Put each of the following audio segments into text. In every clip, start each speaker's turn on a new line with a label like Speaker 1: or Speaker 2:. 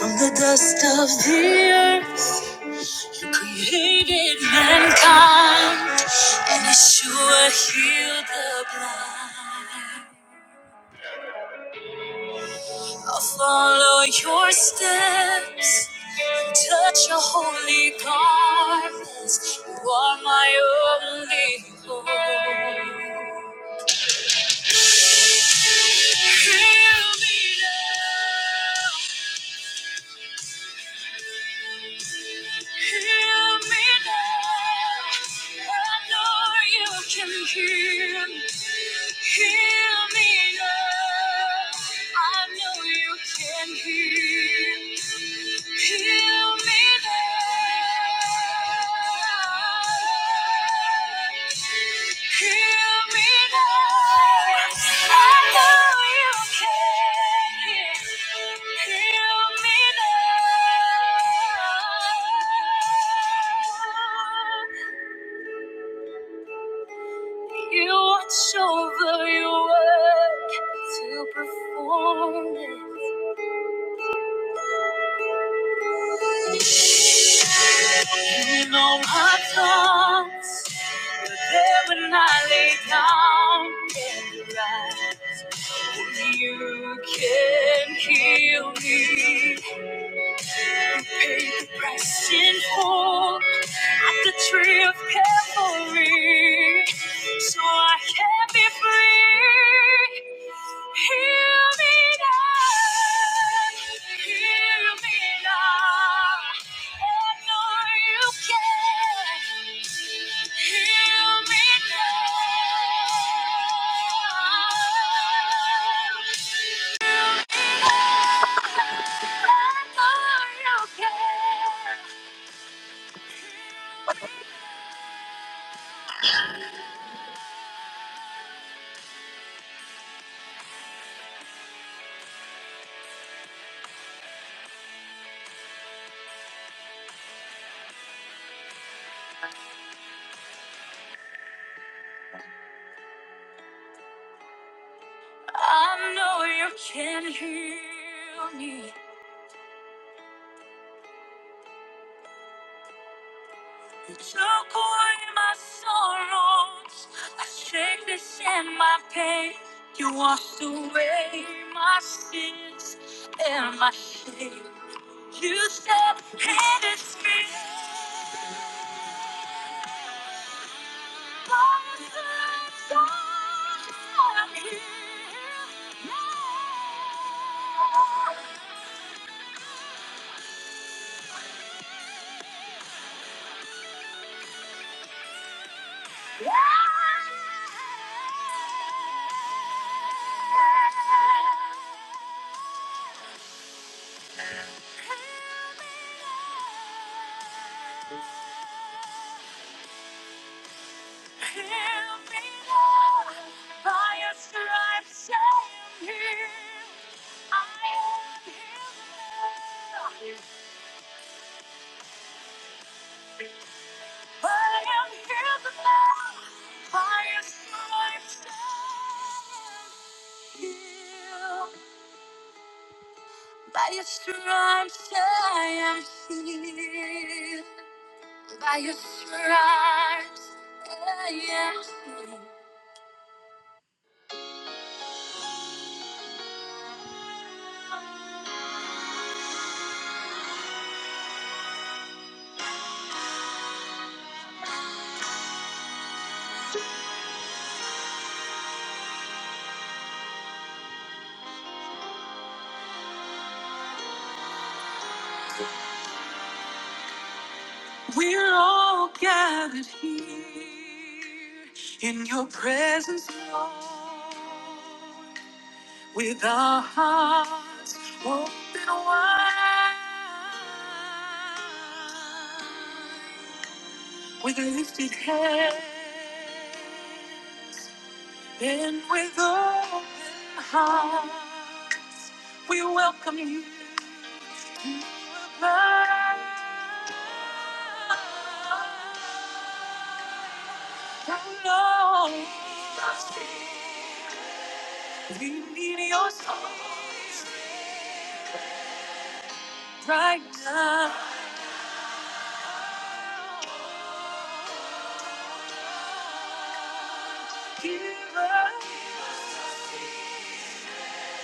Speaker 1: From the dust of the earth, you created mankind, and Yeshua healed the blind. I'll follow your steps and touch your holy garments. You are my only hope. Heal me now. Hear me now. I know you can hear me. Hear me now. I know you can hear me. Hear me now. You watch over your work to perform it. You know my thoughts, but they when I lay down and rise. You can heal me paid the price in full at the tree of Calvary, so I can be free. Heal me now, heal me now. I know you can. Heal me now. I know you can. I know you can heal me. You took away my sorrows. I shake this and my pain. You washed away my sins and my shame. You said, and it's me. By your stripes I am healed. By your stripes I am healed. By your stripes, I We're all gathered here in your presence, Lord, with our hearts open wide, with lifted hands and with open hearts, we welcome you. We need your song right now. Give us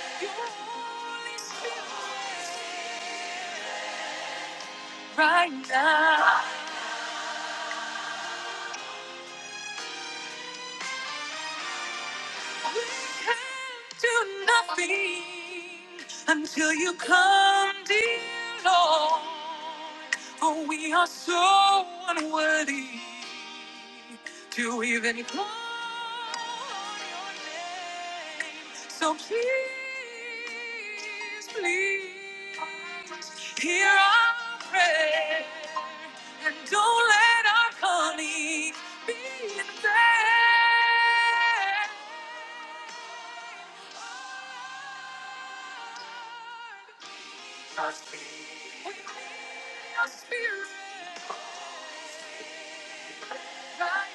Speaker 1: your Holy Spirit right now. We can't do nothing until you come, dear Lord. For we are so unworthy to even call your name. So please, please, hear our prayer and don't let our coming be in vain. Holy Spirit, light,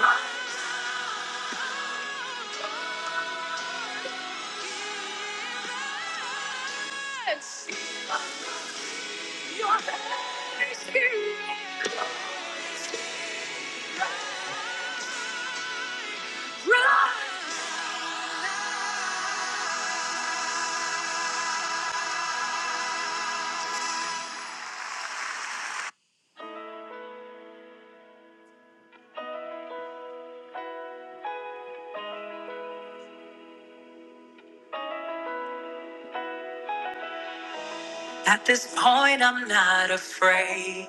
Speaker 1: light. At this point, I'm not afraid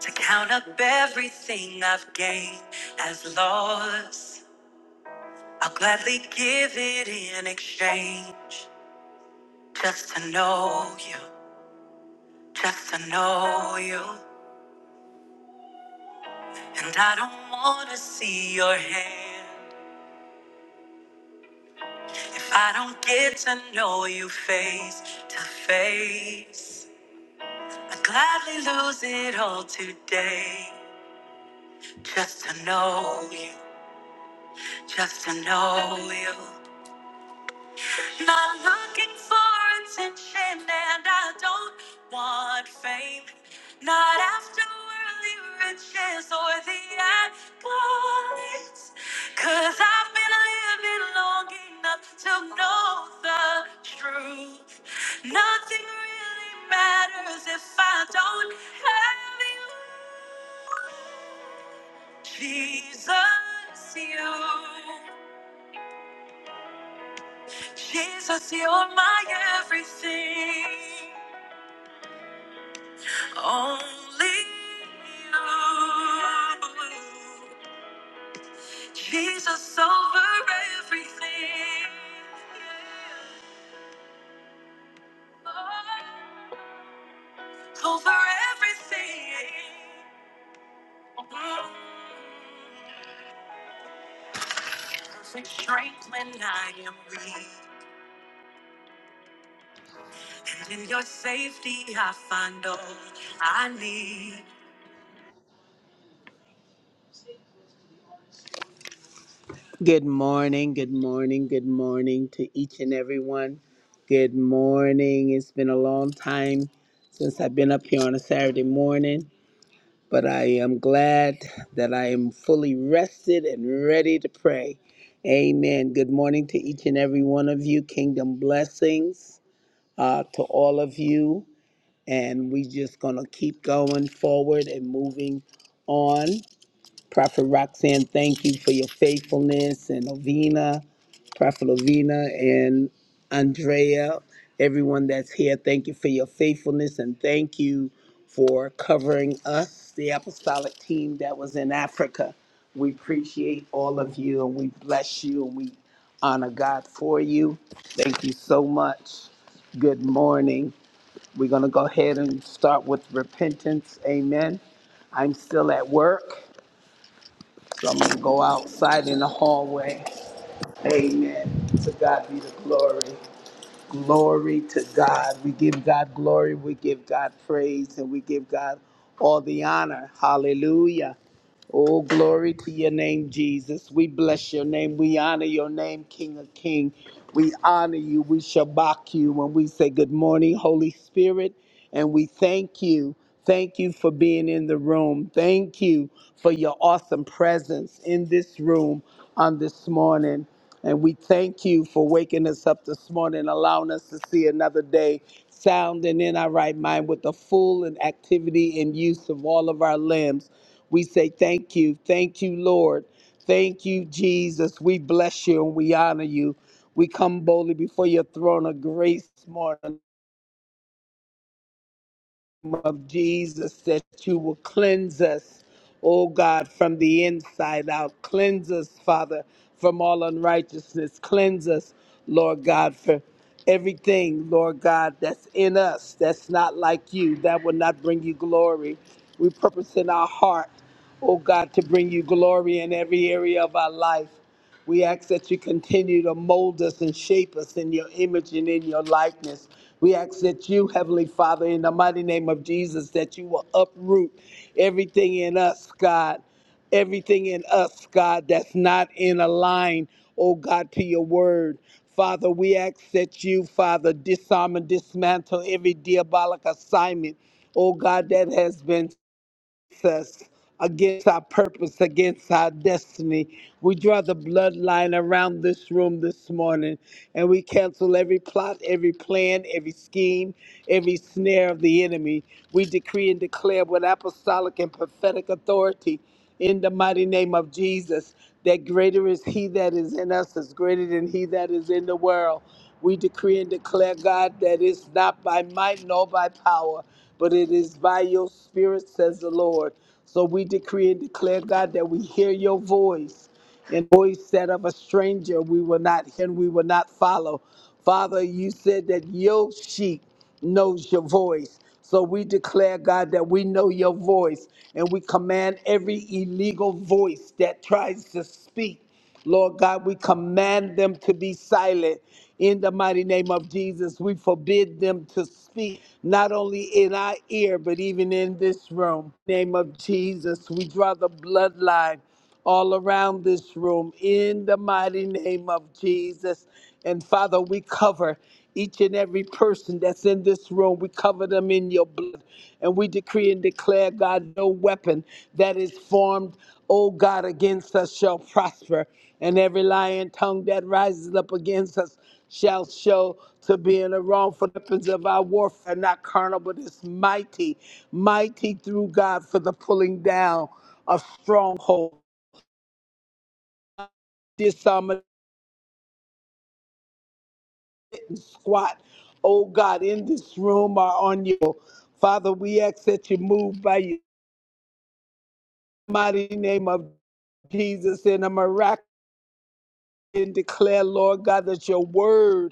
Speaker 1: to count up everything I've gained as loss. I'll gladly give it in exchange just to know you, just to know you. And I don't want to see your hand. If I don't get to know you face to face, I'd gladly lose it all today. Just to know you, just to know you. Not looking for attention, and I don't want fame. Not after worldly riches or the accolades. Cause I've been living long enough to know the truth. Nothing really matters if I don't have you. Jesus, you. Jesus, you're my everything. Only you, Jesus over everything, over everything. Perfect strength when I am weak, and in your safety I find all I need.
Speaker 2: Good morning, good morning, good morning to each and everyone. Good morning. It's been a long time since I've been up here on a Saturday morning, but I am glad that I am fully rested and ready to pray. Amen. Good morning to each and every one of you. Kingdom blessings uh, to all of you. And we just going to keep going forward and moving on. Prophet Roxanne, thank you for your faithfulness and Ovina, Prophet Ovina and Andrea, everyone that's here, thank you for your faithfulness and thank you for covering us, the apostolic team that was in Africa. We appreciate all of you and we bless you and we honor God for you. Thank you so much. Good morning. We're going to go ahead and start with repentance. Amen. I'm still at work. So I'm gonna go outside in the hallway. Amen. To God be the glory. Glory to God. We give God glory. We give God praise, and we give God all the honor. Hallelujah. Oh, glory to your name, Jesus. We bless your name. We honor your name, King of King. We honor you. We shabak you when we say good morning, Holy Spirit. And we thank you. Thank you for being in the room. Thank you for your awesome presence in this room on this morning. And we thank you for waking us up this morning, allowing us to see another day, sound and in our right mind with the full and activity and use of all of our limbs. We say thank you. Thank you, Lord. Thank you, Jesus. We bless you and we honor you. We come boldly before your throne of grace this morning of Jesus that you will cleanse us, oh God, from the inside out. Cleanse us, Father, from all unrighteousness. Cleanse us, Lord God, for everything, Lord God, that's in us that's not like you, that will not bring you glory. We purpose in our heart, oh God, to bring you glory in every area of our life. We ask that you continue to mold us and shape us in your image and in your likeness. We ask that you, Heavenly Father, in the mighty name of Jesus, that you will uproot everything in us, God, everything in us, God, that's not in a line, oh God, to your word. Father, we ask that you, Father, disarm and dismantle every diabolic assignment, oh God, that has been us against our purpose, against our destiny. We draw the bloodline around this room this morning and we cancel every plot, every plan, every scheme, every snare of the enemy. We decree and declare with apostolic and prophetic authority in the mighty name of Jesus. That greater is He that is in us, is greater than He that is in the world. We decree and declare, God, that it's not by might nor by power, but it is by your Spirit, says the Lord. So we decree and declare, God, that we hear your voice and voice said of a stranger we will not hear and we will not follow. Father, you said that your sheep knows your voice. So we declare, God, that we know your voice and we command every illegal voice that tries to speak. Lord God, we command them to be silent in the mighty name of Jesus. We forbid them to speak, not only in our ear, but even in this room. name of Jesus, we draw the bloodline all around this room in the mighty name of Jesus. And Father, we cover each and every person that's in this room. We cover them in your blood. And we decree and declare, God, no weapon that is formed, O God, against us shall prosper. And every lying tongue that rises up against us shall show to be in the wrongful weapons of our warfare, not carnal, but it's mighty, mighty through God for the pulling down of strongholds this um, squat, oh God, in this room or on your Father, we ask that you move by your mighty name of Jesus in a miraculous and declare, Lord God, that your word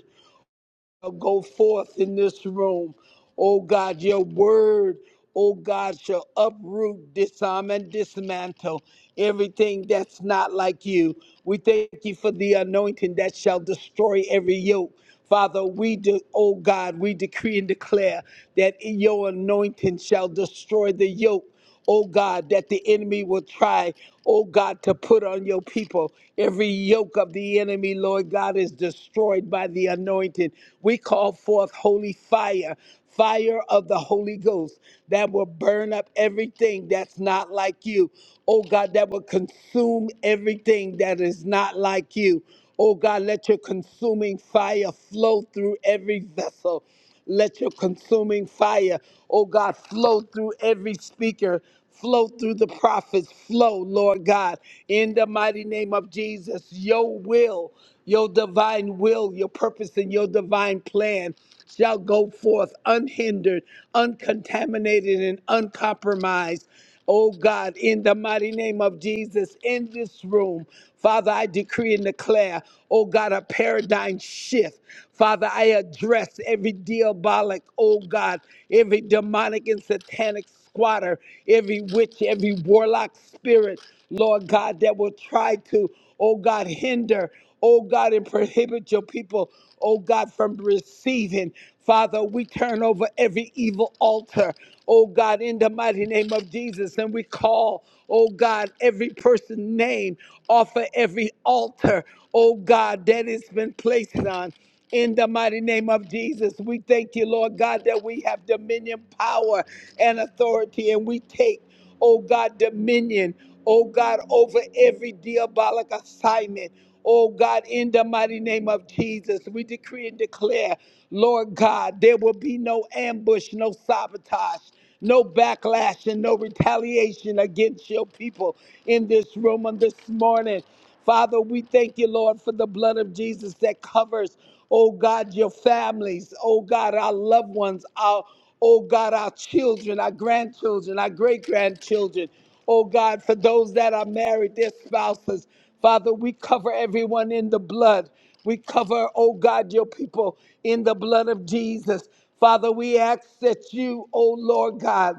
Speaker 2: go forth in this room. Oh God, your word, oh God, shall uproot, disarm, and dismantle everything that's not like you. We thank you for the anointing that shall destroy every yoke. Father, we do, oh God, we decree and declare that your anointing shall destroy the yoke oh God, that the enemy will try, oh God, to put on your people. Every yoke of the enemy, Lord God, is destroyed by the anointing. We call forth holy fire, fire of the Holy Ghost that will burn up everything that's not like you. Oh God, that will consume everything that is not like you. Oh God, let your consuming fire flow through every vessel. Let your consuming fire, oh God, flow through every speaker, flow through the prophets, flow, Lord God, in the mighty name of Jesus. Your will, your divine will, your purpose, and your divine plan shall go forth unhindered, uncontaminated, and uncompromised. Oh God, in the mighty name of Jesus, in this room, Father, I decree and declare, oh God, a paradigm shift. Father, I address every diabolic, oh God, every demonic and satanic squatter, every witch, every warlock spirit, Lord God, that will try to, oh God, hinder oh God, and prohibit your people, oh God, from receiving. Father, we turn over every evil altar, oh God, in the mighty name of Jesus, and we call, oh God, every person's name off of every altar, oh God, that it's been placed on. In the mighty name of Jesus, we thank you, Lord God, that we have dominion, power, and authority, and we take oh God, dominion, oh God, over every diabolic assignment. Oh God, in the mighty name of Jesus, we decree and declare, Lord God, there will be no ambush, no sabotage, no backlash, and no retaliation against your people in this room on this morning. Father, we thank you, Lord, for the blood of Jesus that covers, oh God, your families, oh God, our loved ones, our, oh God, our children, our grandchildren, our great grandchildren, oh God, for those that are married, their spouses. Father, we cover everyone in the blood. We cover, oh God, your people in the blood of Jesus. Father, we ask that you, oh Lord God,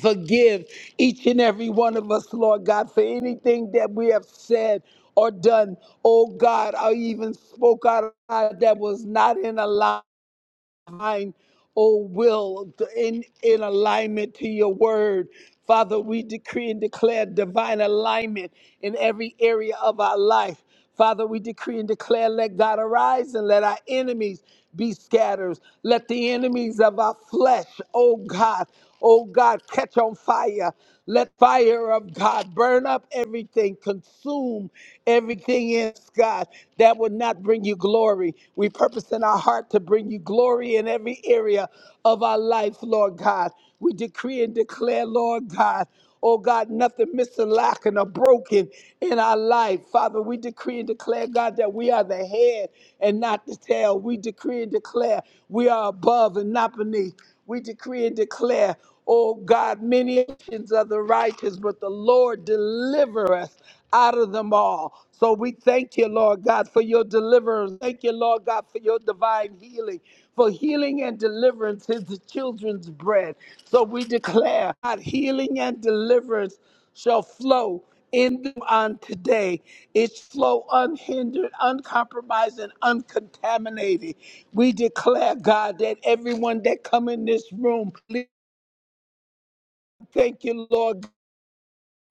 Speaker 2: Forgive each and every one of us, Lord God, for anything that we have said or done. Oh God, I even spoke out loud that was not in alignment, oh will, in, in alignment to your word. Father, we decree and declare divine alignment in every area of our life. Father, we decree and declare, let God arise and let our enemies be scattered. Let the enemies of our flesh, oh God, Oh God, catch on fire. Let fire of God burn up everything, consume everything in us, God that would not bring you glory. We purpose in our heart to bring you glory in every area of our life, Lord God. We decree and declare, Lord God, oh God, nothing missing, lacking, or broken in our life. Father, we decree and declare, God, that we are the head and not the tail. We decree and declare we are above and not beneath. We decree and declare, oh God, many actions of the righteous, but the Lord deliver us out of them all. So we thank you, Lord God, for your deliverance. Thank you, Lord God, for your divine healing. For healing and deliverance is the children's bread. So we declare God, healing and deliverance shall flow in them on today. Its flow unhindered, uncompromised, and uncontaminated. We declare, God, that everyone that come in this room, thank you, Lord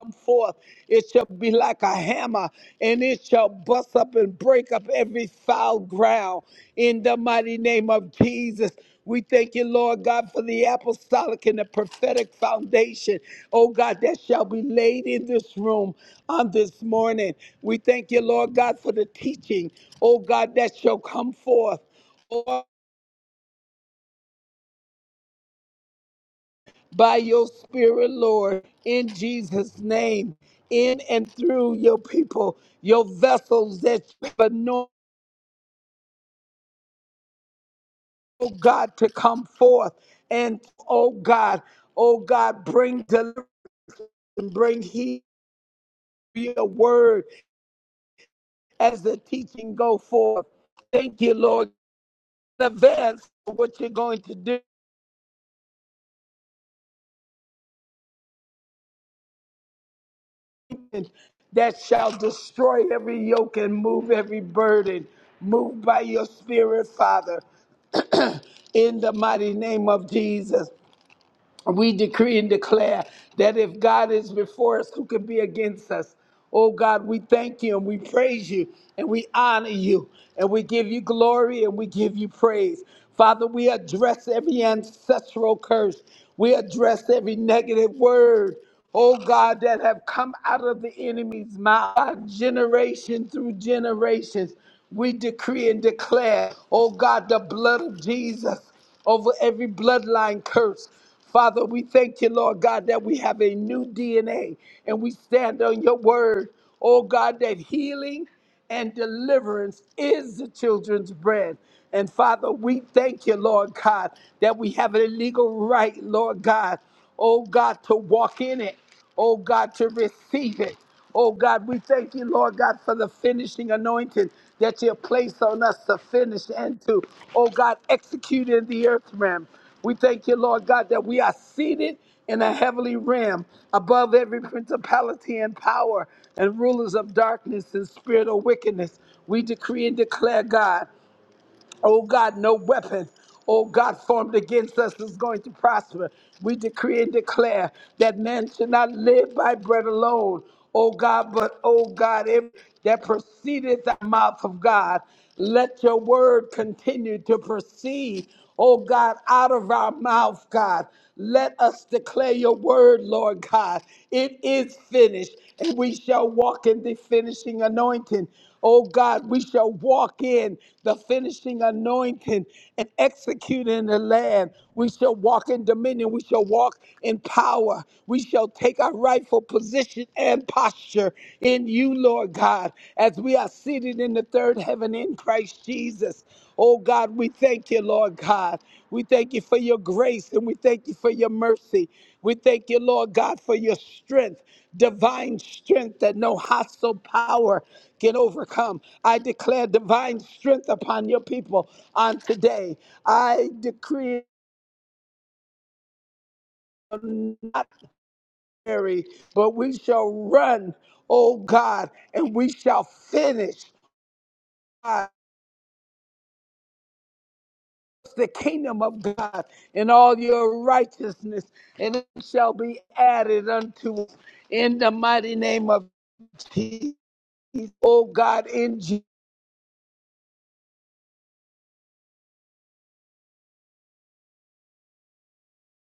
Speaker 2: come forth, it shall be like a hammer, and it shall bust up and break up every foul ground. In the mighty name of Jesus, we thank you, Lord God, for the apostolic and the prophetic foundation, oh God, that shall be laid in this room on this morning. We thank you, Lord God, for the teaching, oh God, that shall come forth. by your spirit, Lord, in Jesus' name, in and through your people, your vessels that you have anointed, oh God, to come forth. And oh God, oh God, bring deliverance and bring healing, your word as the teaching go forth. Thank you, Lord, in advance for what you're going to do. that shall destroy every yoke and move every burden. Move by your spirit, Father, in the mighty name of Jesus we decree and declare that if God is before us, who can be against us? Oh God, we thank you and we praise you and we honor you and we give you glory and we give you praise. Father, we address every ancestral curse. We address every negative word, oh God, that have come out of the enemy's mouth, generation through generations. We decree and declare, oh God, the blood of Jesus over every bloodline curse. Father, we thank you, Lord God, that we have a new DNA and we stand on your word. Oh God, that healing and deliverance is the children's bread. And Father, we thank you, Lord God, that we have a legal right, Lord God, oh God, to walk in it, oh God, to receive it. Oh God, we thank you, Lord God, for the finishing anointing that you have placed on us to finish and to, oh God, execute in the earth realm. We thank you, Lord God, that we are seated in a heavenly realm above every principality and power and rulers of darkness and spirit of wickedness. We decree and declare, God. Oh God, no weapon, oh God, formed against us is going to prosper. We decree and declare that man should not live by bread alone, oh God, but oh God, if that proceedeth out of the mouth of God, let your word continue to proceed. Oh God, out of our mouth, God. Let us declare your word, Lord God. It is finished, and we shall walk in the finishing anointing. Oh God, we shall walk in the finishing anointing and execute in the land. We shall walk in dominion. We shall walk in power. We shall take our rightful position and posture in you, Lord God, as we are seated in the third heaven in Christ Jesus. Oh God, we thank you, Lord God. We thank you for your grace and we thank you for your mercy. We thank you, Lord God, for your strength, divine strength that no hostile power can overcome. I declare divine strength upon your people on today. I decree not weary, but we shall run, oh God, and we shall finish. the kingdom of God and all your righteousness, and it shall be added unto us in the mighty name of Jesus. Oh God, in Jesus.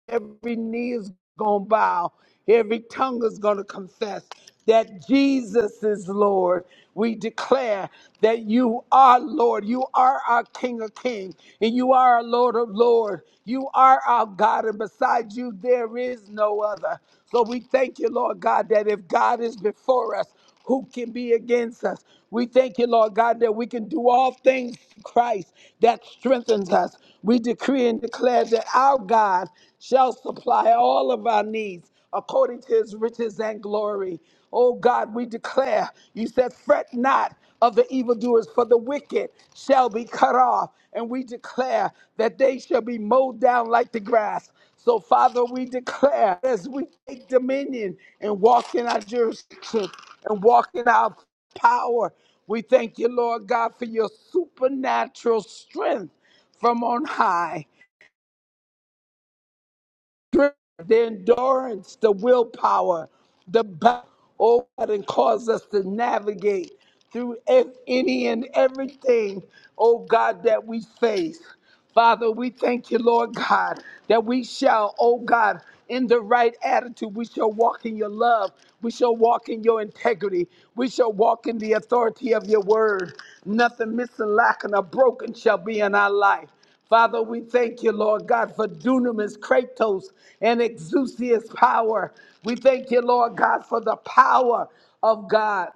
Speaker 2: every knee is going to bow, every tongue is going to confess that Jesus is Lord. We declare that you are Lord. You are our King of Kings, and you are our Lord of Lords. You are our God, and beside you, there is no other. So we thank you, Lord God, that if God is before us, who can be against us? We thank you, Lord God, that we can do all things through Christ that strengthens us. We decree and declare that our God shall supply all of our needs according to his riches and glory. Oh God, we declare, you said, fret not of the evildoers, for the wicked shall be cut off. And we declare that they shall be mowed down like the grass. So, Father, we declare as we take dominion and walk in our jurisdiction and walk in our power, we thank you, Lord God, for your supernatural strength from on high strength, the endurance, the willpower, the battle, oh God, and cause us to navigate through ev- any and everything, oh God, that we face. Father, we thank you, Lord God, that we shall, oh God, in the right attitude, we shall walk in your love. We shall walk in your integrity. We shall walk in the authority of your word. Nothing missing, lacking, or broken shall be in our life. Father, we thank you, Lord God, for dunamis, kratos, and exousia's power. We thank you, Lord God, for the power of God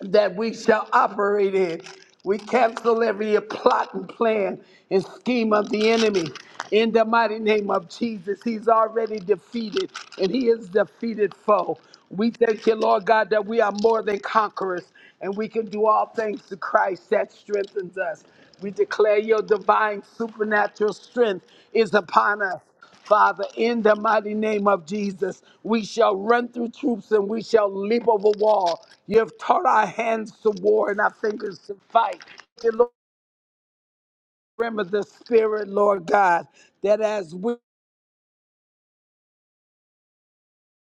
Speaker 2: that we shall operate in. We cancel every plot and plan and scheme of the enemy. In the mighty name of Jesus, he's already defeated and he is defeated foe. We thank you, Lord God, that we are more than conquerors and we can do all things to Christ that strengthens us. We declare your divine supernatural strength is upon us. Father, in the mighty name of Jesus, we shall run through troops and we shall leap over wall. You have taught our hands to war and our fingers to fight. Dear Lord, remember the spirit, Lord God, that as we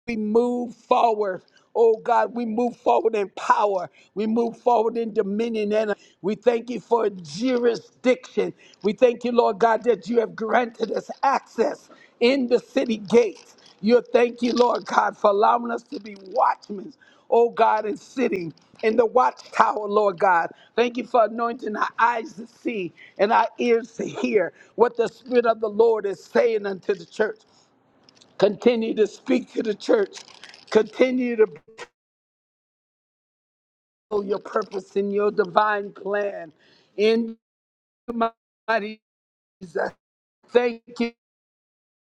Speaker 2: we move forward. Oh God, we move forward in power. We move forward in dominion. And we thank you for jurisdiction. We thank you, Lord God, that you have granted us access in the city gates. You thank you, Lord God, for allowing us to be watchmen. Oh God, and sitting in the watchtower, Lord God. Thank you for anointing our eyes to see and our ears to hear what the Spirit of the Lord is saying unto the church. Continue to speak to the church. Continue to build your purpose and your divine plan. In the mighty Jesus, thank you.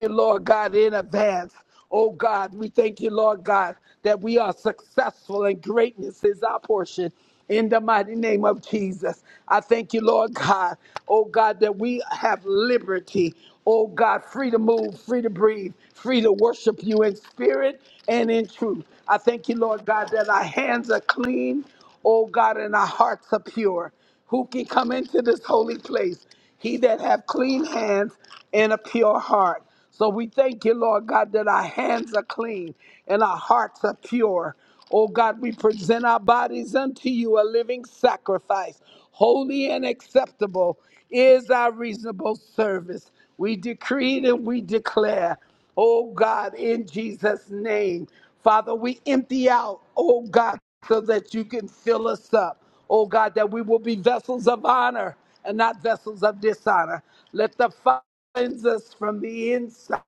Speaker 2: Lord God, in advance. Oh God, we thank you, Lord God, that we are successful and greatness is our portion. In the mighty name of Jesus, I thank you, Lord God. Oh God, that we have liberty. Oh God, free to move, free to breathe, free to worship you in spirit and in truth. I thank you, Lord God, that our hands are clean. Oh God, and our hearts are pure. Who can come into this holy place? He that have clean hands and a pure heart. So we thank you, Lord God, that our hands are clean and our hearts are pure. Oh God, we present our bodies unto you a living sacrifice, holy and acceptable is our reasonable service. We decree it and we declare, oh God, in Jesus' name. Father, we empty out, oh God, so that you can fill us up. Oh God, that we will be vessels of honor and not vessels of dishonor. Let the fire cleanse us from the inside.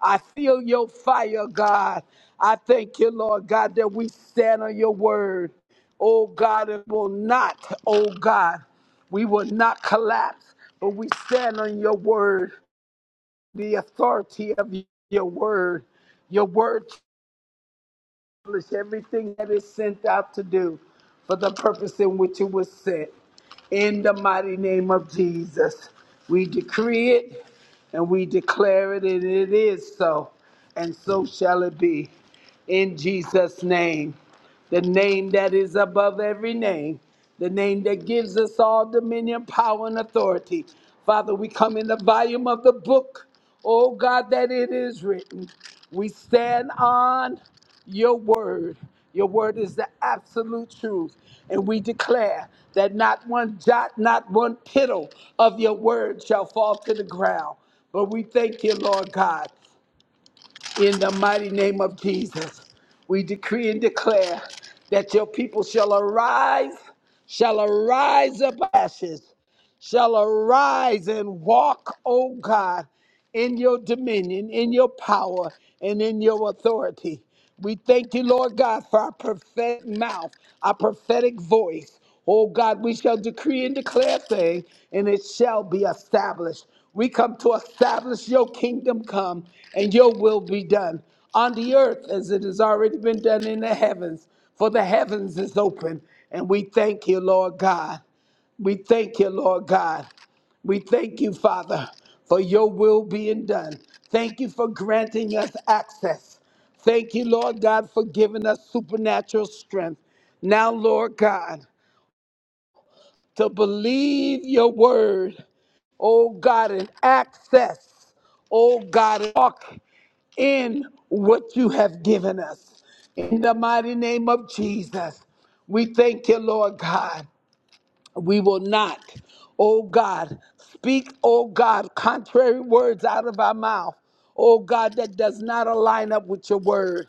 Speaker 2: I feel your fire, God. I thank you, Lord God, that we stand on your word. Oh God, it will not, oh God, we will not collapse, but we stand on your word, the authority of your word. Your word accomplish everything that is sent out to do for the purpose in which it was sent. In the mighty name of Jesus, we decree it and we declare it, and it is so, and so shall it be. In Jesus' name, the name that is above every name, the name that gives us all dominion, power, and authority. Father, we come in the volume of the book, oh God, that it is written. We stand on your word. Your word is the absolute truth. And we declare that not one jot, not one tittle of your word shall fall to the ground. But we thank you, Lord God, in the mighty name of Jesus. We decree and declare that your people shall arise, shall arise up ashes shall arise and walk, O God, in your dominion, in your power, and in your authority. We thank you, Lord God, for our prophetic mouth, our prophetic voice. Oh God, we shall decree and declare things, and it shall be established. We come to establish your kingdom come, and your will be done on the earth as it has already been done in the heavens. For the heavens is open, and we thank you, Lord God. We thank you, Lord God. We thank you, Father, for your will being done. Thank you for granting us access. Thank you, Lord God, for giving us supernatural strength. Now, Lord God, to believe your word, oh God, and access, oh God, and walk in what you have given us. In the mighty name of Jesus, we thank you, Lord God. We will not, oh God, speak, oh God, contrary words out of our mouth. Oh God, that does not align up with your word.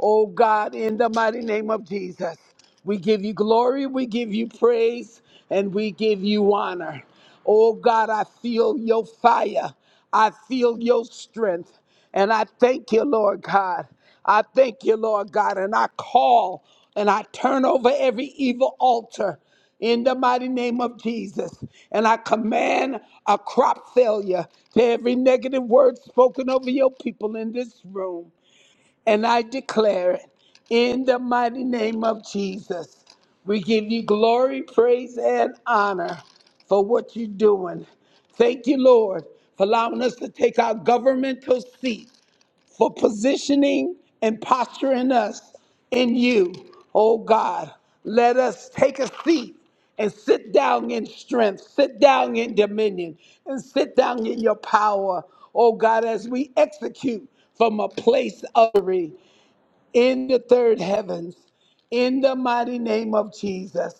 Speaker 2: Oh God, in the mighty name of Jesus, we give you glory, we give you praise, and we give you honor. Oh God, I feel your fire. I feel your strength. And I thank you, Lord God. I thank you, Lord God. And I call and I turn over every evil altar in the mighty name of Jesus. And I command a crop failure to every negative word spoken over your people in this room. And I declare it in the mighty name of Jesus. We give you glory, praise, and honor for what you're doing. Thank you, Lord, for allowing us to take our governmental seat for positioning and posturing us in you. Oh God, let us take a seat and sit down in strength, sit down in dominion, and sit down in your power. Oh God, as we execute from a place of victory in the third heavens. In the mighty name of Jesus,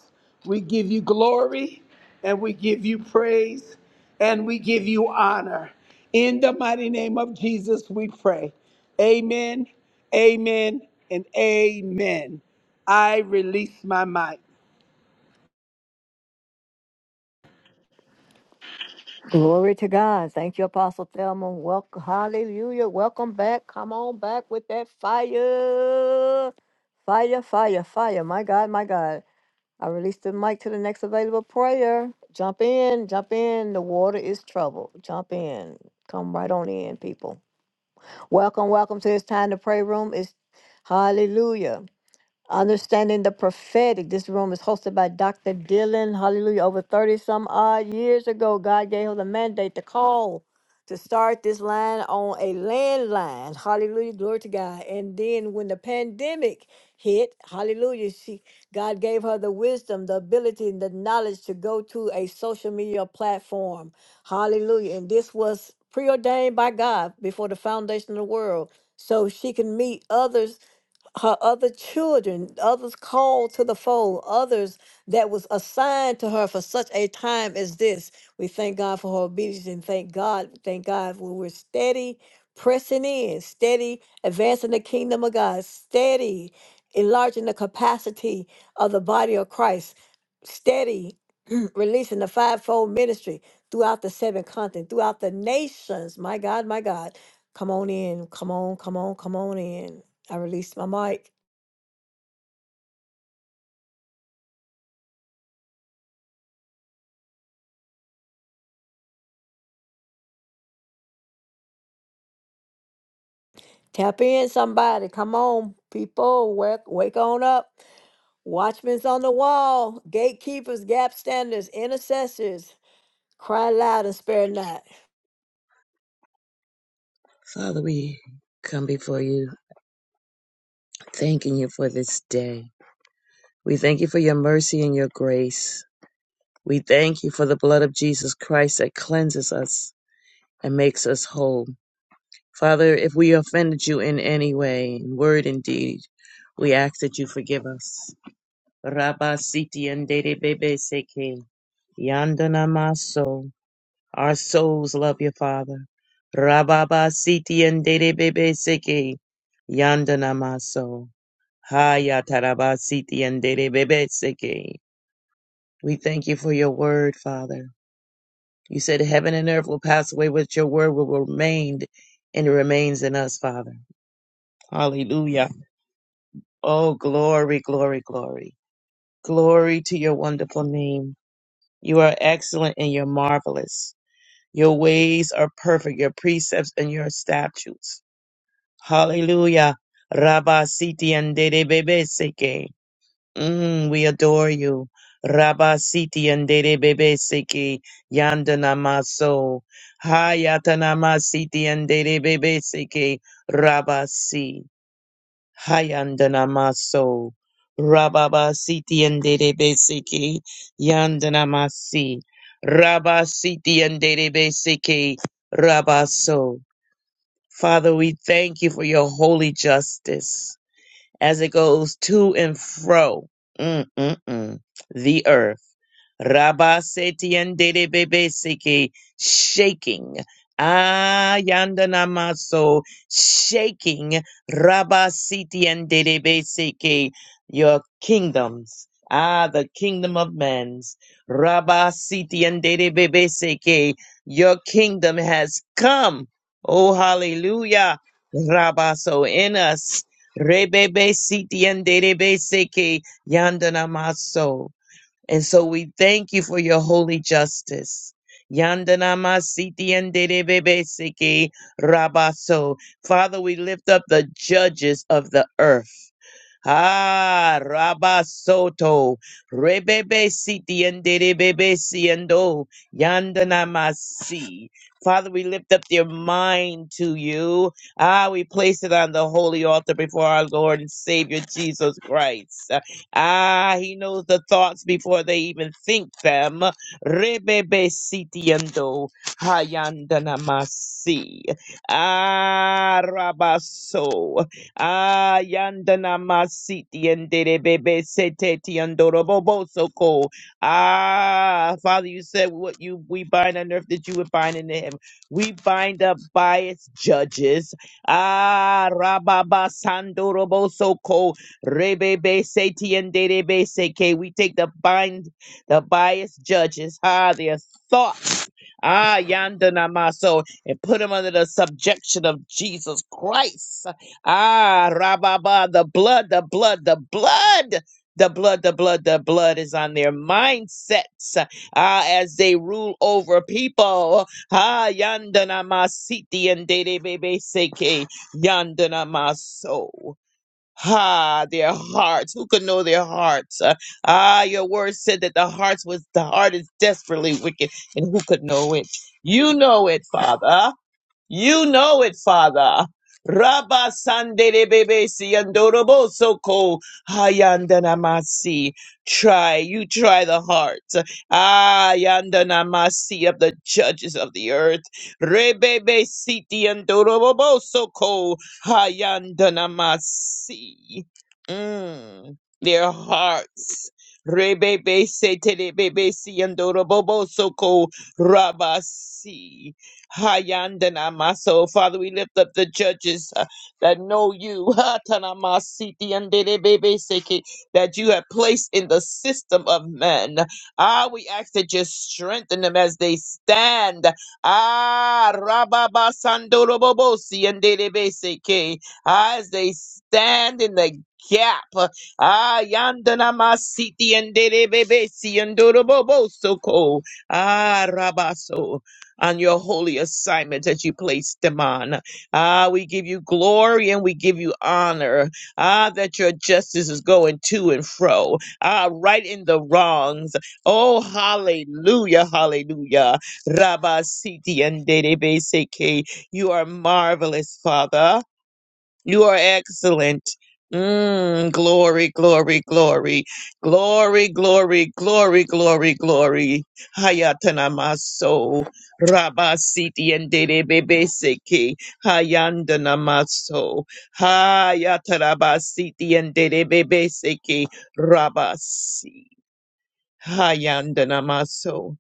Speaker 2: we give you glory and we give you praise and we give you honor. In the mighty name of Jesus, we pray. Amen, amen, and amen. I release my mic.
Speaker 1: Glory to God. Thank you, Apostle Thelma. Welcome. Hallelujah. Welcome back. Come on back with that fire. Fire, fire, fire. My God, my God. I release the mic to the next available prayer. Jump in, jump in. The water is trouble. Jump in. Come right on in, people. Welcome, welcome to this time to pray room. It's hallelujah. Understanding the prophetic. This room is hosted by Dr. Dylan. Hallelujah. Over 30 some odd years ago, God gave her the mandate to call to start this line on a landline. Hallelujah. Glory to God. And then when the pandemic hit, hallelujah, she God gave her the wisdom, the ability, and the knowledge to go to a social media platform. Hallelujah. And this was preordained by God before the foundation of the world. So she can meet others her other children, others called to the fold, others that was assigned to her for such a time as this. We thank God for her obedience and thank God, thank God when we're steady, pressing in, steady, advancing the kingdom of God, steady, enlarging the capacity of the body of Christ, steady, releasing the fivefold ministry throughout the seven continents, throughout the nations. My God, my God. Come on in, come on, come on, come on in. I released my mic. Tap in, somebody. Come on, people. Wake, wake on up. Watchmen's on the wall. Gatekeepers, gap standers, intercessors. Cry loud and spare not.
Speaker 3: Father, we come before you thanking you for this day. We thank you for your mercy and your grace. We thank you for the blood of Jesus Christ that cleanses us and makes us whole. Father, if we offended you in any way, in word and deed, we ask that you forgive us. Rabba siti andere bebe seke. Yandana maso. Our souls love you, Father. Rabba siti andere bebe seke. Yandana maso. Haya tarabasiti andere bebeseke. We thank you for your word, Father. You said heaven and earth will pass away, but your word will remain, and it remains in us, Father. Hallelujah. Oh, glory, glory, glory. Glory to your wonderful name. You are excellent and you're marvelous. Your ways are perfect, your precepts and your statutes. Hallelujah. Rabasiti andere bebeseke. Mm, we adore you. Rabba Siti andere Bebe Siki Yandana Maso. Hayatana Masiti andere Bebe Siki Rabba Si. Hayandana Maso. Rabba Siti andere Bebe Siki Yandana Masi. Rabba Siti andere Bebe Siki Rabba So. Father, we thank you for your holy justice as it goes to and fro mm, mm, mm, the earth. Rabba seti and dede bebe siki shaking. Ah, yanda namaso shaking. Rabba siti and dede bebe siki your kingdoms. Ah, the kingdom of men's. Rabba siti and dede bebe siki your kingdom has come. Oh, hallelujah. Rabba so in us. Rebebe siti and dede bebe siki yanda namaso. And so we thank you for your holy justice. Yandanama Siti enderebebe siki Rabaso. Father, we lift up the judges of the earth. Ah, Rabasoto, Rebebe Siti and Rebebe Siendo, Yandanamasi. Father, we lift up your mind to you. Ah, we place it on the holy altar before our Lord and Savior Jesus Christ. Ah, he knows the thoughts before they even think them. Rebebe Siti ando, Hayandanamasi. Ah, Rabaso. Ayandana masiti enderebebe seteti andorobobo soko. Ah, Father, you said what you we bind on earth that you would bind in heaven. We bind up biased judges. Ah, rababa sandorobo soko rebebe seti enderebe seke. We take the bind the biased judges. Ah, their thoughts. Ah, yonder Yandanamaso, and put him under the subjection of Jesus Christ. Ah, Rababa, the blood, the blood, the blood. The blood, the blood, the blood is on their mindsets ah, as they rule over people. Ah, yandana masiti and dede bebe seke yandana maso. Ah, their hearts. Who could know their hearts? Uh, ah, your word said that the hearts was the heart is desperately wicked, and who could know it? You know it, Father. You know it, Father. Rabba Sandere Bebe Siandorobosoko Hayandanamasi. Try, you try the heart. Ah Yandanamasi of the judges of the earth. Rebebe Siti Andorobosoko Hayandanamasi. Mm, Their hearts. Rebebe Sete Bebe Siandorobo soko. Rabasi. Hayandana maso. Father, we lift up the judges uh, that know you, Hatana masiti andere bebe that you have placed in the system of men. Ah, we ask that you strengthen them as they stand. Ah, rababa sandorobobosi andere bebe ah, as they stand in the gap. Ah, yandana masiti andere bebe si andoroboboso ko. Ah, rabaso on your holy assignment that you placed them on. Ah, we give you glory and we give you honor. Ah, that your justice is going to and fro. Ah, right in the wrongs. Oh, hallelujah, hallelujah. Rabba Siti and Dedebe Seke. You are marvelous, Father. You are excellent. Mm, glory, glory, glory, glory, glory, glory, glory, glory. Hayatanamaso, Rabasiti and Derebebeseke, Hayandanamaso, Hayatarabasiti and Derebebeseke, Rabasi, Hayandanamaso.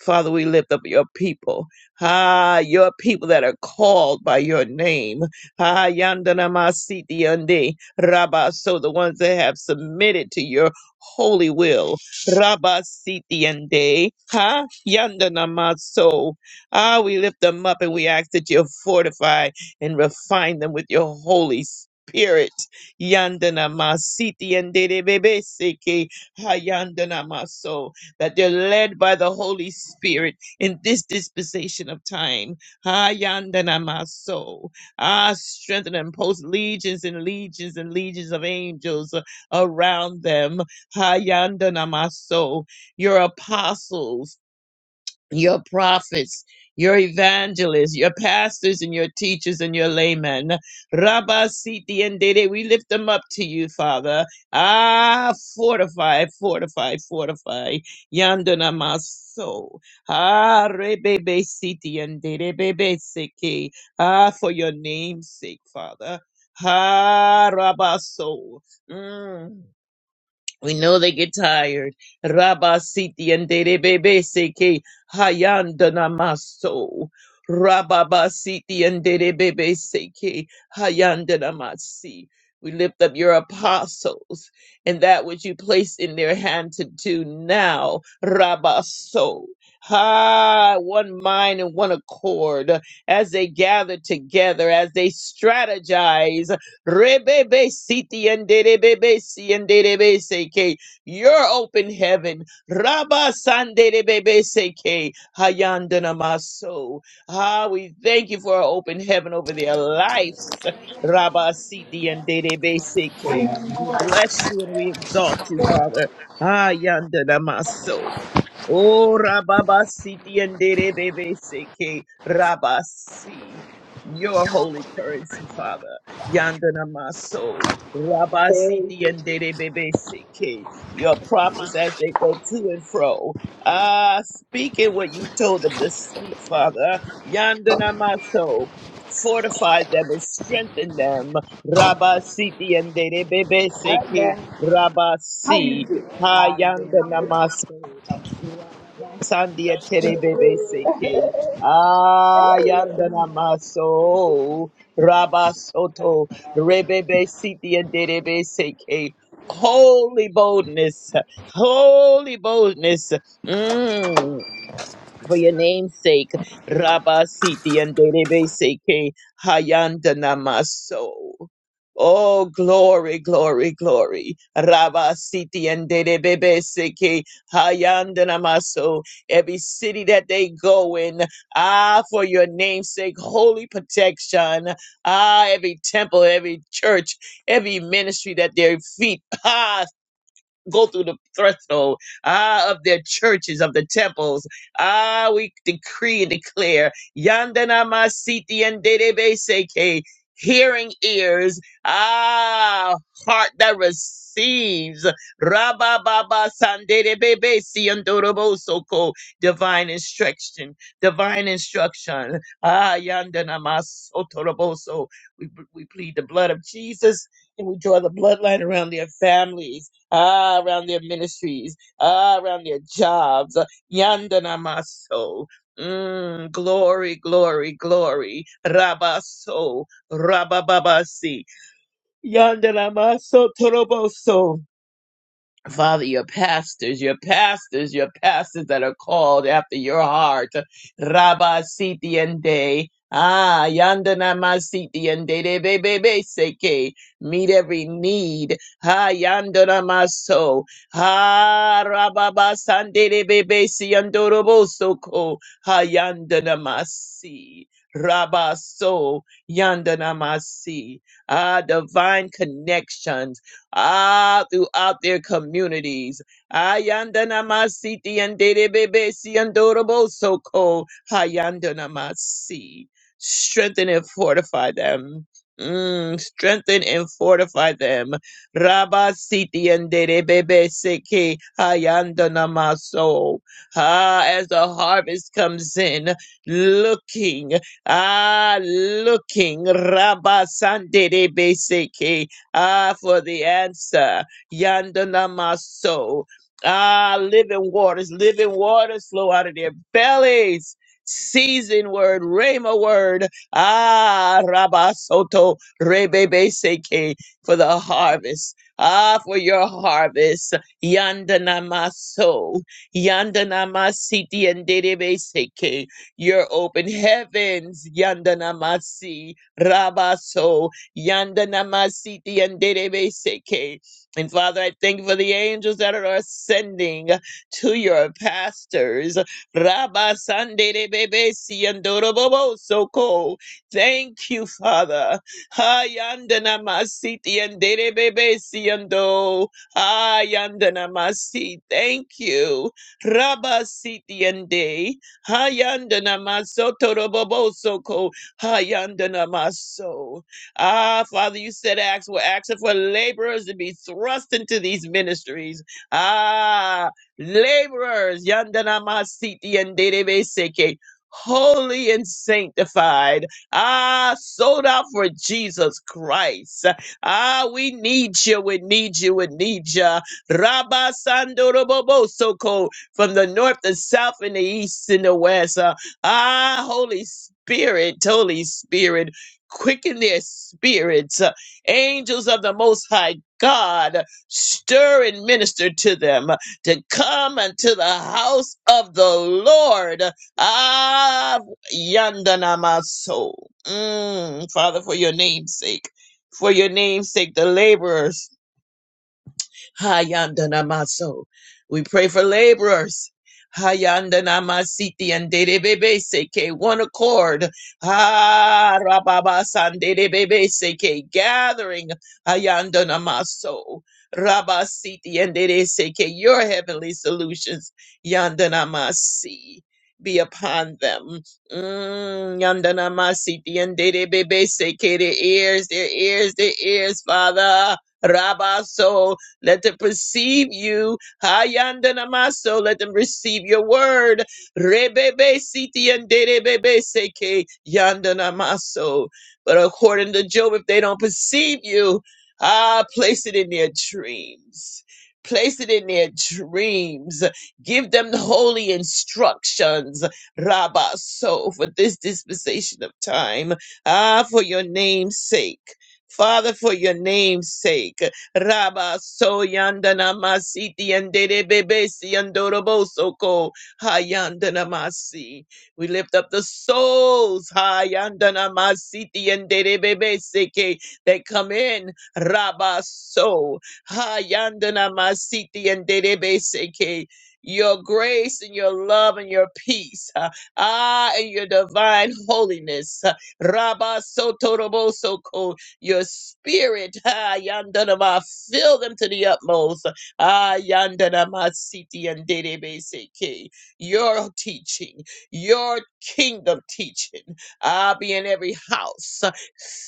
Speaker 3: Father, we lift up your people. Ah, your people that are called by your name. Ah, yandana masiti yande. Rabba, so the ones that have submitted to your holy will. Rabba siti yande. Ha, yandana maso. Ah, we lift them up and we ask that you fortify and refine them with your holy spirit. Yandana masiti yande de bebe seke. Ha, yandana maso that they're led by the Holy Spirit in this dispensation of time. Ah, yandana maso. Ah, strengthen and post legions and legions and legions of angels uh, around them. Ah, yandana maso. Your apostles your prophets, your evangelists, your pastors and your teachers and your laymen. Rabba Siti and Dede, we lift them up to you, Father. Ah, fortify, fortify, fortify. Yandana Maso. Ah, Rebebe Siti and Dede Bebe Siki. Ah, for your name's sake, Father. Ah, Rabba So. Mm. We know they get tired. Rabba siti and bebe seke hayandana maso. Rabba basiti and bebe seke hayandana masi. We lift up your apostles and that which you place in their hand to do now. Rabba so. Ha, one mind and one accord as they gather together, as they strategize. Rebebe siti and derebebe si and derebe seke. Your open heaven. Rabba san derebebe seke. Hayandana maso. Ah, we thank you for our open heaven over their lives. Rabba siti and derebe seke. We bless you and we exalt you, Father. Ah, yandana maso. Oh, Rababasi Seke Rabasi, your holy currency, Father. Yandana Maso, Rabasi Seke, your prophets as they go to and fro. Ah, speaking what you told them to speak, Father. Yandana Maso. Fortify them and strengthen them. Rabasi Seke Rabasi. Hayanda maso. Sandia Terebebe Seke. ah yandana Maso Rabasoto Rebebe Siti and Derebe Seke. Holy boldness, holy boldness. Mm for your name's sake, Rabba Siti and Derebe Seke Hayanda Namaso. Oh, glory, glory, glory. Rabba Siti and Derebe Seke Hayanda Namaso. Every city that they go in, ah, for your name's sake, holy protection. Ah, every temple, every church, every ministry that their feet, ah, go through the threshold ah, of their churches, of the temples. Ah, we decree and declare, Yandana Masiti and Dedebe Seke, hearing ears, ah, heart that receives, Rabba Baba Sandedebe Siandorobo Soko, divine instruction, divine instruction. Ah, Yandana Masotoroboso. We, we plead the blood of Jesus and we draw the bloodline around their families ah, around their ministries, ah, around their jobs. uh, Yandana maso. Mm, glory, glory, glory. Rabaso, rabababasi. Yandana maso toroboso. Father, your pastors, your pastors, your pastors that are called after your heart. Rabba Siti and Day. Ah, Yandana Masiti and Day de Bebe Seke. Meet every need. Ha Yandana Maso. Ha Rababa Sande de Bebe Si yandoroboso ko Ha Yandana Masi. Rabba So Yandana Masi. Ah, divine connections ah, throughout their communities. Ayandanamasi and Dedebebesi and Dorobosoko. Hayandanamasi. Strengthen and fortify them. Mm, strengthen and fortify them. Rabba Siti and Dedebebe Seke Hayandanamaso. Ah, as the harvest comes in, looking, ah, looking, Rabba Sandedebe Seke Ah, for the answer. Yandanamaso. Ah, living waters, living waters flow out of their bellies. Season word, Rhema word. Ah, Rabasoto, Rebebe Seke, for the harvest. Ah, for your harvest. Yandanamaso. Yandanamasiti and Dedebe Seke. Your open heavens. Yandanamasi. Rabaso. Yanda namasiti yanderebe seke. And Father, I thank you for the angels that are ascending to your pastors. Rabba sanderebebe siyandorobobo soko. Thank you, Father. Ha yanda namasiti yanderebebe siyando. Ha yanda namasi. Thank you. Rabba siti yande. Hayanda namaso torobobo soko. Hayanda maso. Ah, Father, you said acts were asking for laborers to be thrust into these ministries. Ah, laborers, yandana masiti and derebe seke, holy and sanctified. Ah, sold out for Jesus Christ. Ah, we need you, we need you, we need you. Rabba Sandorobobo Soko from the north, the south, and the east and the west. Ah, Holy Spirit, Holy Spirit quicken their spirits. Uh, Angels of the Most High God, stir and minister to them uh, to come unto the house of the Lord. Ah, yandana my soul. Mm, Father, for your name's sake, for your name's sake, the laborers. Hayandanamaso. We pray for laborers. Hayandanamasiti and Dedebebe Seke, one accord. Ah, Rababa San Dedebebe Seke, gathering. Hayandanamaso. Rabasiti and Dede Seke, your heavenly solutions. Yandanamasi. Be upon them. Mm, Yandanamasiti and Dedebebe Seke, their ears, their ears, their ears, Father. Rabaso. Let them perceive you. Hayandanamaso. Let them receive your word. Rebebe siti and derebebe seke yandanamaso. But according to Job, if they don't perceive you, ah, place it in their dreams. Place it in their dreams. Give them the holy instructions. Rabba so for this dispensation of time. Ah, for your name's sake. Father, for your name's sake. Raba so yandana masiti and bebesi andoroboso ko hayandana masi. We lift up the souls hayandana masiti and bebesi ke that come in Raba so hayandana masiti and bebesi ke. Your grace and your love and your peace, ah, ah, and your divine holiness, uh, Rabba Sotoroboso your spirit, ah, yandanama, fill them to the utmost. Ah, yandanama, siti and dedebeseke. Your teaching, your kingdom teaching, ah, be in every house.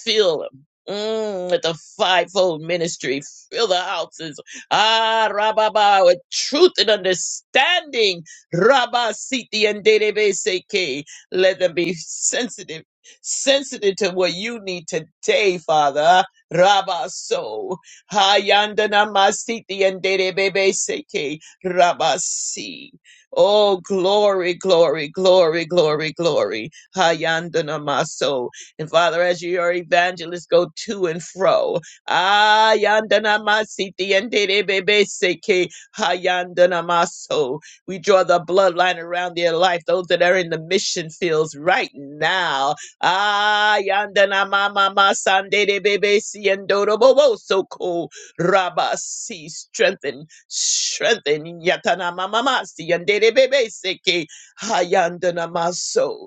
Speaker 3: Fill them. Mm, with the fivefold ministry, fill the houses. Ah, Rababa, with truth and understanding. Rabba Siti and Dedebe Seke. Let them be sensitive sensitive to what you need today, Father. Rabba so hayandana masiti and dede bebe seke rabba si. Oh glory, glory, glory, glory, glory. Hayandana maso. And Father, as your evangelists go to and fro, ayandana masiti and dede bebe seke hayandana maso. We draw the bloodline around their life, those that are in the mission fields right now. Ah, yandana mama ma sande de bebe si endoro bobo, so ko raba si strengthen strengthen yatana mama ma si yande de bebe seke hayandana maso.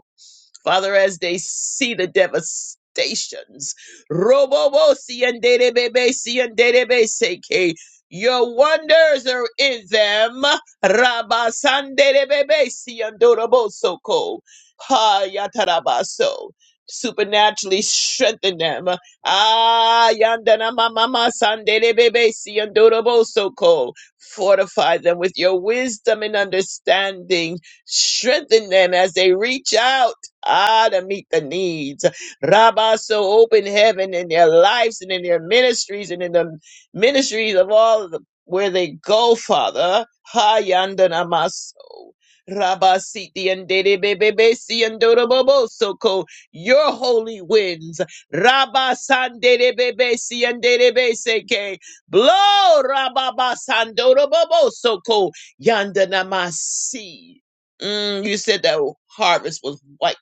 Speaker 3: Father, as they see the devastations, Robobo seke. Your wonders are in them. Rabasanderebebesiandorobosoko. Ha yatarabaso. Supernaturally strengthen them. Ah, yandana mama mama sanderebebesiandorobosoko. Fortify them with your wisdom and understanding. Strengthen them as they reach out. Ah, to meet the needs. Rabba, so open heaven in their lives and in their ministries and in the ministries of all of the, where they go, Father. Ha, yanda namaso. Rabba, siti, and dede, bebe, be, si, and dodo, bobo, so Your holy winds. Rabba, san, dede, bebe, si, and dede, be, Blow, Rabba, ba, san, dodo, bobo, so ko. Yanda namasi. Mm, you said that harvest was white.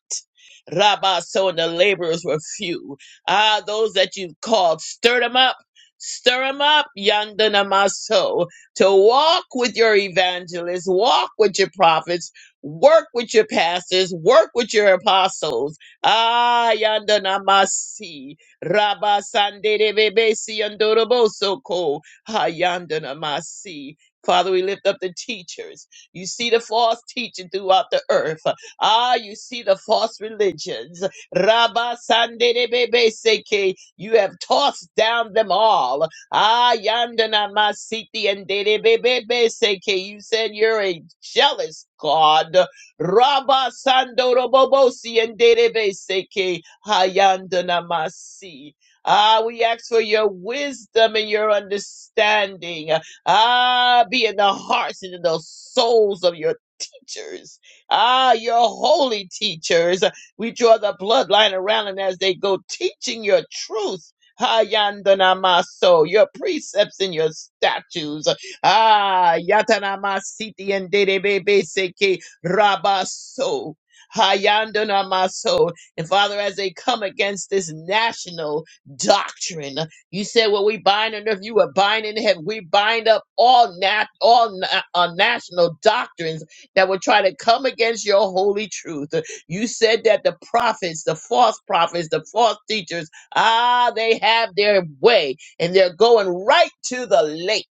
Speaker 3: Rabba, so and the laborers were few. Ah, those that you called, stir them up. Stir them up, yonder namaso, to walk with your evangelists, walk with your prophets, work with your pastors, work with your apostles. Ah, yonder namasi, rabba sande de bebesi yandoroboso ko, ah, yonder namasi. Father, we lift up the teachers. You see the false teaching throughout the earth. Ah, you see the false religions. Rabba Sandebebe Seke. You have tossed down them all. Ah, Yandana Masiti and Debebe Seke. You said you're a jealous God. Rabba Sandorobobosi and Debebe Seke. Hayandana Masi. Ah, we ask for your wisdom and your understanding. Ah, be in the hearts and in the souls of your teachers. Ah, your holy teachers. We draw the bloodline around them as they go teaching your truth. Ha Hayandanamaso, your precepts and your statutes. Ah, Yatanamasiti and Derebebeseke Rabaso. Hayandanamaso. And Father, as they come against this national doctrine, you said what we bind on earth, you are binding in heaven. We bind up all nat all na- uh, national doctrines that would try to come against your holy truth. You said that the prophets, the false prophets, the false teachers, ah, they have their way and they're going right to the lake.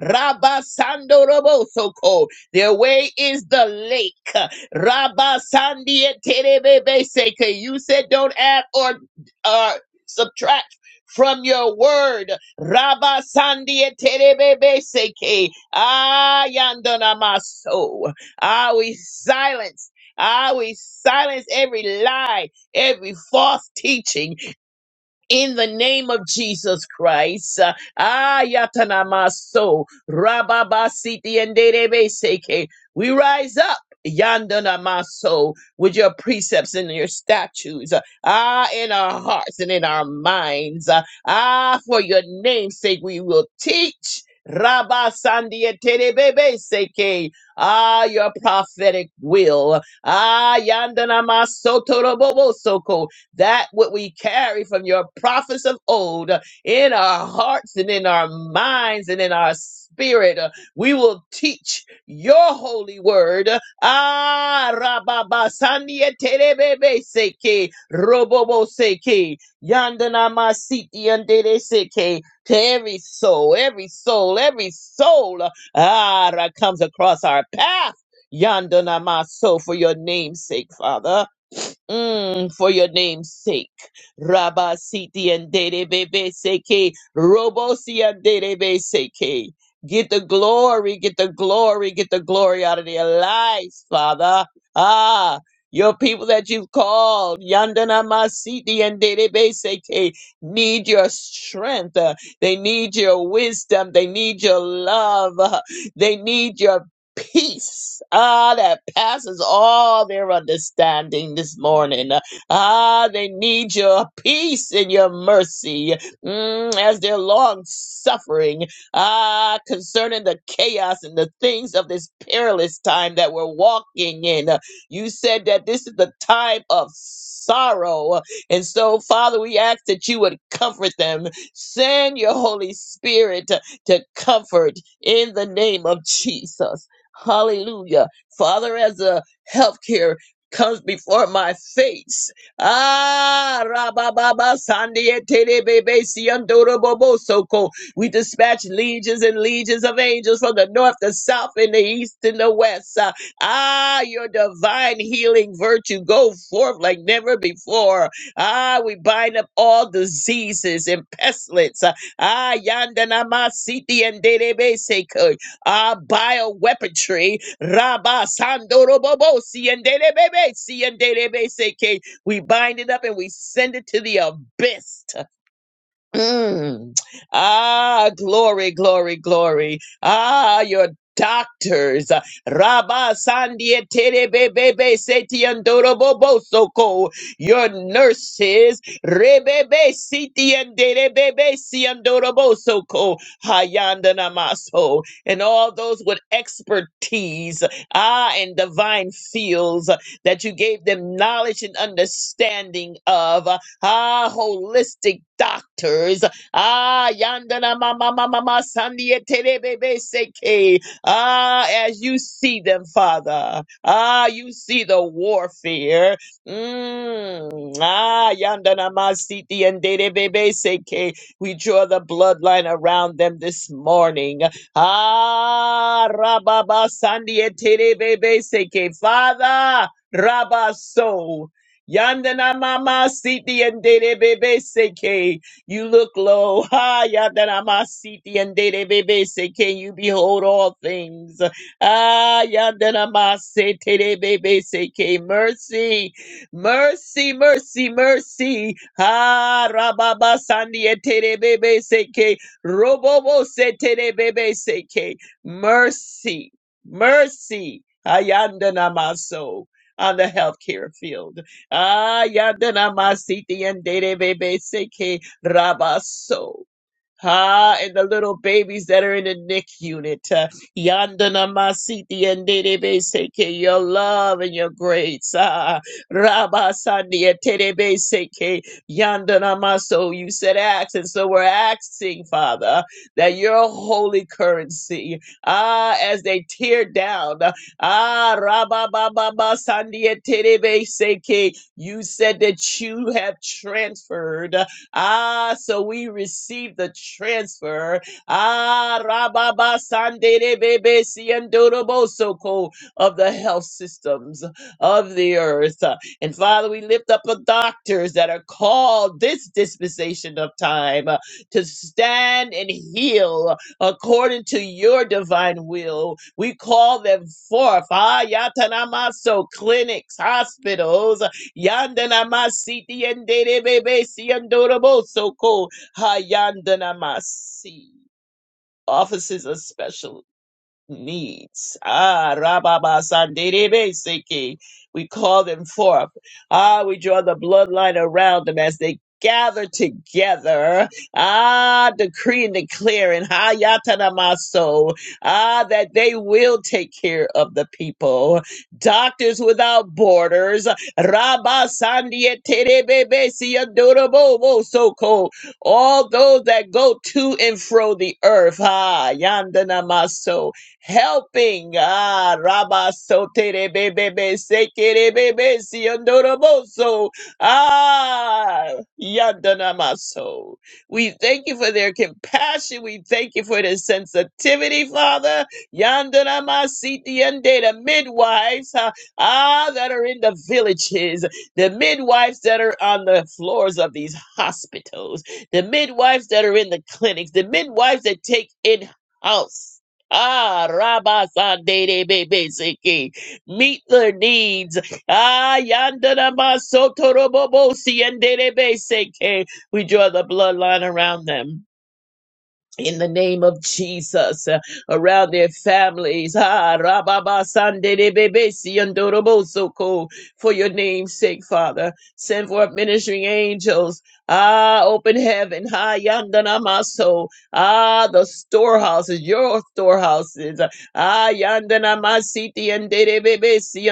Speaker 3: Rabba Sando Robosoko. Their way is the lake. Rabba Sandia Terebebe Seke. You said don't add or uh, subtract from your word. Rabba Sandia Terebebe Seke. Ah, Yandana Maso. Ah, we silence. Ah, we silence every lie, every false teaching in the name of Jesus Christ. Uh, Ayatanamaso, Rababasiti and Seke. We rise up. Yandanamaso with your precepts and your statutes. uh, Ah, in our hearts and in our minds. uh, Ah, for your name's sake, we will teach. Rabba Sandia Seke. Ah, your prophetic will. Ah, Yandanamaso Torobobo Soko that what we carry from your prophets of old uh, in our hearts and in our minds and in our spirit. Uh, We will teach your holy word. Uh, Ah, rababa sandia terebebe seke, robobo seke, yandana masiti andere seke. To every soul, every soul, every soul uh, ah, that comes across our path. Yandana maso for your name's sake, Father. Mm, for your name's sake. Rabba Siti and Dede Bebe Seke. Robosi and Dede Bebe Seke. Get the glory, get the glory, get the glory out of their lives, Father. Ah, your people that you've called, Yandana Masiti and Dede Bebe Seke, need your strength. Uh, They need your wisdom. They need your love. Uh, They need your peace ah that passes all their understanding this morning ah they need your peace and your mercy mm, as they're long suffering ah concerning the chaos and the things of this perilous time that we're walking in you said that this is the time of sorrow and so father we ask that you would comfort them send your holy spirit to to comfort in the name of jesus Hallelujah. Father, as a healthcare comes before my face. Ah, rabababa, sandia, terebebe, siandoro, bobo, soko. We dispatch legions and legions of angels from the north, the south, and the east, and the west. Ah, ah, your divine healing virtue go forth like never before. Ah, we bind up all diseases and pestilence. Ah, yandanama, siti, and derebe, seko uh, bioweaponry. Rabba Sandorobobo, Siendelebebe, Siendelebeseke. We bind it up and we send it to the abyss. Mm. Ah, glory, glory, glory. Ah, your doctors. Rabba Sandia Terebebe Setiandorobo Soko. Your nurses. Rebebe Sitiandebebe Siandorobo Soko. Hayanda Namaso. And all those with expertise. Ah, and divine fields that you gave them knowledge and understanding of ah, holistic doctors, ah, yandana mama mama mama sandia terebebe seke, ah, as you see them, Father, ah, you see the warfare, mm, ah, yandana masiti and terebebe seke, we draw the bloodline around them this morning, ah, rababa sandia terebebe seke, Father, rabaso. Yandana mama siti and dede bebe seke. You look low. Ha yandana mama siti and dede bebe seke. You behold all things. Ah yandana mama sete de bebe seke. Mercy, mercy, mercy, mercy. Ha rababa sandi ete bebe seke. Robobo sete de bebe seke. Mercy, mercy. Ayandana maso on the healthcare field. Ah, yadana masiti and dede bebe seke rabaso. Ha, and the little babies that are in the NICU unit. Uh, Yandana Masiti and Dedebe Seke, your love and your grace. Ah, Rabba Sandia Tedebe Seke, Yandana Maso. You said ask, and so we're asking, Father, that your holy currency, ah, as they tear down, ah, Rabba Baba Sandia Tedebe Seke, you said that you have transferred. Ah, so we receive the transfer. Ah, Rababa Sandere Bebe Siandorobosoko of the health systems of the earth. And Father, we lift up the doctors that are called this dispensation of time uh, to stand and heal according to your divine will. We call them forth. Ah, yatanamaso clinics, hospitals. Yandana masi tiendere bebe siandoro boso ko hayandana masi. Offices are special needs. Ah, Rababa Sandebe Siki. We call them forth. Ah, we draw the bloodline around them as they gather together. Ah, decree and declare in Hayatanamaso. Ah, that they will take care of the people. Doctors without borders. Rabba Sandia Terebebe Siadorobo Soko. All those that go to and fro the earth. Ah, Yandanamaso helping. Ah, Rabba Sotere Bebe Sekere Bebe Siondoroboso. Ah, Yandanamaso. We thank you for their compassion. We thank you for their sensitivity, Father. Yandanamasiti and the midwives, ah, ah, that are in the villages, the midwives that are on the floors of these hospitals, the midwives that are in the clinics, the midwives that take in house Ah, Rabasande Bebeseke. Meet their needs. Ah, Yandana Masotorobobosi and Dede Beseke. We draw the bloodline around them in the name of Jesus uh, around their families. Ah, rababa sande de bebe si For your name's sake, Father. Send forth ministering angels. Ah, open heaven. Ha yandana maso. Ah, the storehouses, your storehouses. Ah, yandana masiti and de bebe si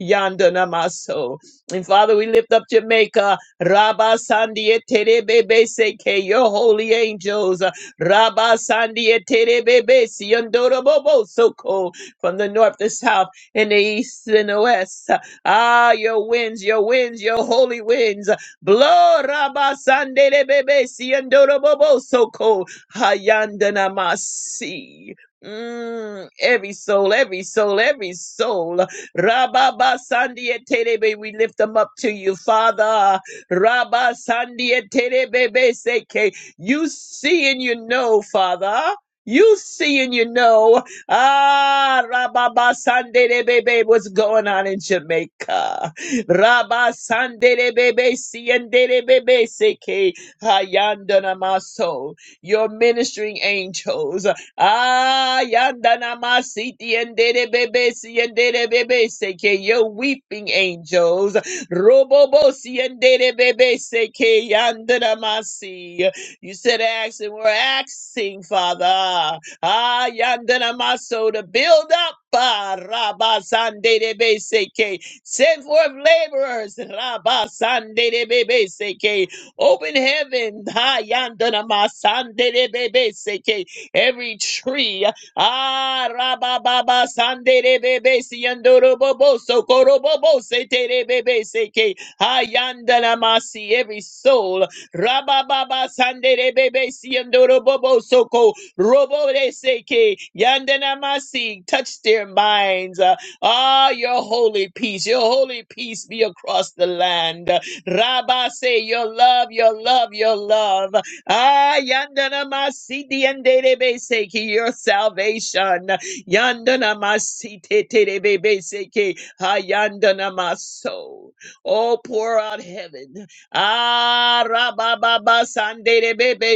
Speaker 3: Yandana maso. And Father, we lift up Jamaica. Rabba Sandia Terebebe Seke, your holy angels. Rabba Sandia Terebebe Siondorobobo Soko, from the north, the south, and the east, and the west. Ah, your winds, your winds, your holy winds. Blow Rabba Sandelebebe Siondorobobo Soko, Hayandana Masi. Mm, every soul, every soul, every soul. Rababa Sandia Terebe, we lift them up to you, Father. Rabba Sandia Terebebe Seke. You see and you know, Father. You see and you know. Ah, Rabba Sanderebebe, what's going on in Jamaica? Rabba Sanderebebe Sienderebebe Seke. Hayandana Maso. Your ministering angels. Ah, yandana masiti and bebe si and bebe seke, your weeping angels. Robobo siendere bebe seke yandere masi. You said ask, and we're asking, Father. Ah, yandere maso to build up. ah, Rabba sandere bebe seke. Send forth laborers. Rabba Dede bebe seke. Open heaven. Ah, yandere masandere bebe seke. Every tree. Ah, rababa sande de bebe si andoro bobo so bobo se te de bebe se ke hayandala masi every soul. Rababa sande de bebe si andoro bobo so ko robo de se ke yandana masi touch their minds. Uh, Ah, your holy peace, your holy peace be across the land. Rabba say your love, your love, your love. Ah, yandana masiti and derebe seki your salvation. Yandana masiti terebe seki. Ah, yandana maso. Oh, pour out heaven. Ah, rabababa sandere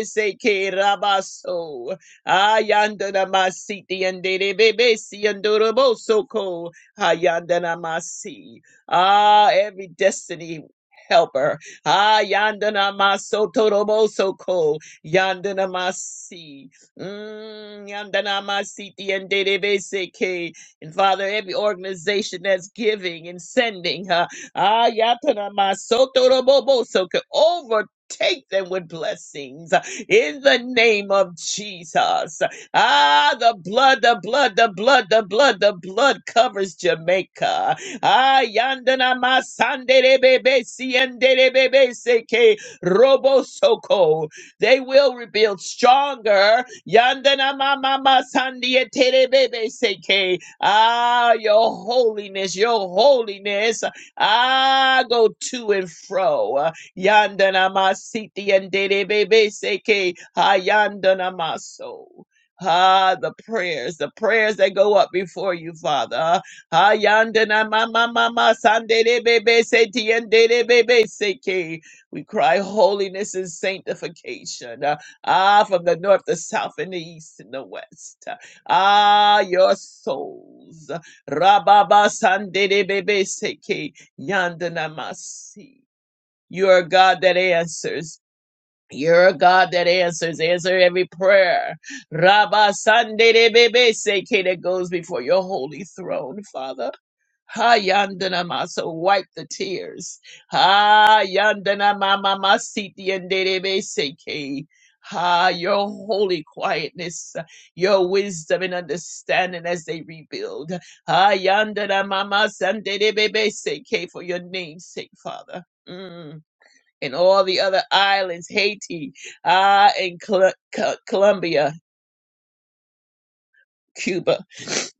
Speaker 3: seki rabaso. Ah, yandana masiti and bebe si andoroboso ko. Ah, yandana masi. Ah, every destiny helper. Ah, yandana maso torobo soko. Yandana masi. Mm, Yandana masiti and seke. And Father, every organization that's giving and sending, huh? Ah, yatana maso torobo bo soko. Overtake them with blessings in the name of Jesus. Ah, the blood, the blood, the blood, the blood, the blood covers Jamaica. Ayandana masanderebebe sienderebebe seke robosoko. They will rebuild stronger. Yandana mama masandieterebebe seke. Ah, your holiness, your holiness. Ah, go to and fro. Yandana masiti enderebebe seke. Ayandana maso. Ah, the prayers, the prayers that go up before you, Father. Hayandana mama mama sandere bebe seti yandere bebe seke. We cry holiness and sanctification. uh, Ah, from the north, the south, and the east, and the west. Uh, Ah, your souls. Rababa sandere bebe seke yandana masi. You are a God that answers. You're a God that answers. Answer every prayer. Rabba sandere bebe seke that goes before your holy throne, Father. Ha yandana ma, so wipe the tears. Ha yandana mama masiti anderebe seke. Ha your holy quietness, your wisdom and understanding as they rebuild. Ha yandana mama sanderebe seke for your name's sake, Father. Mm. And all the other islands, Haiti, ah, and Col- Col- Colombia, Cuba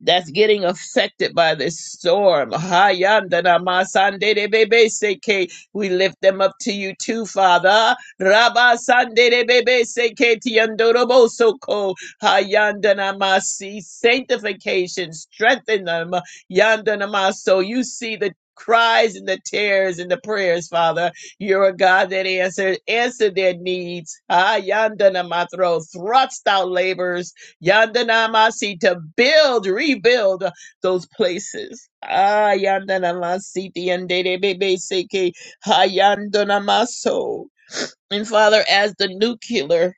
Speaker 3: that's getting affected by this storm. Hayandanamasanderebebeseke. We lift them up to you too, Father. Rabasanderebebeseke tiandorobosoko. Hayandanamasi. Sanctification, strengthen them. Yandanamaso. You see the cries and the tears and the prayers, Father. You're a God that answers. Answer their needs. Hayandanamathro. Thrust out labors Yandanamasi to build, rebuild uh, those places. Ah, Yandanamasi Yandanamaso. And Father, as the nuclear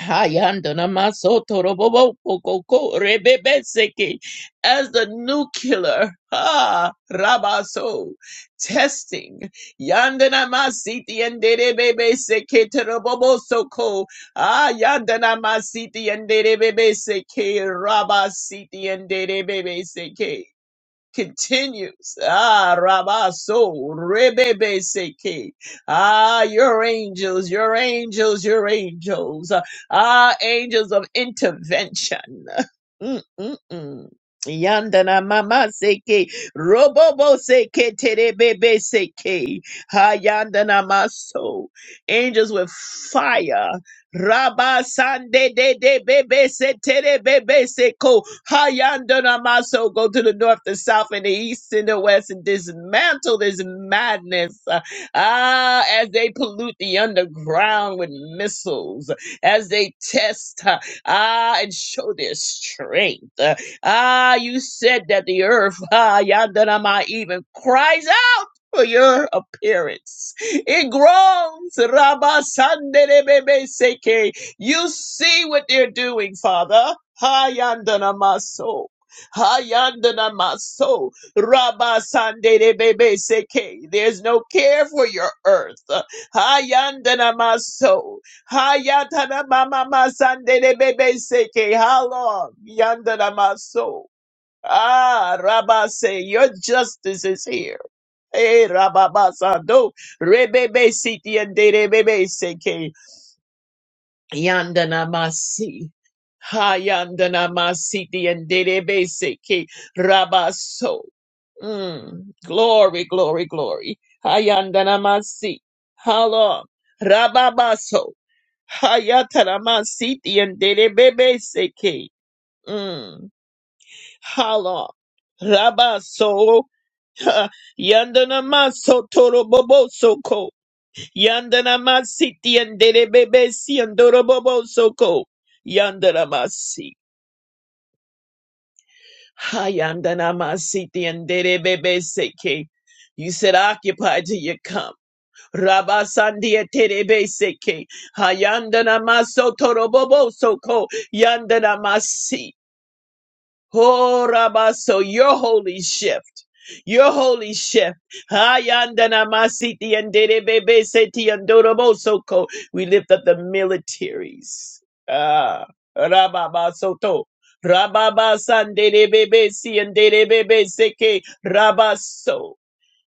Speaker 3: Hayandana masoto robobo kokoko rebebeseke as the nuclear ha rabaso testing yandana masiti and derebebeseke terobobo soko ah yandana masiti and derebebeseke rabasiti and derebebeseke continues. Ah, Rabaso, Rebebe Seke. Ah, your angels, your angels, your angels. Ah, angels of intervention. Mm, mm, mm. Yandana mama seke robobo seke terebebe seke ha yandana maso angels with fire Rabba Sande de de bebe se tere bebe se ko hayandona maso go to the north, the south, and the east and the west and dismantle this madness. uh, Ah, as they pollute the underground with missiles, as they test, uh, ah, and show their strength. Uh, Ah, you said that the earth, ah, yandana ma even cries out for your appearance. It groans. Rabba Sandere Seke. You see what they're doing, Father. Hayandana Maso. Hayandana Maso. Rabba Sandere Seke. There's no care for your earth. Hayandana Maso. Hayatana Mama Sandere Bebe Seke. How long? Yandana Maso. Ah, Rabba say, your justice is here. Eh, Rabba Sando, Rebebe Siti and Rebebe Seke, Yandana Masi. Ha Yandana Masiti and Rebebe Seke, Rabba So. Mm. Glory, glory, glory. Ha Yandana Masi. Halom, Rabba Baso. Ha Yatana Masiti and Rebebe Seke. Mm. Halom, Rabba So. Yandana maso toro bobo soko. Yandana masiti andere bebe si andoro bobo soko. Yandana masi. Ha yandana masiti andere bebe seke. You said occupy till you come. Rabba sandia terebe seke. Ha yandana maso toro bobo soko. Yandana masi. Horabaso, your holy shift. Your holy shift. Hayandanamasithi and Derebebe Seti and Dorobosoko. We lift up the militaries. Ah Rababasoto. Rababa San Derebebe Si and Derebebe Seke Rabaso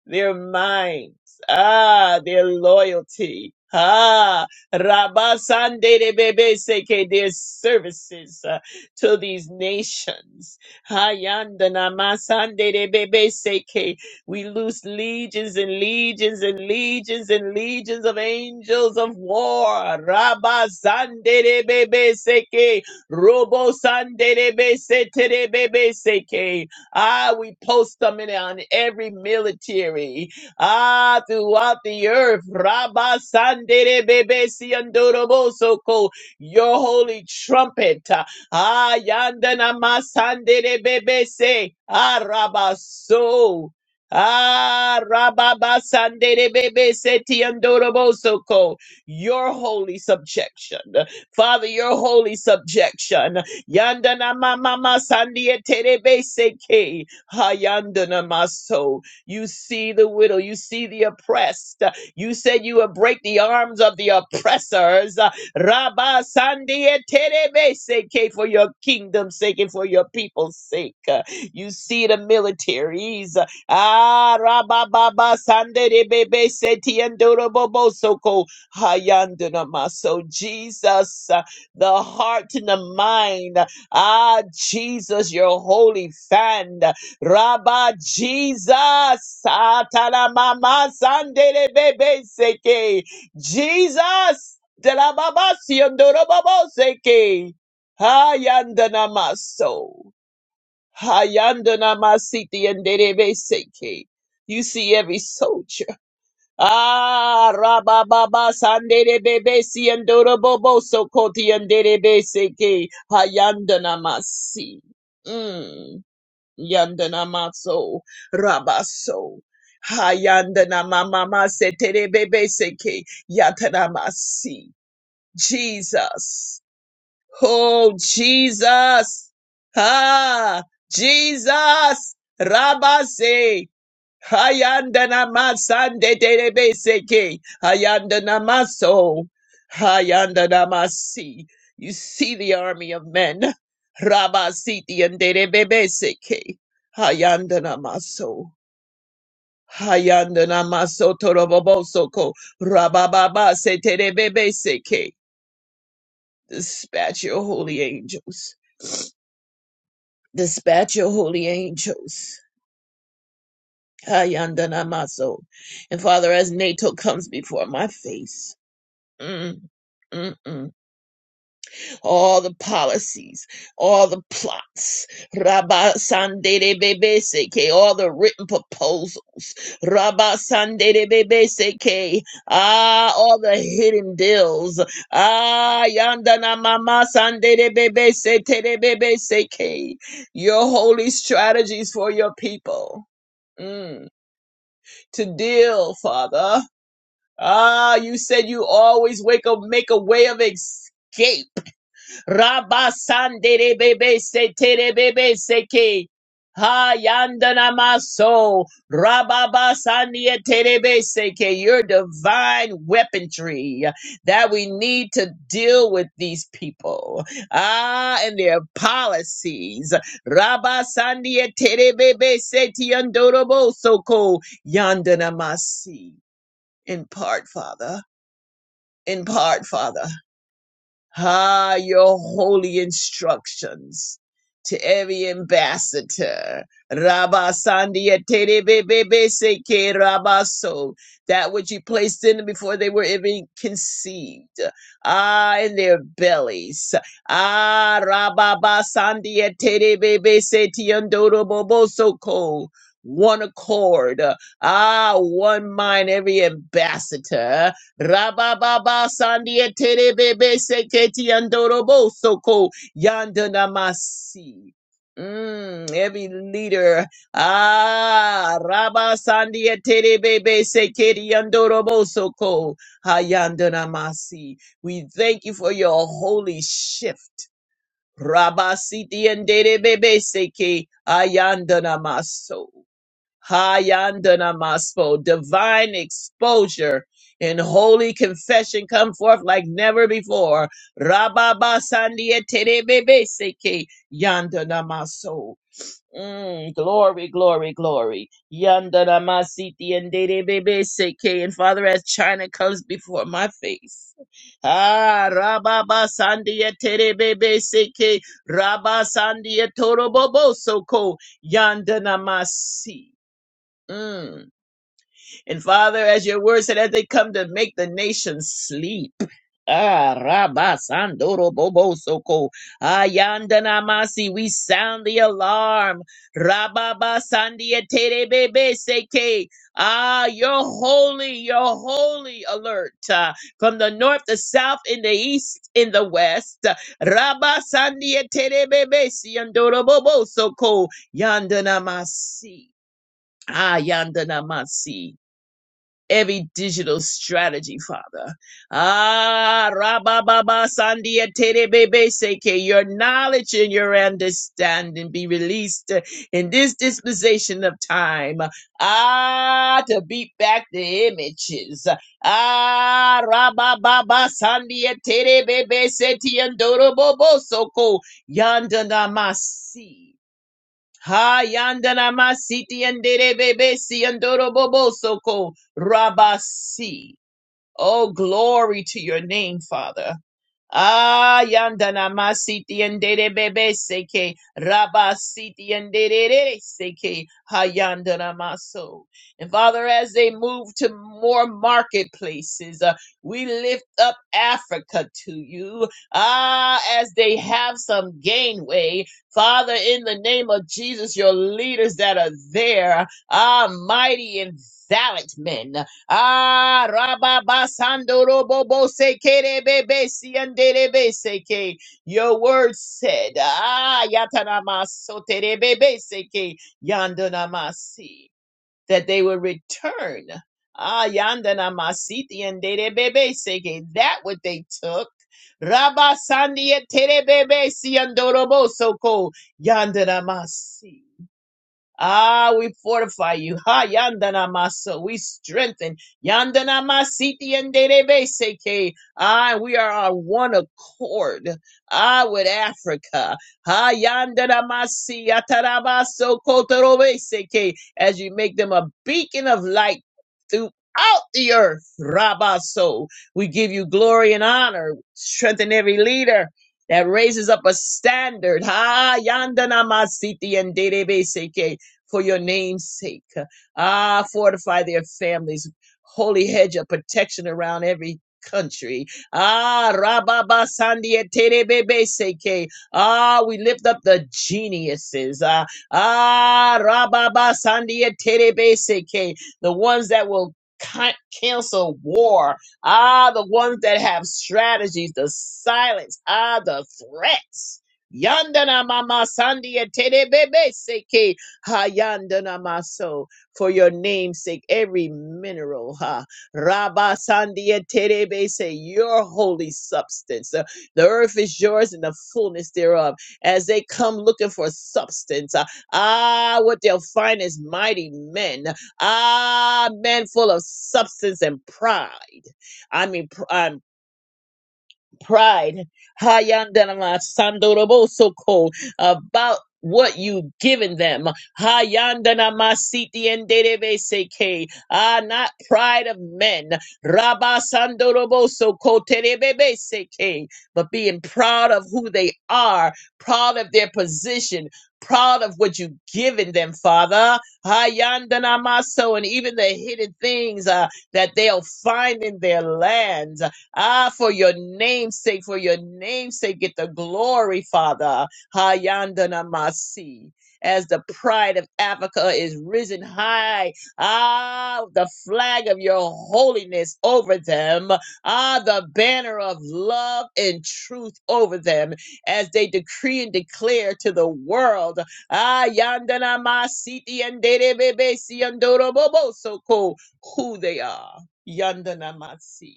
Speaker 3: their minds, ah, their loyalty, ah, Rabasande de Bebe Seke, their services uh, to these nations. Hayandana Masande de Bebe Seke, we lose legions and legions and legions and legions of angels of war. Rabasande de Bebe Seke, Robo Sande de Bebe Sete de Bebe Seke. Ah, we post them in on every military. Ah, throughout the earth. Rabba Sandere Bebe Siandorobosoko, your holy trumpet. Ah, Yandana Masandere Bebe Se. Ah, Rabba So. Ah, Rabba Sandere Bebe Se Tiandorobosoko, your holy subjection. Father, your holy subjection. Yandana mama masandia terebe seke. Hayandana maso. You see the widow. You see the oppressed. You said you would break the arms of the oppressors. Rabba sandia terebe seke for your kingdom's sake and for your people's sake. You see the militaries. Ah, Rabba baba sandere bebe seti andorobo soko. Hayandana maso. Jesus the heart and the mind. Ah, Jesus, your holy fan. Rabba Jesus. Atala mama sandele bebe seke. Jesus. De la baba siondoro babo seke. Hayandana maso. Hayandana masiti and derebe seke. You see every soul Ah, rababa, sandere bebe si andoro bobo so koti andere bese ke hayandana masi. Mm, yandana maso rabaso. Hayandana mama mase tere bebe seke yatana masi. Jesus. Oh, Jesus. Ah, Jesus. Rabase. Hayanda namasande derebeseke. Hayanda namaso. Hayanda namasi. You see the army of men. Rabasiti and derebeseke. Hayanda namaso. Hayanda namaso torobobosoko. Rabababa se terebeseke. Dispatch your holy angels. Dispatch your holy angels. Hayanda namaso. And Father, as NATO comes before my face. Mm, mm, mm. All the policies, all the plots, Rabba Sandere Bebe Seke, all the written proposals, Rabba Sandere Bebe Seke, ah, all the hidden deals, ah, Yandana Mama Sandere Bebe Sete Bebe Seke, your holy strategies for your people mm. to deal, Father. Ah, you said you always wake up, make a way of escape Rabasandere bebe se tere bebe seke. Ha yandana maso. Rababasandie tere bebe seke. Your divine weaponry that we need to deal with these people. Ah, and their policies. Rabasandie tere bebe se tiandorobo soko. Yandana masi. In part, Father. In part, Father. Ah, your holy instructions to every ambassador. Rabba Sandia Tere Bebe Seke Rabaso. That which you placed in them before they were even conceived. Ah, in their bellies. Ah, Rabba Sandia Tere Bebe Setiandoro Bobosoko. One accord. Ah, one mind, every ambassador. Rabababa sandia terebebe seketi andorobo soko yandanamasi. Mm, every leader, ah, Rabba Sandia Terebebe Sekeri Andorobo Soko Hayandanamasi. We thank you for your holy shift. Rabba Siti and Tere Bebe Seke Ayandanamaso. Hayandanamaso, divine exposure and holy confession come forth like never before. Rababa Sandia Terebebeseke Yandanamaso. Mm, glory, glory, glory. Yandanamasiti and Derebebeseke. And Father, as China comes before my face. Ah, Rababa Sandia Terebebeseke. Rabba Sandia Toroboboso Yandanamasi. Mm. And Father, as your word said, as they come to make the nation sleep. Ah, Rabba Sandoro Bobo Soko. Ayandanamasi, we sound the alarm. Rababa Sandia Tere Bebe Seke. Ah, you're holy, you're holy alert. Ah, from the north, the south, in the east, in the west. Rabba Sandia Tere Bebe Siandoro Bobo Soko. Yandanamasi. Ah, Yandanamasi every digital strategy, Father. Ah, rabababa, sandia, terebebe, seke. Your knowledge and your understanding be released in this dispensation of time. Ah, to beat back the images. Ah, rabababa, sandia, terebebe, seti, andorobobo, soko, yandanamasi. Ha yandana masiti andere bebe si andoro bobo soko rabasi. Oh, glory to your name, Father. Ah, yandana masiti endere bebe seke rabasiti endere seke hayandana maso. And Father, as they move to more marketplaces, uh, we lift up Africa to you. Ah, as they have some gainway, Father, in the name of Jesus, your leaders that are there, ah, mighty and valiant men. Ah, rababa sandoro bobo sekere bebe siandere be seke. Your word said, ah, yatanama sotere bebe seke yandanamasi, that they will return. Ah, yandanamasi tiandere bebe seke. That what they took. Rabba sandia tere bebe siandoro bo soko yandanamasi. Ah, we fortify you. Ha yandana maso. We strengthen. Yandana masiti and seke. Ah, we are on one accord. Ah, with Africa. Ha yandana masi atarabaso kotorobe seke. As you make them a beacon of light throughout the earth. Rabaso. We give you glory and honor. Strengthen every leader. That raises up a standard. Ha yandana masiti and seke for your name's sake. Ah, fortify their families. Holy hedge of protection around every country. Ah, Rababa Sandia Terebebe Seke. Ah, we lift up the geniuses. Ah, ah Rababa Sandia Terebe Seke. The ones that will can- cancel war. Ah, the ones that have strategies, the silence. Ah, the threats. Yandana mama sandia terebebe seke. Hayandana maso for your name's sake, every mineral, ha. Rabba Sandia Terebe say your holy substance. Uh, The earth is yours and the fullness thereof. As they come looking for substance, uh, ah, what they'll find is mighty men. Ah, men full of substance and pride. I mean, pride pride Hayandanama Sandorobosoko about what you've given them. Hayandanama Siti and Derebeseke. Ah, not pride of men. Rabba Sandorobosoko Terebeseke. But being proud of who they are, proud of their position. Proud of what you've given them, Father. Hayandanamaso, and even the hidden things uh, that they'll find in their lands. Ah, for your name's sake, for your name's sake, get the glory, Father. Hayandana masi, As the pride of Africa is risen high, ah, the flag of your holiness over them, ah, the banner of love and truth over them, as they decree and declare to the world, ah, yandana masiti and Dede bebe si andoro bobo so who they are. Yandana masi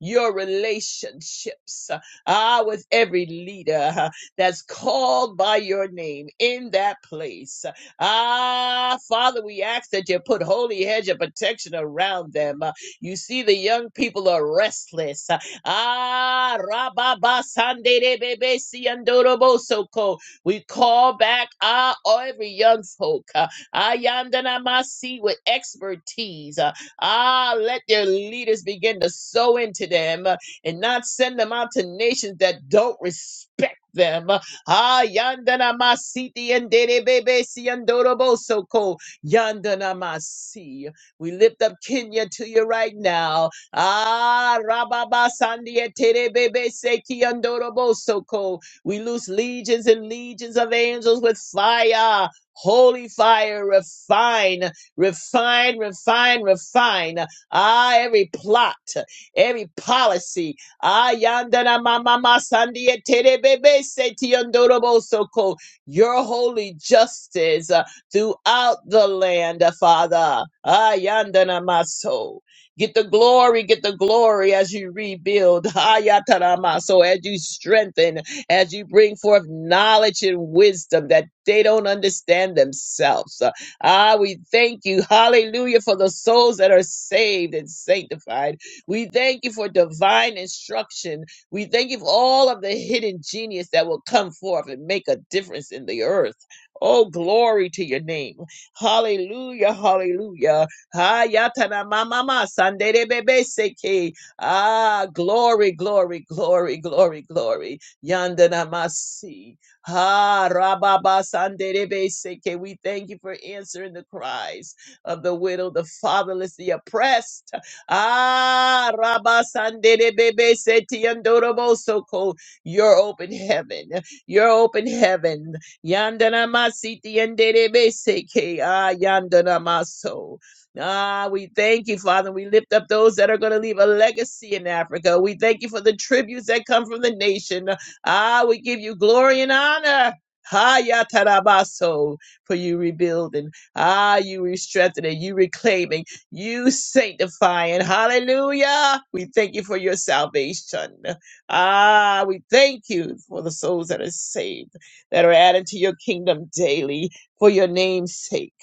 Speaker 3: your relationships, ah, with every leader ah, that's called by your name in that place. Ah, Father, we ask that you put holy hedge of protection around them. Ah, You see, the young people are restless. Ah, Rababa Sandere Bebe Siandorobo We call back ah, every young folk. ah, Ayandanamasi with expertise. Ah, let their leaders begin to sow into them uh, and not send them out to nations that don't respect them. Ah, yandana masiti and dede bebe si andorobo soko yandana masi. We lift up Kenya to you right now. Ah, rababa sandia tere bebe seki andorobo soko. We loose legions and legions of angels with fire. Holy fire, refine. Refine, refine, refine. Ah, every plot, every policy. Ah, yandana mama sandia terebebe seti yondorobo soko. Your holy justice uh, throughout the land, uh, Father. Ah, yandana maso. Get the glory, get the glory as you rebuild. Ah, yatana maso, as you strengthen, as you bring forth knowledge and wisdom that they don't understand themselves. Ah, we thank you. Hallelujah for the souls that are saved and sanctified. We thank you for divine instruction. We thank you for all of the hidden genius that will come forth and make a difference in the earth. Oh, glory to your name. Hallelujah, hallelujah. Ah, yatana mama ma sandere bebe seke. Ah, glory, glory, glory, glory, glory. Yandana masi. Ha Rababa Sanderebe Seke. We thank you for answering the cries of the widow, the fatherless, the oppressed. Ah Rabba Sanderebebe Seti Andorobo Soko. Your open heaven. Your open heaven. Yandana Masiti Anderebe Seke. Ah Yandana Maso. Ah, we thank you, Father. We lift up those that are going to leave a legacy in Africa. We thank you for the tributes that come from the nation. Ah, we give you glory and honor. Haya tarabaso, for you rebuilding. Ah, you re-strengthening, you reclaiming, you sanctifying. Hallelujah. We thank you for your salvation. Ah, we thank you for the souls that are saved, that are added to your kingdom daily for your name's sake.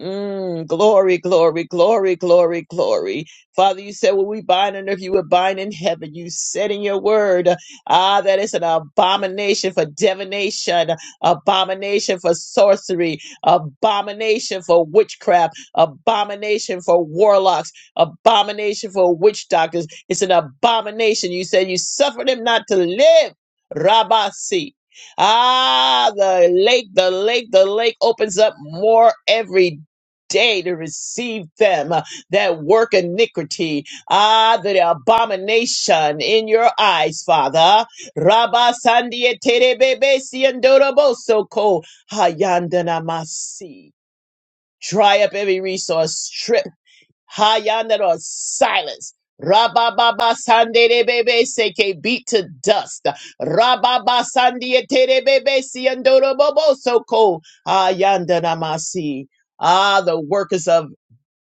Speaker 3: Mm, glory, glory, glory, glory, glory. Father, you said, Well, we bind on earth, you would bind in heaven. You said in your word. Ah, that is an abomination for divination, abomination for sorcery, abomination for witchcraft, abomination for warlocks, abomination for witch doctors. It's an abomination. You said you suffered him not to live. Rabasi. Ah, the lake, the lake, the lake opens up more every day to receive them that work iniquity Ah, the abomination in your eyes, Father. Rabba Sandia Terebebe Siandoroboso Ko Hayandana Masi. Dry up every resource, strip Hayandana or silence. Rabba Baba Sande Bebe Seke beat to dust. Rabba Baba Sandia Terebebe Siandoroboso Ko Hayandana Masi. Ah, the workers of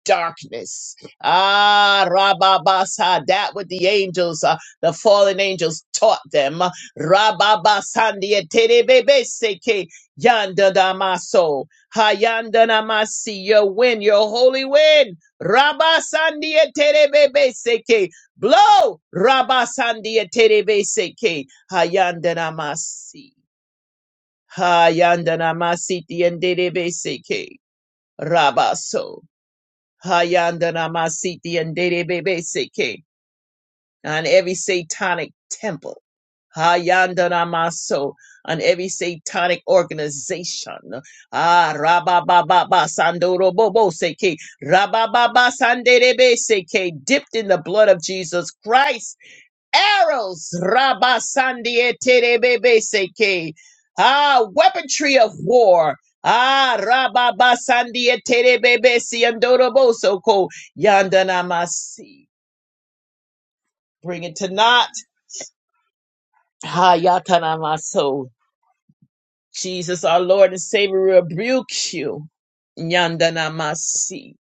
Speaker 3: darkness. Ah, Rababasa, that what the angels, uh, the fallen angels taught them. Rababasandia terebebeseke yanda damaso. Hayanda namasi, your wind, your holy wind. Rabasandia terebebeseke. Blow! Rabasandia terebeseke. Hayanda namasi. Hayanda namasi tiendebeseke. Rabaso. Hayandana Masiti and Dede Bebe Seke on every satanic temple. Hayandana Maso on every satanic organization. Ah Rabababa Sandoro Bobo Seke Rabababa Sandere Seke dipped in the blood of Jesus Christ arrows, Rabasandie terebebeseke, ah, weaponry of war. Ah, Rababasandie terebebesi andorobosoko, yandanamasi. Bring it to naught. Ha, yatanamaso. Jesus, our Lord and Savior, rebuke you. Yandanamasi.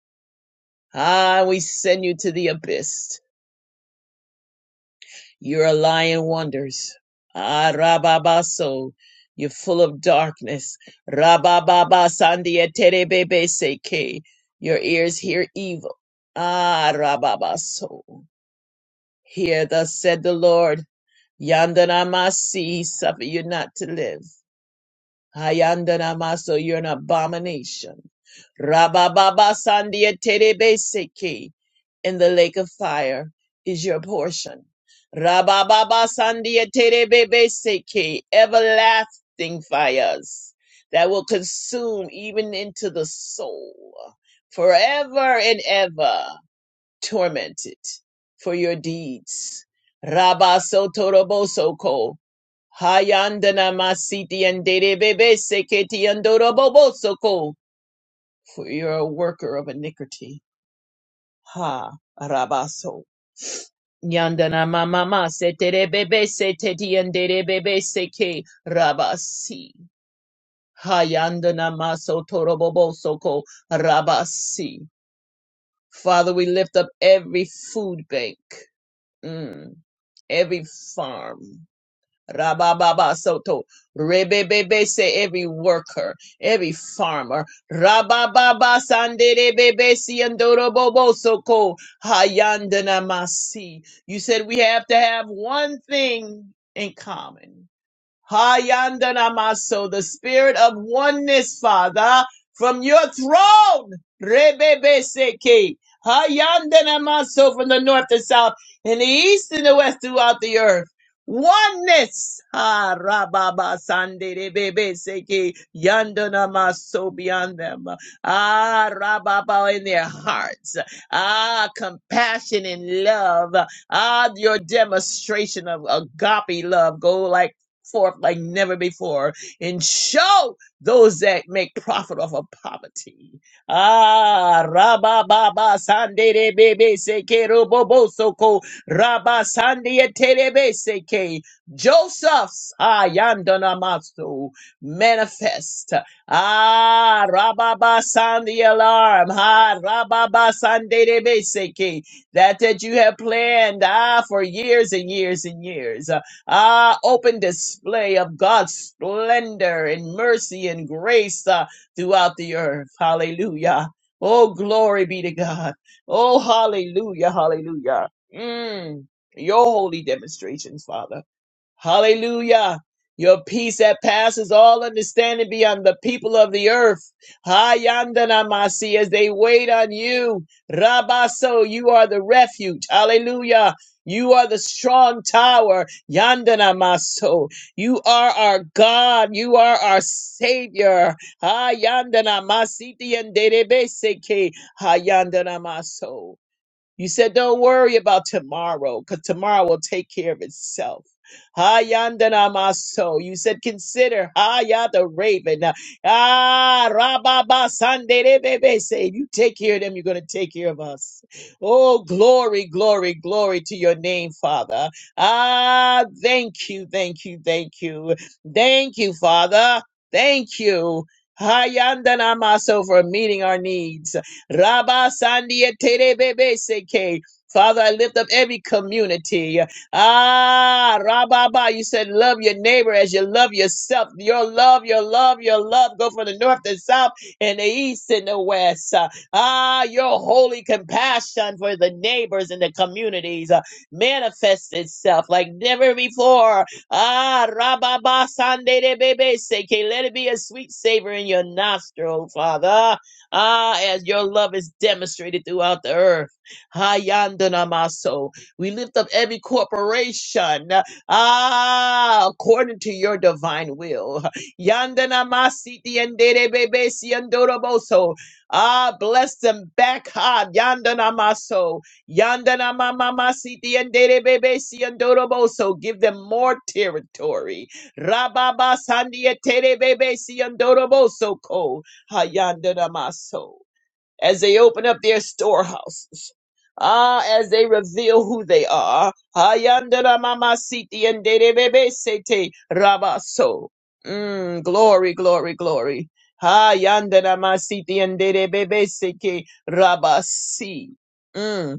Speaker 3: Ah, we send you to the abyss. You're a lying wonders. Ah, Rababaso, you're full of darkness. Rabababa Sandia Terebebe Seke, your ears hear evil. Ah, Rababaso, hear thus said the Lord, Yandanamasi, suffer you not to live. Hayandana maso, you're an abomination. Rabababa sandia terebe seki. In the lake of fire is your portion. Rabababa sandia terebe seki. Everlasting fires that will consume even into the soul forever and ever tormented for your deeds. Rabaso toroboso ko. Hayandana masiti and bebe seketi andoroboboso ko. For you're a worker of iniquity. Ha, rabaso. Yandana mama seterebebe seteti and bebe seke rabasi. Hayandana maso toroboboso ko rabasi. Father, we lift up every food bank. Mm. every farm. Rabababa soto. Rebebebe say every worker, every farmer. Rabababa sanderebebe si andorobobo soko. Hayandana masi. You said we have to have one thing in common. Hayandanamaso, the spirit of oneness, Father, from your throne. Rebebeseke. Hayandanamaso from the north, to south, and the east and the west throughout the earth. Oneness. Ha rababa sande rebebeseke. Yandanamaso beyond them. Ah rababa in their hearts. Ah compassion and love. Ah your demonstration of agape love. Go like forth like never before and show those that make profit off of poverty. Ah, Rabba Baba Sande de Bebe Seke Robo bo Soko Rabba Sande Terebe Seke Joseph's Ayandana Masu manifest. Ah, Rabba Ba Sande alarm. Ah, Rabba Ba Sande de Bebe Seke that that you have planned ah for years and years and years. Ah, open display of God's splendor and mercy and grace uh, throughout the earth. Hallelujah. Oh, glory be to God. Oh, hallelujah, hallelujah. Mm, your holy demonstrations, Father. Hallelujah. Your peace that passes all understanding be on the people of the earth. Hayandanamasi, as they wait on you. Rabaso, you are the refuge. Hallelujah. You are the strong tower. Yandanamaso. You are our God. You are our Savior. Hayandanamasi, dianderebeseke. Hayandanamaso. You said, don't worry about tomorrow, because tomorrow will take care of itself. Hayandana maso. You said, consider Haya the raven. Ah, Rababa Sanderebebe. Say, you take care of them, you're going to take care of us. Oh, glory, glory, glory to your name, Father. Ah, thank you, thank you, thank you. Thank you, Father. Thank you. Hayandana maso for meeting our needs. Rabba Sandia Terebebe Seke. Father, I lift up every community. Ah, Rababa, you said love your neighbor as you love yourself. Your love, your love, your love go from the north and south and the east and the west. Ah, your holy compassion for the neighbors and the communities uh, manifests itself like never before. Ah, Rababa Sande de Bebe Seke, let it be a sweet savor in your nostril, Father. Ah, as your love is demonstrated throughout the earth. Hayandanamaso. We lift up every corporation. Ah, according to your divine will. Yandanamasi tiendebebesi andoroboso. Ah, bless them back. Ha, yandanamaso. Yandanamamamasi tiendebebesi andoroboso. Give them more territory. Rababa sandia terebebesi andoroboso ko. Hayandanamaso. As they open up their storehouses, ah, as they reveal who they are, Hayandanamasiti and Derebebesete Rabaso. Mm, glory, glory, glory. Hayandanamasiti and Derebebeseke Rabasi. Mm.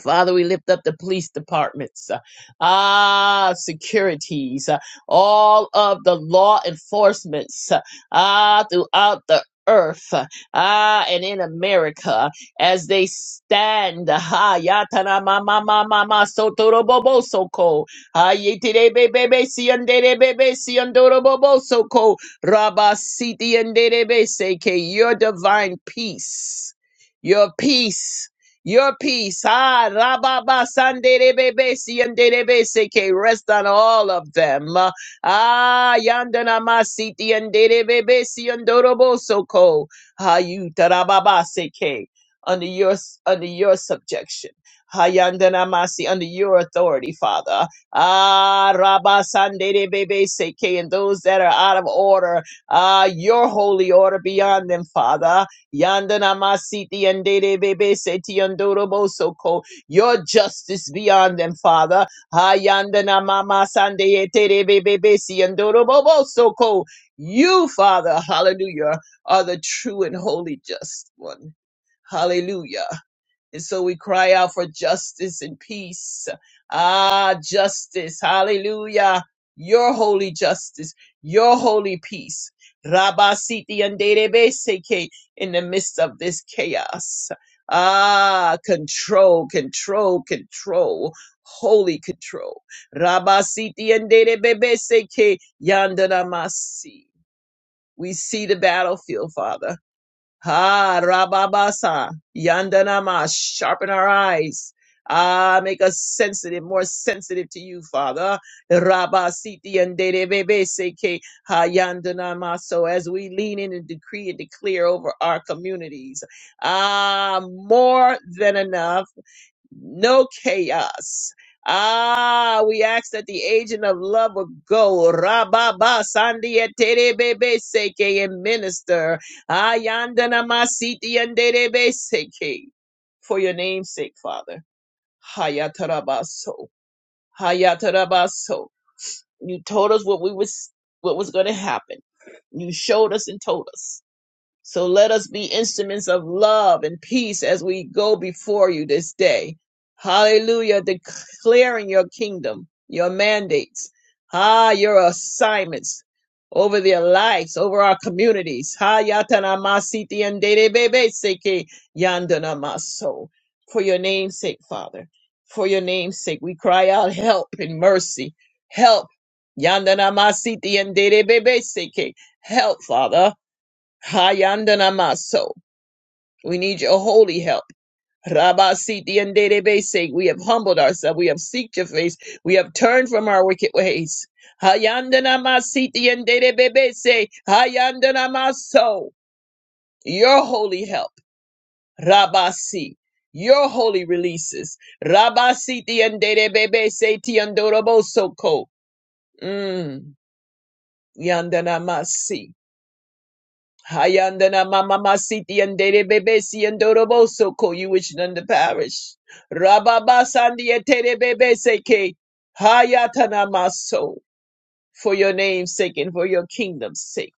Speaker 3: Father, we lift up the police departments, uh, ah, securities, uh, all of the law enforcements, uh, ah, throughout the earth, uh, ah, and in America, as they stand, uh, ha, yatana mama mama ma sotoro bobo soko, ha, yetide bebe be siandere bebe siandoro bobo soko, rabasiti andere be seke, your divine peace, your peace. Your peace, ah, rababa sanderebebe siyenderebe seke, rest on all of them. Uh, Ah, yandana masiti yanderebebe siyandorobo soko. Ah, you tarababa seke, under your under your subjection. Ah, yandana masi, under your authority, Father. Ah, rabba sanderebebe seke, and those that are out of order, ah, your holy order beyond them, Father. Yandana masiti and Dede Bebe Seti Andorobo Soko. Your justice beyond them, Father. Hayandana Mama Sande Tere Bebe Besi Andorobo Soko. You, Father, hallelujah, are the true and holy just one. Hallelujah. And so we cry out for justice and peace. Ah, justice. Hallelujah. Your holy justice, your holy peace. Rabba Siti and Seke in the midst of this chaos. Ah, control, control, control. Holy control. Rabba Siti and Seke Yandanamasi. We see the battlefield, Father. Ha Rababasa Yandanama, sharpen our eyes. Ah, make us sensitive, more sensitive to you, Father. Rabasiti and Dedebebe Seke Ha Yandanama. So as we lean in and decree and declare over our communities. Ah, more than enough no chaos. Ah, we ask that the agent of love would go. Rababa Sandia Terebebe Seke and minister. Ayandana Masiti and Derebe Seke. For your name's sake, Father. Hayatarabaso. Hayatarabaso. You told us what we was what was gonna happen. You showed us and told us. So let us be instruments of love and peace as we go before you this day. Hallelujah. Declaring your kingdom, your mandates, ah, your assignments over their lives, over our communities. Ha yatana masiti and dede bebe seke yandana maso. For your name's sake, Father. For your name's sake, we cry out help and mercy. Help. Yandana masiti and dede bebe seke. Help, Father. Hayandana maso. We need your holy help. Rabba Siti and Database, we have humbled ourselves, we have seeked your face, we have turned from our wicked ways. Hayandana Masiti and Database, Hayandana Maso, your holy help, Rabba Si, your holy releases. Rabba Siti and Database, Tiandorobo Soko, Yandana Masi. Hayandana mama masiti and dere bebesi and doroboso ko you which none the parish. Rababa sandi etere bebese ke hayatana maso for your name's sake and for your kingdom's sake.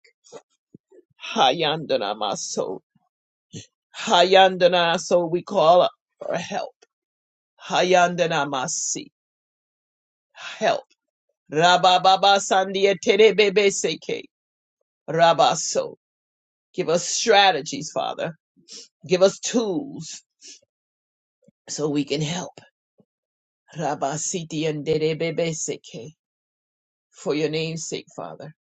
Speaker 3: Hayandana maso. Hayandana so we call for help. Hayandana masi help. Rababa sandi etere bebese ke rabaso. Give us strategies, Father. Give us tools so we can help. Rabasiti and Derebebeseke, for your name's sake, Father.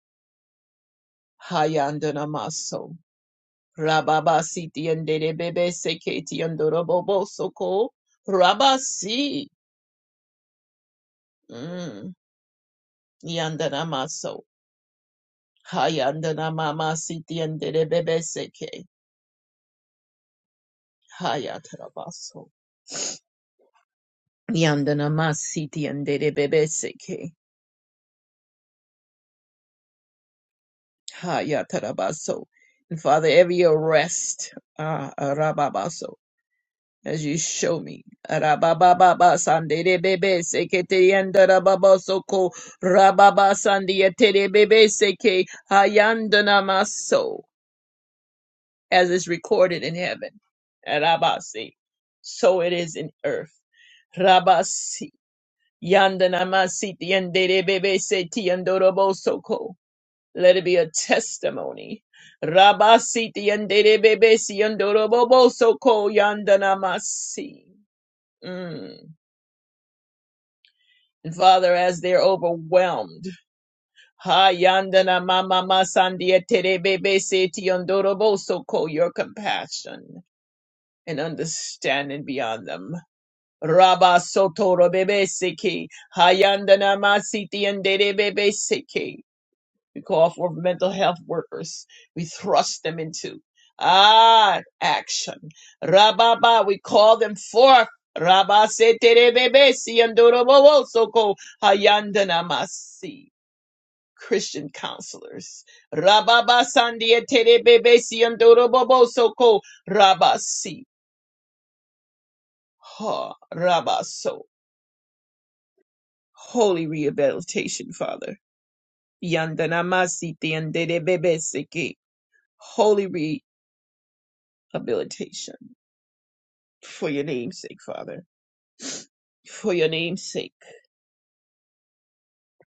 Speaker 3: Hayandanamaso. Rababasiti and Derebebeseke Tiandorobobosoko. Rabasi. Mm. Yandanamaso. Hayandanamamasiti and Derebebeseke. Hayatarabaso. Yandanamasiti and Derebebeseke. Hayatarabaso. And Father, every arrest, ah, Rababaso as you show me. Rabababa sandere bebe sekete yanda rababa soko rababa sandia tere bebe seke hayandana maso as is recorded in heaven. Rabasi. So it is in earth. Rabasi. Yandana masiti yandere bebe seti yandorobo soko. Let it be a testimony. Rabasiti yandere bebe si yandorobo soko yandana masi. And Father, as they're overwhelmed. Ha yandana mama masandia terebebe seti yondoroboso ko your compassion and understanding beyond them. Rabba sotoro bebe seki hayandana masiti and derebebe seki. We call for mental health workers. We thrust them into ah action. Rababa, we call them forth. Rabba seterebebe siandorobobo soko hayandanamasi. Christian counselors. Rababa sandia terebebe siandorobobo soko rabasi. Ha rabaso. Holy rehabilitation, Father. Yandanamasi tianderebebe siki. Holy habilitation for your name's sake, Father. For your name's sake.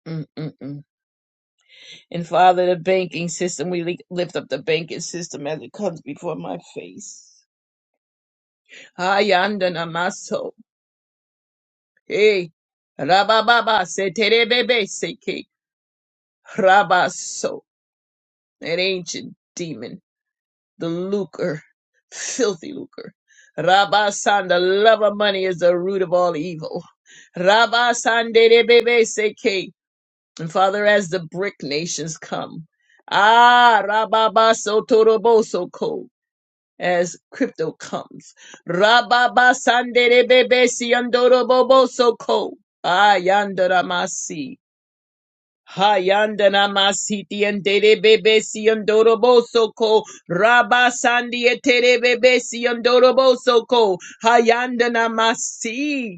Speaker 3: Mm-mm-mm. And Father, the banking system, we li- lift up the banking system as it comes before my face. Hayanda namaso. Hey. Rabababa seterebebe seke. Rabaso. An ancient demon. The lucre. Filthy lucre. Rabasan, the love of money is the root of all evil. Rabasan de bebe seke. And Father, as the brick nations come, ah, rababaso toroboso ko, as crypto comes, rababa sandere bebe si andoroboboso ko, ah, yandaramasi. Hayandana masiti and dere bebe si andoroboso ko raba sandi etere bebe si andoroboso ko hayandana masi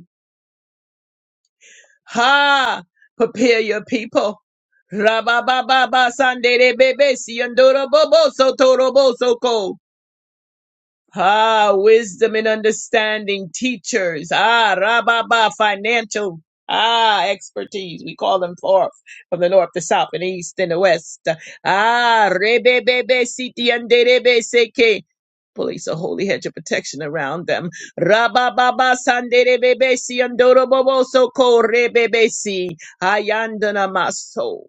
Speaker 3: Ha! Prepare your people. Rabababa Sandere Bebe Siandoro Bobo Sotoro Bosoko. Ah, wisdom and understanding, teachers. Ah, rababa, financial. Ah, expertise. We call them forth from the north, the south, and the east, and the west. Ah, rebebebe, siti, and derebe, seke. Police a holy hedge of protection around them. Rabababa, sanderebebe, si, andorobobo, soko, rebebe, si. Ayandana, maso.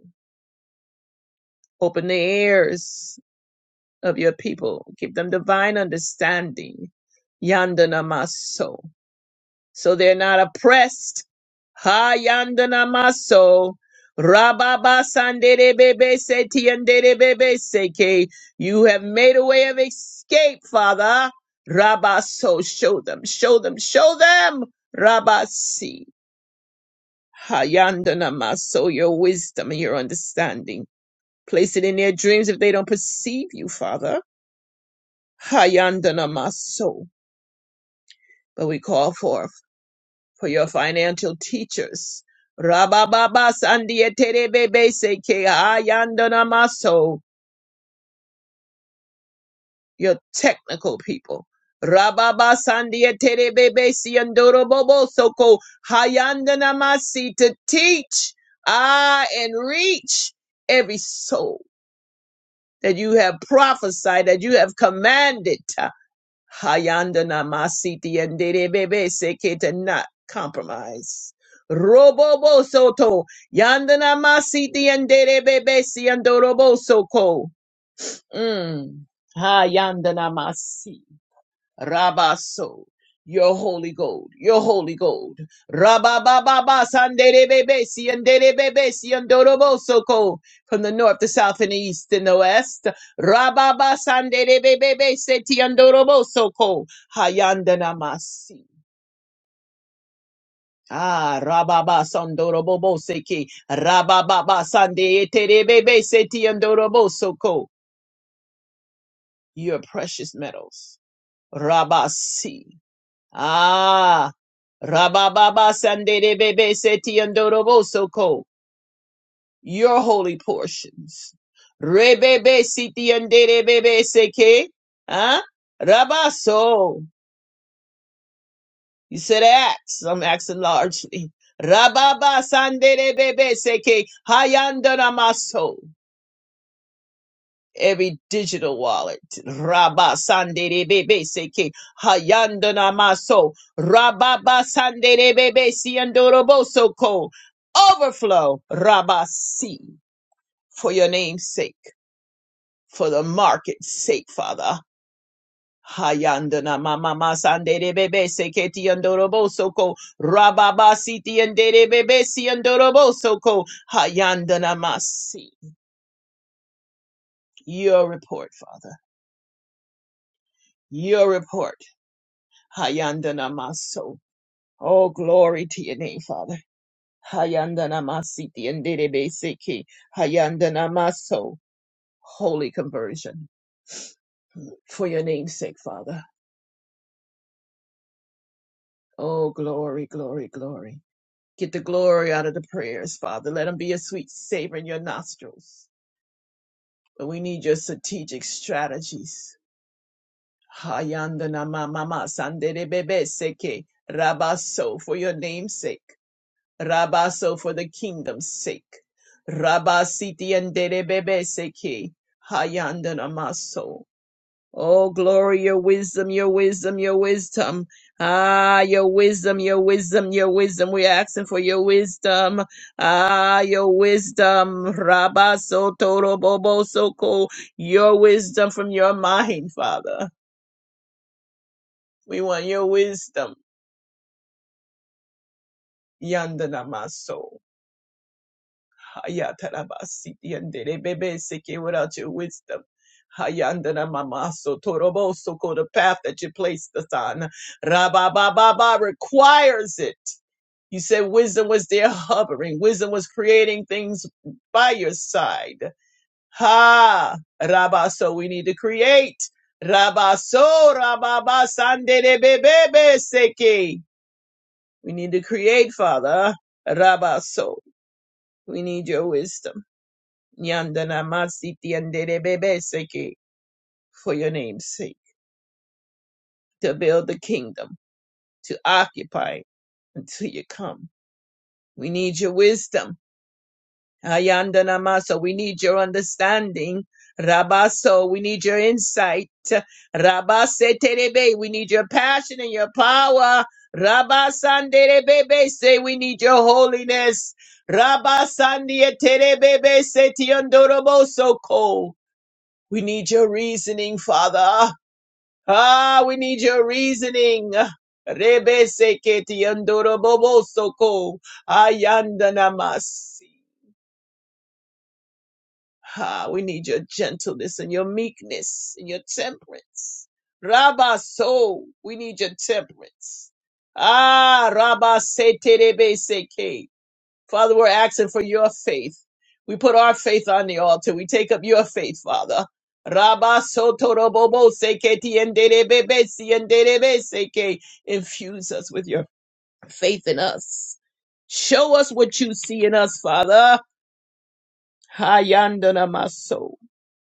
Speaker 3: Open the ears of your people. Give them divine understanding. Yandana maso. So they're not oppressed. Ha yandana maso. Rababa sandere bebe seti yandere bebe seke. You have made a way of escape, Father. Rabaso. Show them, show them, show them. Rabasi. Ha yandana maso. Your wisdom and your understanding. Place it in their dreams if they don't perceive you, Father. Hayandana Maso. But we call forth for your financial teachers. Rabababa Sandieterebebe Seke Hayandana Maso. Your technical people. Rababa Sandieterebebe Siandoro Bobo Soko Hayandana Masi to teach ah, and reach every soul that you have prophesied, that you have commanded. Hayandana masiti and bebe sekete not compromise. Robobo soto yandana masiti and bebe si andorobo soko. Mm. Hayandana masi. Rabaso. Your holy gold, your holy gold. Rabababa sanderebebe sianderebebe siandorobosoko. From the north, the south, and the east, and the west. Rababa sanderebebe setiandorobosoko. Hayandanamasi. Ah, rababa sandoroboboseki. Rabababa sandeeterebebe setiandorobosoko. Your precious metals. Rabasi. Ah, Rabababa Sandere Bebe Seti Andoroboso Ko, your holy portions. Rebebe Siti Andere Bebe Seke, huh? Rabaso, you said ax, I'm axing largely. Rababa Sandere Bebe Seke, Hayandana Maso. every digital wallet. Rabba Sandere Bebe Seke Hayandana Maso Rababa Sandere Bebe Siandoroboso Ko Overflow Rabba Si for your name's sake, for the market's sake, Father. Hayandana mama masandere bebe seketi andoroboso ko rababa siti andere bebe si andoroboso ko hayandana masi. Your report, Father. Your report Hayandana maso. Oh, glory to your name, Father. Hayandana masiti and seki. Hayandana maso. Holy conversion for your name's sake, Father. Oh, glory, glory, glory. Get the glory out of the prayers, Father. Let them be a sweet savor in your nostrils. But we need your strategic strategies. Hayandana mama sandere bebe seke rabaso for your name's sake. Rabaso for the kingdom's sake. Rabasiti and Derebebeseki. Hayandana Maso. Oh, glory, your wisdom, your wisdom, your wisdom. Ah, your wisdom, your wisdom, your wisdom. We're asking for your wisdom. Ah, your wisdom. Rabaso Toro Bobo Soko. Your wisdom from your mind, Father. We want your wisdom. Yandana Maso. Ayatarabasiti and Bebe Seke without your wisdom. Hayandana Mamaso Toroboso ko the path that you placed us on. Rabababa requires it. You said wisdom was there hovering. Wisdom was creating things by your side. Ha Rabba, so we need to create. Rabaso Rababa Sandere Bebe Seke. We need to create, Father. Rabaso. We need your wisdom. Yandana Masiti and Seke for your name's sake, to build the kingdom, to occupy until you come. We need your wisdom. Ayandana Masa, we need your understanding. Rabaso, we need your insight. Rabaseterebe, we need your passion and your power. Rabasanderebebe, say we need your holiness. Rabasandieterebebe, setiondoroboso ko. We need your reasoning, Father. Ah, we need your reasoning. Rebe seketi yandoro bobo soko ayanda namasi. Ah, we need your gentleness and your meekness and your temperance. Rabba so, we need your temperance. Ah, Rabba se terebe seke. Father, we're asking for your faith. We put our faith on the altar. We take up your faith, Father. Rabba sotorobobo seketi enderebebe si enderebe seke. Infuse us with your faith in us. Show us what you see in us, Father. Hayandana maso.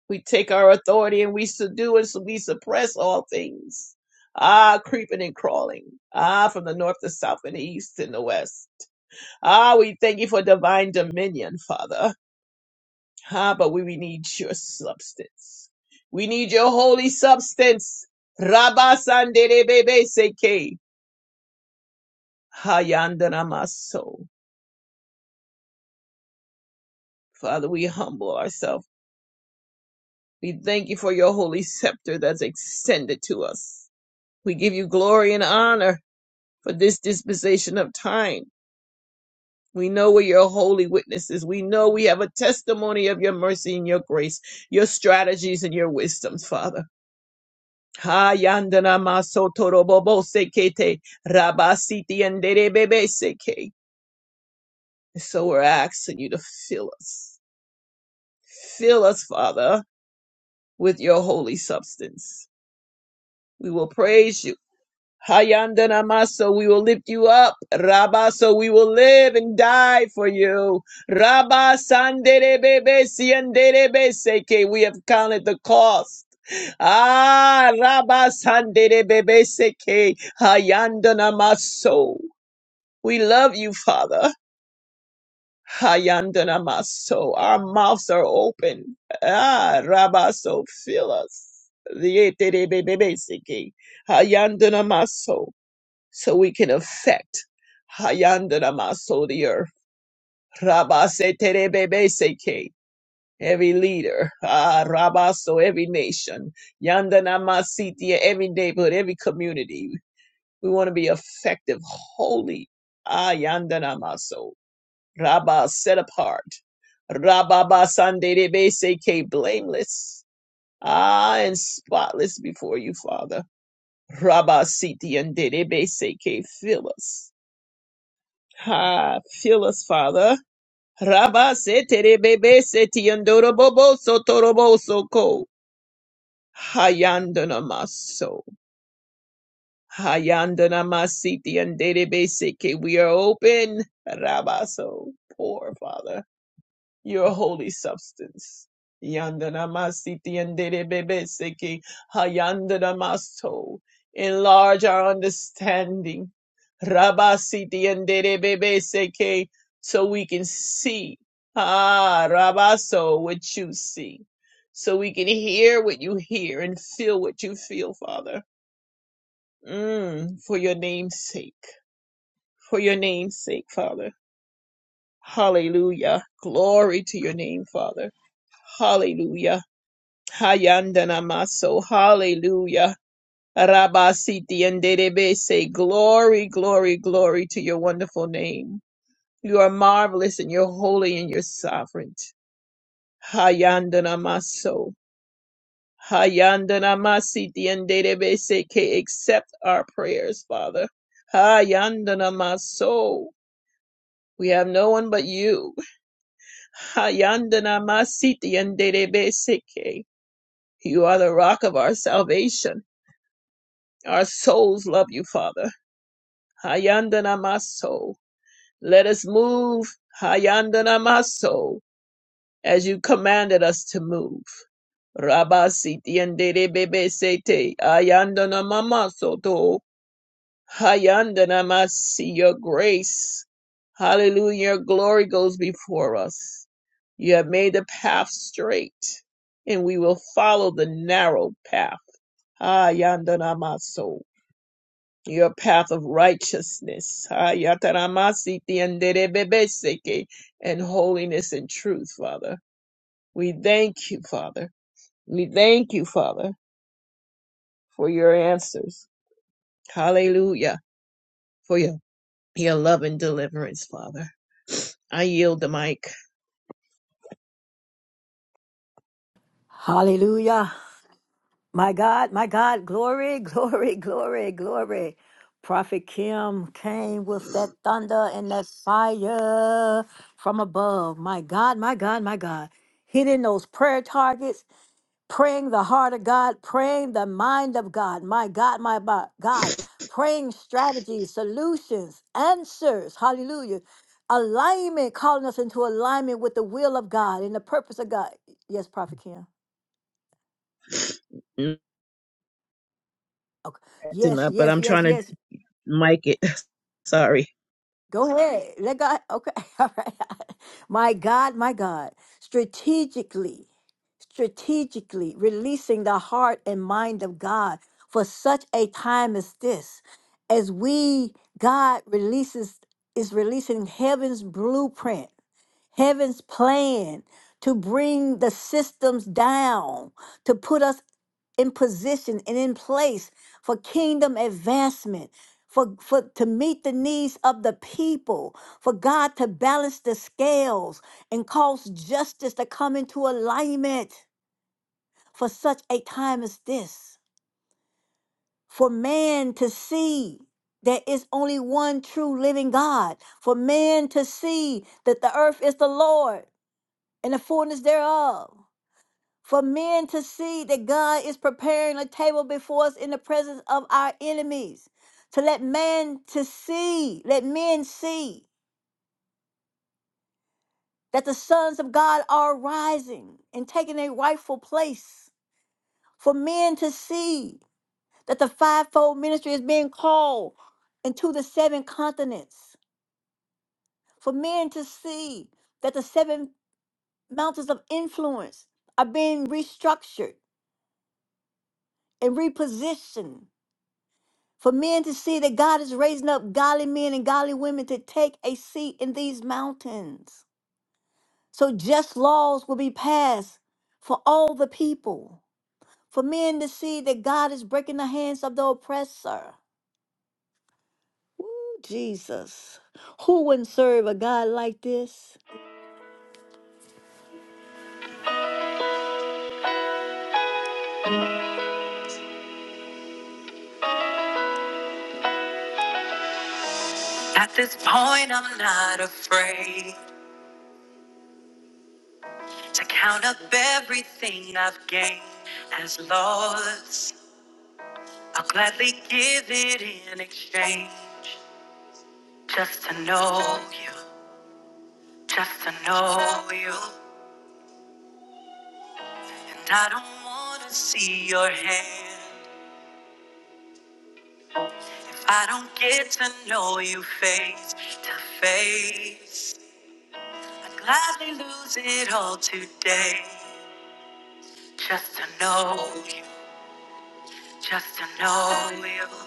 Speaker 3: We take our authority and we subdue and we suppress all things. Ah, creeping and crawling. Ah, from the north, the south, and the east, and the west. Ah, we thank you for divine dominion, Father. Ah, but we, we need your substance. We need your holy substance. Rabba Sanderebebe Seke. Hayandanamaso. Father, we humble ourselves. We thank you for your holy scepter that's extended to us. We give you glory and honor for this dispensation of time. We know we're your holy witnesses. We know we have a testimony of your mercy and your grace, your strategies and your wisdoms, Father. Hayandana masotorobobo sekete rabasiti anderebebe seke. So we're asking you to fill us. Fill us, Father, with your holy substance. We will praise you. Hayandana maso, we will lift you up. Rabba, so we will live and die for you. Rabba sanderebebe sianderebe seke. We have counted the cost. Ah, Rabasandere Bebeseke, Hayandana Maso. We love you, Father. Hayandana Maso. Our mouths are open. Ah, Rabaso, fill us. Lietere Bebeseke, Hayandana Maso. So we can affect Hayandana Maso the earth. Rabasetere Bebeseke. every leader, ah, Rabaso, every nation, Yandana Masitia, every neighborhood, every community. We want to be effective, holy, ah, Yandana Maso, Rabba, set apart, Rababa Sande Seke, blameless, ah, and spotless before you, Father. Rabba Siti and Derebe Seke, fill us. Ah, fill us, Father. Rabba Sete Rebebe Seti and Dorobobo Sotorobo Soko. Hayandana maso. Hayandana masiti and derebe Seke. We are open. Rabaso. Poor Father your holy substance. Yandana masiti andere bebe Yandanamasiti yanderebebeseki hayandanamasto. Enlarge our understanding. Rabasiti yanderebebeseki so we can see. Ah, Rabaso, what you see. So we can hear what you hear and feel what you feel, Father. Mm, for your name's sake. For your name's sake, Father. Hallelujah. Glory to your name, Father. Hallelujah. Hayandana maso. Hallelujah. Rabasiti and Derebe say glory, glory, glory to your wonderful name. You are marvelous and you're holy and you're sovereign. Hayandana maso. Hayandana masiti and Derebe say "Okay, accept our prayers, Father. Hayandana maso. We have no one but you. Hayandana masiti and Derebe seke. You are the rock of our salvation. Our souls love you, Father. Hayandana maso. Let us move. Hayandana maso. As you commanded us to move. Rabasi tiendere bebe sete. Ayandana mamaso to. Hayandana masi. Your grace. Hallelujah. Your glory goes before us. You have made the path straight, and we will follow the narrow path. Hayandana maso. your path of righteousness Ah, yataramasiti anderebebeseke, and holiness and truth, Father. We thank you, Father. We thank you, Father, for your answers. Hallelujah. For your, your love and deliverance, Father. I yield the mic.
Speaker 1: Hallelujah. My God, my God. Glory, glory, glory, glory. Prophet Kim came with that thunder and that fire from above. My God, my God, my God. Hitting those prayer targets praying the heart of God, praying the mind of God, my God, my bo- God, praying strategies, solutions, answers, hallelujah. Alignment, calling us into alignment with the will of God and the purpose of God. Yes, Prophet Kim. Okay.
Speaker 3: Acting
Speaker 1: Yes,
Speaker 3: up, But
Speaker 1: yes,
Speaker 3: I'm
Speaker 1: yes,
Speaker 3: trying to
Speaker 1: yes.
Speaker 3: mic it. Sorry.
Speaker 1: Go ahead. Let God. Okay. All right. My God, my God. Strategically, strategically releasing the heart and mind of God for such a time as this. As we, God releases, is releasing heaven's blueprint, heaven's plan to bring the systems down, to put us in position and in place for kingdom advancement for, for to meet the needs of the people for god to balance the scales and cause justice to come into alignment for such a time as this for man to see there is only one true living god for man to see that the earth is the lord and the fullness thereof for men to see that God is preparing a table before us in the presence of our enemies. To let man to see, let men see that the sons of God are rising and taking a rightful place. For men to see that the fivefold ministry is being called into the seven continents. For men to see that the seven mountains of influence are being restructured and repositioned for men to see that God is raising up godly men and godly women to take a seat in these mountains. So just laws will be passed for all the people, for men to see that God is breaking the hands of the oppressor. Ooh, Jesus, who wouldn't serve a God like this? At this point, I'm not afraid to count up everything I've gained as loss. I'll gladly give it in exchange Just to know you, just to know you. And I don't wanna see your hand. If I don't get to know you face to face, I'd gladly lose it all today. Just to know you, just to know you.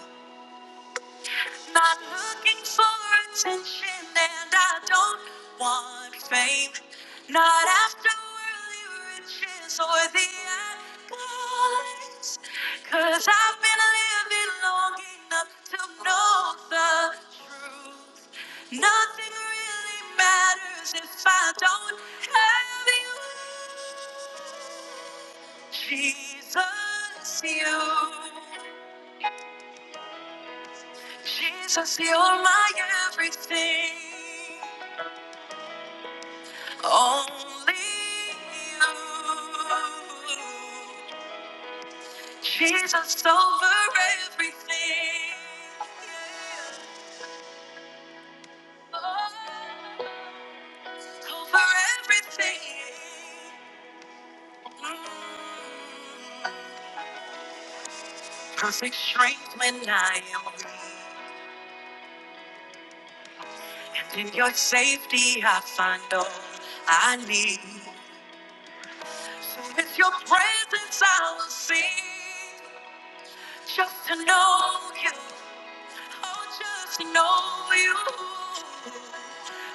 Speaker 1: Not looking for attention, and I don't want fame. Not after worldly riches or the accolades. Cause I've been living long enough to know the truth. Nothing really matters if I don't have you. Jesus, you. Jesus, you're my everything. Only you. Jesus, over everything. Oh, over everything. Mm. Perfect strength when I am weak. And in your safety, I find all I need. It's your presence I will see. Just to know you. Oh, just know you.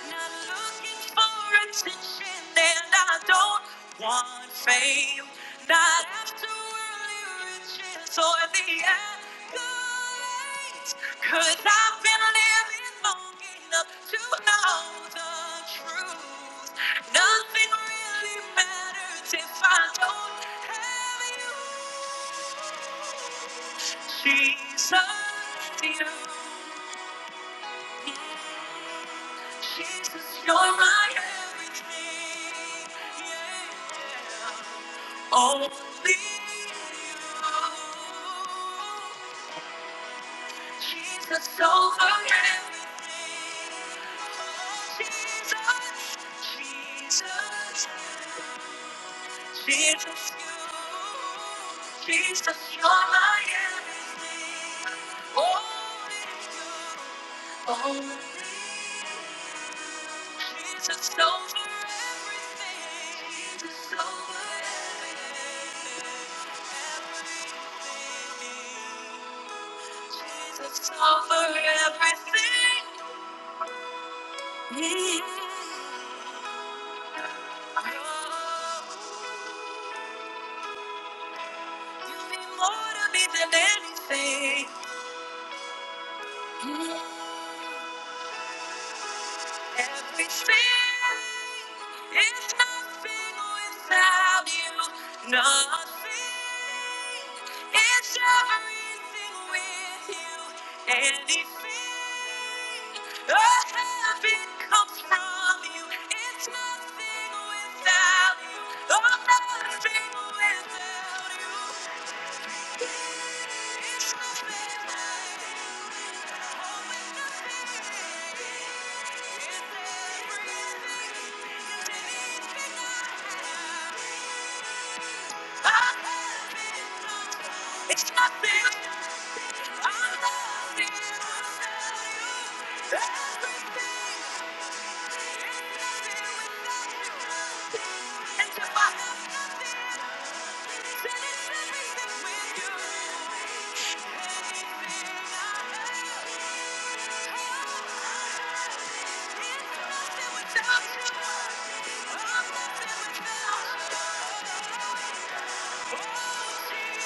Speaker 1: Not looking for attention, and I don't want fame. Not after worldly riches or the accolades. Cause I've been living long enough to know the truth. Nothing really matters if I don't have you. She's not you. Jesus, you're my everything. Yeah. Only you. Jesus over everything. Jesus, Jesus, Jesus, you. Jesus, you're my everything. Oh, Oh, Jesus over everything. Jesus over everything. Jesus over everything. Oh, you mean more to me than anything. Everything. It's nothing without you, nothing. It's everything with you, anything. Oh, heaven comes from you. It's nothing without you, oh, nothing without you. It's nothing. I'm loving. you. Everything. Without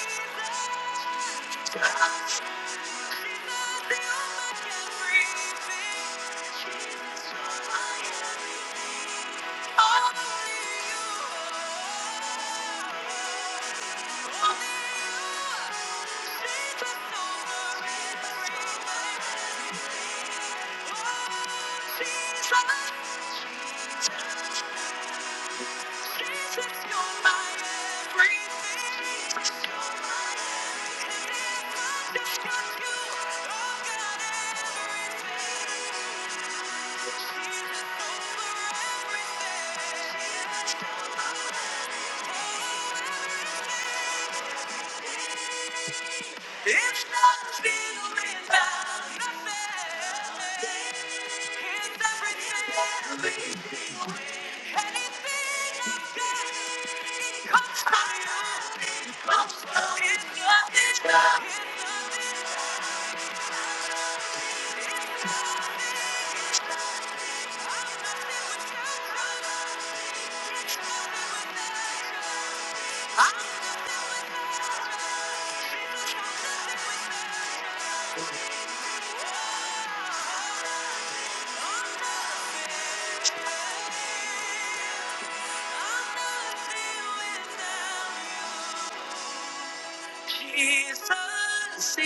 Speaker 1: you. Jesus. It's not feeling about nothing. It's everything. that leaves me with. Anything I get, it comes from you. It comes from you. It's not, it's not, it's not. Jesus, you.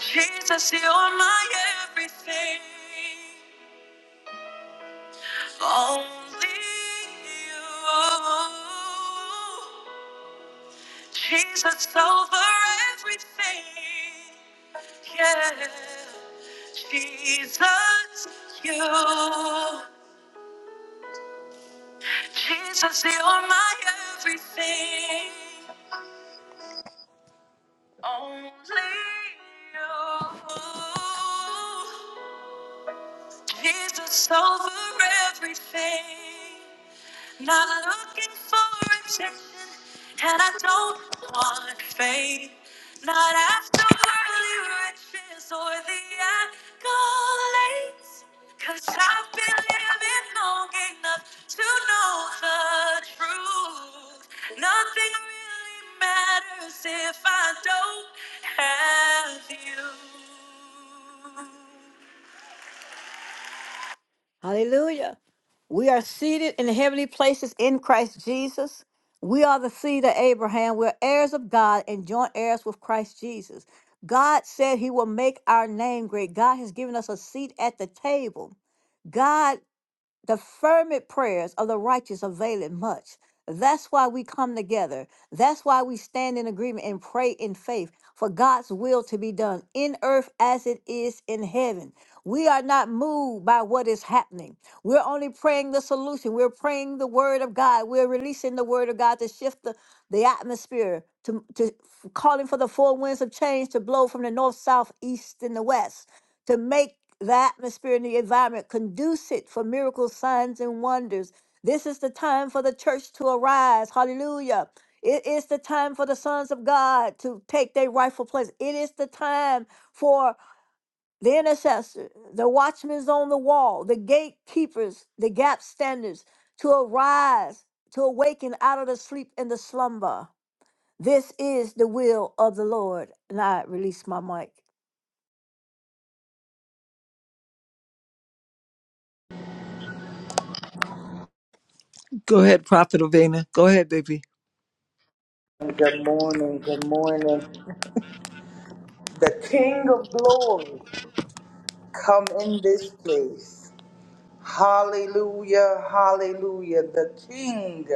Speaker 1: Jesus, you're my everything. Only you. Jesus over everything. Yeah. Jesus, you. Jesus, you're my everything. Only you. Jesus, over everything. Not looking for attention, and I don't want fame. Not after early riches or the accolades. Cause I've been living long enough to know the truth. Nothing really matters if I don't have you. Hallelujah. We are seated in heavenly places in Christ Jesus. We are the seed of Abraham. We're heirs of God and joint heirs with Christ Jesus. God said he will make our name great. God has given us a seat at the table. God the fervent prayers of the righteous avail it much. That's why we come together. That's why we stand in agreement and pray in faith for God's will to be done in earth as it is in heaven. We are not moved by what is happening. We're only praying the solution. We're praying the word of God. We're releasing the word of God to shift the, the atmosphere, to, to calling for the four winds of change to blow from the north, south, east, and the west to make the atmosphere and the environment conducive for miracles, signs, and wonders. This is the time for the church to arise. Hallelujah. It is the time for the sons of God to take their rightful place. It is the time for the intercessor, the watchmen's on the wall, the gatekeepers, the gap standers to arise, to awaken out of the sleep and the slumber. This is the will of the Lord. And I release my mic.
Speaker 4: Go ahead, Prophet Ovena. Go ahead, baby.
Speaker 5: Good morning, good morning. The King of Glory, come in this place. Hallelujah, hallelujah. The King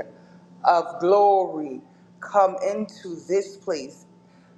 Speaker 5: of glory come into this place.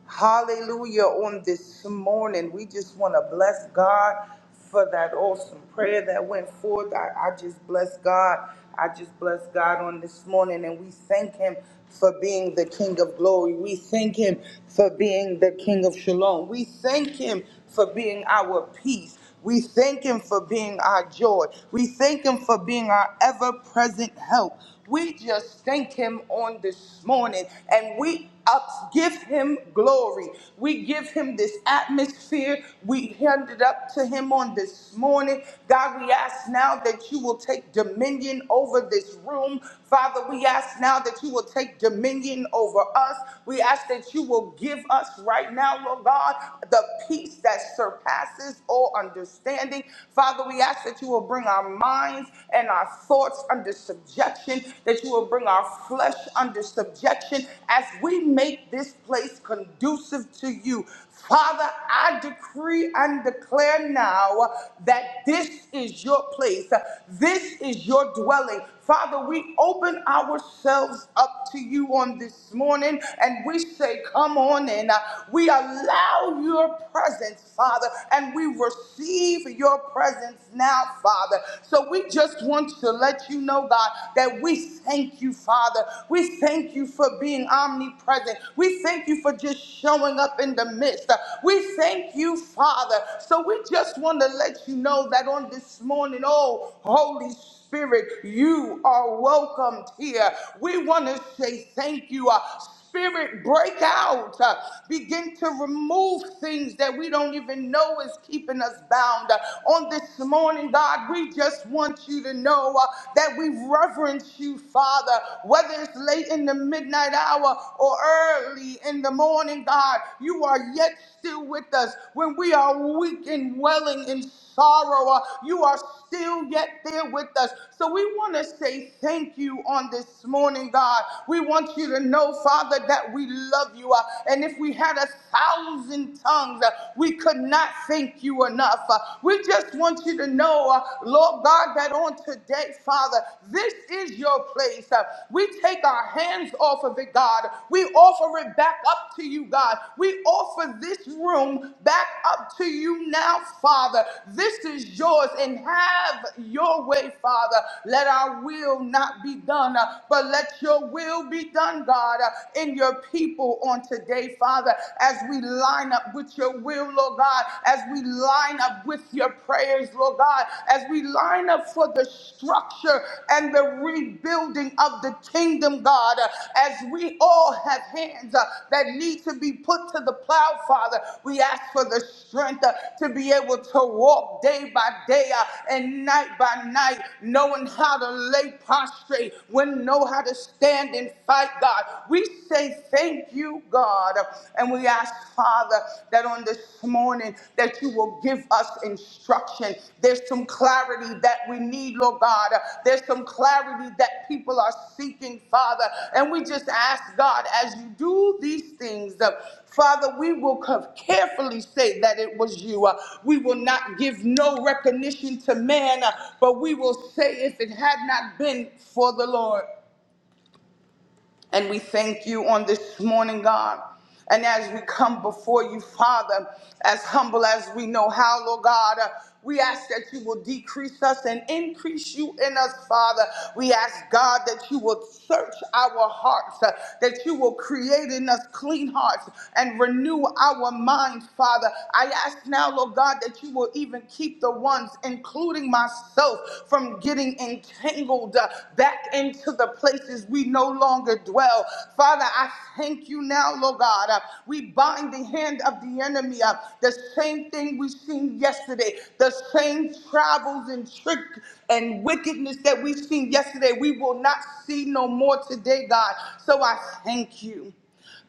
Speaker 5: Hallelujah on this morning. We just want to bless God for that awesome prayer that went forth. I, I just bless God. I just bless God on this morning and we thank him for being the King of glory. We thank him for being the King of shalom. We thank him for being our peace. We thank Him for being our joy. We thank Him for being our ever present help. We just thank Him on this morning and we up, give Him glory. We give Him this atmosphere. We hand it up to Him on this morning. God, we ask now that you will take dominion over this room. Father, we ask now that you will take dominion over us. We ask that you will give us right now, Lord God, the peace that surpasses surpasses all understanding. Father, we ask that you will bring our minds and our thoughts under subjection, that you will bring our flesh under subjection as we make this place conducive to you. Father, I decree and declare now that this is your place. This is your dwelling. Father, we open ourselves up to you on this morning and we say, Come on in. Uh, We allow your presence, Father, and we receive your presence now, Father. So we just want to let you know, God, that we thank you, Father. We thank you for being omnipresent. We thank you for just showing up in the midst. Uh, We thank you, Father. So we just want to let you know that on this morning, oh, Holy Spirit. Spirit, you are welcomed here. We want to say thank you. Uh, Spirit, break out. Uh, begin to remove things that we don't even know is keeping us bound. Uh, on this morning, God, we just want you to know uh, that we reverence you, Father. Whether it's late in the midnight hour or early in the morning, God, you are yet still with us when we are weak and welling in sorrow. Uh, You are still yet there with us. So we want to say thank you on this morning, God. We want you to know, Father, that we love you. Uh, And if we had a thousand tongues, uh, we could not thank you enough. Uh, We just want you to know, uh, Lord God, that on today, Father, this is your place. Uh, We take our hands off of it, God. We offer offer it back up to you, God. We offer this room back up to you now, Father. This is yours and have your way, Father. Let our will not be done, uh, but let your will be done, God, uh, in your people on today, Father, as we line up with your will, Lord God, as we line up with your prayers, Lord God, as we line up for the structure and the rebuilding of the kingdom, God, Uh, as we all have hands uh, that need to be put to the plow, Father, we ask for the strength uh, to be able to walk day by day uh, and night by night, knowing how to lay prostrate, when know how to stand and fight, God. We say thank you, God, and we ask, Father, that on this morning that you will give us instruction. There's some clarity that we need, Lord God. There's some clarity that people are seeking, Father. And we just ask God, as you do these things, uh, Father, we will co- carefully say that it was you. Uh, We will not give no recognition to man, uh, but we will say if it had not been for the Lord. And we thank you on this morning, God. And as we come before you, Father, as humble as we know how, Lord God, uh, we ask that you will decrease us and increase you in us, Father. We ask, God, that you will search our hearts, uh, that you will create in us clean hearts and renew our minds, Father. I ask now, Lord God, that you will even keep the ones, including myself, from getting entangled uh, back into the places we no longer dwell dwell. Father, I thank you now, Lord God. Uh, We bind the hand of the enemy. Uh, The same thing we seen yesterday, the same travels and trick and wickedness that we seen yesterday, we will not see no more today, God. So I thank you.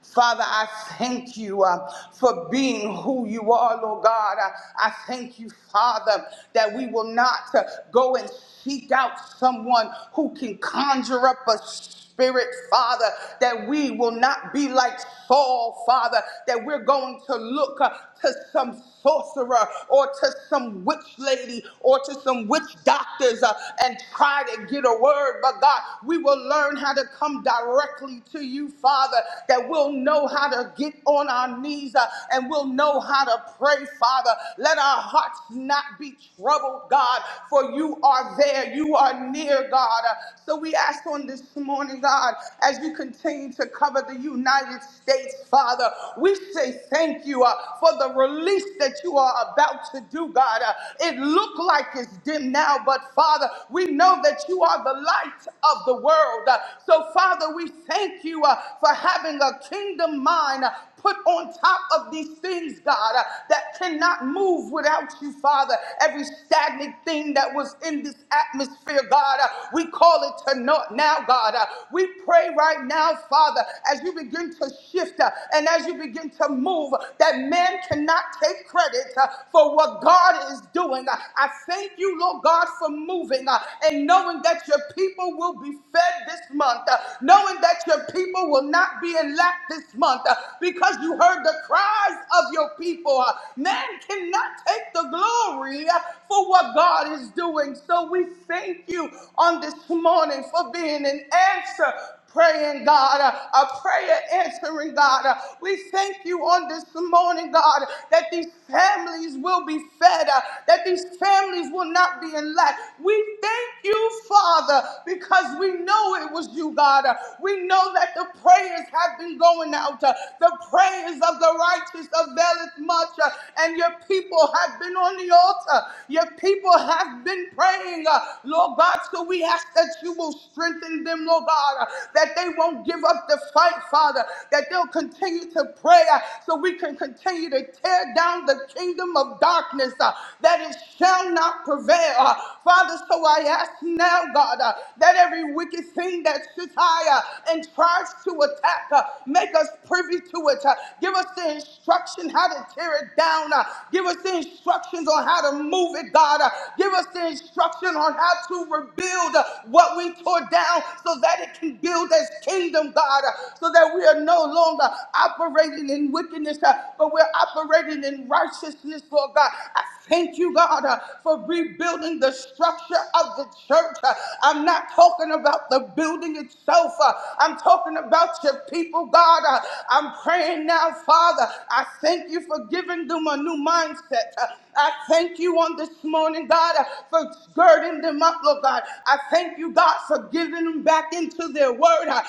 Speaker 5: Father, I thank you uh, for being who you are, Lord God. I, I thank you, Father, that we will not uh, go and seek out someone who can conjure up a spirit, Father, that we will not be like Saul, Father, that we're going to look uh, to some sorcerer or to some witch lady or to some witch doctors uh, and try to get a word. But God, we will learn how to come directly to you, Father, that we'll know how to get on our knees uh, and we'll know how to pray, Father. Let our hearts not be troubled, God, for you are there. You are near, God. Uh, So we ask on this morning, God, as you continue to cover the United States, Father, we say thank you. Uh, for the release that you are about to do, God. Uh, It look like it's dim now, but Father, we know that you are the light of the world. Uh, So Father, we thank you uh, for having a kingdom mind uh, put on top of these things, God, uh, that cannot move without you, Father. Every stagnant thing that was in this atmosphere, God, uh, we call it to naught now, God. Uh, we pray right now, Father, as you begin to shift uh, and as you begin to move, that man cannot take credit uh, for what God is doing. Uh, I thank you, Lord God, for moving uh, and knowing that your people will be fed this month, uh, knowing that your people will not be in lack this month uh, because you heard the cries of your people. Uh, Man cannot take the glory uh, for what God is doing. So we thank you on this morning for being an answer praying God, a prayer answering God. Uh, We thank you on this morning, God, that these families will be fed, uh, that these families will not be in lack. We thank you, Father, because we know it was you, God. Uh, We know that the prayers have been going out. uh, The prayers of the righteous availeth much, uh, and your people have been on the altar. Your people have been praying, uh, Lord God, so we ask that you will strengthen them, Lord God that they won't give up the fight, Father, that they'll continue to pray uh, so we can continue to tear down the kingdom of darkness, uh, that it shall not prevail. uh, Father, so I ask now, God, uh, that every wicked thing that sits higher and tries to attack, uh, make us privy to it. uh, give us the instruction how to tear it down. uh, give us the instructions on how to move it, God. uh, give us the instruction on how to rebuild uh, what we tore down so that it can build build this kingdom, God, uh, so that we are no longer operating in wickedness, uh, but we're operating in righteousness, Lord God. I thank you, God, uh, for rebuilding the structure of the church. Uh, I'm not talking about the building itself, uh, I'm talking about your people, God. Uh, I'm praying now, Father. I thank you for giving them a new mindset. Uh, I thank you on this morning, God, uh, for girding them up, Lord God. I thank you, God, for giving them back into their word word. I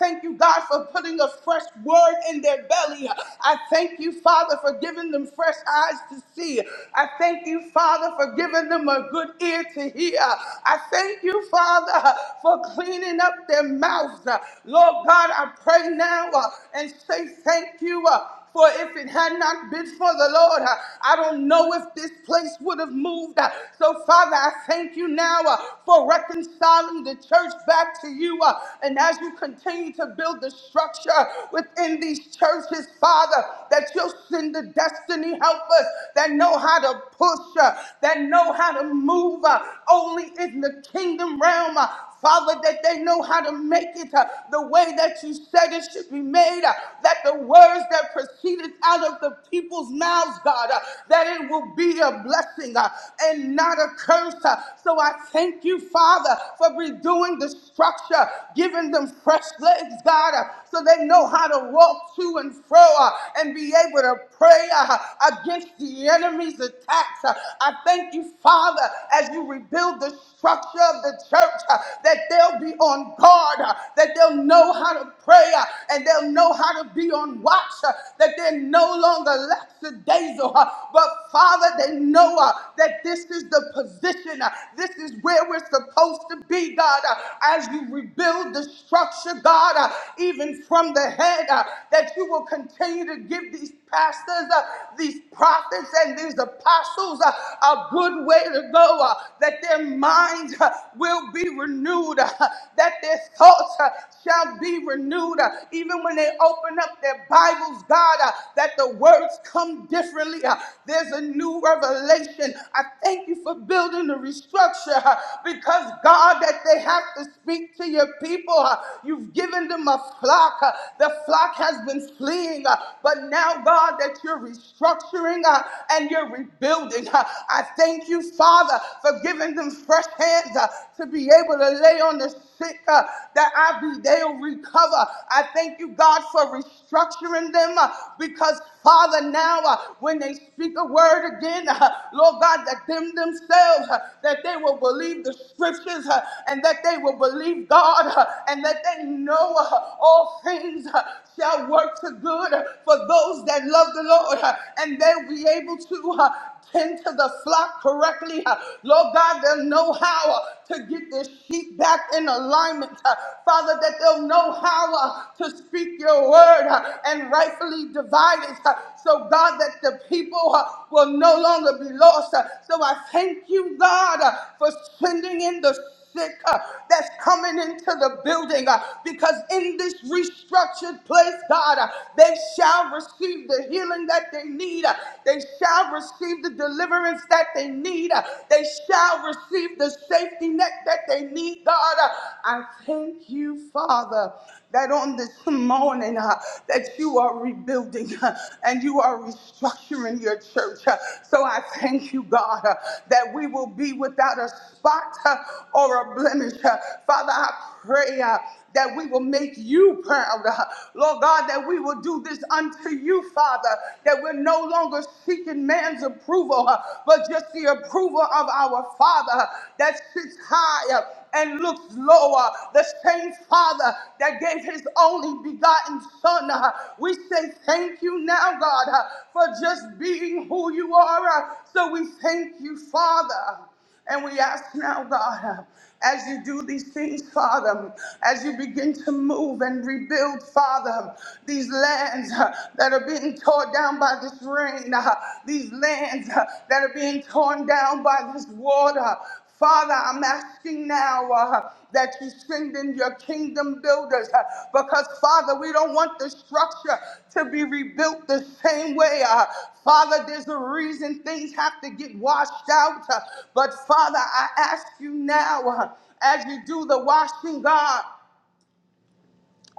Speaker 5: thank you, God, for putting a fresh word in their belly. I thank you, Father, for giving them fresh eyes to see. I thank you, Father, for giving them a good ear to hear. I thank you, Father, for cleaning up their mouths. Lord God, I pray now uh, and say thank you. uh, for if it had not been for the Lord, uh, I don't know if this place would have moved. Uh, So, Father, I thank you now uh, for reconciling the church back to you. uh, And as you continue to build the structure within these churches, Father, that you'll send the destiny helpers that know how to push, uh, that know how to move uh, only in the kingdom realm. uh, Father, that they know how to make it uh, the way that you said it should be made, uh, that the words that proceeded out of the people's mouths, God, uh, that it will be a blessing uh, and not a curse. uh. So I thank you, Father, for redoing the structure, giving them fresh legs, God, uh, so they know how to walk to and fro uh, and be able to pray uh, against the enemy's attacks. Uh, I thank you, Father, as you rebuild the structure of the church, uh, that they'll be on guard, uh, that they'll know how to pray, uh, and they'll know how to be on watch, uh, that they're no longer lackadaisical, uh, but Father, they know uh, that this is the position, uh, this is where we're supposed to be, God, uh, as you rebuild the structure, God, uh, even from the head, uh, that you will continue to give these pastors, uh, these prophets, and these apostles uh, a good way to to go, uh, that their minds uh, will be renewed, uh, that their thoughts uh, shall be renewed. uh, Even when they open up their Bibles, God, uh, that the words come differently. uh, There's a new revelation. I thank you for building the restructure uh, because, God, that they have to speak to your people. uh, You've given them a flock. uh, The flock has been fleeing, uh, but now, God, that you're restructuring uh, and you're rebuilding abundant. Uh, I thank you, Father, for giving them fresh hands uh, to be able to lay on the sick uh, that I be they'll recover. I thank you, God, for restructuring them uh, because Father, now uh, when they speak a word again, uh, Lord God, that them themselves uh, that they will believe the scriptures uh, and that they will believe God uh, and that they know uh, all things uh, shall work to good uh, for those that love the Lord uh, and they'll be able to uh, tend to the flock correctly. uh, Lord God, they'll know how uh, to get their sheep back in alignment. uh, Father, that they'll know how uh, to speak your word uh, and rightfully divide it. uh, So, God, that the people uh, will no longer be lost. uh, So I thank you, God, uh, for sending in the sick uh, that's coming into the building uh, because in this restructured place, God, uh, they shall receive the healing that they need. uh, They shall receive the deliverance that they need. uh, They shall receive the safety net that they need, God. Uh, I thank you, Father, that on this morning uh, that you are rebuilding uh, and you are are restructuring your church. Uh, So I thank you, God, uh, that we will be without a spot uh, or a blemish. Uh, Father, I pray uh, that we will make you proud. Uh, Lord God, that we will do this unto you, Father, that we're no longer seeking man's approval, uh, but just the approval of our Father uh, that sits high. uh, and looks lower. The same Father that gave his only begotten Son. uh, We say thank you now, God, uh, for just being who you are. uh, So we thank you, Father. And we ask now, God, uh, as you do these things, Father, as you begin to move and rebuild, Father, these lands uh, that are being torn down by this rain, uh, these lands uh, that are being torn down by this water, Father, I'm asking now uh, that you send in your kingdom builders uh, because, Father, we don't want the structure to be rebuilt the same way. uh, Father, there's a reason things have to get washed out. uh, but, Father, I ask you now uh, as you do the washing, God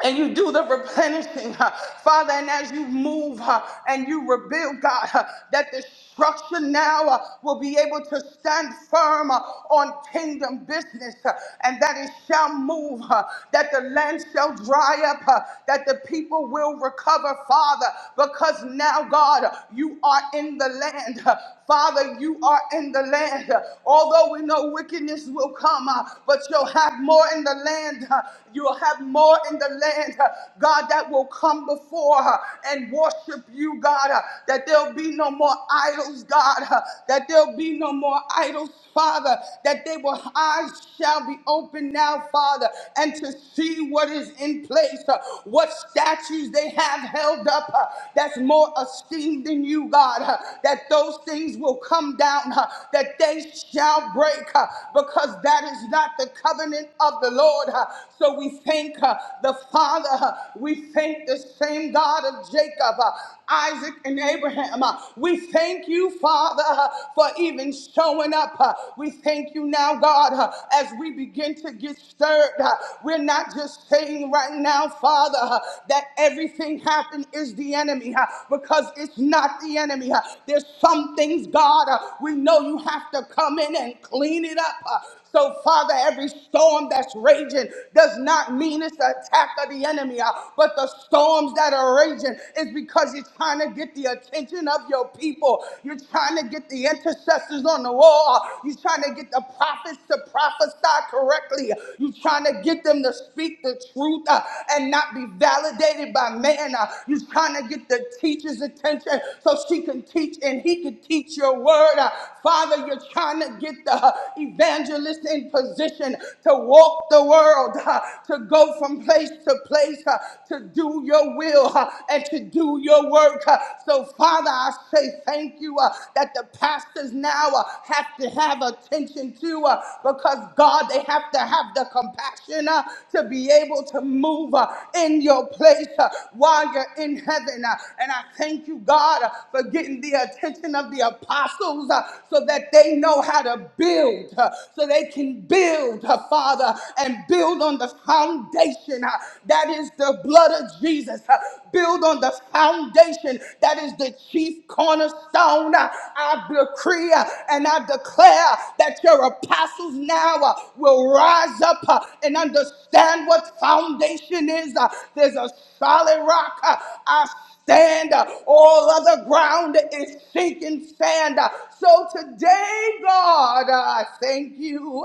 Speaker 5: and you do the replenishing, uh, Father, and as you move uh, and you rebuild, God, uh, that the structure now uh, will be able to stand firm uh, on kingdom business, uh, and that it shall move, uh, that the land shall dry up, uh, that the people will recover, Father, because now, God, uh, you are in the land. uh, Father, you are in the land. huh. Although we know wickedness will come, uh, but you'll have more in the land land. Uh, You'll have more in the land, uh, God, that will come before uh, and worship you, God, uh, that there'll be no more idols, God, uh, that there'll be no more idols, Father, that they will eyes shall be open now, Father, and to see what is in place, uh, what statues they have held up uh, that's more esteemed than you, God, uh, that those things will come down, uh, that they shall break, uh, because that is not not the covenant of the Lord. Uh, So we thank uh, the Father. Uh, We thank the same God of Jacob, uh, Isaac, and Abraham. Uh, We thank you, Father, uh, for even showing up. Uh, We thank you now, God, uh, as we begin to get stirred. Uh, We're not just saying right now, Father, uh, that everything happened is the enemy, uh, because it's not the enemy. uh, There's some things, God, uh, we know you have to come in and clean it up. uh, so, Father, every storm that's raging does not mean it's the attack of the enemy, uh, but the storms that are raging is because you're trying to get the attention of your people. You're trying to get the intercessors on the wall. You're trying to get the prophets to prophesy correctly. You're trying to get them to speak the truth uh, and not be validated by man. Uh, you're trying to get the teacher's attention so she can teach and he can teach your word. Uh, Father, you're were trying to get the evangelist in position to walk the world, uh, to go from place to place, uh, to do your will uh, and to do your work. uh. So, Father, I say thank you uh, that the pastors now uh, have to have attention to uh, because, God, they have to have the compassion uh, to be able to move uh, in your place uh, while you're in heaven. uh. And I thank you, God, uh, for getting the attention of of the apostles uh, so that they know how to build, uh, so they can build, uh, Father, and build on the foundation uh, that is the blood of Jesus. uh, build on the foundation that is the chief cornerstone. Uh, I decree uh, and I declare that your apostles now uh, will rise up uh, and understand what foundation is. Uh, there's a solid rock. Uh, I Stand. All other ground is sinking sand. So today, God, I thank you.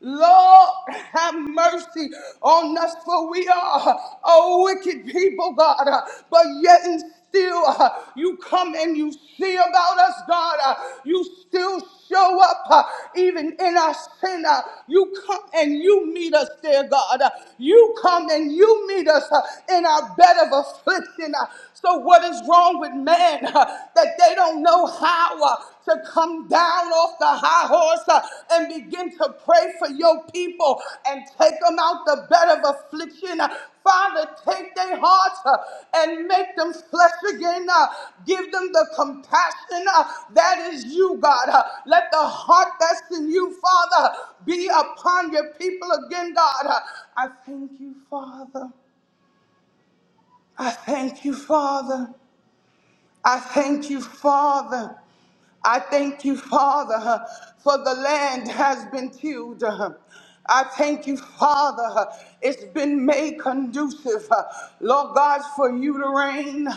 Speaker 5: Lord, have mercy on us, for we are a wicked people, God. But yet and still, uh, you come and you see about us, God. Uh, you still show up, uh, even in our sin. Uh, you come and you meet us there, God. Uh, you come and you meet us uh, in our bed of affliction. Uh, so, what is wrong with men uh, that they don't know how uh, to come down off the high horse uh, and begin to pray for your people and take them out the bed of affliction? Uh, Father, take their hearts uh, and make them flesh again. uh, give them the compassion uh, that is you, God. Uh, let the heart that's in you, Father, be upon your people again, God. Uh, I thank you, Father. I thank you, Father. I thank you, Father. I thank you, Father, for the land has been tilled. I thank you, Father. It's been made conducive, Lord God, for you to reign.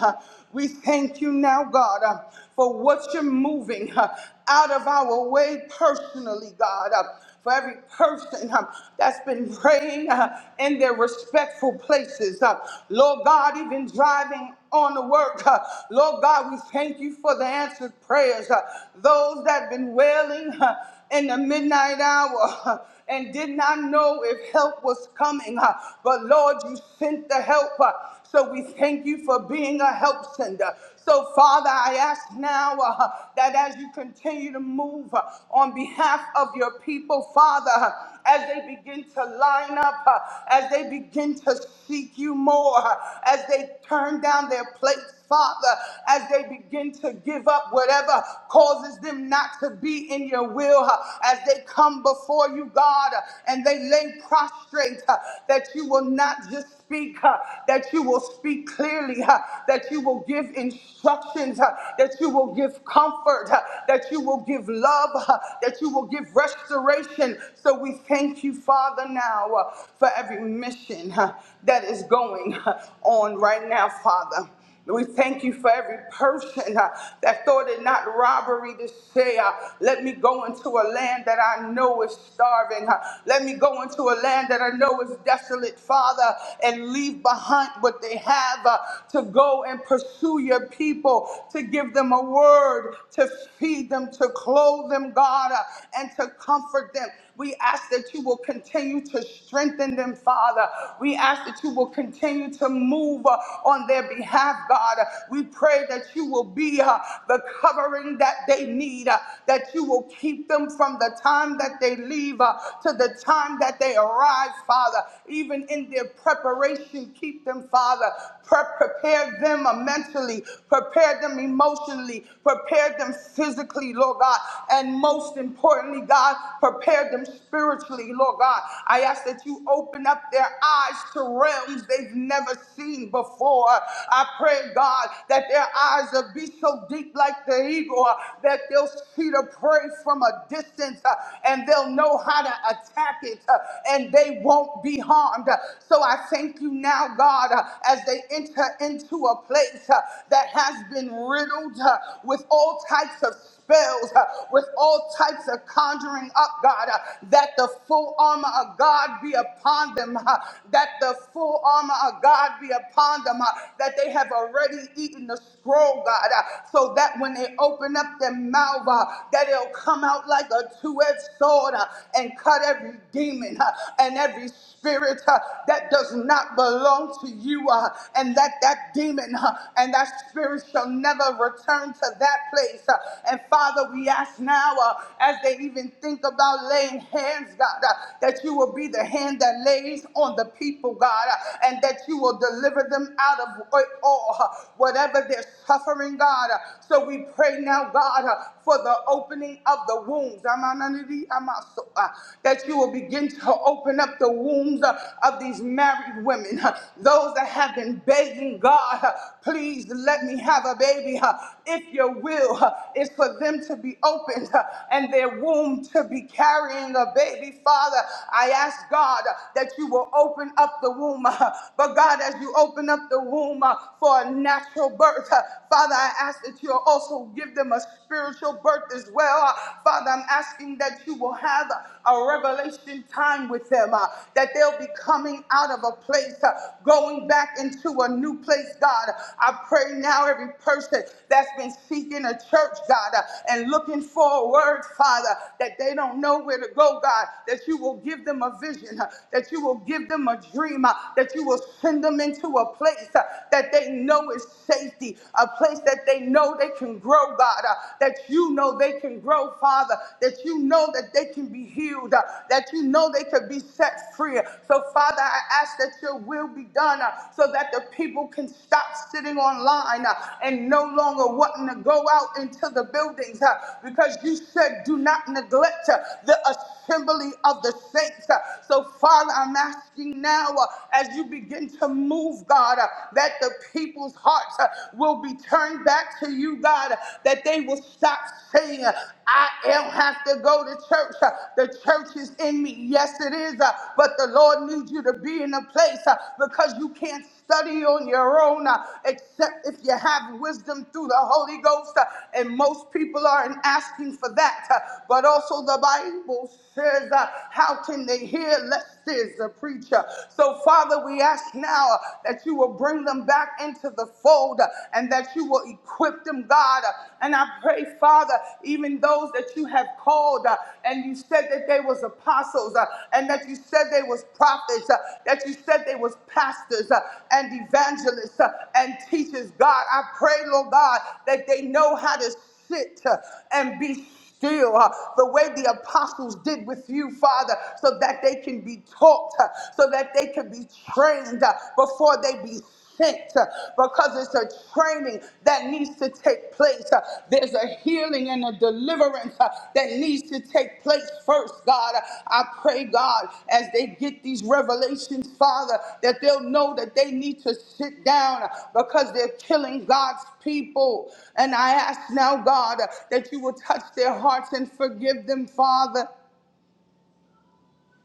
Speaker 5: We thank you now, God for what you're moving uh, out of our way personally, God. Uh, for every person uh, that's been praying uh, in their respectful places, uh, Lord God, even driving on the work. Uh, Lord God, we thank you for the answered prayers. Uh, those that have been wailing uh, in the midnight hour. and did not know if help was coming. uh, But Lord, you sent the help. uh, So we thank you for being a help sender. So, Father, I ask now uh, that as you continue to move uh, on behalf of your people, Father, uh, as they begin to line up, uh, as they begin to seek you more, uh, as they turn down their plates Father, as they begin to give up whatever causes them not to be in your will, uh, as they come before you, God, uh, and they lay prostrate, uh, that you will not just speak, uh, that you will speak clearly, uh, that you will give instructions, uh, that you will give comfort, uh, that you will give love, uh, that you will give restoration. So we thank you, Father, now uh, for every mission uh, that is going uh, on right now, Father. We thank you for every person uh, that thought it not robbery to say, uh, Let me go into a land that I know is starving. uh, let me go into a land that I know is desolate, Father, and leave behind what they have uh, to go and pursue your people, to give them a word, to feed them, to clothe them, God, uh, and to comfort them. We ask that you will continue to strengthen them, Father. We ask that you will continue to move uh, on on their behalf, God. We pray that you will be uh, the covering that they need, uh, that you will keep them from the time that they leave uh, to the time that they arrive, Father. Even in their preparation, keep them, Father. Pre- prepare them mentally, prepare them emotionally, prepare them physically, Lord God. And most importantly, God, prepare them spiritually, Lord God. I ask that you open up their eyes to realms they've never seen seen before. I pray, God, that their eyes will be so deep like the eagle uh, that they'll see the prey from a distance uh, and they'll know how to attack it uh, and they won't be harmed. So I thank you now, God, uh, as they enter into a place uh, that has been riddled uh, with all types of spells, uh, with all types of conjuring up, God, uh, that the full armor of God be upon them, uh, that the full armor of uh, God, be upon them, uh, that they have already eaten the scroll, God, uh, so that when they open up their mouth, uh, that it'll come out like a two-edged sword uh, and cut every demon uh, and every spirit uh, that does not belong to you, uh, and that that demon uh, and that spirit shall never return to that place. uh, and Father, we ask now, uh, as they even think about laying hands, God, uh, that you will be the hand that lays on the people, God, and that you will deliver them out of it all, whatever they're suffering, God. So we pray now, God, for the opening of the wombs. Amananidi amaso, uh, That you will begin to open up the wombs uh, of these married women, uh, those that have been begging God, uh, please let me have a baby. uh, If your will uh, is for them to be opened uh, and their womb to be carrying a baby, Father, I ask God uh, that you will open open up the womb. uh, But God, as you open up the womb uh, for a natural birth, uh, Father, I ask that you'll also give them a spiritual birth as well. Uh, Father, I'm asking that you will have a revelation time with them, uh, that they'll be coming out of a place, uh, going back into a new place, God. I pray now every person that's been seeking a church, God, uh, and looking for a word, Father, that they don't know where to go, God, that you will give them a vision, uh, that you you will give them a dream, uh, that you will send them into a place uh, that they know is safety, a place that they know they can grow, God, uh, that you know they can grow, Father, that you know that they can be healed, uh, that you know they could be set free. So, Father, I ask that your will be done uh, so that the people can stop sitting online uh, and no longer wanting to go out into the buildings uh, because you said, do not neglect uh, the assembly assembly of the saints. Uh, So, Father, I'm asking now uh, as you begin to move, God, uh, that the people's hearts uh, will be turned back to you, God, uh, that they will stop saying, uh, I don't have to go to church. Uh, The church is in me. Yes, it is, uh, but the Lord needs you to be in a place uh, because you can't study on your own, uh, except if you have wisdom through the Holy Ghost. uh, and most people aren't asking for that. uh, but also, the Bible says, uh, How can they hear lest there's a preacher? So, Father, we ask now uh, that you will bring them back into the fold uh, and that you will equip them, God. Uh, and I pray, Father, even those that you have called old, uh, and you said that they was apostles, uh, and that you said they was prophets, uh, that you said they was pastors uh, and evangelists uh, and teachers. God, I pray, Lord God, that they know how to sit uh, and be still uh, the way the apostles did with you, Father, so that they can be taught, uh, so that they can be trained uh, before they be sent uh, because it's a training that needs to take place. Uh, There's a healing and a deliverance uh, that needs to take place first, God. Uh, I pray, God, as they get these revelations, Father, that they'll know that they need to sit down uh, because they're killing God's people. And I ask now, God, uh, that you will touch their hearts and forgive them, Father.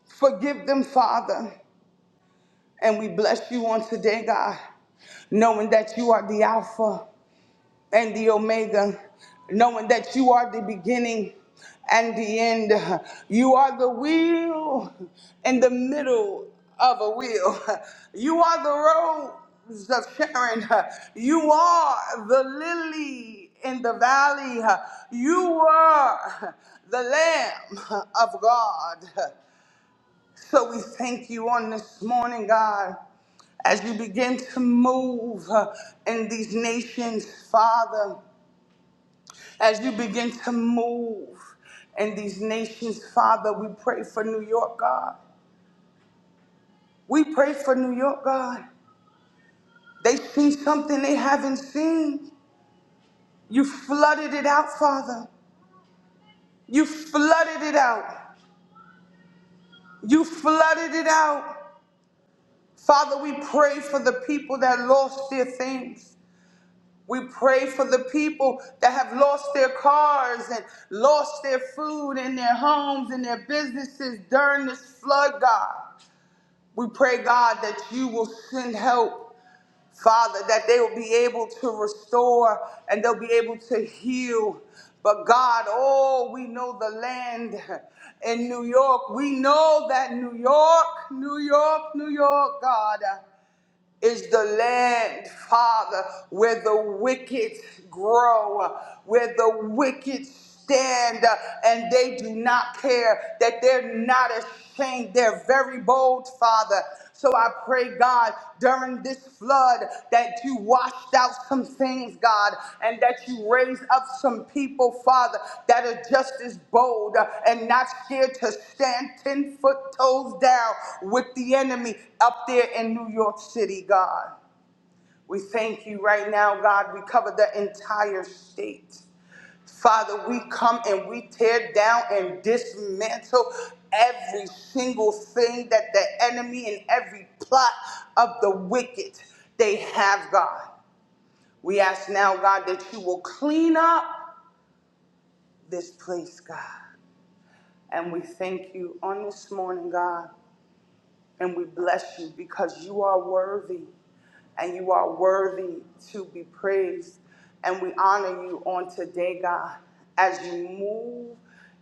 Speaker 5: Forgive them, Father. And we bless you on today, God, knowing that you are the Alpha and the Omega, knowing that you are the beginning and the end. You are the wheel in the middle of a wheel. You are the rose of Sharon. You are the lily in the valley. You are the Lamb of God. So we thank you on this morning, God, as you begin to move uh, in these nations, Father, as you begin to move in these nations, Father, we pray for New York, God. We pray for New York, God. They seen something they haven't seen. You flooded it out, Father. You flooded it out. You flooded it out. Father, we pray for the people that lost their things. We pray for the people that have lost their cars and lost their food and their homes and their businesses during this flood, God. We pray, God, that you will send help, Father, that they will be able to restore and they'll be able to heal. But God, oh, we know the land in New York. We know that New York, New York, New York, God is the land, Father, where the wicked grow, where the wicked stand, uh, and they do not care, that they're not ashamed. They're very bold, Father. So I pray, God, during this this flood that you washed out some things, God, and that you raised up some people, Father, that are just as bold and not scared to stand 10 foot toes down with the enemy up there in New York City, God. We thank you right now, God. We cover the entire state. Father, we come and we tear down and dismantle every single thing that the enemy and every plot of the wicked they have, God. We ask now, God, that you will clean up this place, God. And we thank you on this morning, God. And we bless you because you are worthy and you are worthy to be praised. And we honor you on today, God, as you move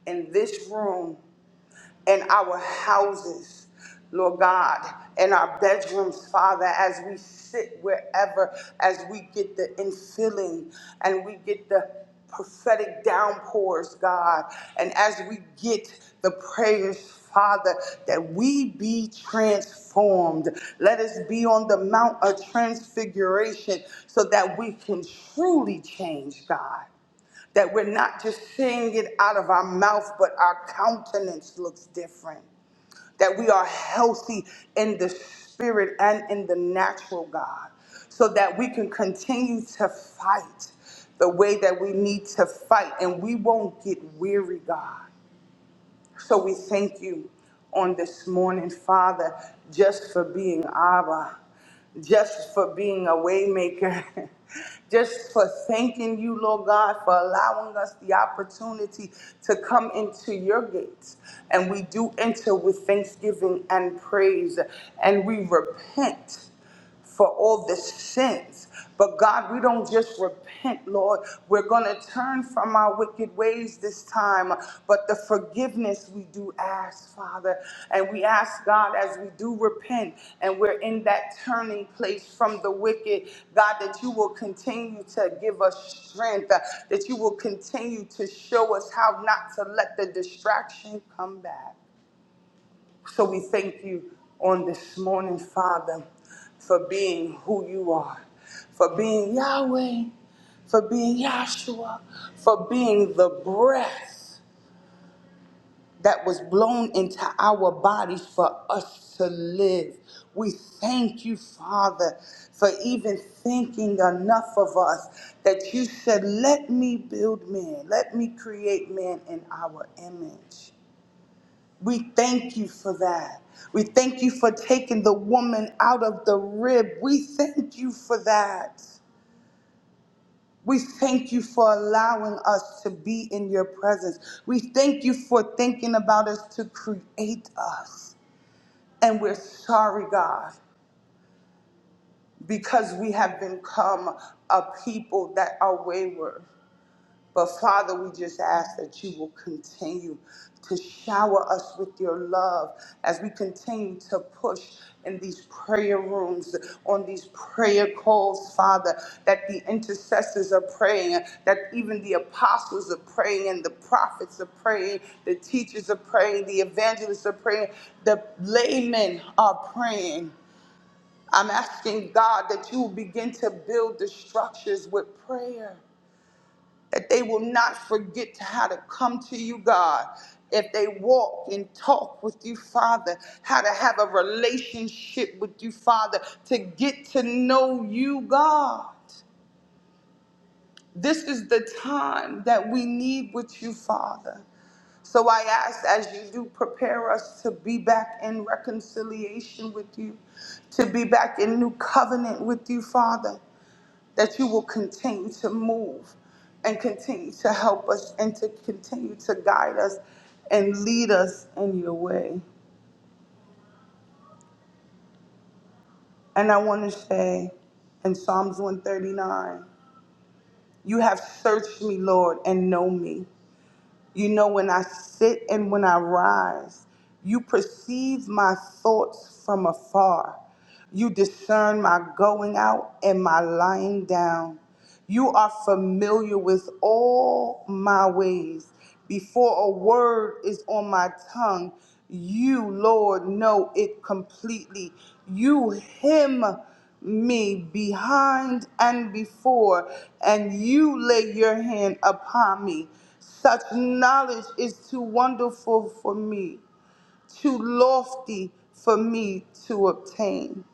Speaker 5: in this room, in our houses, Lord God, in our bedrooms, Father, as we sit wherever, as we get the infilling and we get the prophetic downpours, God. And as we get the prayers, Father, that we be transformed. Let us be on the Mount of Transfiguration so that we can truly change, God that we're not just saying it out of our mouth, but our countenance looks different that we are healthy in the spirit and in the natural, God, so that we can continue to fight the way that we need to fight and we won't get weary, God. So we thank you on this morning, Father, just for being Abba, just for being a waymaker, just for thanking you, Lord God, for allowing us the opportunity to come into your gates. And we do enter with thanksgiving and praise, and we repent for all the sins. But God, we don't just repent, Lord. We're going to turn from our wicked ways this time. But the forgiveness we do ask, Father. And we ask, God, as we do repent and we're in that turning place from the wicked, God, that you will continue to give us strength, uh, that you will continue to show us how not to let the distraction come back. So we thank you on this morning, Father, for being who you are, for being Yahweh, for being Yahshua, for being the breath that was blown into our bodies for us to live. We thank you, Father, for even thinking enough of us that you said, Let me build man, let me create man in our image. We thank you for that. We thank you for taking the woman out of the rib. We thank you for that. We thank you for allowing us to be in your presence. We thank you for thinking about us to create us. And we're sorry, God, because we have become a people that are wayward. But Father, we just ask that you will continue to shower us with your love as we continue to push in these prayer rooms, on these prayer calls, Father, that the intercessors are praying, that even the apostles are praying, and the prophets are praying, the teachers are praying, the evangelists are praying, the laymen are praying. I'm asking God that you will begin to build the structures with prayer that they will not forget how to come to you, God. If they walk and talk with you, Father, how to have a relationship with you, Father, to get to know you, God. This is the time that we need with you, Father. So I ask as you do prepare us to be back in reconciliation with you, to be back in new covenant with you, Father that you will continue to move and continue to help us and to continue to guide us and lead us in your way. And I want to say in Psalms 139, you have searched me, Lord, and know me. You know, when I sit and when I rise, you perceive my thoughts from afar. You discern my going out and my lying down. You are familiar with all my ways. Before a word is on my tongue, you, Lord, know it completely. You hem me behind and before, and you lay your hand upon me. Such knowledge is too wonderful for me, too lofty for me to obtain.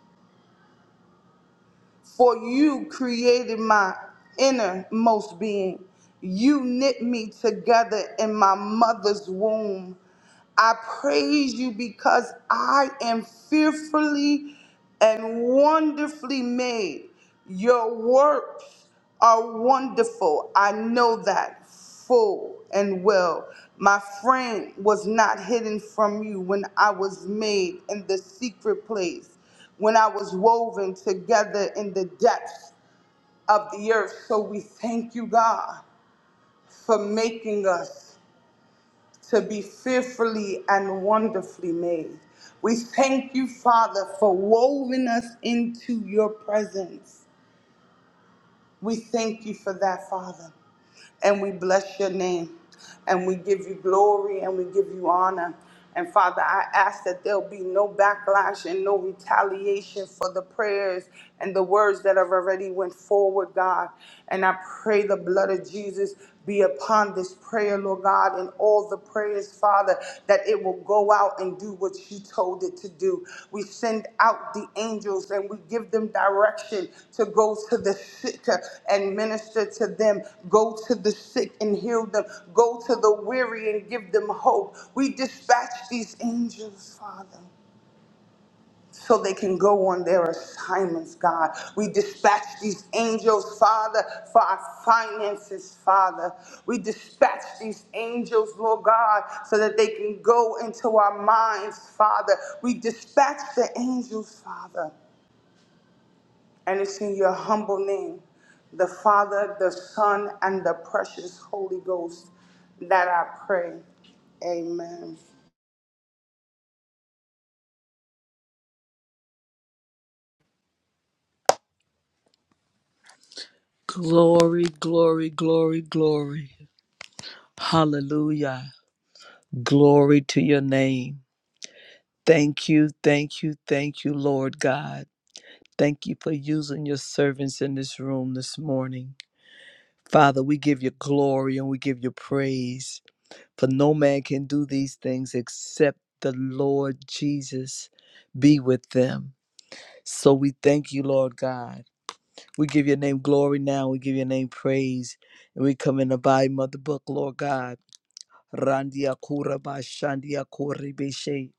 Speaker 5: For you created my innermost being. You knit me together in my mother's womb. I praise you because I am fearfully and wonderfully made. Your works are wonderful. I know that full and well. My frame was not hidden from you when I was made in the secret place, when I was woven together in the depths of the earth. So we thank you, God, for making us to be fearfully and wonderfully made. We thank you, Father, for woven us into your presence. We thank you for that, Father. And we bless your name. And we give you glory and we give you honor. And Father, I ask that there'll be no backlash and no retaliation for the prayers and the words that have already went forward, God. And I pray the blood of Jesus be upon this prayer, Lord God, and all the prayers, Father, that it will go out and do what you told it to do. We send out the angels and we give them direction to go to the sick and minister to them, go to the sick and heal them, go to the weary and give them hope. We dispatch these angels, Father so they can go on their assignments, God. We dispatch these angels, Father, for our finances, Father. We dispatch these angels, Lord God, so that they can go into our minds, Father. We dispatch the angels, Father. And it's in your humble name, the Father, the Son, and the precious Holy Ghost that I pray. Amen.
Speaker 4: Glory, glory, glory, glory. Hallelujah. Glory to your name. Thank you, thank you, thank you, Lord God. Thank you for using your servants in this room this morning. Father, we give you glory and we give you praise. For no man can do these things except the Lord Jesus be with them. So we thank you, Lord God. We give your name glory now. We give your name praise. And we come in the volume of the book, Lord God. Randia Kura ba Shandia Kori Beshe.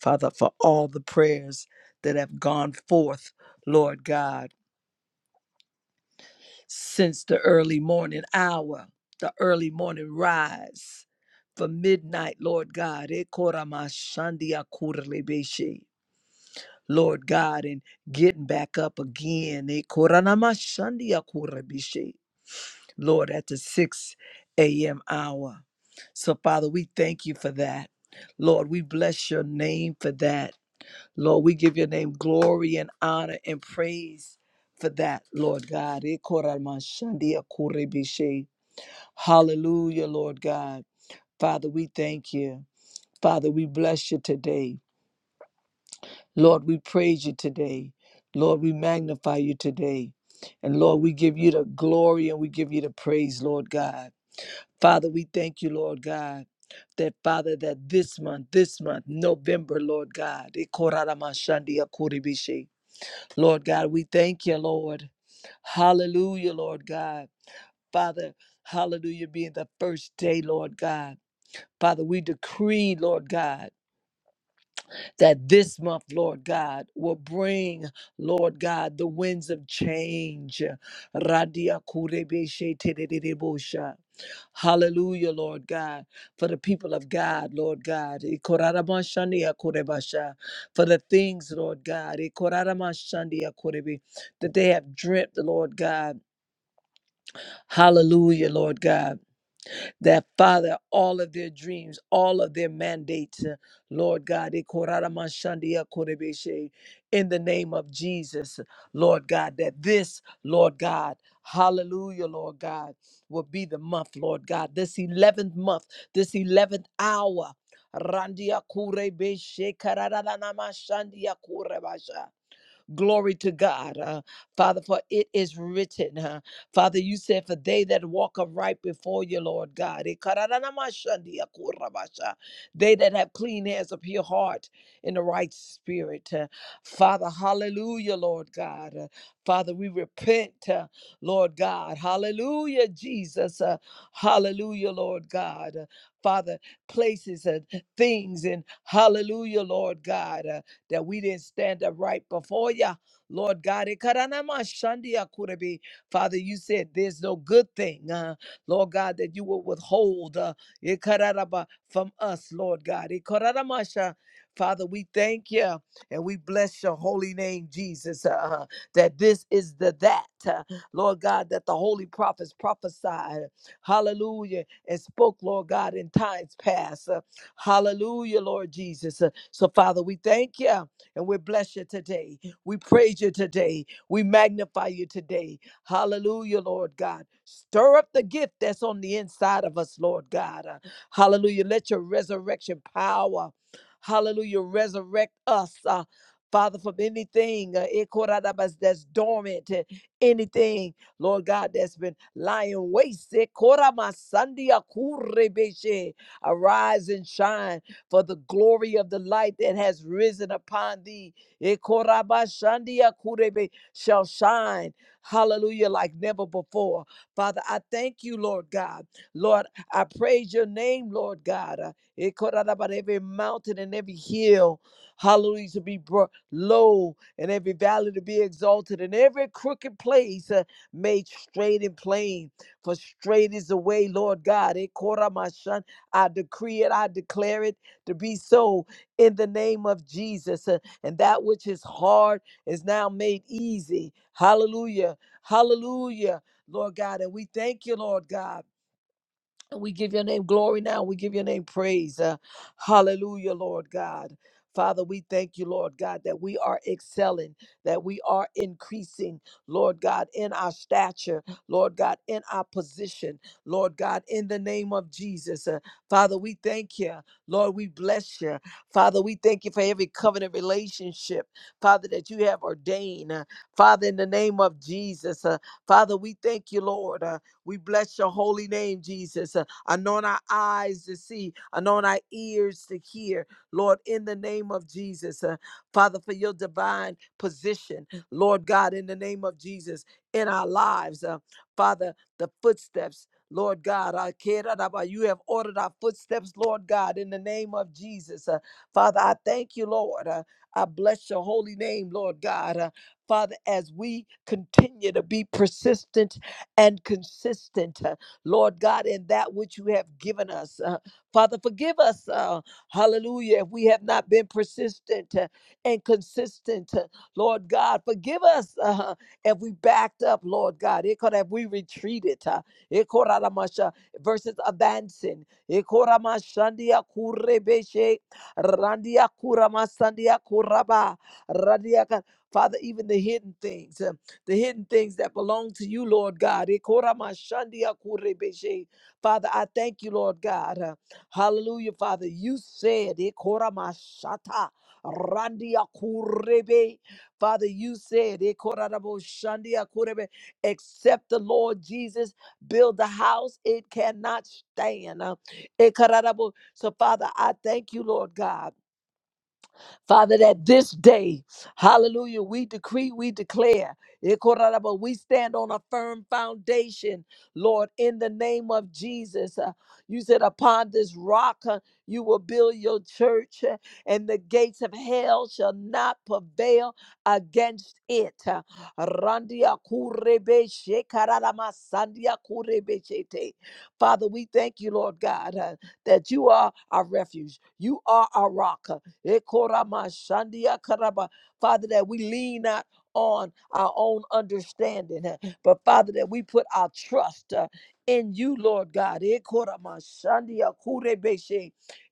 Speaker 4: Father, for all the prayers that have gone forth, Lord God, since the early morning hour, the early morning rise, for midnight, Lord God. E Kora ma Shandia Kura Beshe. Lord God, and getting back up again. E Kora na ma Shandia Kora Beshe. Lord, at the 6 a.m. hour. So, Father, we thank you for that. Lord, we bless your name for that. Lord, we give your name glory and honor and praise for that, Lord God. Hallelujah, Lord God. Father, we thank you. Father, we bless you today. Lord, we praise you today. Lord, we magnify you today. And Lord, we give you the glory and we give you the praise, Lord God. Father, we thank you, Lord God, that Father, that this month, this month, November, Lord God, ikoraramashandia kuribishi. Lord God, we thank you, Lord. Hallelujah, Lord God. Father, hallelujah, being the first day, Lord God. Father, we decree, Lord God that this month, Lord God, will bring, Lord God, the winds of change. Radia kurebeshe tedededebosha. Hallelujah, Lord God, for the people of God, Lord God. Ikorarabashania korebasha. For the things, Lord God, Ikoraramashandia korebe, that they have dreamt, Lord God. Hallelujah, Lord God that Father, all of their dreams, all of their mandates, uh, Lord God, eh, koraramashandia korebeshe, in the name of Jesus, Lord God, that this, Lord God, hallelujah, Lord God, will be the month, Lord God, this 11th month, this 11th hour. Randia kurebeshe, kararanamashandia korebasha. Glory to God. Uh, Father, for it is written, uh, Father, you said, for they that walk upright before you, Lord God, eh, kararanamashandiakurabasha, they that have clean hands, a pure heart, in the right spirit. uh, Father, hallelujah, Lord God. Uh, Father, we repent, uh, Lord God. Hallelujah, Jesus. Uh, hallelujah, Lord God. Uh, Father, places and things and hallelujah, Lord God. uh, that we didn't stand upright before you. Lord God, it karanama kurebe. Father, you said there's no good thing, uh, Lord God, that you will withhold uh, it from us, Lord God. It kararamasha. Father, we thank you and we bless your holy name, Jesus, uh, that this is the that, uh, Lord God, that the holy prophets prophesied. Hallelujah. And spoke, Lord God, in times past. Uh, hallelujah, Lord Jesus. Uh, so, Father, we thank you and we bless you today. We praise you today. We magnify you today. Hallelujah, Lord God. Stir up the gift that's on the inside of us, Lord God. Uh, Hallelujah. Let your resurrection power, hallelujah, resurrect us. uh, Father, from anything uh, eh, koradabas, that's dormant, uh, anything, Lord God, that's been lying waste. eh, koramasandia kurebeshe. Arise and shine for the glory of the light that has risen upon thee Ekorabashandia kurebe, shall shine, hallelujah, like never before. Father, I thank you, Lord God. Lord, I praise your name, Lord God. Uh, Ekorabara, Every mountain and every hill, hallelujah, to be brought low, and every valley to be exalted, and every crooked place uh, made straight and plain. For straight is the way, Lord God. Ekoramashan, I decree it, I declare it to be so in the name of Jesus. Uh, And that which is hard is now made easy. Hallelujah. Hallelujah. Lord God, and we thank you, Lord God. We give your name glory now. We give your name praise. Uh, hallelujah, Lord God. Father, we thank you, Lord God, that we are excelling, that we are increasing, Lord God, in our stature, Lord God, in our position, Lord God, in the name of Jesus. Uh, Father, we thank you. Lord, we bless you. Father, we thank you for every covenant relationship, Father, that you have ordained. Uh, Father, in the name of Jesus, uh, Father, we thank you, Lord. Uh, we bless your holy name, Jesus. Uh, Anoint our eyes to see. Anoint our ears to hear. Lord, in the name of Jesus. uh, Father, for your divine position. Lord God, in the name of Jesus, in our lives. uh, Father, the footsteps. Lord God, I care about you have ordered our footsteps, Lord God, in the name of Jesus. Uh, Father, I thank you, Lord. Uh, I bless your holy name, Lord God. Uh, Father, as we continue to be persistent and consistent. uh, Lord God, in that which you have given us. Uh, Father, forgive us, uh, hallelujah, if we have not been persistent uh, and consistent. uh, Lord God, forgive us uh, if we backed up, Lord God. It could have we retreated. Uh, it could have amasha- versus advancing. It could have amashandia kurebeshe, randia kuramasandia kuraba, randia ka- Father, even the hidden things. uh, the hidden things that belong to you, Lord God. Ekoramashandiakurebeshe. Father, I thank you, Lord God. Uh, Hallelujah, Father. You said, Ekoramashata randiakurebe. Father, you said, Ekoradaboshandiakurebe, except the Lord Jesus build the house, it cannot stand. Uh, Ekarabo- So, Father, I thank you, Lord God. Father, that this day, hallelujah, we decree, we declare, Ekorarabo, we stand on a firm foundation, Lord, in the name of Jesus. Uh, You said, upon this rock, uh, you will build your church, uh, and the gates of hell shall not prevail against it. Uh, Randia kurebe shekararama sandia kurebe shete. Father, we thank you, Lord God, uh, that you are our refuge. You are our rock. uh, Ekoramashandia karaba. Father, that we lean not on our own understanding, uh, but Father, that we put our trust uh, in you, Lord God. Ekoramashandia kurebeshe.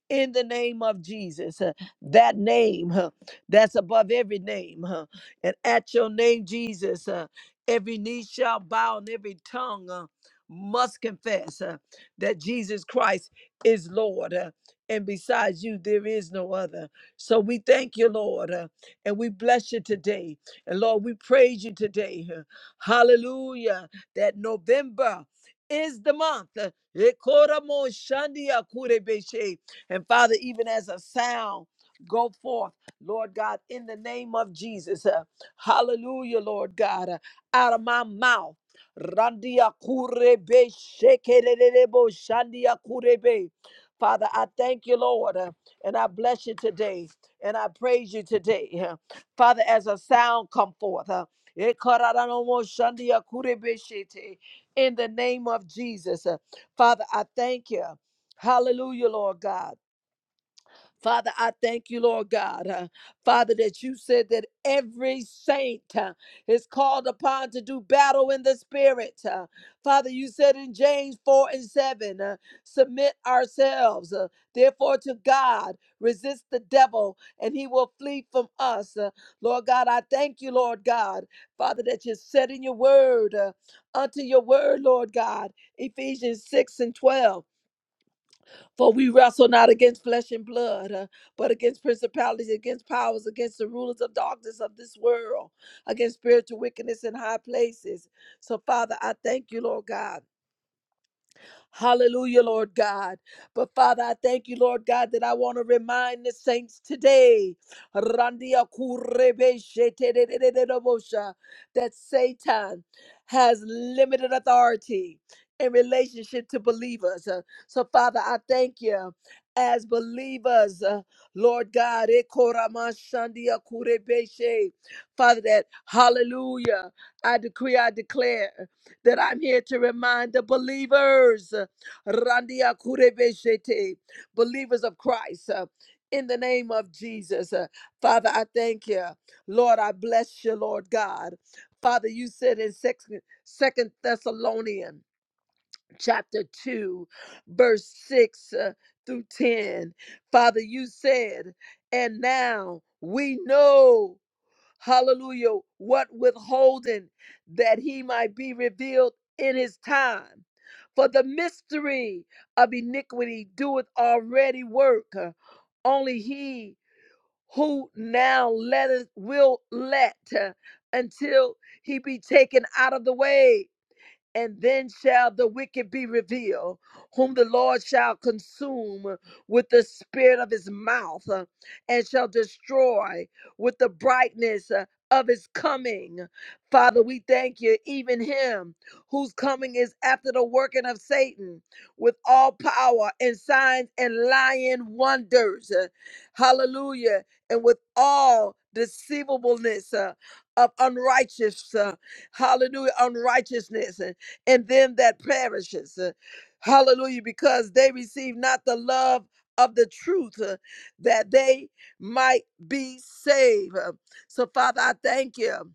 Speaker 4: In the name of Jesus, uh, that name uh, that's above every name. uh, And at your name, Jesus, uh, every knee shall bow and every tongue uh, must confess uh, that Jesus Christ is Lord. uh, And besides you, there is no other. So we thank you, Lord, uh, and we bless you today. And Lord, we praise you today. uh, Hallelujah. That November is the month. uh, Ekoramo Shandia Kurebeshe. And Father, even as a sound, go forth, Lord God, in the name of Jesus. uh, Hallelujah, Lord God, uh, out of my mouth. Randia kurebe shekerebo shandia kurebe. Father, I thank you, Lord. uh, and I bless you today. And I praise you today. huh. Father, as a sound come forth. huh. Eh, kararanomo shandia kurebeshete. In the name of Jesus. huh. Father, I thank you. Hallelujah, Lord God. Father, I thank you, Lord God. uh, Father, that you said that every saint uh, is called upon to do battle in the spirit. uh. Father, you said in James 4 and 7, uh, submit ourselves, uh, therefore, to God, resist the devil, and he will flee from us. Uh, Lord God, I thank you, Lord God. Father, that you said in your word, uh, unto your word, Lord God, Ephesians 6 and 12. For we wrestle not against flesh and blood, uh, but against principalities, against powers, against the rulers of darkness of this world, against spiritual wickedness in high places. So, Father, I thank you, Lord God. Hallelujah, Lord God. But Father, I thank you, Lord God, that I want to remind the saints today Randia kurebeshe tedededededobosha, that Satan has limited authority in relationship to believers. Uh, So, Father, I thank you. As believers, uh, Lord God, ekoramashandia kurebeshe. Father, that hallelujah, I decree, I declare that I'm here to remind the believers, uh, Randia Kurebeshete, believers of Christ. uh, in the name of Jesus. Uh, Father, I thank you. Lord, I bless you, Lord God. Father, you said in Second Second Thessalonians chapter 2, verse 6 uh, through 10, Father, you said, and now we know. Hallelujah. What withholding that he might be revealed in his time. For the mystery of iniquity doeth already work. Uh, Only he who now letteth will let uh, until he be taken out of the way. And then shall the wicked be revealed, whom the Lord shall consume with the spirit of his mouth, uh, and shall destroy with the brightness uh, of his coming. Father, we thank you, even him whose coming is after the working of Satan with all power and signs and lying wonders. Uh, Hallelujah. And with all deceivableness uh, of unrighteous, uh, hallelujah, unrighteousness and them that perishes. Uh, Hallelujah, because they receive not the love of the truth uh, that they might be saved. Uh, So, Father, I thank you.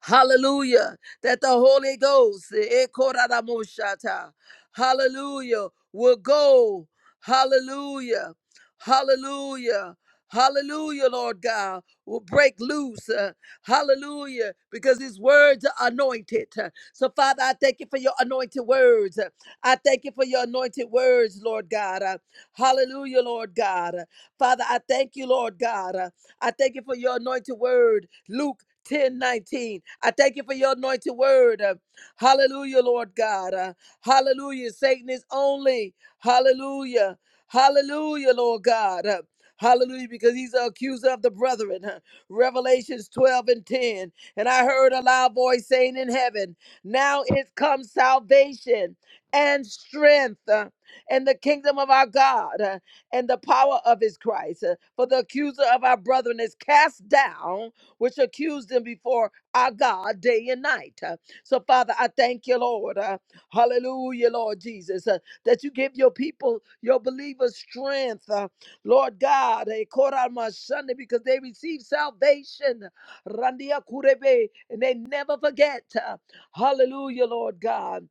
Speaker 4: Hallelujah. That the Holy Ghost, eh, koraramoshata, hallelujah, will go. Hallelujah. Hallelujah. Hallelujah, Lord God, will break loose. uh, hallelujah, because his words are anointed. Uh, So, Father, I thank you for your anointed words. Uh, I thank you for your anointed words, Lord God. Uh, hallelujah, Lord God. Uh, Father, I thank you, Lord God. Uh, I thank you for your anointed word, Luke 10 19. I thank you for your anointed word. Uh, hallelujah, Lord God. Uh, hallelujah. Satan is only. Hallelujah. Hallelujah, Lord God. Uh, hallelujah, because he's the accuser of the brethren. Uh, Revelations 12 and 10. And I heard a loud voice saying in heaven, Now is come salvation and strength uh, and the kingdom of our God. uh, and the power of his Christ. Uh, For the accuser of our brethren is cast down, which accused them before our God day and night. Uh, So, Father, I thank you, Lord. Uh, Hallelujah, Lord Jesus, uh, that you give your people, your believers, strength. uh, Lord God, eh, korama shande, because they receive salvation. Randia kurebe, And they never forget. Uh, Hallelujah, Lord God.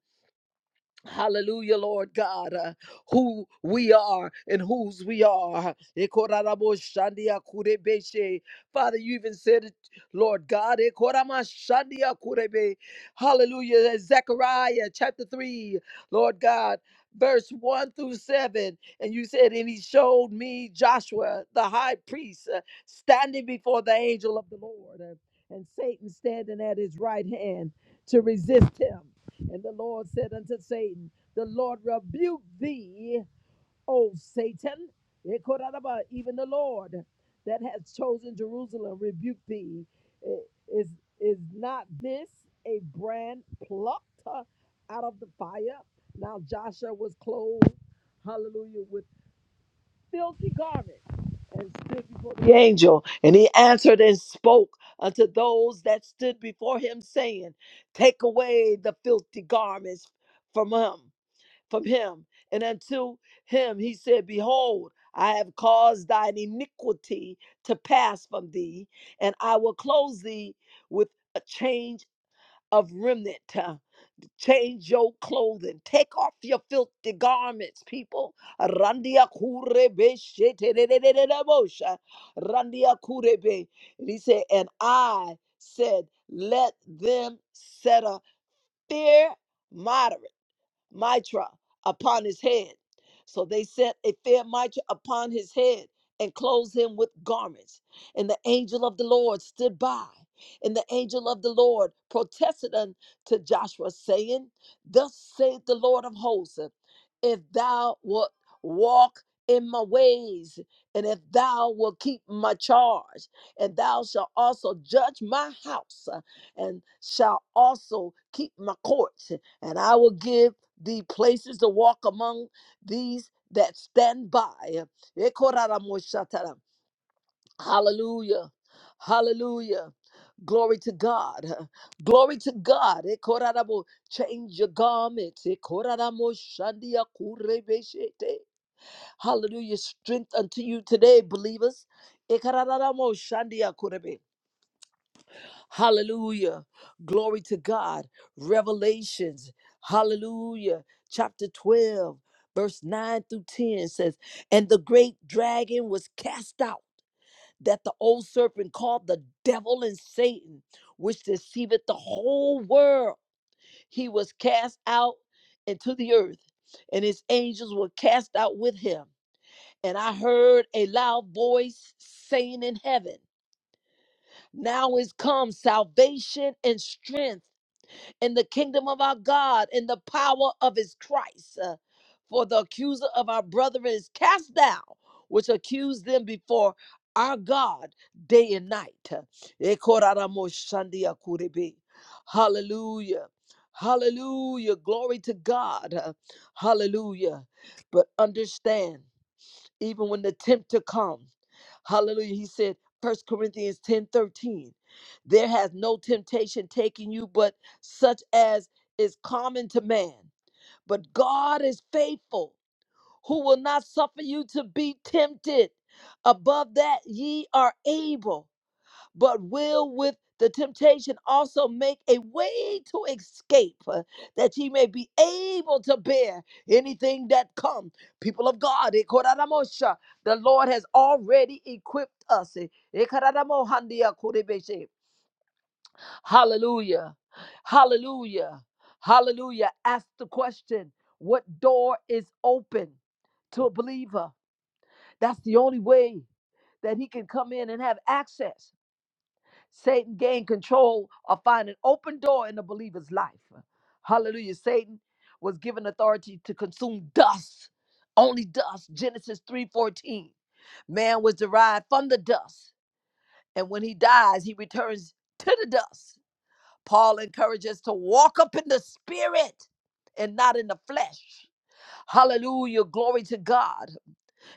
Speaker 4: Hallelujah, Lord God, uh, who we are and whose we are. Ekoraraboshandiakurebeshe. Father, you even said it, Lord God. Ekoramashandiakurebe. Hallelujah. Zechariah chapter 3, Lord God, verse 1 through 7. And you said, And he showed me Joshua, the high priest, uh, standing before the angel of the Lord, uh, and Satan standing at his right hand to resist him. And the Lord said unto Satan, The Lord rebuke thee, O Satan. Even the Lord that has chosen Jerusalem rebuke thee. Is, is not this a brand plucked uh, out of the fire? Now Joshua was clothed, hallelujah, With filthy garment and stood before the angel. And he answered and spoke unto those that stood before him, saying, Take away the filthy garments from him, from him. And unto him he said, Behold, I have caused thine iniquity to pass from thee, and I will close thee with a change of remnant. Change your clothing. Take off your filthy garments, people. Randia kurebe shetererererebosha. Randia kurebe. And he said, and I said, let them set a fear mitra upon his head. So they set a fair mitra upon his head and clothed him with garments. And the angel of the Lord stood by. And the angel of the Lord protested unto Joshua, saying, Thus saith the Lord of hosts, if thou wilt walk in my ways, and if thou wilt keep my charge, and thou shalt also judge my house, uh, and shalt also keep my courts, and I will give the places to walk among these that stand by. Hallelujah. Hallelujah. Glory to God. Glory to God. Ekorarabo. Change your garments. Ekoraramoshadiakurebeshete. Hallelujah. Strength unto you today, believers. Ekarararamoshandiakurebe. Hallelujah. Glory to God. Revelations. Hallelujah. Chapter 12, verse 9 through 10 says, And the great dragon was cast out, that the old serpent called the devil and Satan, which deceiveth the whole world. He was cast out into the earth, and his angels were cast out with him. And I heard a loud voice saying in heaven, Now is come salvation and strength in the kingdom of our God, in the power of his Christ. Uh, For the accuser of our brother is cast down, which accused them before our God day and night. Uh, Ekoraramosandiakurebe. Hallelujah. Hallelujah. Glory to God. Uh, Hallelujah. But understand, even when the tempter comes, Hallelujah. He said, 1 Corinthians 10 13, there has no temptation taken you but such as is common to man. But God is faithful, who will not suffer you to be tempted above that ye are able but will with the temptation also make a way to escape uh, that ye may be able to bear anything that come people of god eh, koraramosha, the lord has already equipped us eh, eh, kararamohandia kurebeshe. hallelujah hallelujah hallelujah ask the question what door is open to a believer that's the only way that he can come in and have access Satan gained control or find an open door in the believer's life. Hallelujah. Satan was given authority to consume dust, only dust. Genesis 3:14. Man was derived from the dust, and when he dies, he returns to the dust. Paul encourages us to walk up in the spirit and not in the flesh. Hallelujah. Glory to God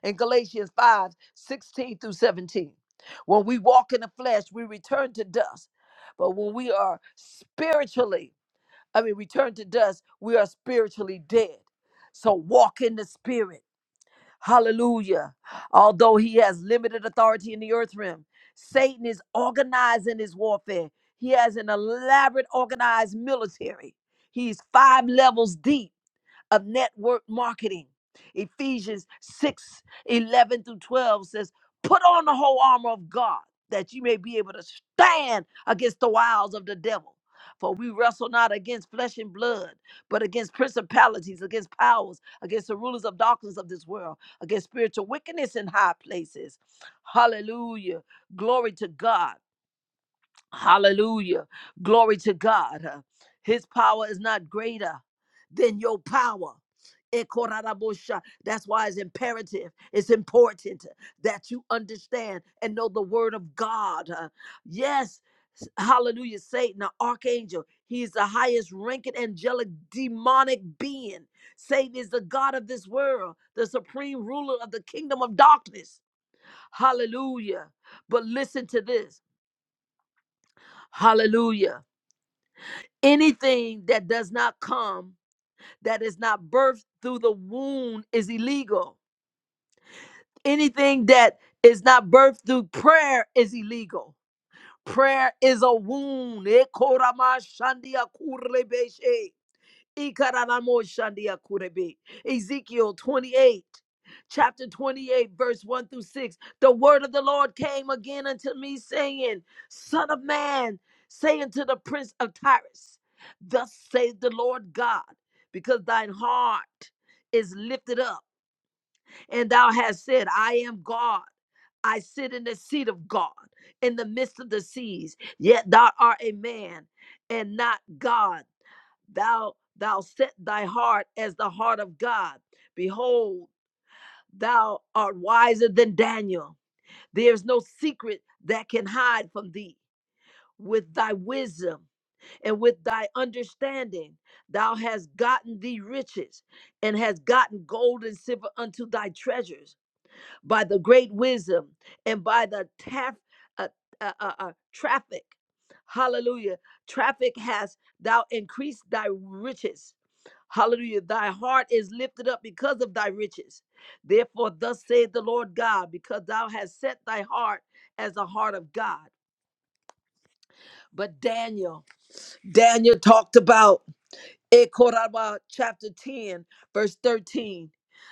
Speaker 4: in Galatians 5 16 through 17. When we walk in the flesh, we return to dust. But when we are spiritually, I mean, return to dust, we are spiritually dead. So walk in the spirit. Hallelujah. Although he has limited authority in the earth realm, Satan is organizing his warfare. He has an elaborate organized military. He's five levels deep of network marketing. Ephesians 6 11 through 12 says, Put on the whole armor of God that you may be able to stand against the wiles of the devil. For we wrestle not against flesh and blood, but against principalities, against powers, against the rulers of darkness of this world, against spiritual wickedness in high places. Hallelujah. Glory to God. Hallelujah. Glory to God. Uh, His power is not greater than your power. Ekorarabosha. That's why it's imperative, it's important that you understand and know the word of God. Uh, Yes, hallelujah. Satan, the archangel, he is the highest ranking angelic demonic being. Satan is the God of this world, the supreme ruler of the kingdom of darkness. Hallelujah. But listen to this. Hallelujah. Anything that does not come, that is not birthed through the womb, is illegal. Anything that is not birthed through prayer is illegal. Prayer is a wound. Ekoramashandiakurebeshe. Ikaranamosandiakurebe. Ezekiel 28, chapter 28, verse 1 through 6. The word of the Lord came again unto me, saying, Son of man, saying to the prince of Tyrus, Thus saith the Lord God, because thine heart is lifted up, and thou hast said, I am God. I sit in the seat of God in the midst of the seas, yet thou art a man and not God thou thou set thy heart as the heart of God. Behold, thou art wiser than Daniel. There is no secret that can hide from thee. With thy wisdom and with thy understanding, thou hast gotten thee riches and hast gotten gold and silver unto thy treasures by the great wisdom and by the taf- uh, uh, uh, uh, traffic. Hallelujah. Traffic has thou increased thy riches Hallelujah. Thy heart is lifted up because of thy riches. Therefore, thus saith the Lord God, because thou hast set thy heart as the heart of God. But Daniel, Daniel talked about Ekoraba chapter 10, verse 13.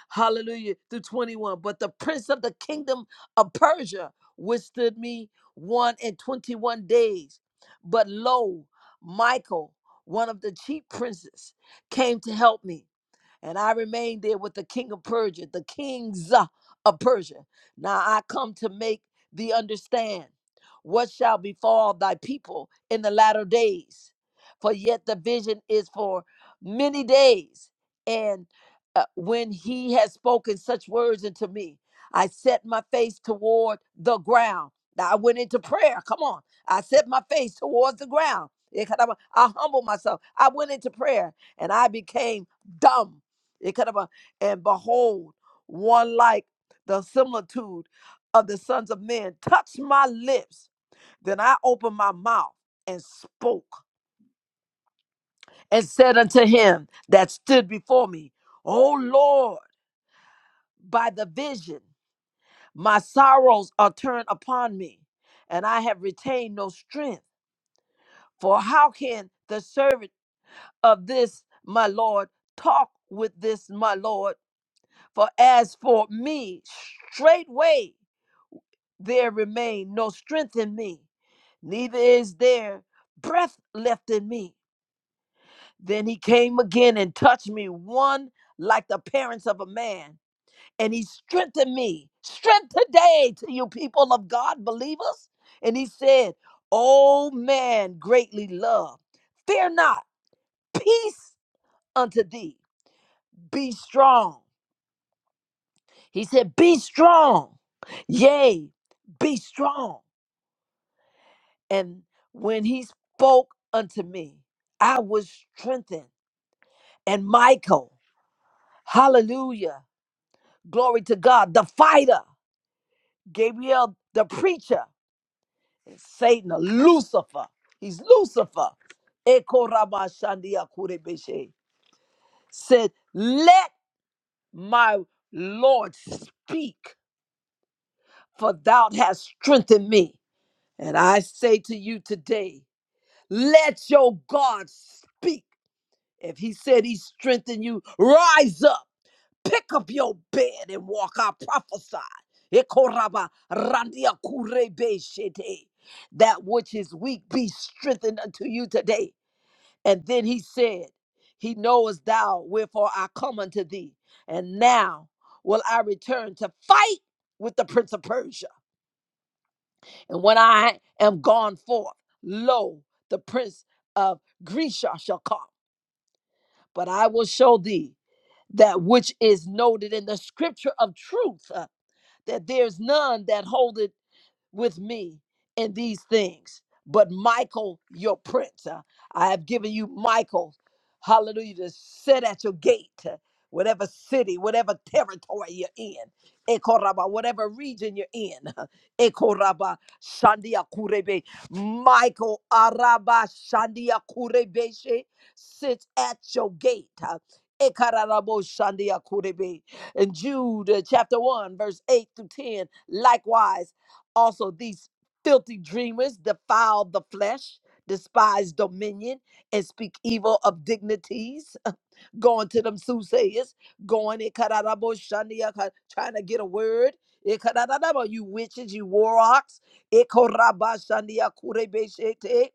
Speaker 4: Hallelujah through 21. But the prince of the kingdom of Persia withstood me one and 21 days. But lo, Michael, one of the chief princes, came to help me. And I remained there with the king of Persia, the kings uh, of Persia. Now I come to make thee understand what shall befall thy people in the latter days. For yet the vision is for many days. And uh, when he has spoken such words unto me, I set my face toward the ground. Now I went into prayer. Come on. I set my face towards the ground. I humbled myself. I went into prayer and I became dumb it could have been, and behold, one like the similitude of the sons of men touched my lips. Then I opened my mouth and spoke and said unto him that stood before me, O Lord, by the vision, my sorrows are turned upon me, and I have retained no strength. For how can the servant of this my Lord talk with this my Lord? For as for me, straightway there remain no strength in me, neither is there breath left in me. Then he came again and touched me, one like the parents of a man, and he strengthened me. Strength today to you people of God, believers. And he said, O man, greatly loved, fear not, peace unto thee, be strong. He said, Be strong, yea, be strong. And when he spoke unto me, I was strengthened. And Michael, hallelujah, glory to God, the fighter, Gabriel, the preacher, and Satan, Lucifer, he's Lucifer, Ekorabashandiakurebeshe, said, Let my Lord speak, for thou hast strengthened me. And I say to you today, let your God speak If he said he strengthened you, rise up, pick up your bed and walk. I prophesy. Ekoraba randia kurebe shete. That which is weak be strengthened unto you today. And then he said, He knowest thou wherefore I come unto thee. And now will I return to fight with the prince of Persia. And when I am gone forth, lo, the prince of Grisha shall come. But I will show thee that which is noted in the scripture of truth, uh, that there's none that holdeth with me in these things. But Michael, your prince, uh, I have given you Michael, hallelujah, to sit at your gate, uh, whatever city, whatever territory you're in, Ekoraba, whatever region you're in, Ekoraba, Shandia Kurebe, Michael Araba, Shandia Kurebeshe, sits at your gate. uh, Ekararabo Shandia Kurebe. In Jude uh, chapter 1, verse 8 through 10, likewise also these filthy dreamers defile the flesh despise dominion and speak evil of dignities going to them soothsayers, going in Kadarabo Shandia, ka- trying to get a word. Eh, Kadarabo, You witches, you warlocks. Eh, Koraba Shandia, Kurebe Shete.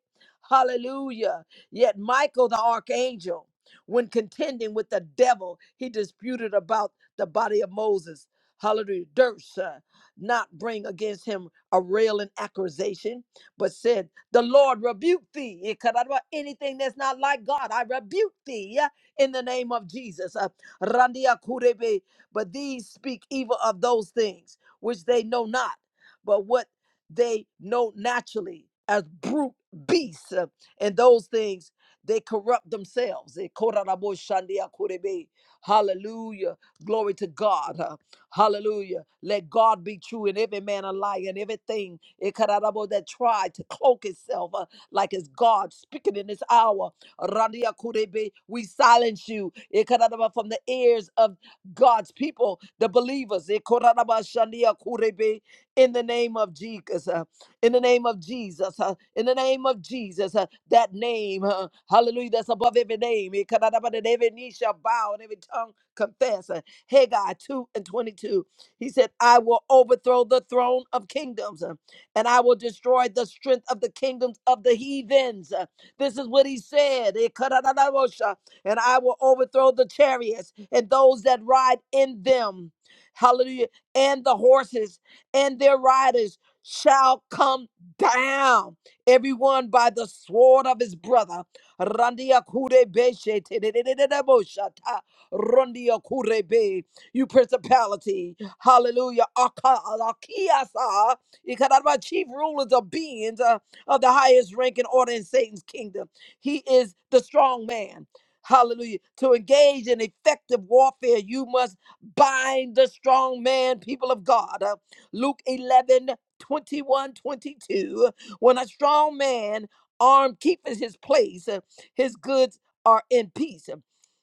Speaker 4: Hallelujah. Yet Michael the archangel, when contending with the devil, he disputed about the body of Moses. Hallelujah. Durst uh, not bring against him a railing accusation, but said, The Lord rebuke thee. It could not be Anything that's not like God, I rebuke thee in the name of Jesus. Uh, Randia Kurebe, but these speak evil of those things which they know not, but what they know naturally as brute beasts, uh, and those things they corrupt themselves. Eh, Korarabo Shandia Kurebe. Hallelujah. Glory to God. Uh, Hallelujah. Let God be true and every man a liar and everything eh, Korarabo, that tried to cloak itself uh, like it's God speaking in this hour. Randia Kurebe, we silence you Ekaranaba, from the ears of God's people, the believers. Ekoranaba Shandia Kurebe, In the name of Jesus, uh, in the name of Jesus, uh, in the name of Jesus, uh, that name, uh, hallelujah, that's above every name. Ekaranaba, That every knee shall bow and every tongue confess. Uh, Haggai 2 and 22. He said, I will overthrow the throne of kingdoms, uh, and I will destroy the strength of the kingdoms of the heathens. uh, this is what he said. Eh, karadadabosha. And I will overthrow the chariots and those that ride in them. Hallelujah. And the horses and their riders shall come down, everyone by the sword of his brother. Randia kure beshe te de de de de de bosha ta. Randia kure be. You principality. Hallelujah. Aka- Akiasa. Ikaraba, Chief rulers of beings of the highest rank and order in Satan's kingdom. He is the strong man. Hallelujah. To engage in effective warfare, you must bind the strong man, people of God. Uh, Luke 11 21 22. When a strong man armed keepeth his place, uh, his goods are in peace.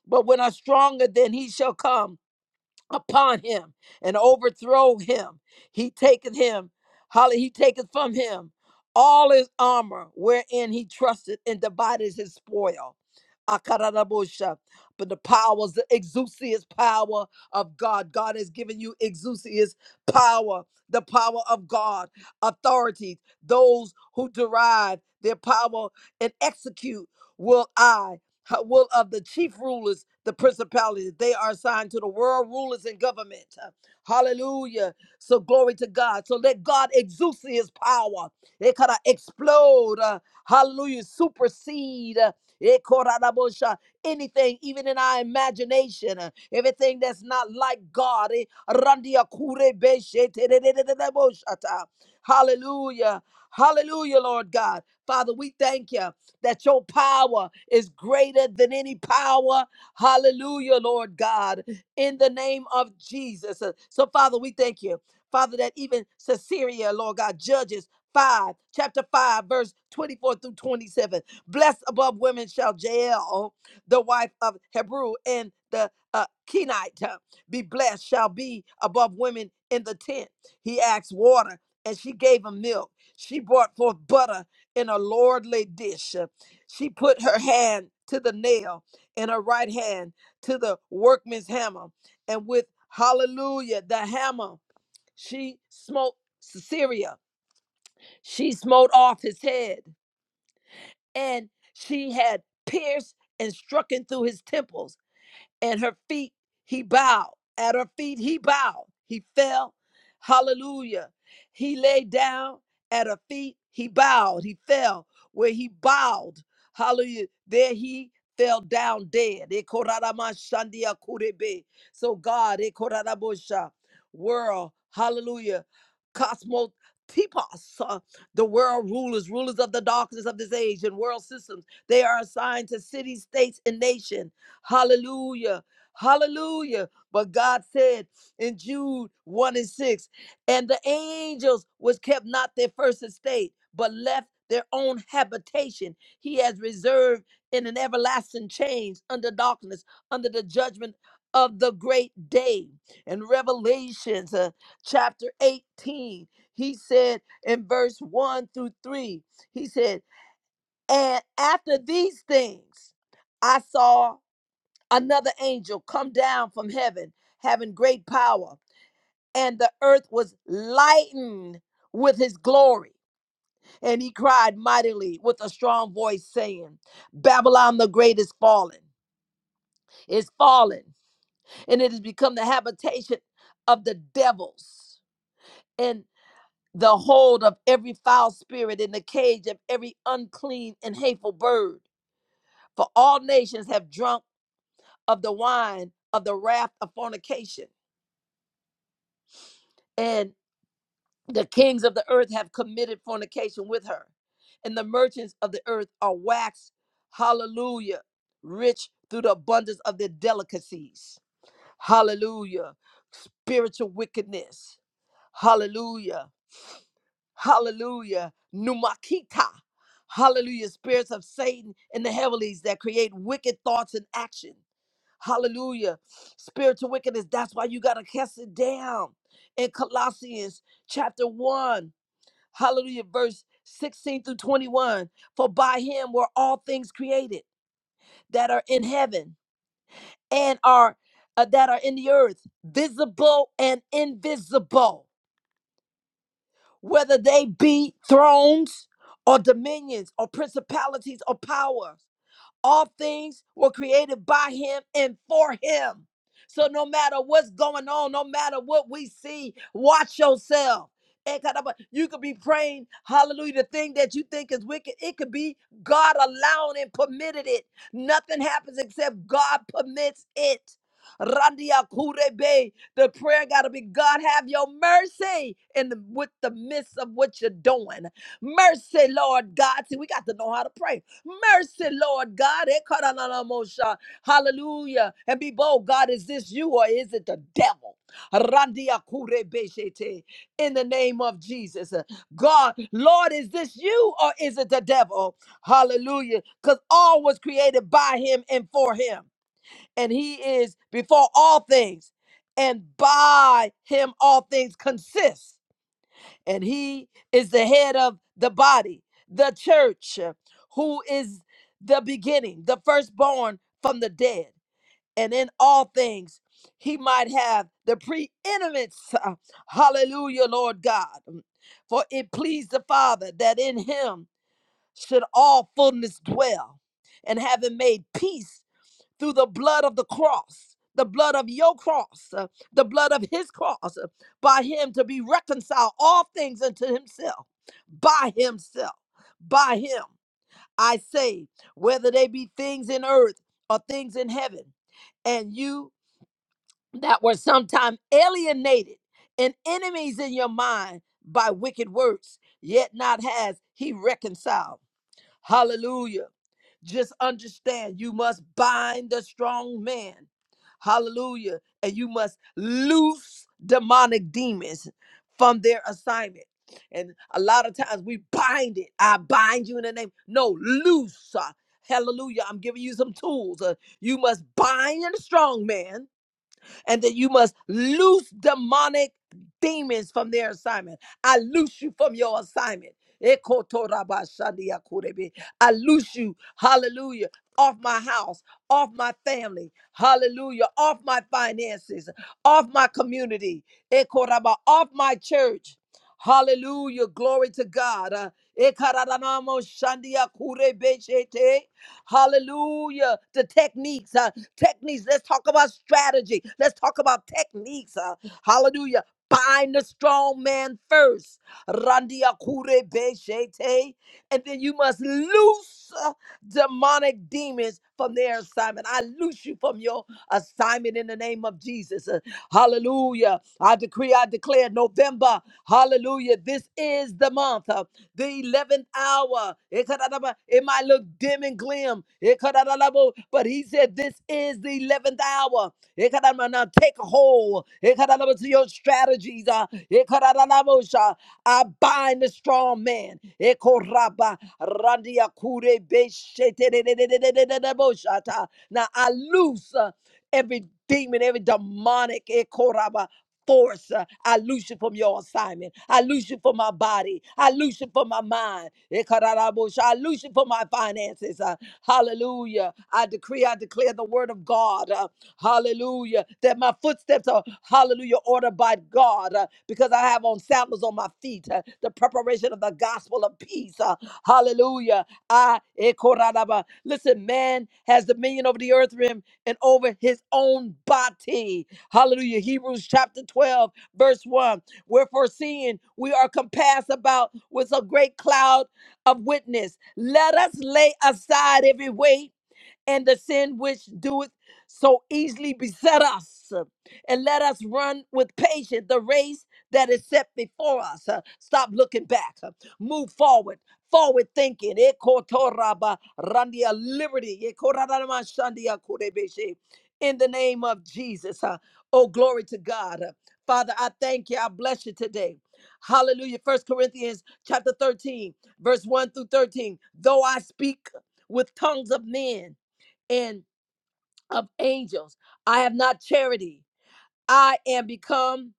Speaker 4: But when are stronger than he shall come, upon him and overthrow him. He taketh him, holly, he taketh from him all his armor wherein he trusted and divided his spoil. Akarabosha. But the powers, the exousias power of God. God has given you exousias power, the power of God, authorities, those who derive their power and execute will I uh, will of the chief rulers, the principalities. They are assigned to the world rulers and government. Uh, Hallelujah. So glory to God. So let God exude his power. It kind of explode. uh, hallelujah. Supersede. uh, it coulda da bosha, Anything, even in our imagination, uh, everything that's not like God. eh, randia kure beshe te de de de de de bosha ta. Hallelujah. Hallelujah, Lord God. Father, we thank you that your power is greater than any power. Hallelujah, Lord God, in the name of Jesus. Uh, So, Father, we thank you, Father, that even Caesarea, Lord God, Judges 5, chapter 5, verse 24 through 27. Blessed above women shall Jael, the wife of Hebrew, and the uh, Kenite uh, be blessed, shall be above women in the tent. He asked water, and she gave him milk. She brought forth butter in a lordly dish. She put her hand to the nail and her right hand to the workman's hammer. And with hallelujah, the hammer, she smote Syria. She smote off his head and she had pierced and struck in through his temples and her feet he bowed. At her feet he bowed. He fell. Hallelujah. He lay down at her feet. He bowed. He fell where he bowed. Hallelujah. There he fell down dead. Ekoramashandia kurebe. So God, Ekorabosha, world, hallelujah, cosmos, typos, uh, the world rulers, rulers of the darkness of this age and world systems. They are assigned to cities, states, and nations Hallelujah. Hallelujah. But God said in Jude 1 and 6, and the angels which kept not their first estate, but left their own habitation, he has reserved in an everlasting change under darkness, under the judgment of the great day. In Revelations uh, chapter 18, he said in verse 1 through 3, he said, And after these things, I saw another angel come down from heaven having great power and the earth was lightened with his glory and he cried mightily with a strong voice saying babylon the great is fallen is fallen and it has become the habitation of the devils and the hold of every foul spirit in the cage of every unclean and hateful bird for all nations have drunk of the wine of the wrath of fornication and." The kings of the earth have committed fornication with her, and the merchants of the earth are waxed, hallelujah, rich through the abundance of their delicacies. Hallelujah. Spiritual wickedness. Hallelujah. Hallelujah. Numakita. Hallelujah. Spirits of Satan in the heavenlies that create wicked thoughts and action. Hallelujah. Spiritual wickedness. That's why you got to cast it down. In Colossians chapter 1. Hallelujah. Verse 16 through 21. For by him were all things created that are in heaven and are uh, that are in the earth, visible and invisible, whether they be thrones or dominions or principalities or powers. All things were created by him and for him. So no matter what's going on, no matter what we see, watch yourself. Eh, kadaba- You could be praying, hallelujah, the thing that you think is wicked. It could be God allowing and permitted it. Nothing happens except God permits it. Randia kurebe. The prayer gotta be God have your mercy in the with the midst of what you're doing. Mercy, Lord God. See, we got to know how to pray. Mercy, Lord God. Ekaralanamosha. Hallelujah. And be bold, God, is this you or is it the devil? Randiakurebeshete. In the name of Jesus. God, Lord, is this you or is it the devil? Hallelujah. Because all was created by him and for him. And he is before all things. And by him all things consist and he is the head of the body, the church, uh, who is the beginning, the firstborn from the dead. And in all things, he might have the preeminence. Uh, Hallelujah, Lord God. Mm, For it pleased the Father that in him should all fullness dwell. And having made peace, through the blood of the cross, the blood of your cross, uh, the blood of his cross, uh, by him to be reconciled all things unto himself, by himself, by him. I say, whether they be things in earth or things in heaven, and you that were sometime alienated and enemies in your mind by wicked works, yet not has he reconciled. Hallelujah just understand you must bind the strong man. Hallelujah. And you must loose demonic demons from their assignment. And a lot of times we bind it. I bind you in the name. No, loose. uh, Hallelujah. I'm giving you some tools. Uh, you must bind the strong man and that you must loose demonic demons from their assignment. I loose you from your assignment. Ekotorabashadiakurebe. I loose you, hallelujah, off my house, off my family, hallelujah, off my finances, off my community, Ekoraba, off my church. Hallelujah, glory to God. Uh, Ekaradanamoshandiakurebeshete. Hallelujah. The techniques, uh, techniques. Let's talk about strategy. Let's talk about techniques. uh, hallelujah. Bind the strong man first. Randia kure be shete. And then you must loose. uh, demonic demons from their assignment. I loose you from your assignment in the name of Jesus. Uh, Hallelujah. I decree, I declare November. Hallelujah. This is the month, uh, the 11th hour. It could- it might look dim and glim. It could- but he said, This is the 11th hour. Ekaranana, Take hold Ekaranaba, to your strategies. uh, Ekaranabosha. I bind the strong man. Ekoraba, randia kure beshe te de de de Now I loose every demon, every demonic ekoraba force. uh, I loose you from your assignment. I loose you from my body. I loose you from my mind. Eh, kararabosha. I loose you from my finances. uh, Hallelujah. I decree, I declare the word of God. uh, Hallelujah. That my footsteps are, hallelujah, ordered by God. uh, uh, because I have on sandals on my feet, uh, the preparation of the gospel of peace. uh, hallelujah. I, eh, koranaba. Listen, man has dominion over the earth rim and over his own body. Hallelujah. Hebrews chapter 12, verse 1. Wherefore, seeing we are compassed about with a great cloud of witness, let us lay aside every weight and the sin which doeth so easily beset us and let us run with patience the race that is set before us. Uh, Stop looking back. Uh, Move forward. Forward thinking. Ekotoraba randia Liberty. Ekoradaramashandia kurebeshe. In the name of Jesus. Uh, Oh, glory to God. Uh, Father, I thank you. I bless you today. Hallelujah. First Corinthians chapter 13, verse 1 through 13. Though I speak with tongues of men and of angels, I have not charity I am become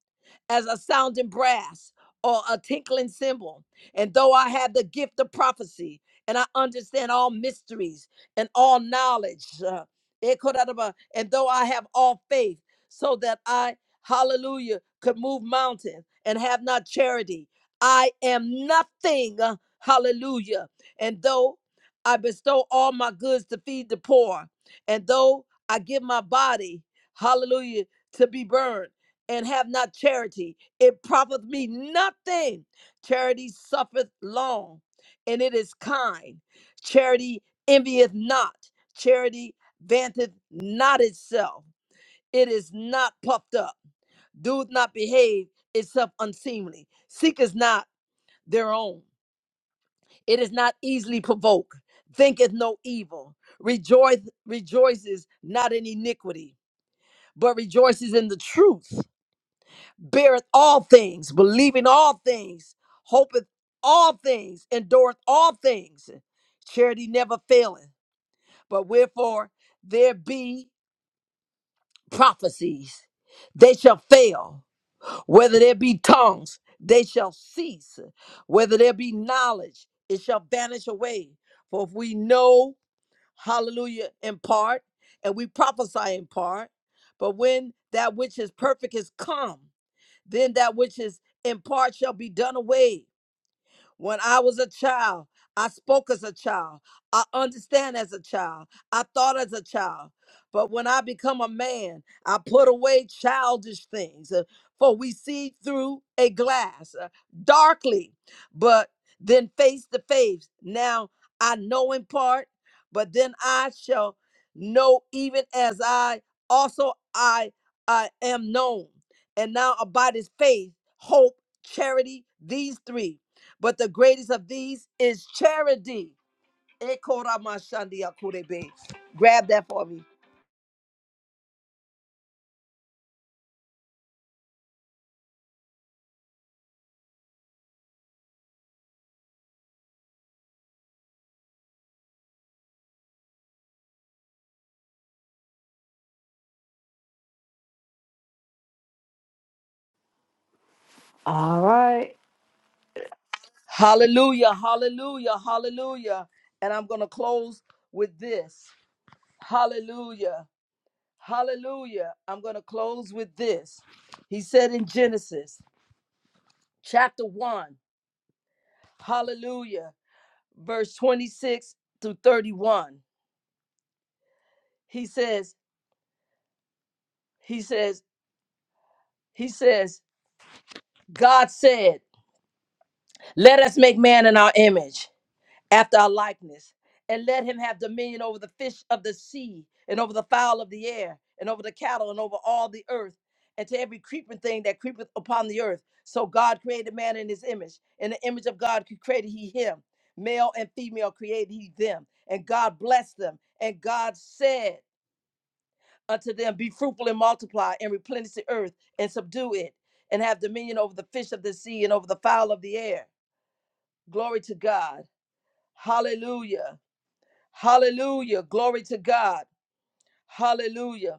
Speaker 4: as a sounding brass or a tinkling cymbal. And though I have the gift of prophecy and I understand all mysteries and all knowledge, uh, eh, kodaraba, and though I have all faith so that I, hallelujah, could move mountains and have not charity, I am nothing, uh, hallelujah. And though I bestow all my goods to feed the poor, and though I give my body, hallelujah, to be burned and have not charity, it profiteth me nothing. Charity suffereth long, and it is kind. Charity envieth not. Charity vaunteth not itself. It is not puffed up, doeth not behave itself unseemly, seeketh not their own. It is not easily provoked, thinketh no evil, rejoice, rejoices not in iniquity, but rejoices in the truth beareth all things, believing all things, hopeth all things, endureth all things. Charity never faileth. But wherefore there be prophecies, they shall fail. Whether there be tongues, they shall cease. Whether there be knowledge, it shall vanish away. For if we know, hallelujah, in part, and we prophesy in part, but when that which is perfect is come, then that which is in part shall be done away. When I was a child, I spoke as a child. I understand as a child. I thought as a child. But when I become a man, I put away childish things. Uh, For we see through a glass uh, darkly, but then face to face. Now I know in part, but then I shall know even as I also I I am known. And now abide is faith, hope, charity, these three but the greatest of these is charity. Ekoramashandiakurebe. Grab that for me. Hallelujah, hallelujah, hallelujah. And I'm going to close with this. Hallelujah, hallelujah. I'm going to close with this. He said in Genesis chapter 1, hallelujah, verse 26 through 31. He says, He says, He says, God said, Let us make man in our image. after our likeness, and let him have dominion over the fish of the sea, and over the fowl of the air, and over the cattle, and over all the earth, and to every creeping thing that creepeth upon the earth. So God created man in his image. In the image of God created he him. Male and female created he them. And God blessed them. And God said unto them, Be fruitful and multiply, and replenish the earth, and subdue it, and have dominion over the fish of the sea, and over the fowl of the air. Glory to God. Hallelujah. Hallelujah. Glory to God. Hallelujah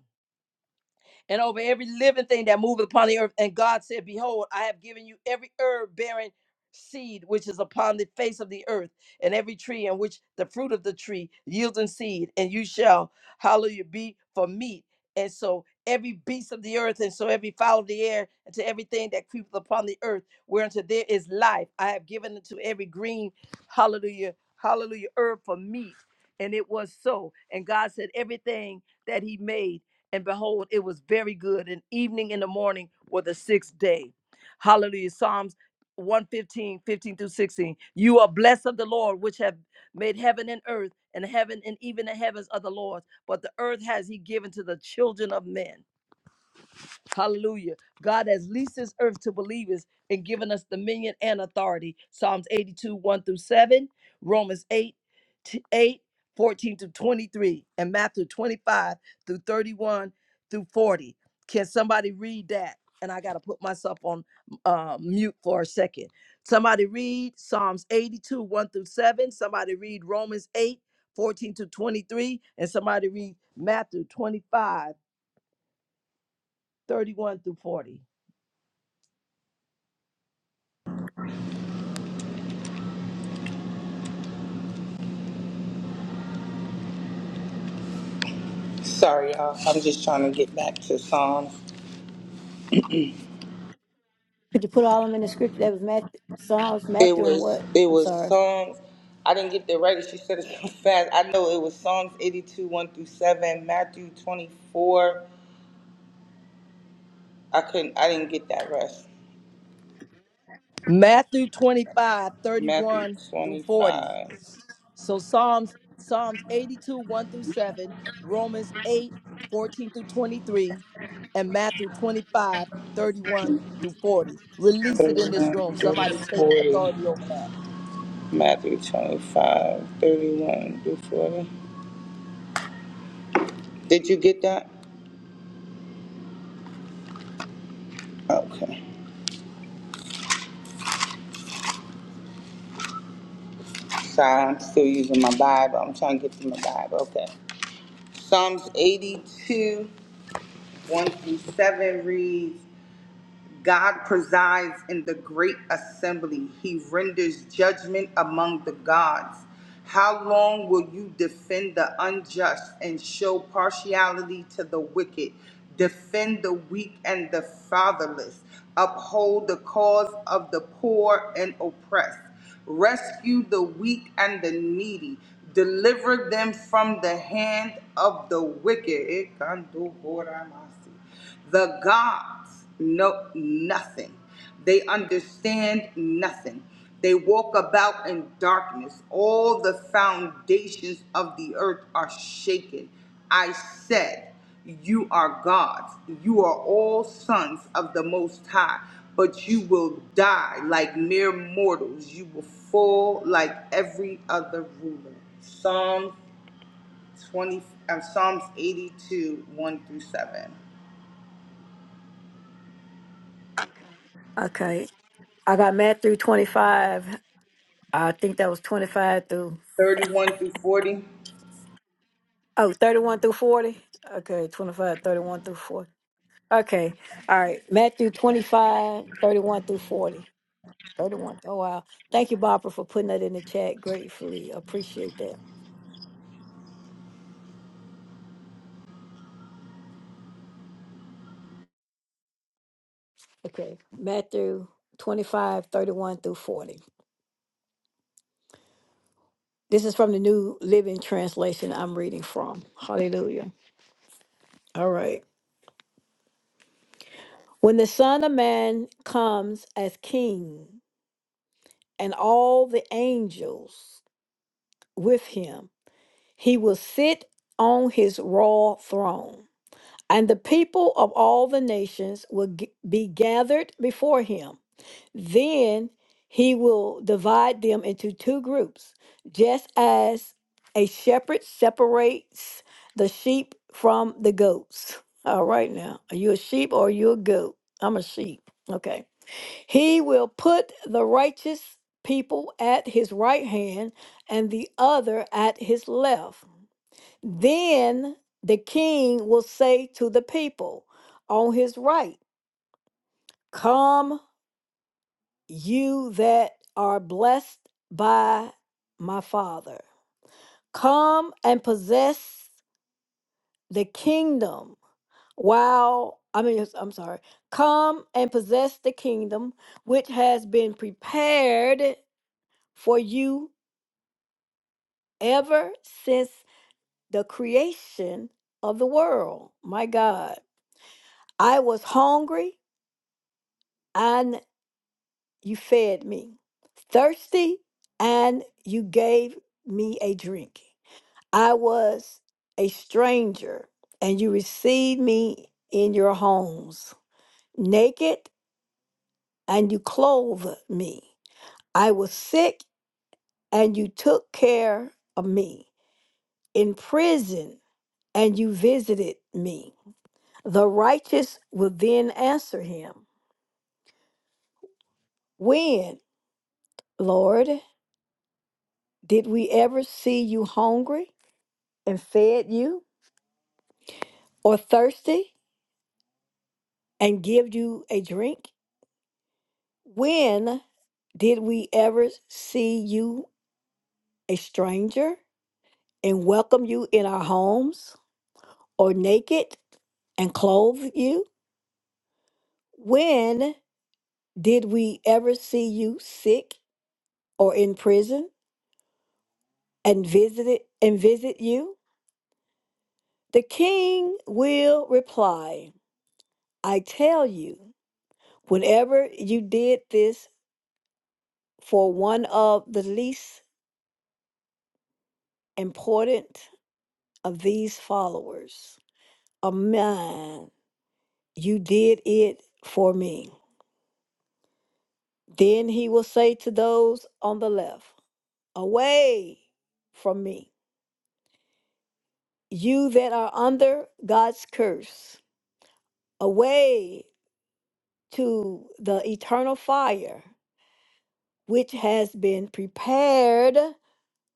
Speaker 4: and over every living thing that moveth upon the earth. And God said, Behold, I have given you every herb bearing seed which is upon the face of the earth, and every tree in which the fruit of the tree yielding seed, and you shall, hallelujah, be for meat. And so every beast of the earth, and so every fowl of the air, and to everything that creepeth upon the earth, whereunto there is life, I have given unto every green, hallelujah, hallelujah, herb for meat. And it was so. And God said, everything that He made and behold, it was very good. And evening and the morning were the sixth day. Hallelujah. Psalms one fifteen, fifteen through 16. You are blessed of the Lord, which have made heaven and earth, and heaven and even the heavens are the Lord's. But the earth has he given to the children of men. Hallelujah. God has leased his earth to believers and given us dominion and authority. Psalms 82, 1 through 7, Romans 8, t- 8, 14 to 23, and Matthew 25 through 31 through 40. Can somebody read that? And I got to put myself on uh, mute for a second. Somebody read Psalms 82, 1 through 7. Somebody read Romans 8:14 to 23. And somebody read Matthew 25:31 through 40.
Speaker 5: Sorry, y'all. I'm just trying to get back to Psalms.
Speaker 1: Could you put all them in the scripture? That was Matthew, Psalms,
Speaker 5: It
Speaker 1: Matthew, and
Speaker 5: was
Speaker 1: what?
Speaker 5: it
Speaker 1: I'm
Speaker 5: was
Speaker 1: sorry.
Speaker 5: songs. I didn't get the right. She said it so fast. I know it was Psalms 82, 1 through 7, Matthew 24. I couldn't, I didn't get that rest.
Speaker 4: Matthew 25 thirty
Speaker 5: Matthew
Speaker 4: one through 40.
Speaker 5: 25,
Speaker 4: So Psalms Psalms 82, 1 through 7, Romans 8 14 through 23, and Matthew 25 31 through 40. Release it in this room.
Speaker 5: 31 through
Speaker 4: Somebody take
Speaker 5: 40.
Speaker 4: authority over that.
Speaker 5: Matthew 25, 31 through 40. Did you get that? Okay. Sorry, I'm still using my Bible. I'm trying to get to my Bible. Okay. Psalms 82, 1 through 7 reads, God presides in the great assembly. He renders judgment among the gods. How long will you defend the unjust and show partiality to the wicked? Defend the weak and the fatherless. Uphold the cause of the poor and oppressed. Rescue the weak and the needy. Deliver them from the hand of the wicked. The gods know nothing. They understand nothing. They walk about in darkness. All the foundations of the earth are shaken. I said, You are gods. You are all sons of the Most High, but you will die like mere mortals. You will fall like every other ruler. Psalm 20, uh, Psalms 82, 1 through 7.
Speaker 1: Okay. I got Matthew 25. I think that was 5 through,
Speaker 5: 31 through 40.
Speaker 1: oh, 31 through 40. Okay, 25, 31 through 40. Okay. All right. Matthew 25, 31 through 40. 31. Oh, wow. Thank you, Barbara, for putting that in the chat. Gratefully appreciate that. Okay. Matthew 25, 31 through 40. This is from the New Living Translation I'm reading from. Hallelujah. All right. When the Son of Man comes as king and all the angels with him, he will sit on his royal throne, and the people of all the nations will g- be gathered before him. Then he will divide them into two groups, just as a shepherd separates the sheep from the goats. All right, now, are you a sheep or are you a goat? I'm a sheep. Okay. He will put the righteous people at his right hand and the other at his left. Then the king will say to the people on his right, Come you that are blessed by my Father. Come and possess the kingdom while, I mean, yes, I'm sorry, come and possess the kingdom which has been prepared for you ever since the creation of the world. My God, I was hungry and you fed me, thirsty and you gave me a drink. I was a stranger, and you received me in your homes. Naked, and you clothed me. I was sick, and you took care of me. In prison, and you visited me. The righteous will then answer him When, Lord, did we ever see you hungry and fed you, or thirsty and give you a drink? When did we ever see you a stranger and welcome you in our homes or naked and clothe you? When did we ever see you sick or in prison and visited and visit you? The king will reply, I tell you, whenever you did this for one of the least important of these followers of mine, You did it for me. Then he will say to those on the left, Away from me, you that are under God's curse, away to the eternal fire, which has been prepared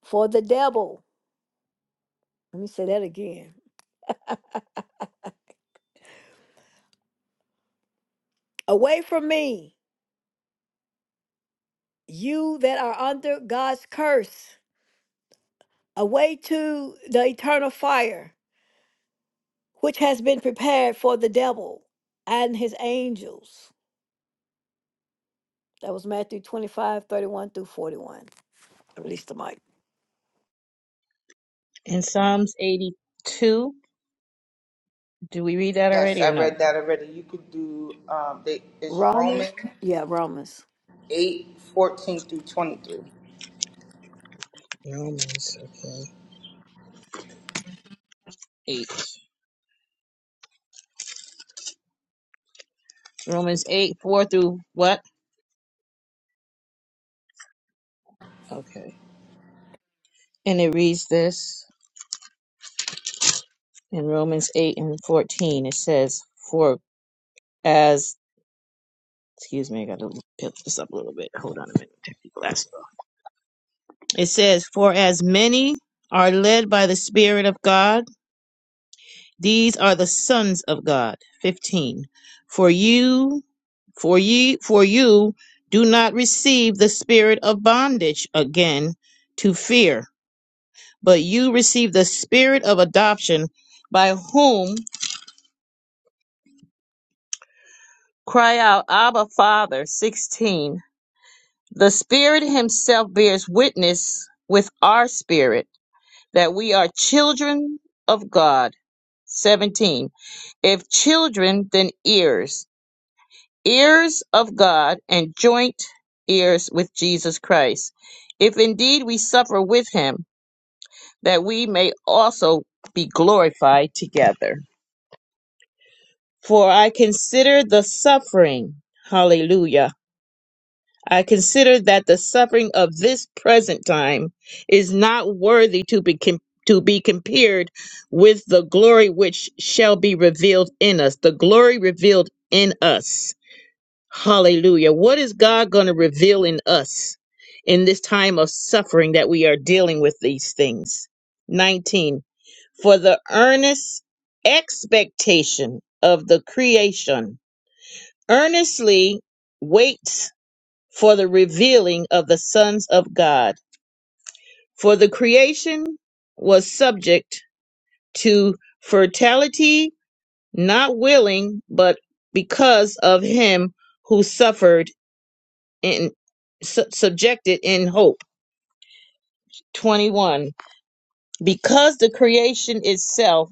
Speaker 1: for the devil. Let me say that again. Away from me, you that are under God's curse, away to the eternal fire which has been prepared for the devil and his angels. That was Matthew 25 31 through 41. I released the mic.
Speaker 3: In Psalms 82, do we read that
Speaker 5: Yes,
Speaker 3: already or
Speaker 5: I
Speaker 3: no?
Speaker 5: read that already. You could do, um, they, it's Romans
Speaker 1: Romans? Yeah, Romans.
Speaker 5: eight fourteen through 23.
Speaker 3: Romans, okay. 8. Romans 8, 4 through what? Okay. And it reads this in Romans 8 and 14. It says, For as, excuse me, I gotta pick this up a little bit. Hold on a minute. Take the glasses off. It says, For as many are led by the Spirit of God, these are the sons of God. 15. For you, for ye, for you do not receive the spirit of bondage again to fear but you received the spirit of adoption by whom cry out abba father 16 the spirit himself bears witness with our spirit that we are children of god 17 if children then heirs heirs of god and joint heirs with jesus christ if indeed we suffer with him that we may also be glorified together For I consider the suffering, hallelujah. I consider that the suffering of this present time is not worthy to be com- to be compared with the glory which shall be revealed in us. The glory revealed in us. Hallelujah. What is God going to reveal in us in this time of suffering that we are dealing with these things? 19. For the earnest expectation of the creation earnestly waits for the revealing of the sons of God. For the creation was subject to fertility, not willing, but because of him who suffered in su- subjected in hope. 21. Because the creation itself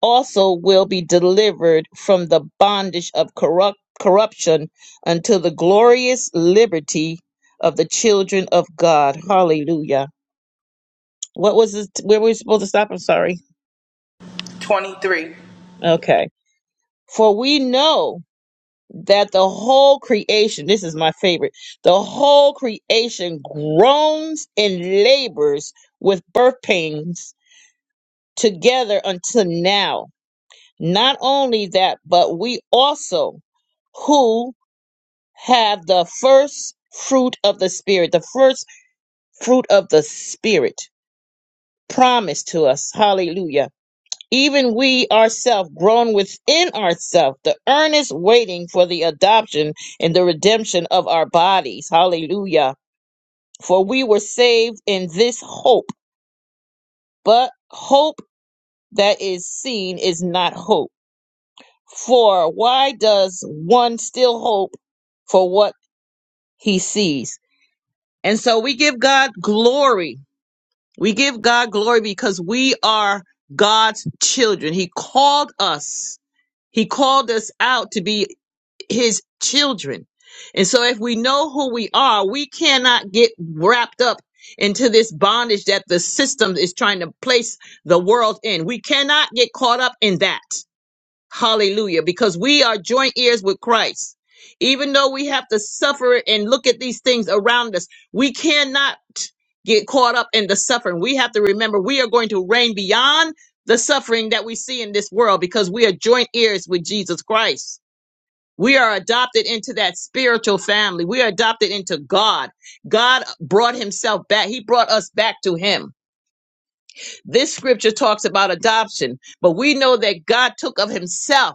Speaker 3: also will be delivered from the bondage of corrupt corruption unto the glorious liberty of the children of God. Hallelujah. What was this? Where were we supposed to stop? I'm sorry.
Speaker 5: 23.
Speaker 3: Okay. For we know that the whole creation, this is my favorite, the whole creation groans and labors with birth pains together until now. Not only that, but we also, who have the first fruit of the Spirit, the first fruit of the Spirit promised to us. Hallelujah. Even we ourselves grown within ourselves, the earnest waiting for the adoption and the redemption of our bodies. Hallelujah. For we were saved in this hope, but hope that is seen is not hope. For why does one still hope for what he sees? And so we give God glory We give God glory because we are God's children. He called us. He called us out to be his children. And so if we know who we are, we cannot get wrapped up into this bondage that the system is trying to place the world in. We cannot get caught up in that. Hallelujah. Because we are joint heirs with Christ. Even though we have to suffer and look at these things around us, we cannot get caught up in the suffering. We have to remember we are going to reign beyond the suffering that we see in this world because we are joint heirs with Jesus Christ. We are adopted into that spiritual family. We are adopted into God. God brought himself back. He brought us back to him. This scripture talks about adoption, but we know that God took of himself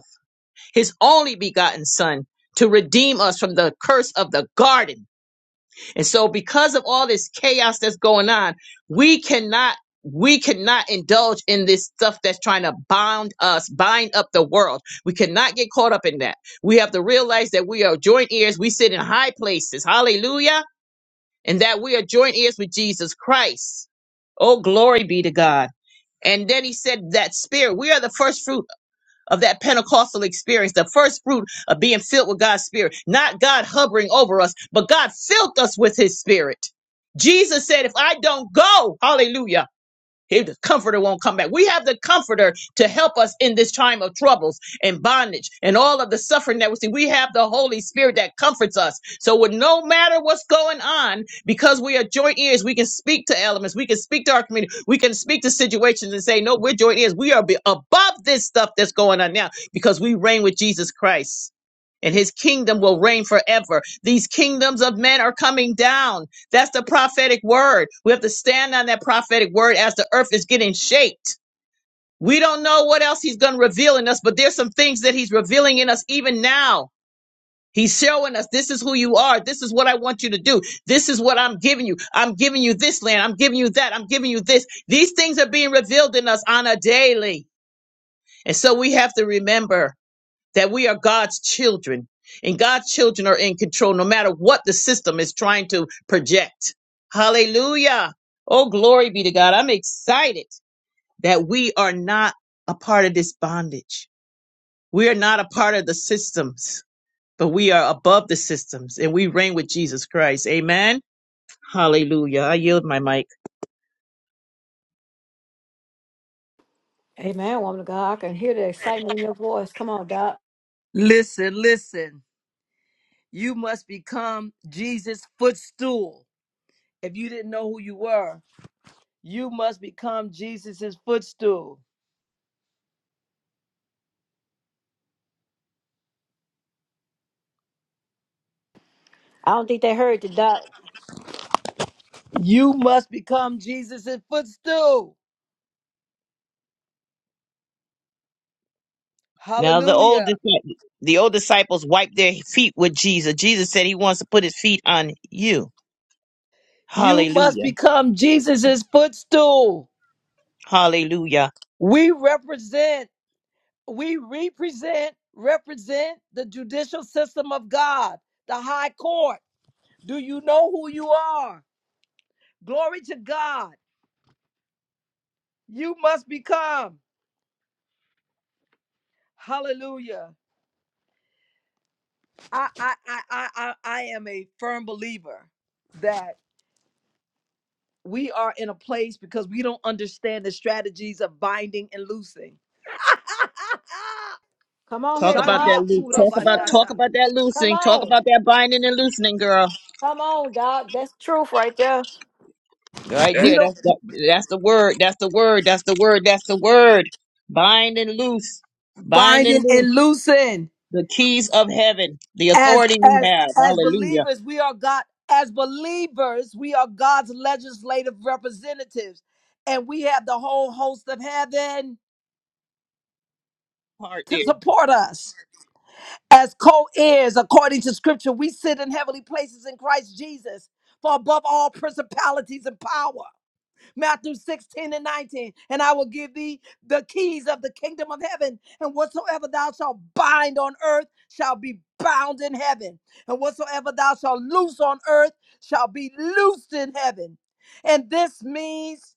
Speaker 3: his only begotten son to redeem us from the curse of the garden. And so because of all this chaos that's going on, we cannot we cannot indulge in this stuff that's trying to bound us, bind up the world. We cannot get caught up in that. We have to realize that we are joint heirs. We sit in high places. Hallelujah. And that we are joint heirs with Jesus Christ. Oh, glory be to God. And then he said that spirit, we are the first fruits of that Pentecostal experience, the first fruit of being filled with God's Spirit, not God hovering over us, but God filled us with His Spirit. Jesus said, If I don't go, hallelujah. If the comforter won't come back. We have the comforter to help us in this time of troubles and bondage and all of the suffering that we see. We have the Holy Spirit that comforts us. So with no matter what's going on, because we are joint ears, we can speak to elements, we can speak to our community, we can speak to situations and say, no, we're joint ears. We are be- above this stuff that's going on now because we reign with Jesus Christ and his kingdom will reign forever. These kingdoms of men are coming down. That's the prophetic word. We have to stand on that prophetic word as the earth is getting shaped. We don't know what else he's going to reveal in us, but there's some things that he's revealing in us even now. He's showing us this is who you are. This is what I want you to do. This is what I'm giving you. I'm giving you this land. I'm giving you that. I'm giving you this. These things are being revealed in us on a daily. And so we have to remember that we are God's children and God's children are in control no matter what the system is trying to project. Hallelujah. Oh, glory be to God. I'm excited that we are not a part of this bondage. We are not a part of the systems, but we are above the systems and we reign with Jesus Christ. Amen. Hallelujah. I yield my mic.
Speaker 1: Amen, woman of God. I can hear the excitement in your voice. Come on, Doc.
Speaker 4: Listen, listen. You must become Jesus' footstool. if you didn't know who you were. You must become Jesus' footstool.
Speaker 1: I don't think they heard you, Doc.
Speaker 4: You must become Jesus' footstool.
Speaker 3: Now the old
Speaker 4: Hallelujah.
Speaker 3: disci- the old disciples wiped their feet with Jesus. Jesus said he wants to put his feet on you.
Speaker 4: You must
Speaker 3: Hallelujah.
Speaker 4: become Jesus' footstool.
Speaker 3: Hallelujah.
Speaker 4: We represent, we represent, represent the judicial system of God, the high court. Do you know who you are? Glory to God. You must become. Hallelujah. I I I I I I am a firm believer that we are in a place because we don't understand the strategies of binding and loosing.
Speaker 1: Come on
Speaker 3: Talk
Speaker 1: here,
Speaker 3: about that
Speaker 1: Doc.
Speaker 4: Shandia
Speaker 3: loose.
Speaker 4: kura
Speaker 1: That's
Speaker 3: Talk
Speaker 1: true.
Speaker 3: about talk
Speaker 4: bashata.
Speaker 3: about that
Speaker 1: Come
Speaker 3: loosing. Talk
Speaker 1: on.
Speaker 3: about that binding and loosening, girl.
Speaker 1: Come on, Doc. That's truth right there.
Speaker 3: Right
Speaker 4: We
Speaker 3: there.
Speaker 4: don't
Speaker 3: That's the, that's the word. That's the word. That's the word. That's the word. Bind and loose. Bind and
Speaker 4: binding
Speaker 3: loose.
Speaker 4: and loosing
Speaker 3: The keys of heaven. The
Speaker 4: as
Speaker 3: authority we
Speaker 4: as
Speaker 3: have.
Speaker 4: as
Speaker 3: Hallelujah.
Speaker 4: believers. We are God as believers. We are God's legislative representatives, and we have the whole host of heaven
Speaker 3: Part
Speaker 4: to
Speaker 3: there.
Speaker 4: support us as co-heirs according to Scripture. We sit in heavenly places in Christ Jesus, for above all principalities and power. Matthew 16 and 19. And I will give thee the keys of the kingdom of heaven. And whatsoever thou shalt bind on earth shall be bound in heaven. And whatsoever thou shalt loose on earth shall be loosed in heaven. And this means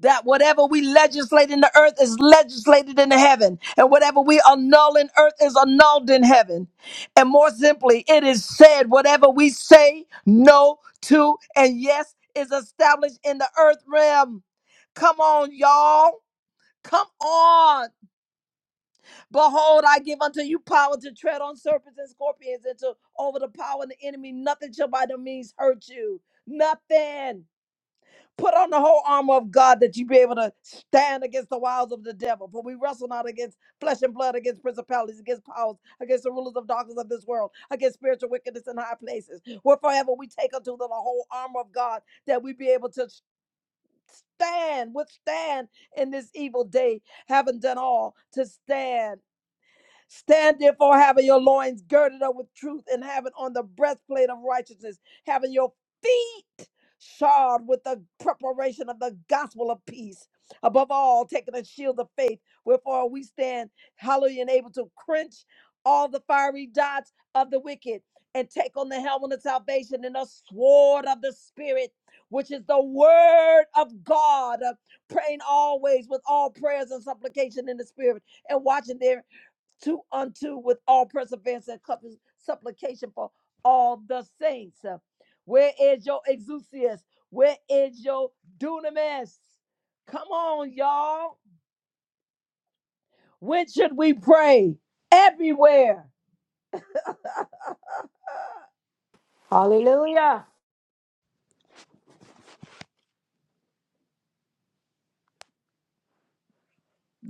Speaker 4: that whatever we legislate in the earth is legislated in the heaven, and whatever we annul in earth is annulled in heaven. And more simply, it is said, whatever we say no to and yes is established in the earth realm. Come on, y'all. Come on. Behold, I give unto you power to tread on serpents and scorpions and to over the power of the enemy. Nothing shall by no means hurt you. Nothing. Put on the whole armor of God that you be able to stand against the wiles of the devil. For we wrestle not against flesh and blood, against principalities, against powers, against the rulers of darkness of this world, against spiritual wickedness in high places. Whereforever we take unto the whole armor of God that we be able to stand, withstand in this evil day, having done all to stand. Stand therefore, having your loins girded up with truth, and having on the breastplate of righteousness, having your feet shod with the preparation of the gospel of peace. Above all, taking a shield of faith, wherefore we stand, hallelujah, and able to quench all the fiery dots of the wicked, and take on the helmet of salvation and the sword of the Spirit, which is the word of God, uh, praying always with all prayers and supplication in the Spirit and watching there to unto with all perseverance and cup- supplication for all the saints. Uh, Where is your exousias? Where is your dunamis? Come on, y'all. When should we pray? Everywhere.
Speaker 1: Hallelujah.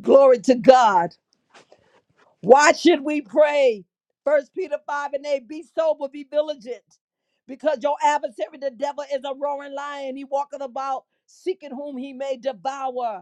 Speaker 4: Glory to God. Why should we pray? First Peter 5 and 8. Be sober, be vigilant. Because your adversary, the devil, is a roaring lion. He walketh about seeking whom he may devour.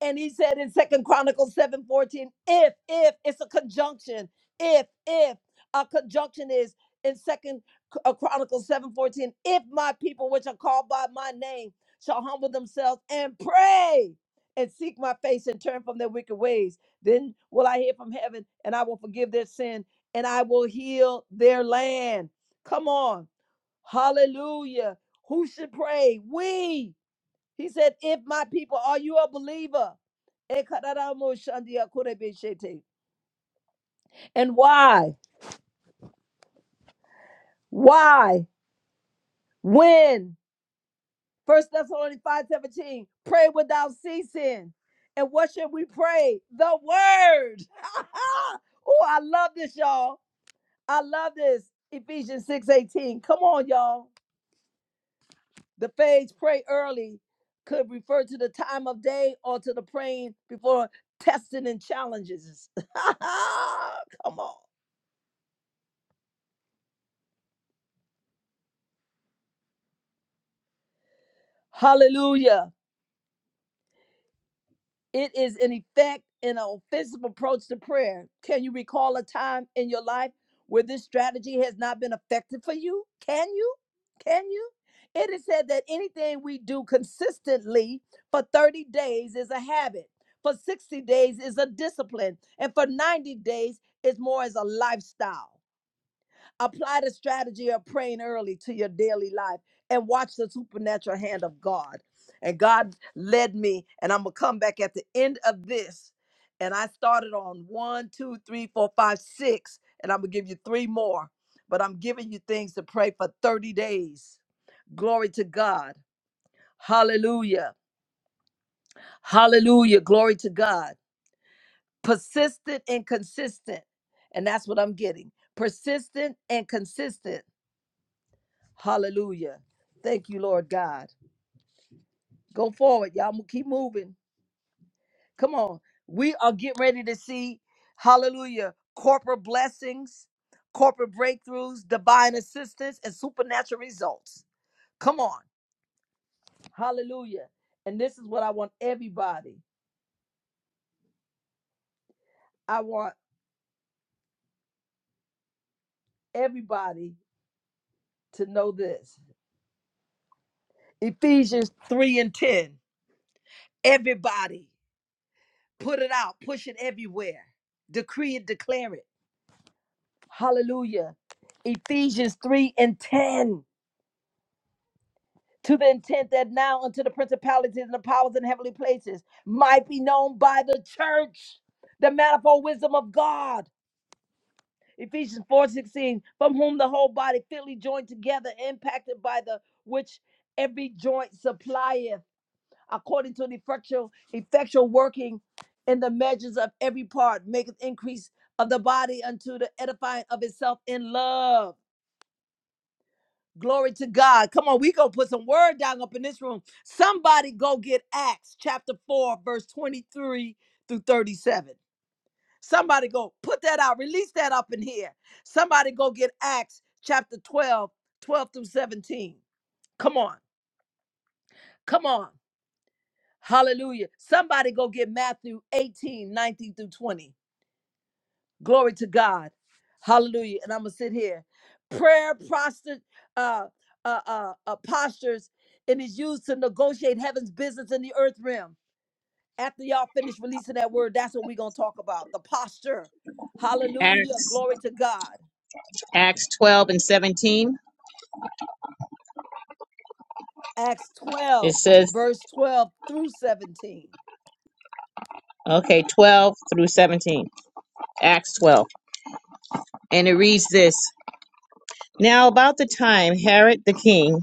Speaker 4: And he said in Second Chronicles 7 14, if, if, it's a conjunction. If, if a conjunction is in Second Chronicles 7 14, if my people which are called by my name shall humble themselves and pray and seek my face and turn from their wicked ways, then will I hear from heaven and I will forgive their sin and I will heal their land. Come on. Hallelujah. Who should pray? We. He said, If my people, are you a believer? And why? Why? When? First Thessalonians 5 17. Pray without ceasing. And what should we pray? The word. oh, I love this, y'all. I love this. Ephesians 6 18. Come on, y'all. The phrase pray early could refer to the time of day or to the praying before testing and challenges. Come on. Hallelujah. It is an effect and an offensive approach to prayer. Can you recall a time in your life where this strategy has not been effective for you? Can you? Can you? It is said that anything we do consistently for 30 days is a habit, for 60 days is a discipline, and for 90 days is more as a lifestyle. Apply the strategy of praying early to your daily life and watch the supernatural hand of God. And God led me, and I'm going to come back at the end of this. And I started on one, two, three, four, five, six, and I'm going to give you three more. But I'm giving you things to pray for 30 days. Glory to God. Hallelujah. Hallelujah. Glory to God. Persistent and consistent. And that's what I'm getting. Persistent and consistent Hallelujah. Thank you, Lord God. Go forward, y'all. Mo- Keep moving. Come on. We are getting ready to see, hallelujah, corporate blessings, corporate breakthroughs, divine assistance, and supernatural results. Come on. Hallelujah. And this is what I want everybody. I want everybody to know this. Ephesians 3 and 10. Everybody, put it out, push it everywhere, decree it, declare it. Hallelujah. Ephesians 3 and 10. To the intent that now unto the principalities and the powers in heavenly places might be known by the church, the manifold wisdom of God. Ephesians 4 16, from whom the whole body fitly joined together, impacted by the which every joint supplieth, according to the effectual, effectual working in the measures of every part, maketh increase of the body unto the edifying of itself in love. Glory to God. Come on, we gonna put some word down up in this room. Somebody go get Acts chapter 4, verse 23 through 37. Somebody go put that out, release that up in here. Somebody go get Acts chapter 12, 12 through 17. Come on, come on. Hallelujah. Somebody go get Matthew 18, 19 through 20. Glory to God. Hallelujah. And I'm gonna sit here. Prayer prostate uh, uh, uh, uh, postures and is used to negotiate heaven's business in the earth realm. After y'all finish releasing that word, that's what we're gonna talk about. The posture. Hallelujah.
Speaker 3: Acts
Speaker 4: Glory to God.
Speaker 3: Acts twelve and seventeen.
Speaker 4: Acts
Speaker 3: It
Speaker 4: 12,
Speaker 3: says
Speaker 4: verse 12 through 17.
Speaker 3: okay twelve through seventeen. Acts twelve, and it reads this. Now about the time Herod the king,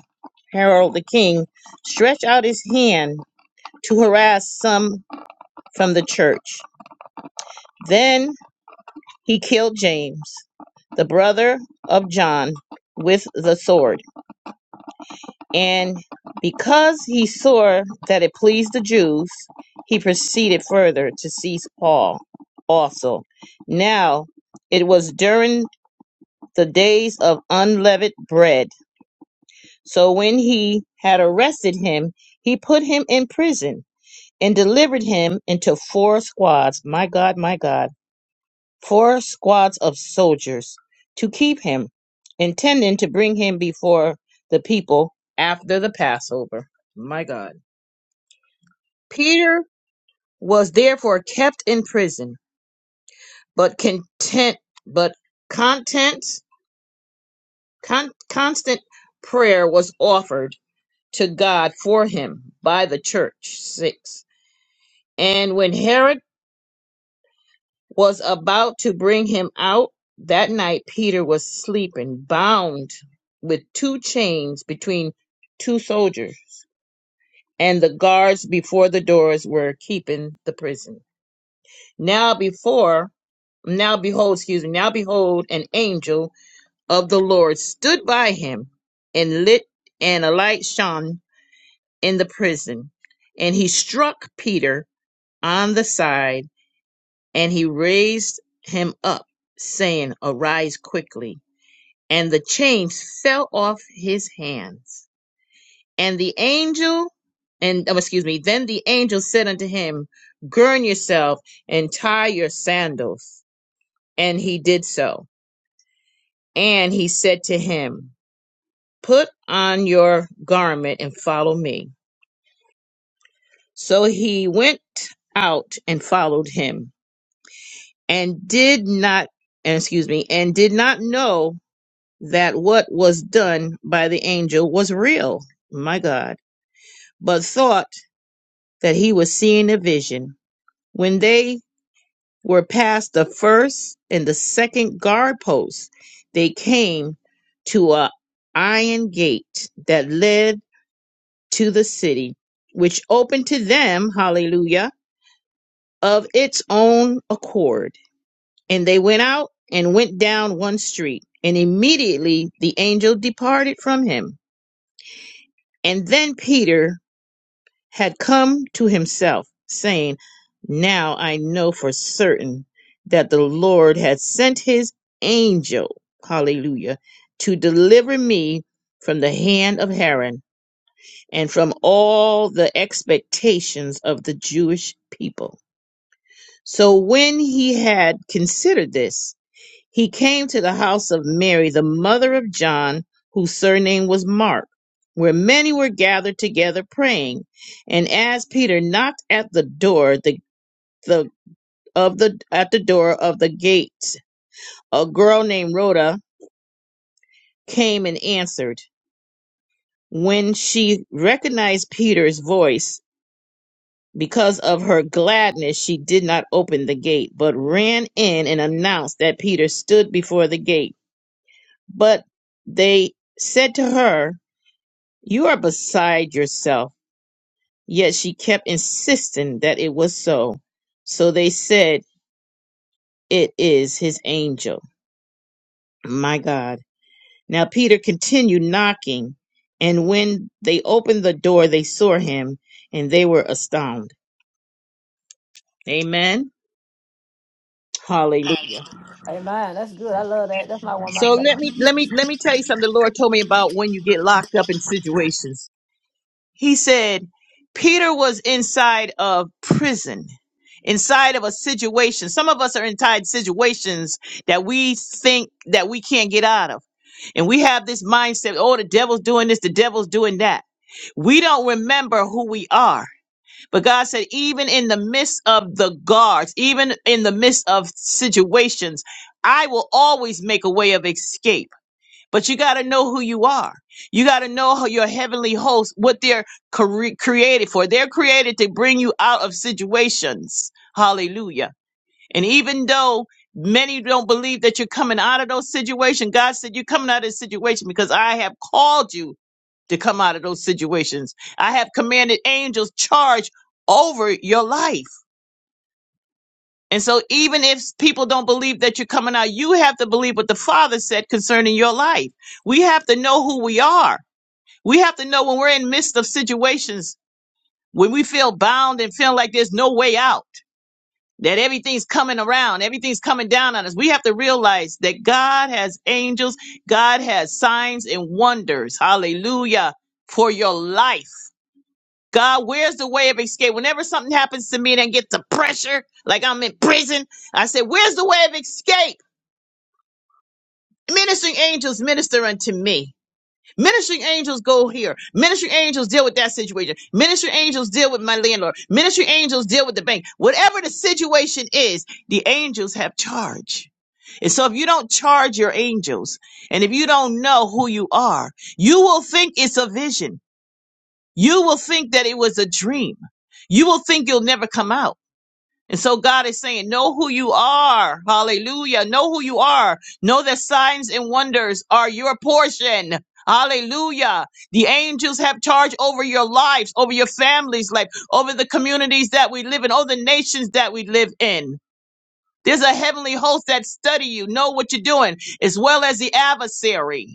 Speaker 3: Harold the king, stretched out his hand to harass some from the church. Then he killed James, the brother of John, with the sword. And because he saw that it pleased the Jews, he proceeded further to seize Paul also. Now it was during the days of unleavened bread. So when he had arrested him, he put him in prison and delivered him into four squads. My God, my God four squads of soldiers to keep him, intending to bring him before the people after the Passover. My God. Peter was therefore kept in prison, but content but content con- constant prayer was offered to God for him by the church. 6. And when Herod was about to bring him out, that night Peter was sleeping, bound with two chains between two soldiers, and the guards before the doors were keeping the prison. Now before now behold, excuse me, now behold, an angel of the Lord stood by him and lit and a light shone in the prison, and he struck Peter on the side And he raised him up, saying, Arise quickly. And the chains fell off his hands. And the angel, and oh, excuse me, then the angel said unto him, Gird yourself and tie your sandals. And he did so. And he said to him, Put on your garment and follow me. So he went out and followed him, and did not, and excuse me, and did not know that what was done by the angel was real, my God, but thought that he was seeing a vision. When they were past the first and the second guard posts, they came to a iron gate that led to the city, which opened to them, hallelujah, of its own accord. And they went out and went down one street, and immediately the angel departed from him. And then Peter had come to himself, saying, Now I know for certain that the Lord had sent his angel, hallelujah, to deliver me from the hand of Haran and from all the expectations of the Jewish people. So when he had considered this, he came to the house of Mary, the mother of John, whose surname was Mark, where many were gathered together praying. And as Peter knocked at the door, the, the of the at the door of the gates, a girl named Rhoda came and answered. When she recognized Peter's voice, because of her gladness, she did not open the gate, but ran in and announced that Peter stood before the gate. But they said to her, You are beside yourself. Yet she kept insisting that it was so. So they said, It is his angel. My God. Now Peter continued knocking, and when they opened the door, they saw him and they were astounded. Amen. Hallelujah.
Speaker 1: Amen. That's good. I love that. That's my one of my
Speaker 3: So
Speaker 1: favorites.
Speaker 3: let me let me let me tell you something the Lord told me about when you get locked up in situations. He said, Peter was inside of prison, inside of a situation. Some of us are inside situations that we think that we can't get out of. And we have this mindset, oh, the devil's doing this, the devil's doing that. We don't remember who we are. But God said, even in the midst of the guards, even in the midst of situations, I will always make a way of escape. But you got to know who you are. You got to know how your heavenly hosts, what they're cre- created for. They're created to bring you out of situations. Hallelujah. And even though many don't believe that you're coming out of those situations, God said, You're coming out of this situation because I have called you to come out of those situations. I have commanded angels charge over your life. And so, even if people don't believe that you're coming out, you have to believe what the Father said concerning your life. We have to know who we are. We have to know when we're in midst of situations when we feel bound and feel like there's no way out, that everything's coming around, everything's coming down on us. We have to realize that God has angels, God has signs and wonders. Hallelujah for your life. God, where's the way of escape? Whenever something happens to me and I get the pressure, like I'm in prison, I say, Where's the way of escape? Ministering angels minister unto me. Ministering angels go here. Ministering angels deal with that situation. Ministering angels deal with my landlord. Ministering angels deal with the bank. Whatever the situation is, the angels have charge. And so if you don't charge your angels and if you don't know who you are, you will think it's a vision. You will think that it was a dream. You will think you'll never come out. And so God is saying, know who you are. Hallelujah. Know who you are. Know that signs and wonders are your portion. Hallelujah. The angels have charge over your lives, over your family's life, over the communities that we live in, over the nations that we live in. There's a heavenly host that study you, know what you're doing, as well as the adversary.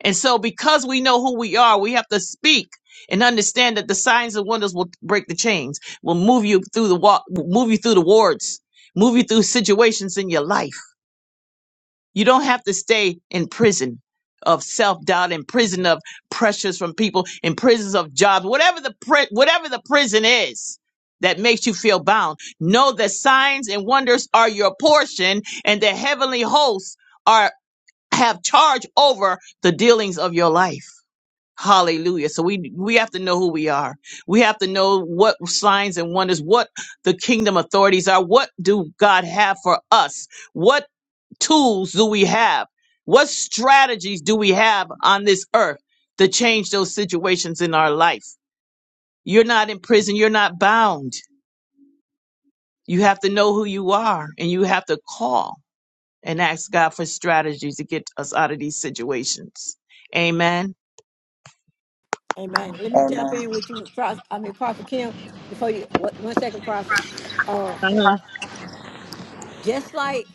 Speaker 3: And so, because we know who we are, we have to speak and understand that the signs and wonders will break the chains, will move you through the walk, move you through the wards, move you through situations in your life. You don't have to stay in prison of self doubt, in prison of pressures from people, in prisons of jobs, whatever the pri- whatever the prison is. That makes you feel bound. Know that signs and wonders are your portion, and the heavenly hosts are have charge over the dealings of your life. Hallelujah. So we we have to know who we are. We have to know what signs and wonders, what the kingdom authorities are, what do God have for us? What tools do we have? What strategies do we have on this earth to change those situations in our life? You're not in prison, you're not bound. You have to know who you are and you have to call and ask God for strategies to get us out of these situations. Amen.
Speaker 1: Amen. Let me tap
Speaker 5: Amen.
Speaker 1: in with you, Prof. I mean, Prophet Kim, before you, what, one second, Prophet. Um,
Speaker 3: Uh-huh.
Speaker 1: just like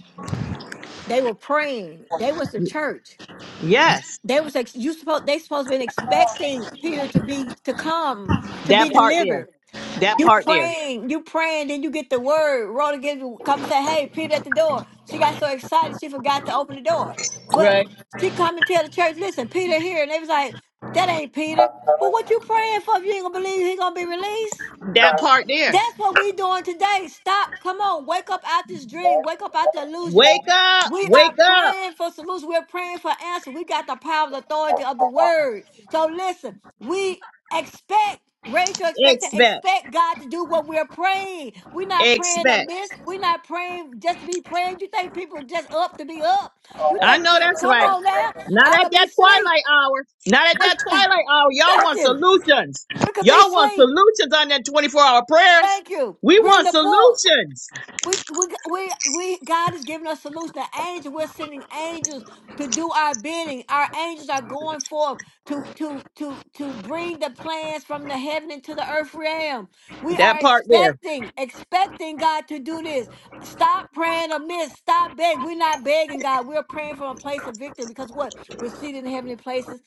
Speaker 1: they were praying they was the church
Speaker 3: Yes.
Speaker 1: they was ex- you supposed they supposed to been expecting peter to be to come to be
Speaker 3: That part there.
Speaker 1: delivered
Speaker 3: That
Speaker 1: you
Speaker 3: part there.
Speaker 1: praying you praying then you get the word rhoda gives you come say hey peter at the door she got so excited she forgot to open the door but
Speaker 3: Right.
Speaker 1: she come and tell the church listen peter here and they was like that ain't peter well what you praying for if you ain't gonna believe he gonna be released
Speaker 3: That part there.
Speaker 1: that's what we doing today. Stop. Come on. Wake up out this dream. Wake up out the illusion.
Speaker 3: Wake up.
Speaker 1: We are
Speaker 3: Wake up.
Speaker 1: praying for solutions. We're praying for answers. We got the power and authority of the word. So listen, we expect, raise your expectation,
Speaker 3: Expect.
Speaker 1: expect God to do what we're praying. We're not praying
Speaker 3: Expect.
Speaker 1: amiss. We're not praying just to be praying. You think people just up to be up? You
Speaker 3: I
Speaker 1: think,
Speaker 3: know that's
Speaker 1: come
Speaker 3: right.
Speaker 1: on now,
Speaker 3: Not
Speaker 1: I
Speaker 3: at
Speaker 1: could be
Speaker 3: that
Speaker 1: asleep.
Speaker 3: twilight hour. Not at that
Speaker 1: We-
Speaker 3: twilight hour. Y'all
Speaker 1: Thank
Speaker 3: want
Speaker 1: you.
Speaker 3: solutions.
Speaker 1: We could be
Speaker 3: Y'all want
Speaker 1: asleep.
Speaker 3: solutions on that 24 hour prayers.
Speaker 1: Thank you.
Speaker 3: We
Speaker 1: Reading
Speaker 3: want
Speaker 1: a book.
Speaker 3: solutions.
Speaker 1: We, we, we, we, God has given us solution. The angel, we're sending angels to do our bidding. Our angels are going forth to, to, to, to bring the plans from the heaven into the earth realm. We are
Speaker 3: That part there.
Speaker 1: expecting, expecting God to do this. Stop praying amiss. Stop begging. We're not begging God. We're praying from a place of victory because what? We're seated in heavenly places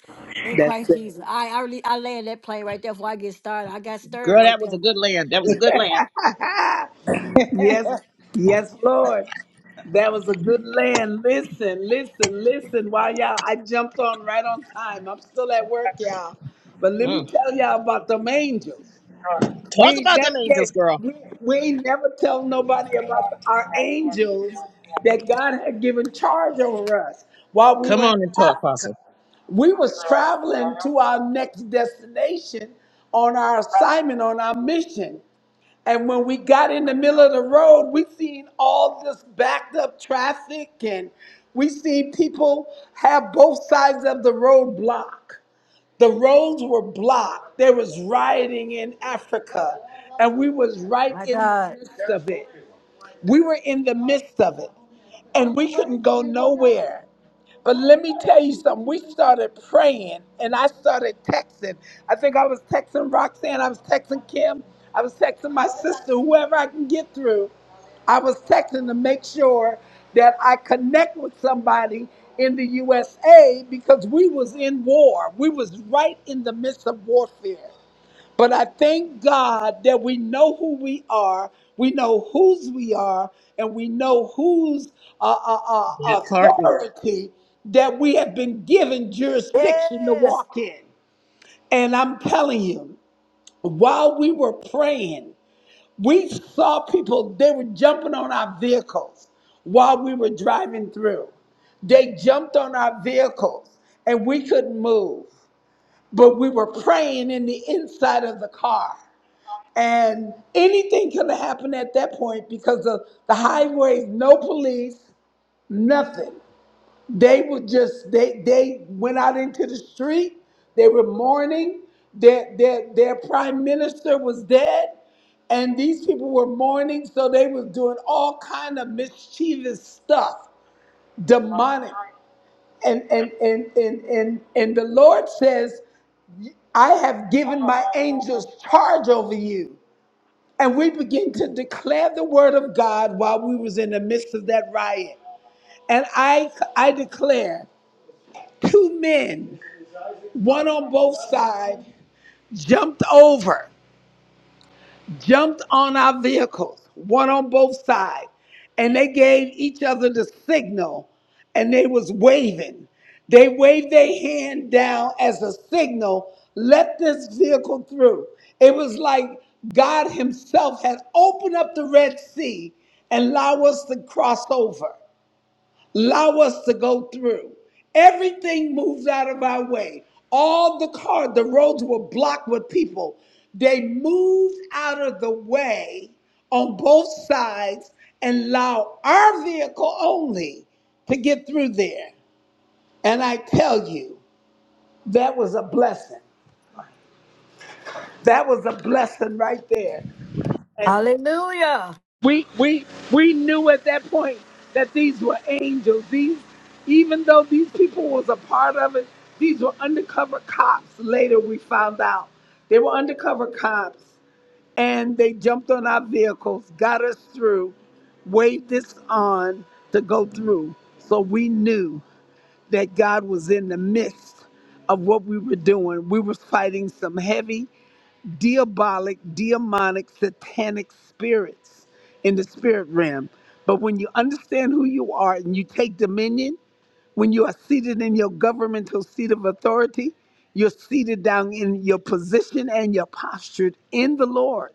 Speaker 1: in
Speaker 2: That's
Speaker 1: Christ
Speaker 2: it.
Speaker 1: Jesus. I, I really, I land that plane right there before I get started. I got stirred
Speaker 3: Girl,
Speaker 1: right
Speaker 3: that was a
Speaker 1: there.
Speaker 3: good land. That was a good land.
Speaker 2: Yes, yes, Lord. That was a good land. Listen, listen, listen. Wow, y'all, I jumped on right on time. I'm still at work, y'all. But let me
Speaker 3: Mm.
Speaker 2: tell y'all about them angels. We
Speaker 3: Talk
Speaker 2: ain't
Speaker 3: about them
Speaker 2: never
Speaker 3: angels,
Speaker 2: get,
Speaker 3: girl.
Speaker 2: we, we ain't never tell nobody about our angels that God had given charge over us while we
Speaker 3: Come
Speaker 2: were in
Speaker 3: on and talk,
Speaker 2: Africa.
Speaker 3: Apostle.
Speaker 2: We was traveling to our next destination on our assignment, on our mission. And when we got in the middle of the road, we seen all this backed up traffic and we seen people have both sides of the road blocked. The roads were blocked. There was rioting in Africa and we was right
Speaker 1: My
Speaker 2: in the
Speaker 1: God.
Speaker 2: midst of it. We were in the midst of it and we couldn't go nowhere. But let me tell you something. We started praying and I started texting. I think I was texting Roxanne, I was texting Kim, I was texting my sister, whoever I can get through. I was texting to make sure that I connect with somebody in the USA because we was in war. We was right in the midst of warfare. But I thank God that we know who we are, we know whose we are, and we know whose uh, uh,
Speaker 3: That
Speaker 2: uh,
Speaker 3: part there.
Speaker 2: authority that we have been given jurisdiction to
Speaker 1: Yes.
Speaker 2: walk in. And I'm telling you, while we were praying, we saw people, they were jumping on our vehicles while we were driving through. They jumped on our vehicles and we couldn't move, but we were praying in the inside of the car. And anything could have happened at that point because of the highways, no police, nothing. They would just they they went out into the street. They were mourning. Their their their prime minister was dead, and these people were mourning. So they was doing all kind of mischievous stuff, demonic. And and and and and and the Lord says, "I have given my angels charge over you." and we began to declare the word of God while we was in the midst of that riot. And I I declare two men, one on both sides, jumped over. jumped on our vehicles, one on both sides, and they gave each other the signal and they was waving. They waved their hand down as a signal, let this vehicle through. It was like God Himself had opened up the Red Sea and allow us to cross over allow us to go through. Everything moved out of our way. All the car, the roads were blocked with people. They moved out of the way on both sides and allow our vehicle only to get through there. And I tell you, that was a blessing. That was a blessing right there. And
Speaker 1: Hallelujah.
Speaker 2: We we we knew at that point that these were angels. These, even though these people was a part of it, these were undercover cops. Later we found out they were undercover cops, and they jumped on our vehicles, got us through, waved us on to go through. So we knew that God was in the midst of what we were doing. We were fighting some heavy diabolic, demonic, satanic spirits in the spirit realm. But when you understand who you are and you take dominion, when you are seated in your governmental seat of authority, you're seated down in your position and you're postured in the Lord.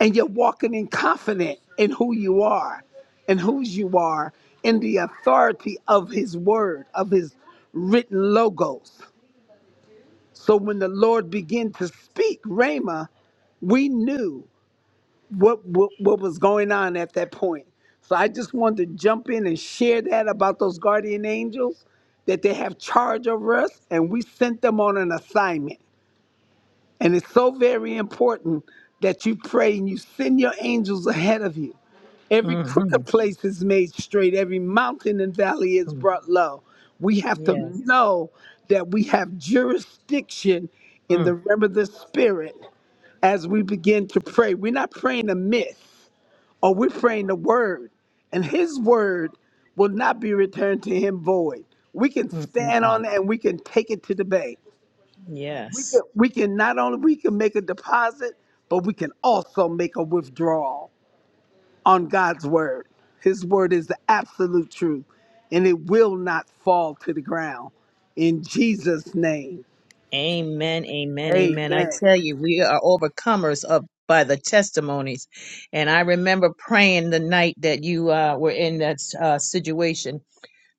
Speaker 2: And you're walking in confident in who you are and whose you are in the authority of his word, of his written logos. So when the Lord began to speak, Rhema, we knew what, what what was going on at that point. So I just wanted to jump in and share that about those guardian angels that they have charge over us, and we sent them on an assignment. And it's so very important that you pray and you send your angels ahead of you. Every
Speaker 3: Mm-hmm.
Speaker 2: crooked place is made straight, every mountain and valley is
Speaker 3: Mm.
Speaker 2: brought low. We have to
Speaker 3: Yes.
Speaker 2: know that we have jurisdiction in the
Speaker 3: Mm.
Speaker 2: realm of the spirit as we begin to pray. We're not praying a myth, or we're praying the word. And his word will not be returned to him void. We can stand
Speaker 3: Mm-mm-mm.
Speaker 2: on it and we can take it to the bank. We can
Speaker 3: Yes.
Speaker 2: we can not only we can make a deposit, but we can also make a withdrawal on God's word. His word is the absolute truth, and it will not fall to the ground. In Jesus' name,
Speaker 3: Amen. Amen. Amen. I
Speaker 2: Amen.
Speaker 3: tell you, we are overcomers of by the testimonies. And I remember praying the night that you uh, were in that uh, situation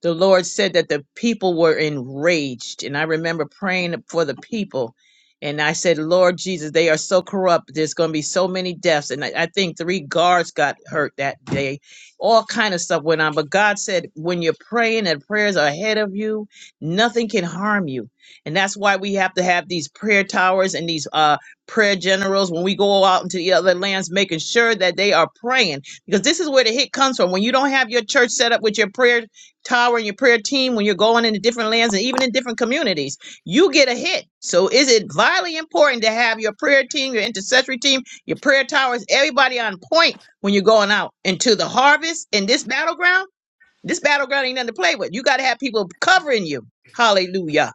Speaker 3: the Lord said that the people were enraged. And I remember praying for the people. And I said, Lord Jesus, they are so corrupt. There's going to be so many deaths. And I, I think three guards got hurt that day. All kind of stuff went on. But God said, when you're praying and prayers are ahead of you, nothing can harm you. And that's why we have to have these prayer towers and these uh, prayer generals when we go out into the other lands, making sure that they are praying. Because this is where the hit comes from. When you don't have your church set up with your prayer tower and your prayer team when you're going into different lands and even in different communities you get a hit so is it vitally important to have your prayer team your intercessory team your prayer towers everybody on point when you're going out into the harvest in this battleground this battleground ain't nothing to play with you got to have people covering you hallelujah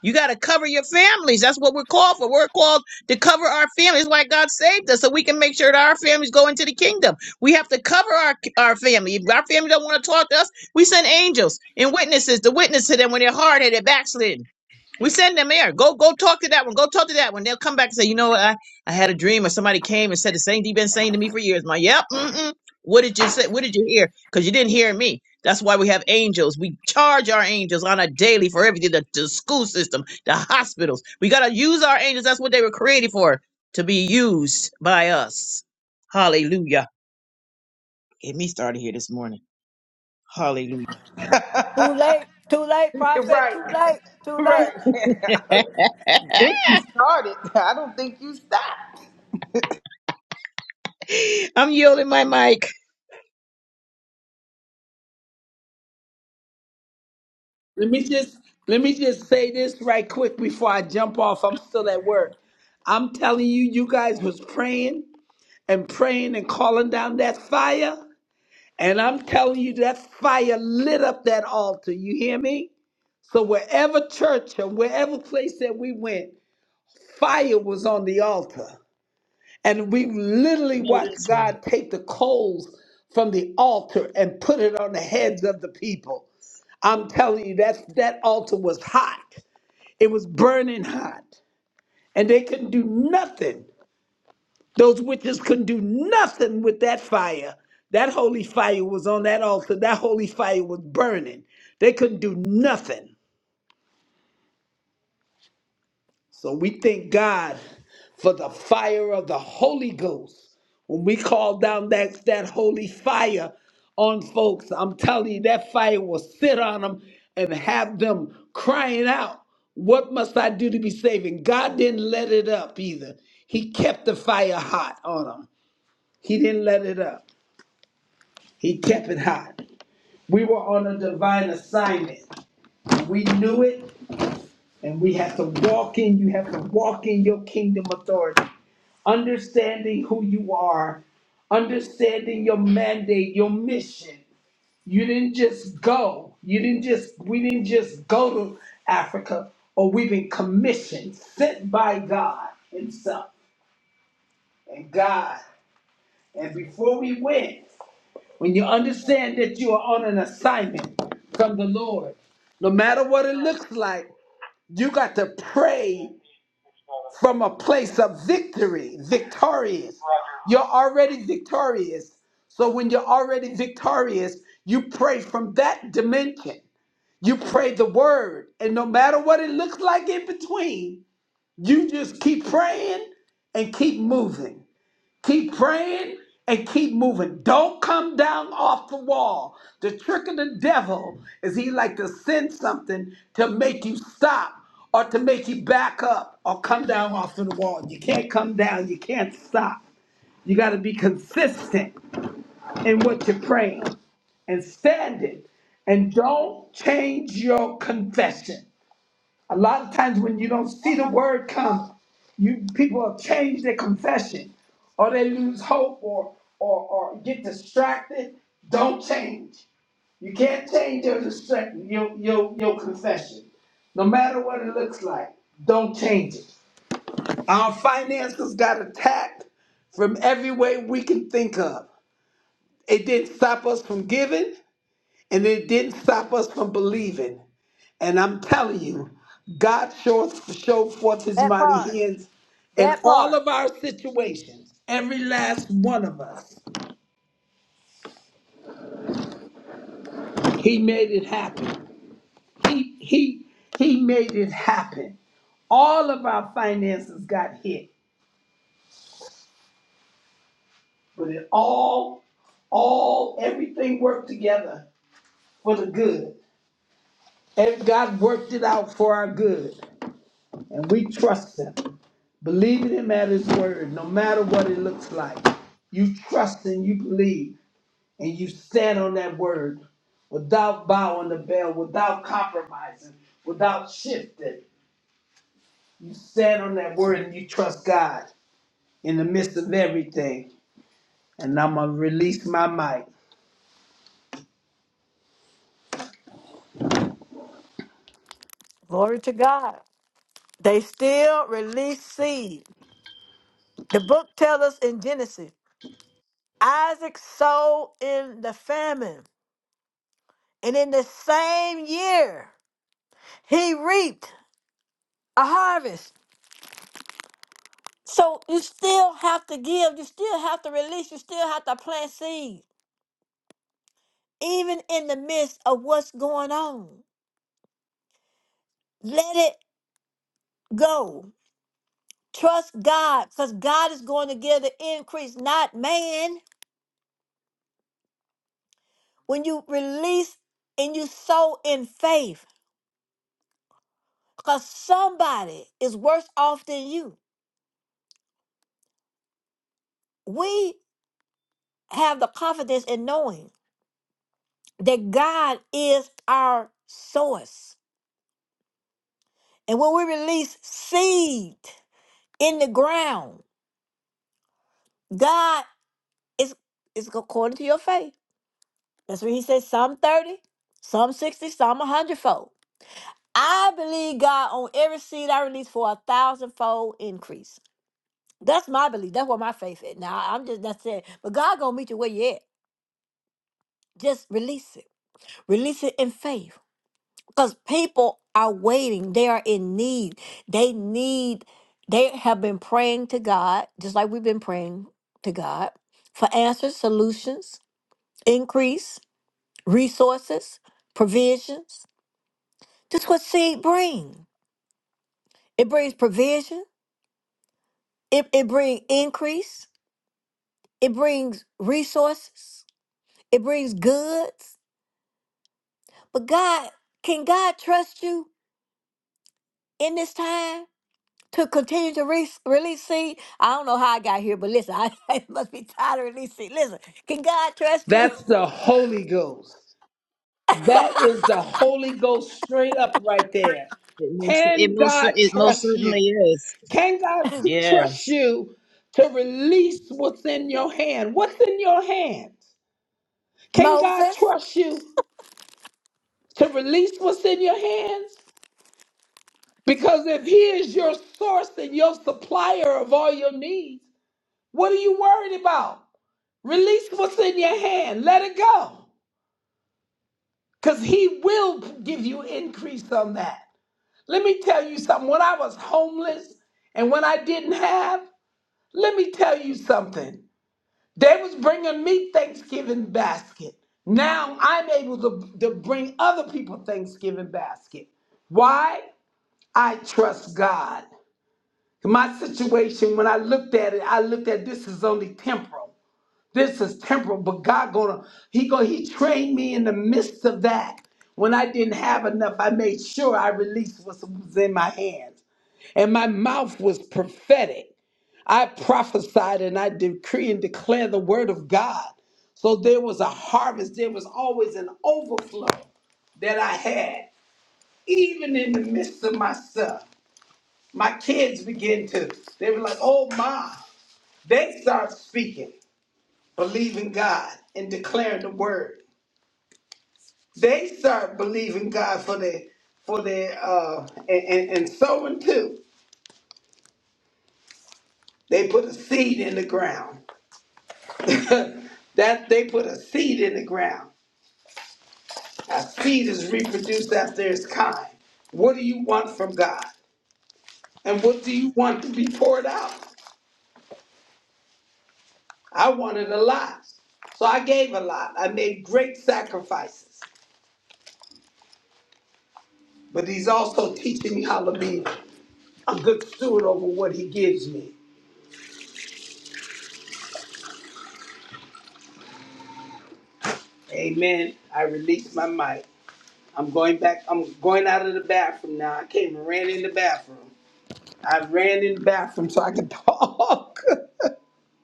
Speaker 3: you got to cover your families. That's what we're called for. We're called to cover our families like God saved us so we can make sure that our families go into the kingdom. We have to cover our, our family. If our family don't want to talk to us, we send angels and witnesses to witness to them when they're hard-headed, backslidden. We send them there. Go go talk to that one. Go talk to that one. They'll come back and say, you know what? I, I had a dream or somebody came and said the same thing you've been saying to me for years. My yep, mm-mm. What did you say? What did you hear? Because you didn't hear me. That's why we have angels. We charge our angels on a daily for everything. The, the school system, the hospitals. We gotta use our angels. That's what they were created for. To be used by us. Hallelujah. Get me started here this morning. Hallelujah.
Speaker 1: Too late, too late, prophet,
Speaker 5: right.
Speaker 1: too late, too late.
Speaker 5: Right. Get you started. I don't think you stopped.
Speaker 3: I'm yielding my mic.
Speaker 2: Let me just let me just say this right quick before I jump off. I'm still at work. I'm telling you, you guys was praying and praying and calling down that fire, and I'm telling you that fire lit up that altar. You hear me? So wherever church or wherever place that we went, fire was on the altar. And we literally
Speaker 3: No,
Speaker 2: watched
Speaker 3: that's right.
Speaker 2: God take the coals from the altar and put it on the heads of the people. I'm telling you, that, that altar was hot. It was burning hot. And they couldn't do nothing. Those witches couldn't do nothing with that fire. That holy fire was on that altar. That holy fire was burning. They couldn't do nothing. So we thank God for the fire of the Holy Ghost. When we call down that, that holy fire on folks, I'm telling you, that fire will sit on them and have them crying out, What must I do to be saved? And God didn't let it up either. He kept the fire hot on them. He didn't let it up, He kept it hot. We were on a divine assignment. We knew it, and we have to walk in, you have to walk in your kingdom authority understanding who you are, understanding your mandate, your mission. You didn't just go. You didn't just, we didn't just go to Africa, or we've been commissioned, sent by God Himself and God. And before we went, when you understand that you are on an assignment from the Lord, no matter what it looks like, you got to pray from a place of victory, victorious. You're already victorious. So when you're already victorious, you pray from that dimension. You pray the word. And no matter what it looks like in between, you just keep praying and keep moving. Keep praying and keep moving. Don't come down off the wall. The trick of the devil is he like to send something to make you stop or to make you back up or come down off of the wall. You can't come down. You can't stop. You got to be consistent in what you're praying and standing. And don't change your confession. A lot of times when you don't see the word come, you people have changed their confession, or they lose hope, or or or get distracted. Don't change. You can't change your distract- your your your confession, no matter what it looks like. Don't change it. Our finances got attacked from every way we can think of. It didn't stop us from giving. And it didn't stop us from believing. And I'm telling you, God shows showed forth his
Speaker 1: That
Speaker 2: mighty
Speaker 1: part,
Speaker 2: hands in
Speaker 1: that
Speaker 2: all
Speaker 1: part.
Speaker 2: of our situations, every last one of us. He made it happen. He he he made it happen. All of our finances got hit, but it all, all, everything worked together for the good. And God worked it out for our good. and we trust him, believing him at his word, no matter what it looks like. You trust and you believe, and you stand on that word without bowing the bell, without compromising, without shifting. You stand on that word and you trust God in the midst of everything. And I'm going to release my mic.
Speaker 1: Glory to God. They still release seed. The book tells us in Genesis Isaac sowed in the famine, and in the same year, he reaped a harvest. So you still have to give, you still have to release, you still have to plant seed, even in the midst of what's going on. Let it go. Trust God because God is going to give the increase, not man. When you release and you sow in faith, because somebody is worse off than you. We have the confidence in knowing that God is our source. And when we release seed in the ground, God is, is according to your faith. That's what he says, some 30, some 60, some a hundredfold. I believe God on every seed I release for a thousandfold increase. That's my belief. That's what my faith is. Now I'm just that's it. But God gonna meet you where you at. Just release it. Release it in faith. Because people are waiting. They are in need. They need, they have been praying to God, just like we've been praying to God for answers, solutions, increase, resources, provisions. That's what seed bring. It brings provision. It, it brings increase it brings resources, it brings goods. But God, can God trust you in this time to continue to re- release seed? I don't know how I got here, but listen, I, must be tired of releasing. seed. Listen, can God trust you?
Speaker 2: That's the Holy Ghost. That is the Holy Ghost straight up right there.
Speaker 3: It most, it
Speaker 2: Can
Speaker 3: most, cer-
Speaker 2: God
Speaker 3: it most
Speaker 2: trust you?
Speaker 3: certainly is.
Speaker 2: Can God trust
Speaker 3: Yes.
Speaker 2: you to release what's in your hand? What's in your hands? Can God
Speaker 1: Moses,
Speaker 2: trust you to release what's in your hands? Because if He is your source and your supplier of all your needs, what are you worried about? Release what's in your hand, let it go, because He will give you increase on that. Let me tell you something. When I was homeless and when I didn't have, let me tell you something. They was bringing me Thanksgiving basket. Now I'm able to, to bring other people Thanksgiving basket. Why? I trust God. My situation, when I looked at it, I looked at this is only temporal. This is temporal, but God gonna He go He trained me in the midst of that. When I didn't have enough, I made sure I released what was in my hands, and my mouth was prophetic. I prophesied and I decree and declare the word of God. So there was a harvest, there was always an overflow that I had, even in the midst of myself. My kids began to, they were like, oh Mom!" They start speaking, believing God and declaring the word. They start believing God for their for their uh and, and, and sowing too. They put a seed in the ground. that they put a seed in the ground. A seed is reproduced after its kind. What do you want from God? And what do you want to be poured out? I wanted a lot. So I gave a lot. I made great sacrifices. But he's also teaching me how to be a good steward over what he gives me. Amen. I release my mic. I'm going back. I'm going out of the bathroom now. I came and ran in the bathroom. I ran in the bathroom so I could talk.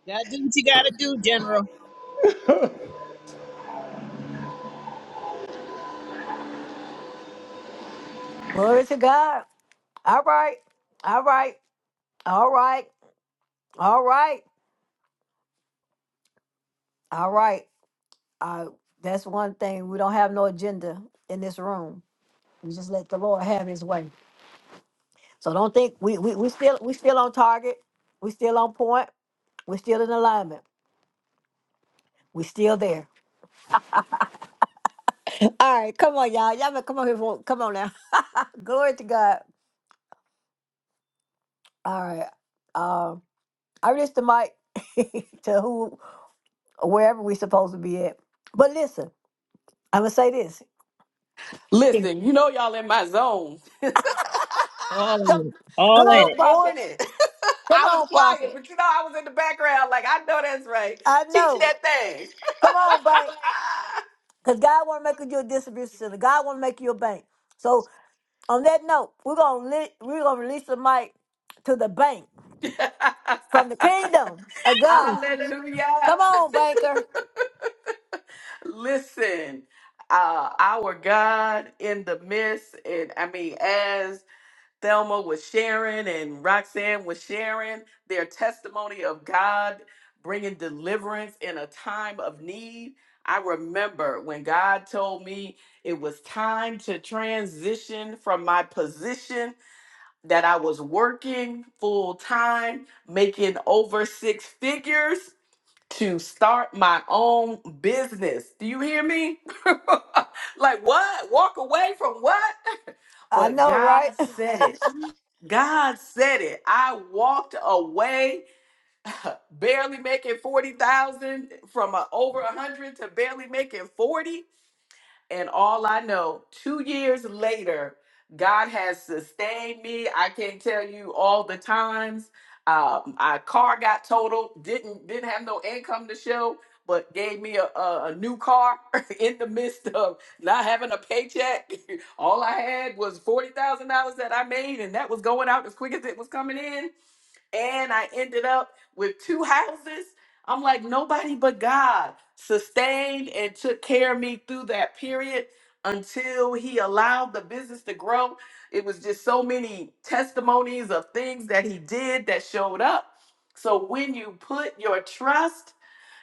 Speaker 3: Gotta do what you gotta do, General.
Speaker 1: glory to God. All right, all right, all right, all right, all right. Uh, that's one thing. We don't have no agenda in this room. We just let the Lord have his way. So don't think we we we still we still on target. We still on point. We still in alignment. We still there. All right, come on, y'all. Y'all better come on here. For, come on now. Glory to God. All right. Um, I release the mic to who wherever we supposed to be at. But listen, I'm gonna say this.
Speaker 6: Listen, you know y'all in my zone.
Speaker 3: All
Speaker 1: Come,
Speaker 3: in it.
Speaker 1: come
Speaker 3: All in
Speaker 1: on,
Speaker 3: it.
Speaker 6: Good
Speaker 1: prophet.
Speaker 6: morning.
Speaker 1: Come
Speaker 6: I was
Speaker 1: on,
Speaker 6: quiet,
Speaker 1: prophet.
Speaker 6: but you know I was in the background. Like I know that's right.
Speaker 1: I
Speaker 6: Teach
Speaker 1: know.
Speaker 6: that thing.
Speaker 1: Come on, bank. Because God want to make you a distribution center. God want to make you a bank. So On that note, we're gonna li- we're gonna release the mic to the bank from the kingdom of God.
Speaker 6: Hallelujah.
Speaker 1: Come on, banker.
Speaker 6: Listen, uh, our God in the midst, and I mean, as Thelma was sharing and Roxanne was sharing their testimony of God bringing deliverance in a time of need. I remember when God told me it was time to transition from my position that I was working full time, making over six figures, to start my own business. Do you hear me? like, what? Walk away from what?
Speaker 1: I
Speaker 6: But
Speaker 1: know, right?
Speaker 6: God said it. God said it. I walked away, barely making 40,000 from a, over 100 to barely making 40. And all I know, two years later, God has sustained me. I can't tell you all the times. Um, my car got totaled. Didn't didn't have no income to show, but gave me a, a, a new car in the midst of not having a paycheck. all I had was forty thousand dollars that I made, and that was going out as quick as it was coming in and I ended up with two houses. I'm like, nobody but God sustained and took care of me through that period until He allowed the business to grow. It was just so many testimonies of things that He did that showed up. So when you put your trust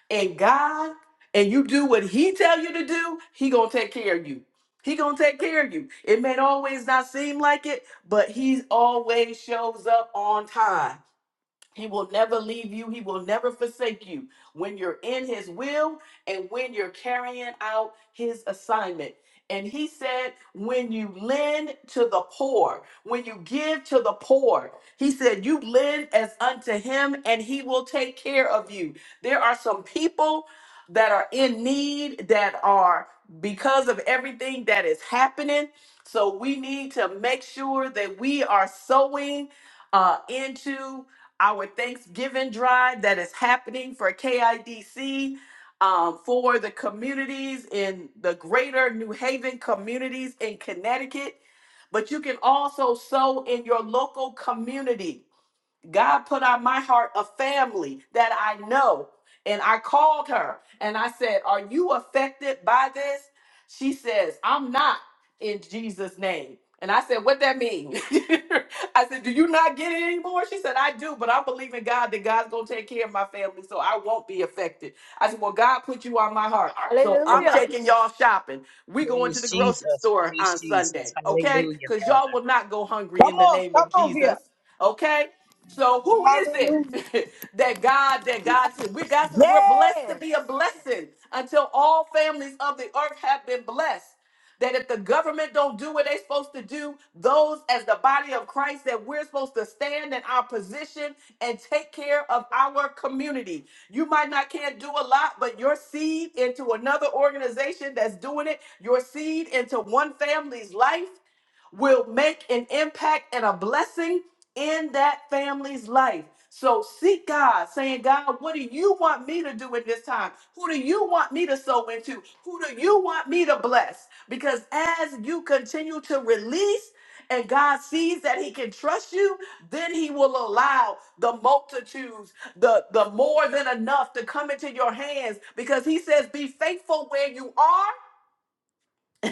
Speaker 6: in God and you do what He tell you to do, He gonna take care of you. He gonna take care of you. It may always not seem like it, but He always shows up on time. He will never leave you. He will never forsake you when you're in His will and when you're carrying out His assignment. And He said, when you lend to the poor, when you give to the poor, He said, you lend as unto Him and He will take care of you. There are some people that are in need that are because of everything that is happening. So we need to make sure that we are sowing uh, into our Thanksgiving drive that is happening for KIDC, um, for the communities in the greater New Haven communities in Connecticut. But you can also sow in your local community. God put on my heart a family that I know. And I called her and I said, Are you affected by this? She says, I'm not in Jesus' name. And I said, What that mean? I said, Do you not get it anymore? She said, I do, but I believe in God that God's gonna take care of my family, so I won't be affected. I said, Well, God put you on my heart. So I'm
Speaker 1: Hallelujah.
Speaker 6: taking y'all shopping. We going to
Speaker 3: Praise
Speaker 6: the grocery
Speaker 3: Jesus.
Speaker 6: store
Speaker 3: Praise
Speaker 6: on
Speaker 3: Jesus.
Speaker 6: Sunday, okay?
Speaker 3: Hallelujah,
Speaker 6: Because y'all
Speaker 3: Father.
Speaker 6: will not go hungry
Speaker 5: Come
Speaker 6: in the
Speaker 5: on,
Speaker 6: name
Speaker 5: come
Speaker 6: of
Speaker 5: on here.
Speaker 6: Jesus. Okay? So who is it
Speaker 5: Hallelujah.
Speaker 6: that God that God said we God says we're blessed to
Speaker 1: Yes.
Speaker 6: be a blessing until all families of the earth have been blessed. That if the government don't do what they're supposed to do, those as the body of Christ, that we're supposed to stand in our position and take care of our community. You might not can't do a lot, but your seed into another organization that's doing it, your seed into one family's life, will make an impact and a blessing in that family's life. So seek God, saying, God, what do you want me to do in this time? Who do you want me to sow into? Who do you want me to bless? Because as you continue to release and God sees that he can trust you, then he will allow the multitudes, the, the more than enough to come into your hands because he says, be faithful where you are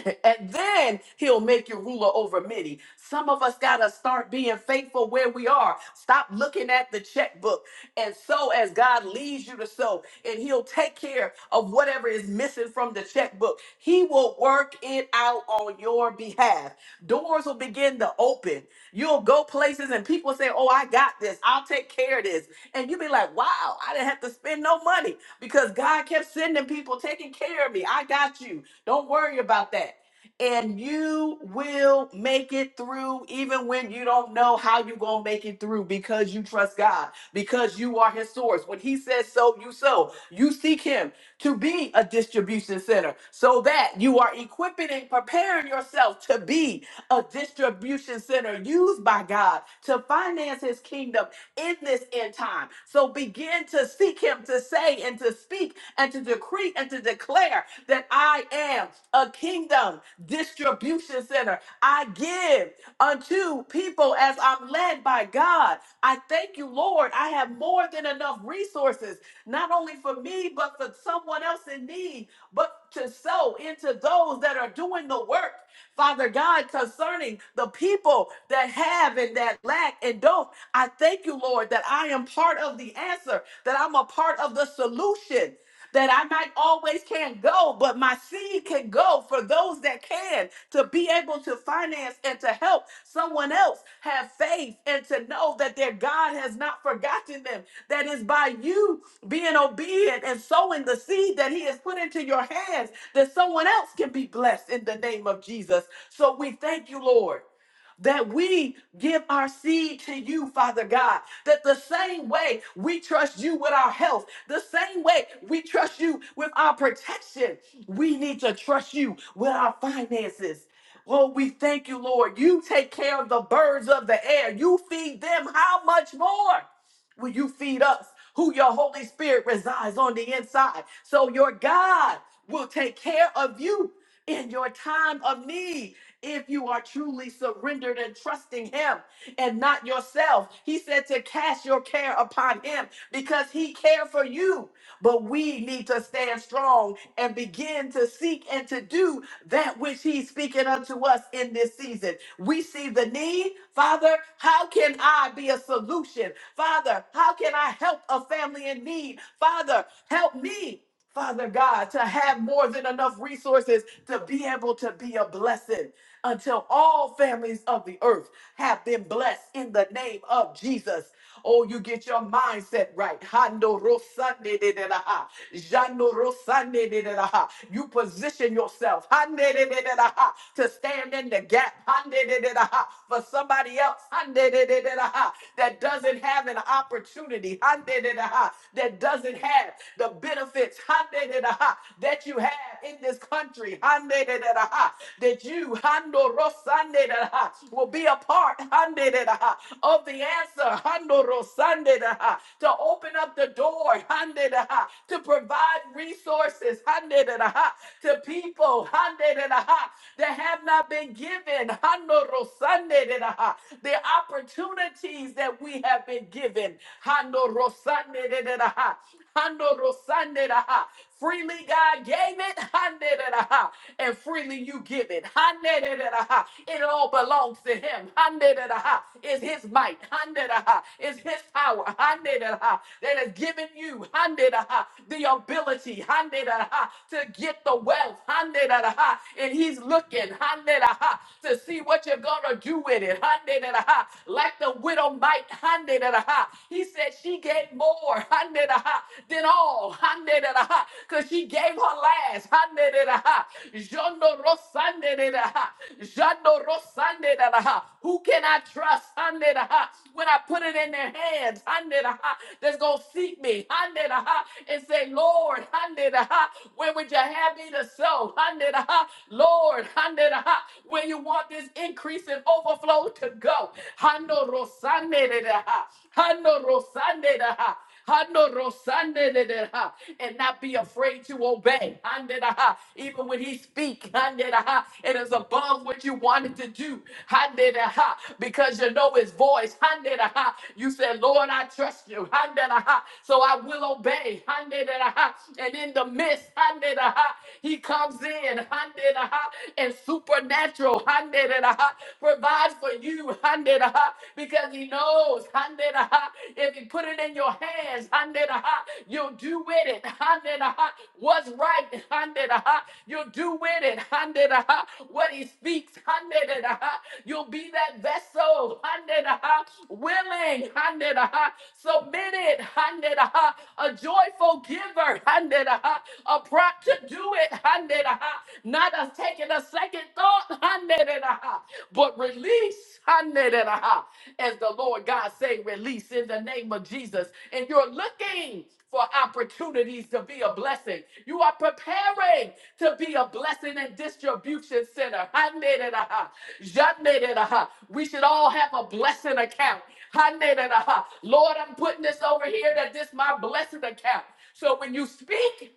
Speaker 6: and then he'll make you ruler over many. Some of us got to start being faithful where we are. Stop looking at the checkbook and sow as God leads you to sow, and he'll take care of whatever is missing from the checkbook. He will work it out on your behalf. Doors will begin to open. You'll go places and people say, Oh, I got this. I'll take care of this. And you'll be like, Wow, I didn't have to spend no money because God kept sending people taking care of me. I got you. Don't worry about that. And you will make it through even when you don't know how you're going to make it through because you trust God, because you are His source. When He says so, you sow. You seek Him to be a distribution center so that you are equipping and preparing yourself to be a distribution center used by God to finance His kingdom in this end time. So begin to seek him to say and to speak and to decree and to declare that I am a kingdom distribution center. I give unto people as I'm led by God. I thank you, Lord. I have more than enough resources, not only for me, but for someone else in need, but to sow into those that are doing the work. Father God, concerning the people that have and that lack and don't, I thank you, Lord, that I am part of the answer, that I'm a part of the solution that I might always can't go, but my seed can go for those that can to be able to finance and to help someone else have faith and to know that their God has not forgotten them. That is by you being obedient and sowing the seed that He has put into your hands, that someone else can be blessed in the name of Jesus. So we thank you, Lord that we give our seed to you, Father God. That the same way we trust you with our health, the same way we trust you with our protection, we need to trust you with our finances. Oh, we thank you, Lord. You take care of the birds of the air. You feed them how much more? Will you feed us who your Holy Spirit resides on the inside? So your God will take care of you in your time of need if you are truly surrendered and trusting Him and not yourself. He said to cast your care upon Him because He cared for you. But we need to stand strong and begin to seek and to do that which He's speaking unto us in this season. We see the need, Father. How can I be a solution. Father, how can I help a family in need? Father, help me. Father God, to have more than enough resources to be able to be a blessing until all families of the earth have been blessed in the name of Jesus. Oh, you get your mindset right. Hando rosande de de da ha. Jando rosande de de da ha. You position yourself hande de de de da ha, to stand in the gap hande de de da ha, for somebody else hande de de de da ha, that doesn't have an opportunity hande de da ha, that doesn't have the benefits hande de da ha, that you have in this country hande de de da ha, that you hando rosande de da ha, will be a part handedada, of the answer handoro, to open up the door handedada, to provide resources handedada, to people handedada, that have not been given handoro, the opportunities that we have been given handoro, Hando rosande da Freely God gave it, hande da da and freely you give it. Hande da da It all belongs to Him. Hande da da It's His might. Hande da ha. It's His power. Hande da da That has given you hande da ha, the ability hande da da to get the wealth. Hande da da And He's looking hande da ha, to see what you're going to do with it. Hande da da Like the widow might hande da da he said she gave more than all because she gave her last. Jondo rosandadaha. Jondo rosandadaha. Who can I trust when I put it in their hands that's going to seek me and say, Lord, where would you have me to sow? Lord, where you want this increase and overflow to go. Hano rosande da ha. Hano rosande de de ha. And not be afraid to obey. Hande da ha. Even when he speak, hande da ha. It is above what you wanted to do. Hande da ha. Because you know his voice. Hande da ha. You said, Lord, I trust you. Hande da ha. So I will obey. Hande da ha. And in the midst, hande da ha. He comes in. Hande da ha. And supernatural. Hande da ha. Provides God for you, uh, because He knows, uh, if He put it in your hands, uh, you'll do with it, uh, what's right, uh, you'll do with it, uh, what He speaks, uh, you'll be that vessel, uh, willing, uh, submitted, uh, a joyful giver, uh, a prop to do it, uh, not a taking a second thought. Haneraha. But release, Haneraha. as the Lord God say, release in the name of Jesus. And you're looking for opportunities to be a blessing. You are preparing to be a blessing and distribution center. Haneraha. Janeraha. We should all have a blessing account. Haneraha. Lord, I'm putting this over here that this my blessing account. So when you speak,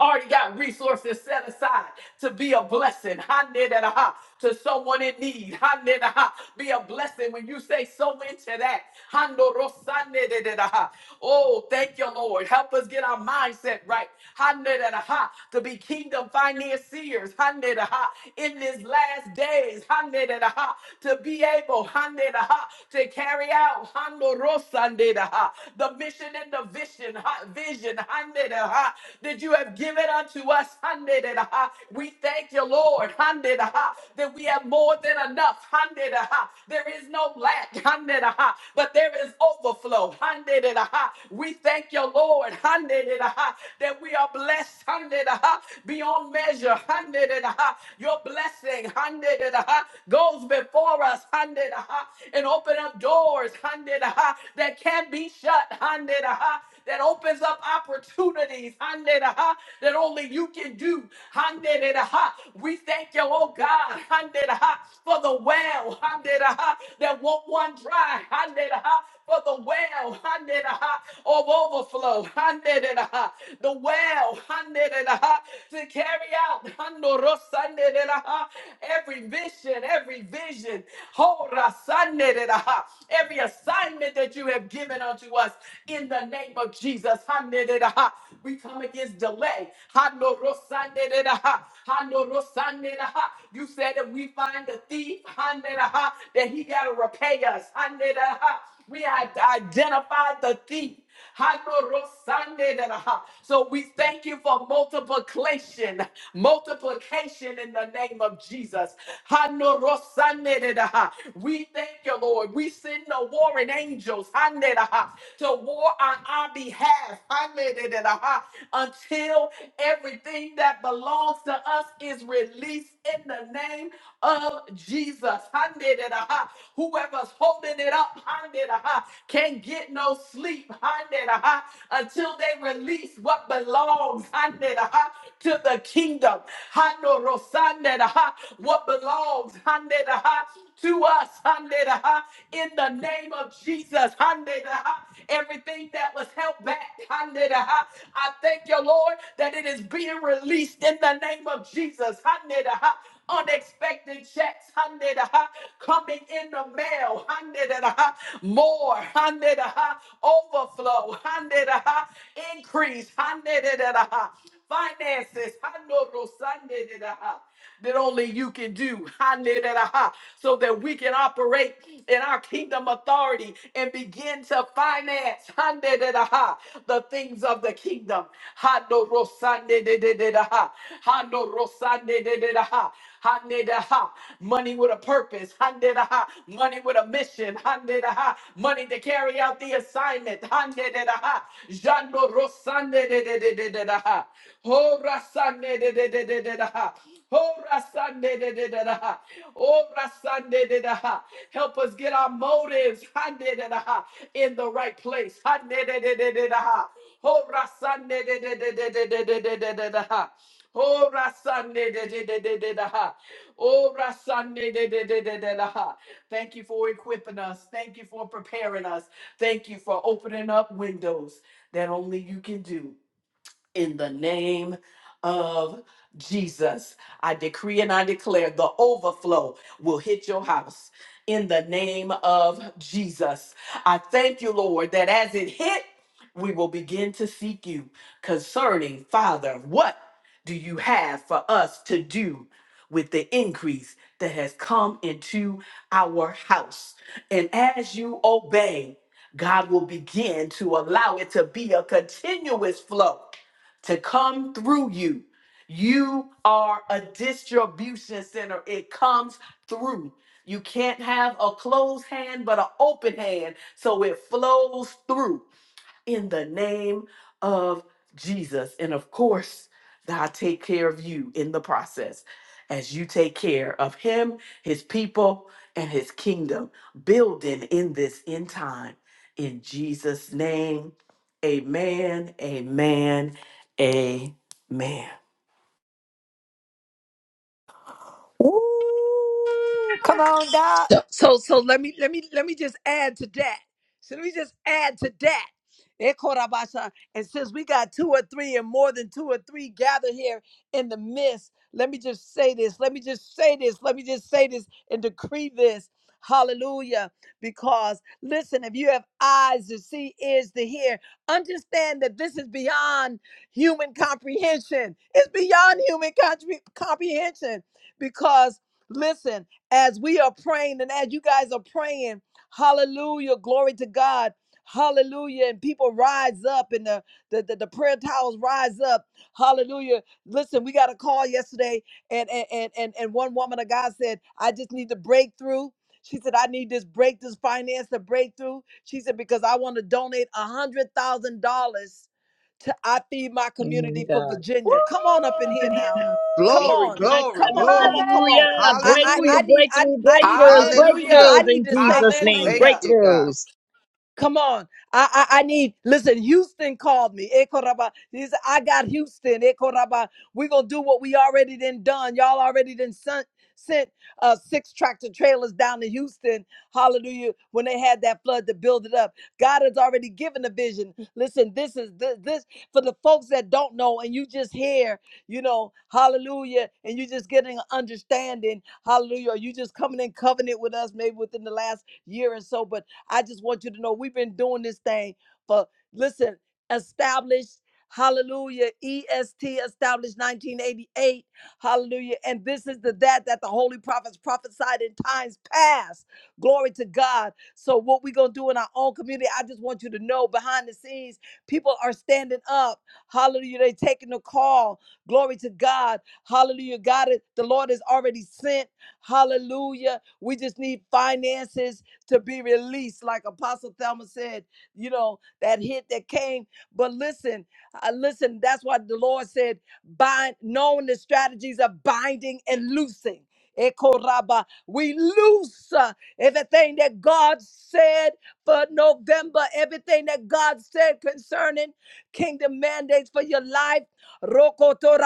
Speaker 6: already got resources set aside to be a blessing. Ha-ne-da-da-ha, To someone in need. Ha-ne-da-ha, Be a blessing when you say so into that. Ha-no-ro-sa-ne-da-da-da-ha. Oh, thank you, Lord. Help us get our mindset right. Ha-ne-da-da-ha, To be kingdom financiers. Ha-ne-da-ha, In these last days. Ha-ne-da-da-ha, To be able ha-ne-da-ha, to carry out ha-no-ro-sa-ne-da-ha, the mission and the vision mission, ha- vision, handed, ha, that you have given unto us. Handed, ha. We thank you, Lord, handed, ha, that we have more than enough. Handed, ha. There is no lack, handed, ha, but there is overflow. Handed, ha. We thank you, Lord, handed, ha, that we are blessed, handed, ha, beyond measure. Handed, ha. Your blessing, handed, ha, goes before us. Handed, ha, and open up doors, handed, ha, that can not be shut, handed, ha that opens up opportunities Handeraha, that only you can do. Handeraha. We thank you, oh God, Handeraha, for the well Handeraha, that won't one dry. Handeraha, For the well Handeraha, of overflow. Handeraha, The well Handeraha, to carry out Handorosaneraha, every mission, every vision, Horasanderaha, every every assignment that you have given unto us in the name of Jesus. Hallelujah. We come against delay. Hallelujah. Hallelujah. You said that we find the thief, hallelujah, that he got to repay us. Hallelujah. We had identified the thief. Hanorosandederaha. So we thank you for multiplication, multiplication in the name of Jesus. Hanorosandederaha. We thank you, Lord. We send the warring angels handederaha, to war on our behalf handederaha, until everything that belongs to us is released in the name of Jesus. Handederaha. Whoever's holding it up handederaha, can give get no sleep until they release what belongs to the kingdom. What belongs to us in the name of Jesus. Everything that was held back, I thank you, Lord, that it is being released in the name of Jesus. Unexpected checks, hundred uh, coming in the mail, hundred uh, more, hundred uh, overflow, hundred uh, increase, hundred uh, finances, hundred uh, that only you can do, hundred uh, so that we can operate in our kingdom authority and begin to finance hundred uh-huh, the things of the kingdom. Hando rosande de de de da ha. Hando rosande de de da ha. Hanedaha. Money with a purpose. Hanedaha. Money with a mission. Hanedaha. Money to carry out the assignment. Hanedaha. Jando rosanededededededaha. Ho rasanededededededaha. Ho rasanedededededaha. Ho rasanedededededaha. Help us get our motives hanededeha, in the right place. Hanedededededaha. Oh, Rasande de de de de de de de de de de ha. Oh, Rasande de de de de de de ha. Oh, Rasande de de de de de de ha. Thank you for equipping us. Thank you for preparing us. Thank you for opening up windows that only you can do in the name of Jesus. I decree and I declare the overflow will hit your house in the name of Jesus. I thank you, Lord, that as it hit, we will begin to seek you concerning, Father, what do you have for us to do? With the increase that has come into our house. And as you obey, God will begin to allow it to be a continuous flow to come through you. You are a distribution center. It comes through. You can't have a closed hand, but an open hand. So it flows through in the name of Jesus. And of course, God take care of you in the process as you take care of him, his people, and his kingdom building in this end time. In Jesus' name, amen, amen, amen.
Speaker 1: Woo! Come on, Doc.
Speaker 4: So, so so let me let me let me just add to that. So let me just add to that. Eh, Korabasha. And since we got two or three and more than two or three gathered here in the midst, let me just say this. Let me just say this. Let me just say this and decree this. Hallelujah. Because listen, if you have eyes to see, ears to hear, understand that this is beyond human comprehension. It's beyond human compre- comprehension. Because listen, as we are praying and as you guys are praying, hallelujah, glory to God. Hallelujah. And people rise up and the, the, the, the prayer towels rise up. Hallelujah. Listen, we got a call yesterday and, and, and, and and one woman of God said, I just need the breakthrough. She said, I need this break, this finance, the breakthrough. She said, because I want to donate a hundred thousand dollars to I Feed My
Speaker 3: Oh my
Speaker 4: Community for
Speaker 3: God.
Speaker 4: Virginia. Come on up in here now. Come
Speaker 1: Woo.
Speaker 5: Glory,
Speaker 3: Oh
Speaker 4: on.
Speaker 3: my
Speaker 5: glory,
Speaker 4: Come
Speaker 3: God.
Speaker 4: on, come on,
Speaker 5: glory.
Speaker 4: come
Speaker 3: Hallelujah.
Speaker 4: on.
Speaker 1: Glory.
Speaker 4: I I,
Speaker 5: Hallelujah.
Speaker 3: Breakthrough,
Speaker 4: I need I
Speaker 3: breakthrough,
Speaker 4: I need to
Speaker 3: breakthroughs,
Speaker 4: say
Speaker 5: Hallelujah.
Speaker 4: I
Speaker 3: breakthroughs
Speaker 6: Hallelujah.
Speaker 4: need
Speaker 3: in
Speaker 4: to say
Speaker 3: Jesus' name.
Speaker 4: praying.
Speaker 5: Thank
Speaker 6: Hallelujah.
Speaker 5: you, God.
Speaker 3: Breakthroughs.
Speaker 4: Come on. I, I, I need, listen, Houston called me. Eh, Koraba. He said, I got Houston. Eh, Koraba. We're going to do what we already done done. Y'all already done sent, sent uh, six tractor trailers down to Houston. Hallelujah. When they had that flood to build it up. God has already given a vision. Listen, this is this, this for the folks that don't know and you just hear, you know, hallelujah. And you just getting an understanding. Hallelujah. Or you just coming in covenant with us maybe within the last year or so. But I just want you to know we've been doing this thing for, listen, established, hallelujah, EST, established 1988, hallelujah. And this is the that that the holy prophets prophesied in times past. Glory to God. So, what we're going to do in our own community, I just want you to know behind the scenes, people are standing up. Hallelujah. They're taking the call. Glory to God. Hallelujah. God, is- the Lord has already sent. Hallelujah. We just need finances to be released, like Apostle Thelma said, you know, that hit that came. But listen, uh, listen, that's why the Lord said, bind, knowing the strategies of binding and loosing. Eko raba. We loose uh, everything that God said for November, everything that God said concerning kingdom mandates for your life. Roko to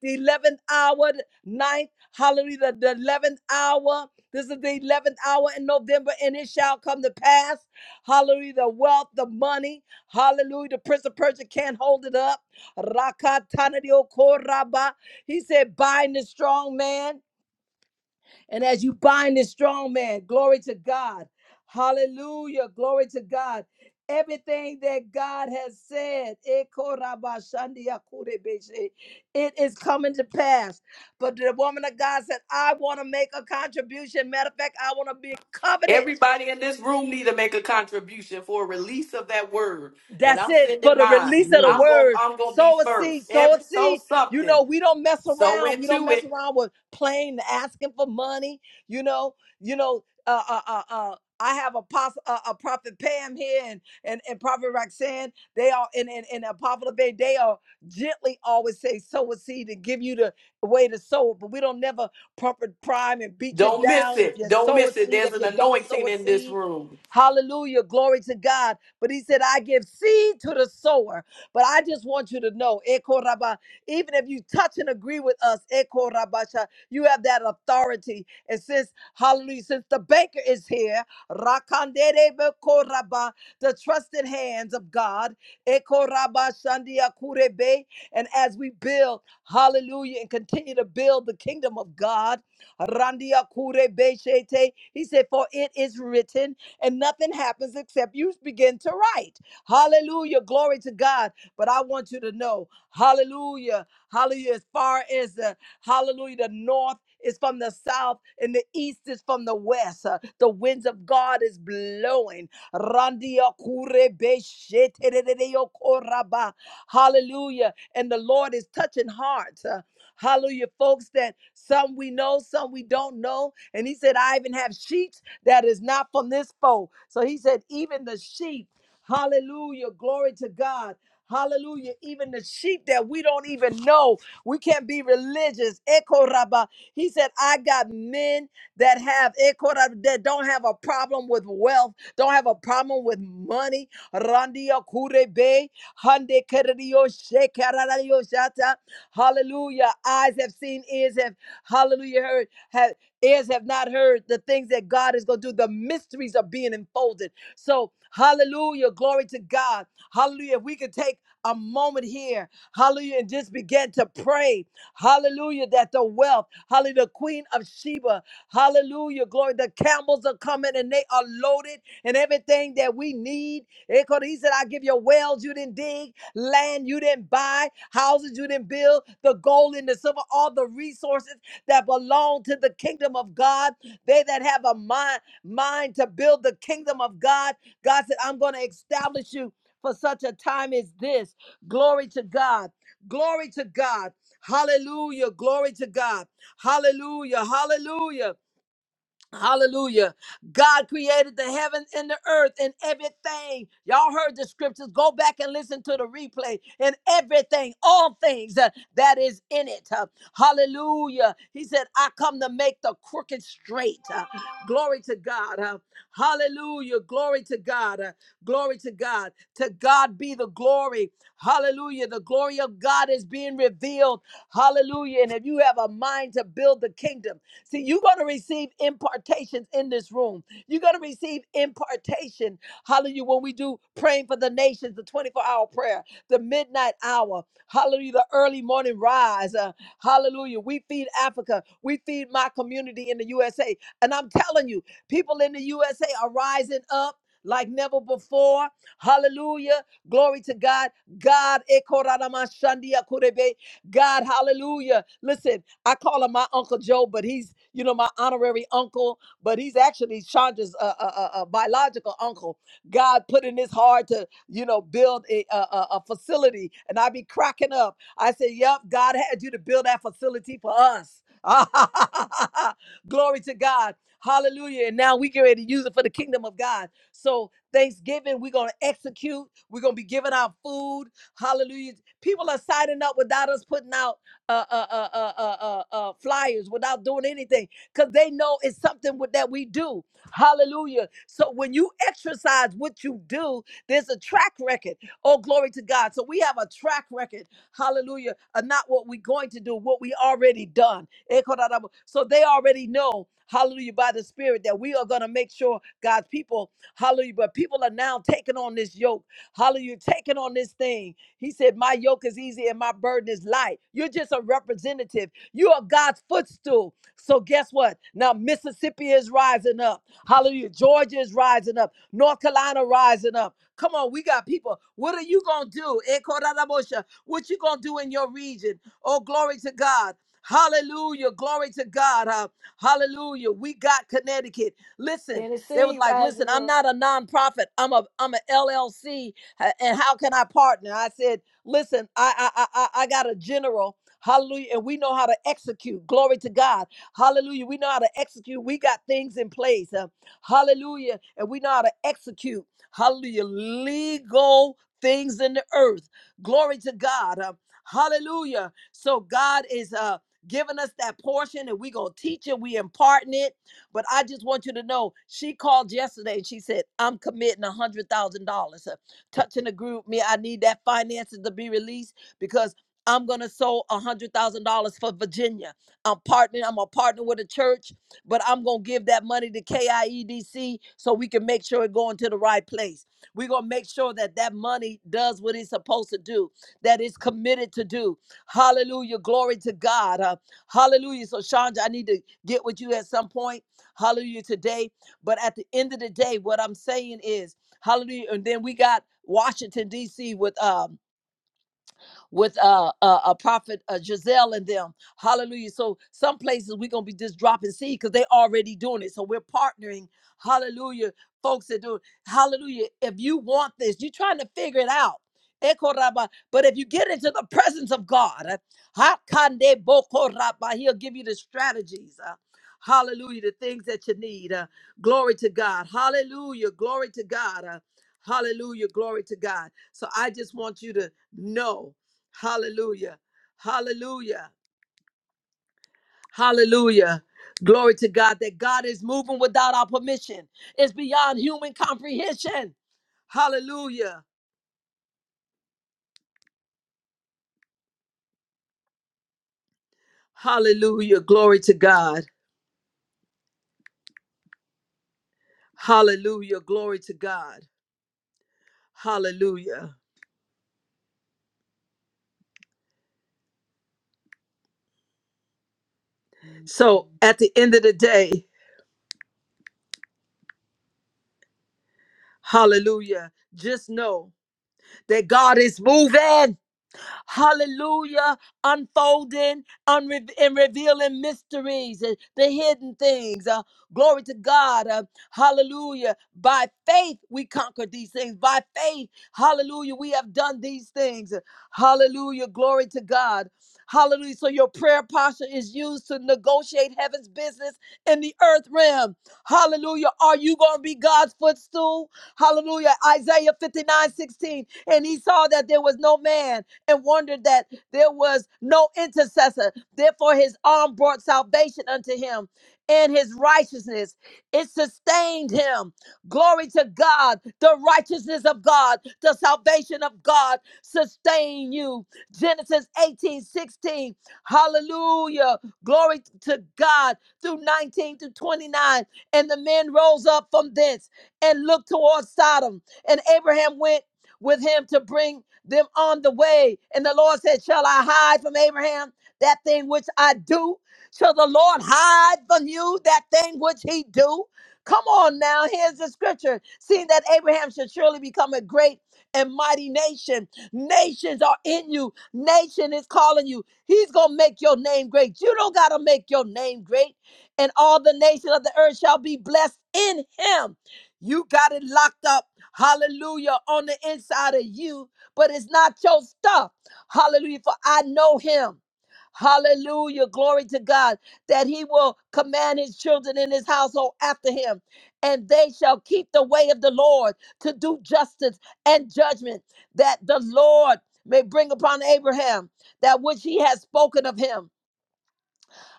Speaker 4: The 11th hour, ninth, hallelujah, the 11th hour. This is the 11th hour in November, and it shall come to pass. Hallelujah. The wealth, the money. Hallelujah. The prince of Persia can't hold it up. He said, bind the strong man. And as you bind this strong man, glory to God. Hallelujah. Glory to God. Everything that God has said, it is coming to pass. But the woman of God said, I want to make a contribution. Matter of fact, I want to be covenant.
Speaker 6: Everybody in this room need to make a contribution for a release of that word. And
Speaker 4: That's
Speaker 6: I'm
Speaker 4: it for
Speaker 6: sending
Speaker 4: the
Speaker 6: mine.
Speaker 4: release of the
Speaker 6: I'm
Speaker 3: Amen.
Speaker 6: going
Speaker 4: word.
Speaker 6: I'm going to be
Speaker 4: Sow a
Speaker 6: first.
Speaker 4: seed, sow a
Speaker 6: Every so
Speaker 4: seed. You know,
Speaker 6: something.
Speaker 4: we don't mess
Speaker 6: So
Speaker 4: around. We don't
Speaker 6: into
Speaker 4: mess
Speaker 6: it.
Speaker 4: around with playing, asking for money. You know, you know, uh, uh, uh, uh I have a, pos- uh, a prophet Pam here and, and, and prophet Roxanne. They are and and, and Apostle Bay. They are gently always say sow a seed and give you the way to sow it. But we don't never pump proper prime and beat you
Speaker 6: Don't miss
Speaker 4: down if
Speaker 6: it.
Speaker 4: you
Speaker 6: Don't
Speaker 4: sow a
Speaker 6: miss it.
Speaker 4: seed.
Speaker 6: There's
Speaker 4: If
Speaker 6: an
Speaker 4: you don't sow
Speaker 6: anointing
Speaker 4: a
Speaker 6: in this
Speaker 4: seed,
Speaker 6: room.
Speaker 4: Hallelujah. Glory to God. But he said, I give seed to the sower. But I just want you to know, Eko Rabba, even if you touch and agree with us, Eko Rabasha, you have that authority. And since, hallelujah, since the banker is here, Rakandere Beko Rabba, the trusted hands of God, Eko Rabba Shandia Kurebe, and as we build, hallelujah, and continue to build the kingdom of God, Randia Kurebe Shete, he said, for it is written, and nothing happens except you begin to write. Hallelujah. Glory to God. But I want you to know, hallelujah. Hallelujah. As far as the Hallelujah. The north is from the south, and the east is from the west. Uh, The winds of God is blowing. Randia kure be she te re re re yo ko ra ba. Hallelujah. And the Lord is touching hearts. Uh, Hallelujah, folks that some we know, some we don't know. And he said, I even have sheep that is not from this fold. So he said, even the sheep, hallelujah, glory to God. Hallelujah. Even the sheep that we don't even know. We can't be religious. Ekoraba. He said, I got men that have ekoraba, that don't have a problem with wealth, don't have a problem with money. Randia kurebe, hande keredio shekararadio shata. Hallelujah. Eyes have seen, ears have, hallelujah, heard, have, ears have not heard the things that God is going to do. The mysteries are being unfolded. So, hallelujah. Glory to God. Hallelujah. If we could take a moment here Hallelujah. And just began to pray. Hallelujah. That the wealth, hallelujah, the queen of Sheba, hallelujah, glory. The camels are coming and they are loaded and everything that we need. Eh, 'cause He said, I give you wells you didn't dig, land you didn't buy, houses you didn't build, the gold and the silver, all the resources that belong to the kingdom of God. They that have a mind, mind to build the kingdom of God. God said, I'm going to establish you for such a time as this. Glory to God. Glory to God. Hallelujah. Glory to God. Hallelujah. Hallelujah. Hallelujah. God created the heaven and the earth and everything. Y'all heard the scriptures. Go back and listen to the replay and everything, all things uh, that is in it. Uh, hallelujah. He said, I come to make the crooked straight. Uh, glory to God. Uh, hallelujah. Glory to God. Uh, glory to God. To God be the glory. Hallelujah. The glory of God is being revealed. Hallelujah. And if you have a mind to build the kingdom, See, you're going to receive impartations in this room. You're going to receive impartation. Hallelujah. When we do praying for the nations, the 24 hour prayer, the midnight hour, hallelujah, the early morning rise, uh, hallelujah. We feed Africa. We feed my community in the USA. And I'm telling you, people in the USA are rising up. Like never before. Hallelujah. Glory to God. God, eh, koradamashandia kurebe. God, hallelujah. Listen, I call him my Uncle Joe, but he's, you know, my honorary uncle, but he's actually Chandra's uh, uh, uh, uh, biological uncle. God put in his heart to, you know, build a, a, a a facility. And I be cracking up. I say, Yep, God had you to build that facility for us. Glory to God. Hallelujah. And now we get ready to use it for the kingdom of God. So Thanksgiving, we're gonna execute. We're gonna be giving out food. Hallelujah. People are signing up without us putting out uh, uh, uh, uh, uh, uh, uh, flyers, without doing anything, because they know it's something with, that we do. Hallelujah. So when you exercise what you do, there's a track record. Oh, glory to God. So we have a track record. Hallelujah. Of not what we're going to do, what we already done. Ekodadabo. So they already know. Hallelujah, by the Spirit, that we are going to make sure God's people, hallelujah, but people are now taking on this yoke. Hallelujah, taking on this thing. He said, My yoke is easy and my burden is light. You're just a representative. You are God's footstool. So guess what? Now Mississippi is rising up. Hallelujah. Georgia is rising up. North Carolina rising up. Come on, we got people. What are you gonna do? Eh, Korarabosha. What you gonna do in your region? Oh, glory to God. Hallelujah. Glory to God. huh? Hallelujah. We got Connecticut. Listen, they was
Speaker 1: Tennessee
Speaker 4: like, listen,
Speaker 1: rising
Speaker 4: I'm
Speaker 1: up.
Speaker 4: not a nonprofit. I'm a I'm a LLC "Ha- And how can I partner? I said, listen, I I I, I I got a general. Hallelujah. And we know how to execute. Glory to God. Hallelujah. We know how to execute. We got things in place. Uh, hallelujah. And we know how to execute. Hallelujah. Legal things in the earth. Glory to God. Uh, hallelujah. So God is uh giving us that portion and we gonna teach it, we imparting it. But I just want you to know she called yesterday and she said, I'm committing a hundred thousand dollars. uh, Touch and agree with me. I need that finances to be released because I'm gonna sow a hundred thousand dollars for Virginia. I'm partnering. I'm gonna partner with a church, but I'm gonna give that money to KIEDC so we can make sure it going to the right place. We're gonna make sure that that money does what it's supposed to do, that it's committed to do. Hallelujah. Glory to God. Uh, hallelujah. So Chandra, I need to get with you at some point. Hallelujah today. But at the end of the day, what I'm saying is Hallelujah. And then we got Washington, D.C. with um, with uh, uh, uh prophet uh, Giselle and them. Hallelujah. So some places we're gonna be just dropping seed because they already doing it. So we're partnering. Hallelujah, folks that do. it. Hallelujah. If you want this, you're trying to figure it out. Eko raba. But if you get into the presence of God, uh, ha kande boko raba, He'll give you the strategies. uh, hallelujah, the things that you need. uh, glory to God. Hallelujah. Glory to God. uh, hallelujah. Glory to God. So I just want you to know. Hallelujah. Hallelujah. Hallelujah. Glory to God that God is moving without our permission. It's beyond human comprehension. Hallelujah. Hallelujah. Glory to God. Hallelujah. Glory to God. Hallelujah. So at the end of the day, hallelujah, just know that God is moving. Hallelujah. Unfolding unre- and revealing mysteries and the hidden things. Uh, glory to God. Uh, hallelujah. By faith, we conquered these things. By faith, hallelujah, we have done these things. Hallelujah. Glory to God. Hallelujah. So your prayer posture is used to negotiate heaven's business in the earth realm. Hallelujah. Are you going to be God's footstool? Hallelujah. Isaiah 59 16, And he saw that there was no man and wondered that there was no intercessor. Therefore, his arm brought salvation unto him and his righteousness. It sustained him. Glory to God. The righteousness of God, the salvation of God sustain you. Genesis 18 16. Hallelujah. Glory to God. Through 19 to 29. And the men rose up from thence and looked towards Sodom. And Abraham went with him to bring them on the way. And the Lord said, Shall I hide from Abraham that thing which I do? Shall the Lord hide from you that thing which he do? Come on now, here's the scripture. Seeing that Abraham should surely become a great and mighty nation. Nations are in you. Nation is calling you. He's gonna make your name great. You don't gotta make your name great. And all the nations of the earth shall be blessed in him. You got it locked up. Hallelujah. On the inside of you but it's not your stuff. Hallelujah. For I know him. Hallelujah. Glory to God that he will command his children in his household after him, and they shall keep the way of the Lord to do justice and judgment that the Lord may bring upon Abraham that which he has spoken of him.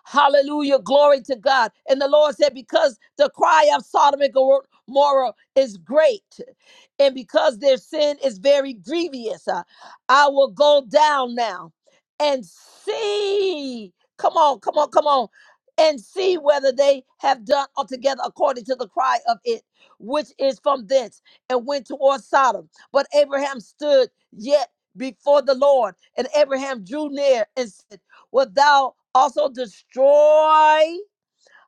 Speaker 4: Hallelujah. Glory to God. And the Lord said, Because the cry of Sodom and Gomorrah is great, and because their sin is very grievous, uh, I will go down now and see. Come on, come on, come on. And see whether they have done altogether according to the cry of it, which is from thence, and went toward Sodom. But Abraham stood yet before the Lord, and Abraham drew near and Wilt thou also destroy,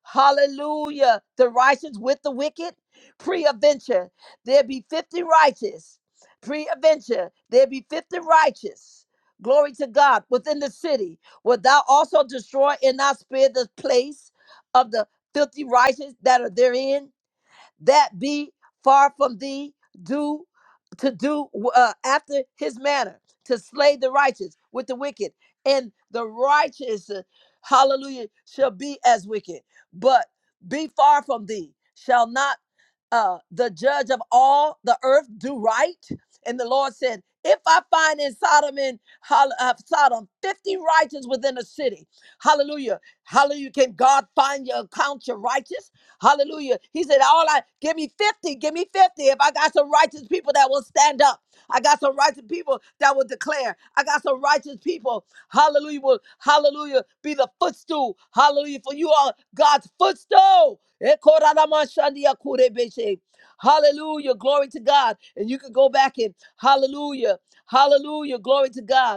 Speaker 4: hallelujah, the righteous with the wicked? Pre-adventure, there be 50 righteous. Pre-adventure, there be 50 righteous. Glory to God within the city. Wilt thou also destroy and not spare the place of the filthy righteous that are therein? that be far from thee, do to do uh, after his manner, to slay the righteous with the wicked, and the righteous, uh, hallelujah, shall be as wicked. But be far from thee, shall not uh, the judge of all the earth do right? And the Lord said, if I find in Sodom and Hol- uh, Sodom 50 righteous within a city, hallelujah, hallelujah, can God find your count your righteous? Hallelujah. He said, All I give me 50, give me 50. If I got some righteous people that will stand up, I got some righteous people that will declare. I got some righteous people. Hallelujah. Will hallelujah be the footstool. Hallelujah. For you are God's footstool. Hallelujah. Glory to God. And you can go back and hallelujah. Hallelujah. Glory to God.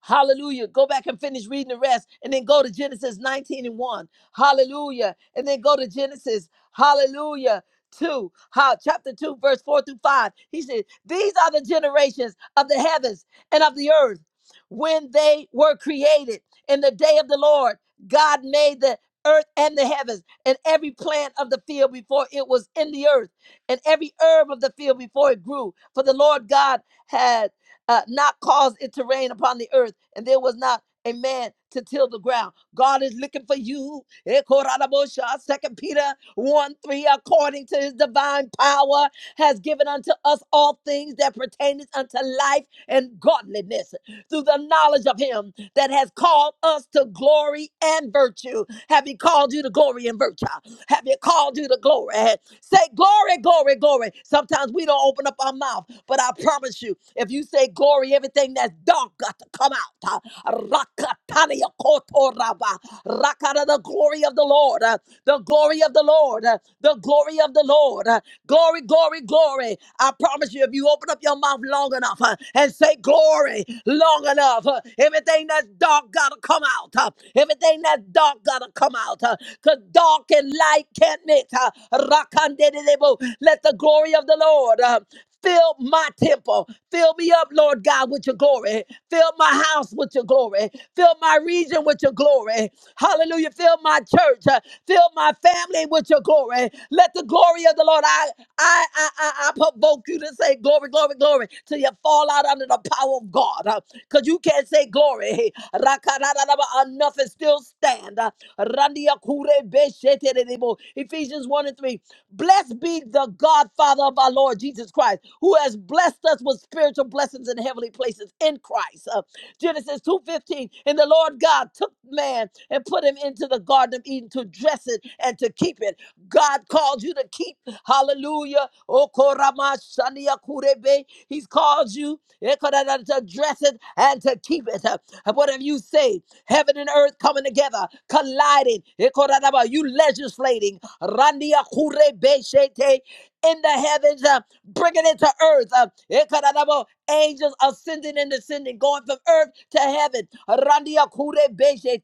Speaker 4: Hallelujah. Go back and finish reading the rest and then go to Genesis 19 and 1. Hallelujah. And then go to Genesis. Hallelujah. 2, how, chapter 2, verse 4 through 5. He said, These are the generations of the heavens and of the earth when they were created in the day of the Lord. God made the earth and the heavens and every plant of the field before it was in the earth and every herb of the field before it grew. For the Lord God had uh, not cause it to rain upon the earth, and there was not a man to till the ground. God is looking for you. Second Peter 1 3, according to his divine power, has given unto us all things that pertaineth unto life and godliness through the knowledge of him that has called us to glory and virtue. Have he called you to glory and virtue? Have he called you to glory? Say glory, glory, glory. Sometimes we don't open up our mouth, but I promise you, if you say glory, everything that's dark got to come out. Rakatania kotoraba. Rakata, the glory of the Lord, uh, the glory of the Lord, uh, the glory of the Lord. Glory, glory, glory. I promise you, if you open up your mouth long enough uh, and say glory long enough, uh, everything that's dark gotta come out. uh, everything that's dark gotta come out. uh, Cause dark and light can't mix. uh, rakandedebo. Let the glory of the Lord. uh, Fill my temple. Fill me up, Lord God, with your glory. Fill my house with your glory. Fill my region with your glory. Hallelujah. Fill my church. uh, Fill my family with your glory. Let the glory of the Lord, I, I, I, I, I provoke you to say glory, glory, glory, till you fall out under the power of God. Because you can't say glory. Rakarararaba, Enough and still stand. Uh, Randia kure beshete derebo. Ephesians 1 and 3. Blessed be the God, Father of our Lord Jesus Christ, who has blessed us with spiritual blessings in heavenly places in Christ. Uh, Genesis 2:15. And the Lord God took man and put him into the Garden of Eden to dress it and to keep it. God called you to keep. Hallelujah. Oh, koramashania kurebe. He's called you eh, korada, to dress it and to keep it. Uh, What have you say? Heaven and earth coming together, colliding. Eh, korada ba, You legislating. Randia kurebe shete in the heavens, uh, bringing it to earth. Uh, Ekadadabo, angels ascending and descending, going from earth to heaven. Randia kure beshe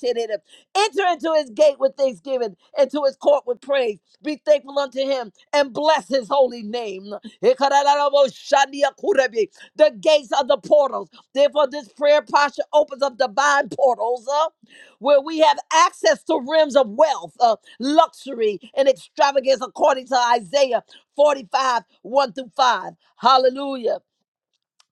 Speaker 4: Enter into his gate with thanksgiving, into his court with praise. Be thankful unto him and bless his holy name. The gates of the portals. Therefore, this prayer posture opens up divine portals uh, where we have access to rims of wealth, uh, luxury, and extravagance, according to Isaiah 45 1 through 5. Hallelujah.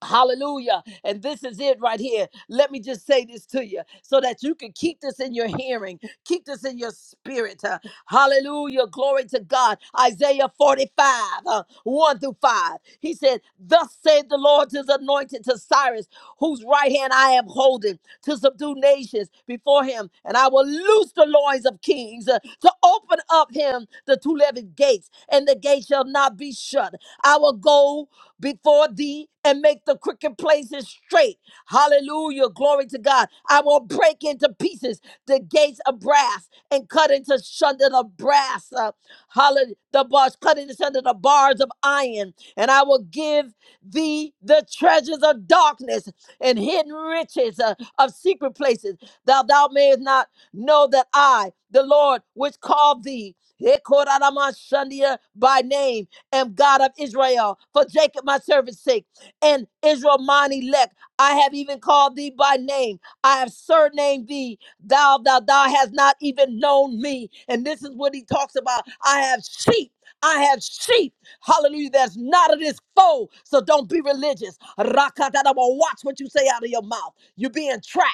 Speaker 4: Hallelujah. And this is it right here. Let me just say this to you so that you can keep this in your hearing, keep this in your spirit. Uh, Hallelujah. Glory to God. Isaiah 45, uh, 1 through 5. He said, Thus saith the Lord to his anointed, to Cyrus, whose right hand I am holding, to subdue nations before him. And I will loose the loins of kings, uh, to open up him the two levied gates, and the gate shall not be shut. I will go before thee and make the crooked places straight. Hallelujah. Glory to God. I will break into pieces the gates of brass and cut into sunder the brass. Uh, hallelujah. The bars, cut into sunder the bars of iron. And I will give thee the treasures of darkness and hidden riches uh, of secret places. Thou thou mayest not know that I, the Lord, which called thee, Hekoramashandia by name am God of Israel, for Jacob my servant's sake, and Israel mine elect. I have even called thee by name. I have surnamed thee. Thou, thou, thou hast not even known me. And this is what he talks about. I have sheep. I have sheep. Hallelujah. That's not of this foe. So don't be religious. Rakatadaba. Watch what you say out of your mouth. You're being tracked.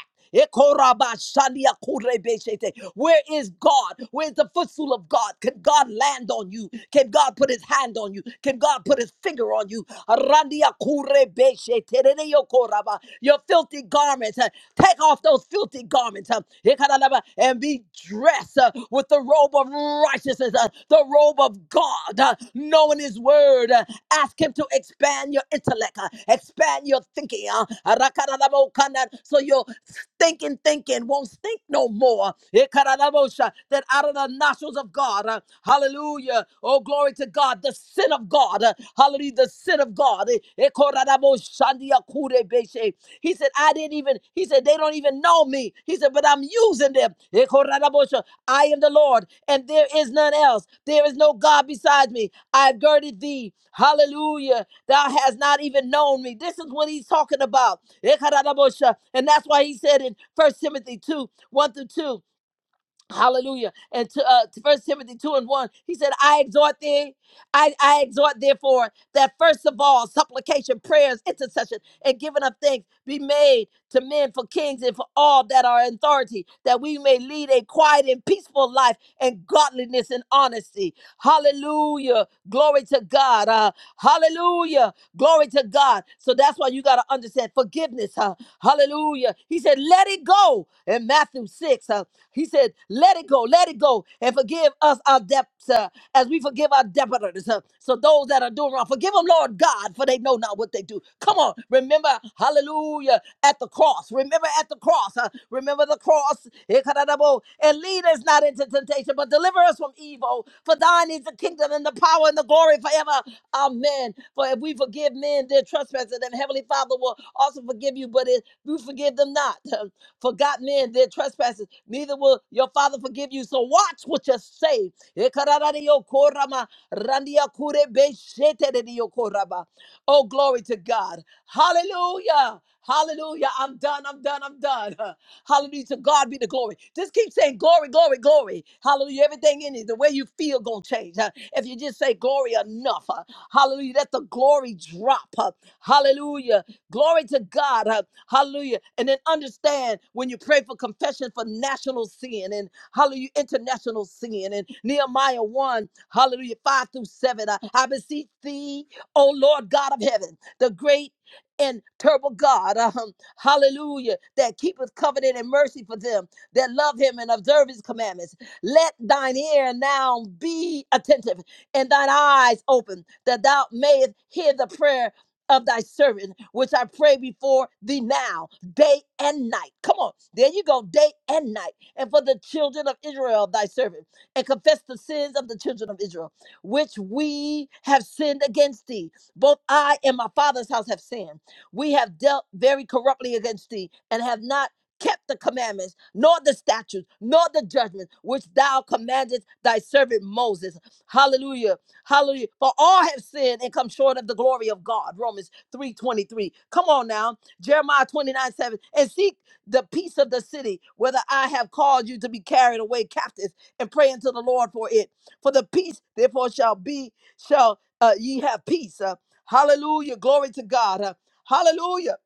Speaker 4: Where is God? Where's the footstool of God? Can God land on you? Can God put his hand on you? Can God put his finger on you? Your filthy garments. uh, Take off those filthy garments uh, and be dressed uh, with the robe of righteousness, uh, the robe of God, uh, knowing His word. Uh, ask Him to expand your intellect, uh, expand your thinking. Uh, so your thinking, thinking won't stink no more. That out of the nostrils of God, uh, hallelujah. Oh, glory to God, the sin of God, uh, hallelujah, the sin of God. Shandia Kure Beshe. He said, I didn't even, he said, they don't even know me. He said, but I'm using them. Ekorarabosha. I am the Lord, and there is none else. There is no God besides me. I've girded thee. Hallelujah. Thou hast not even known me. This is what he's talking about. Ekorarabosha. And that's why he said in First Timothy 2, 1 through 2. Hallelujah. And to uh to first Timothy 2 and 1, he said, I exhort thee, I, I exhort therefore that first of all, supplication, prayers, intercession, and giving of thanks be made to men for kings and for all that are in authority, that we may lead a quiet and peaceful life and godliness and honesty. Hallelujah. Glory to God. Uh, hallelujah. Glory to God. So that's why you got to understand forgiveness. huh? Hallelujah. He said, let it go. In Matthew 6, huh? he said, let it go, let it go, and forgive us our debts uh, as we forgive our debtors. huh? So those that are doing wrong, forgive them, Lord God, for they know not what they do. Come on. Remember, hallelujah, at the cross. Remember at the cross. huh? Remember the cross. Ikadadabo. And lead us not into temptation, but deliver us from evil. For thine is the kingdom and the power and the glory forever. Amen men. For if we forgive men their trespasses, then Heavenly Father will also forgive you. But if you forgive them not, forgot men their trespasses, neither will your Father forgive you. So watch what you say. Oh, glory to God. Hallelujah. Hallelujah. I'm done. I'm done. I'm done. Hallelujah. To God be the glory. Just keep saying glory, glory, glory. Hallelujah. Everything in it, the way you feel gonna change. huh? If you just say glory enough. huh? Hallelujah. Let the glory drop. huh? Hallelujah. Glory to God. huh? Hallelujah. And then understand when you pray for confession for national sin and hallelujah, international sin. And Nehemiah 1, hallelujah, 5 through 7. I, I beseech thee, O Lord God of heaven, the great and terrible God, um, hallelujah, that keepeth covenant and mercy for them that love him and observe his commandments. Let thine ear now be attentive and thine eyes open, that thou mayest hear the prayer of thy servant, which I pray before thee now, day and night. Come on, there you go, day and night. And for the children of Israel, thy servant, and confess the sins of the children of Israel, which we have sinned against thee. Both I and my father's house have sinned. We have dealt very corruptly against thee, and have not kept the commandments, nor the statutes, nor the judgments which thou commandest thy servant Moses. Hallelujah. Hallelujah. For all have sinned and come short of the glory of God. Romans 3:23. Come on now. Jeremiah 29, 7. And seek the peace of the city, whether I have caused you to be carried away captives, and pray unto the Lord for it. For the peace, therefore, shall be, shall uh, ye have peace. Uh, hallelujah. Glory to God. Uh, hallelujah.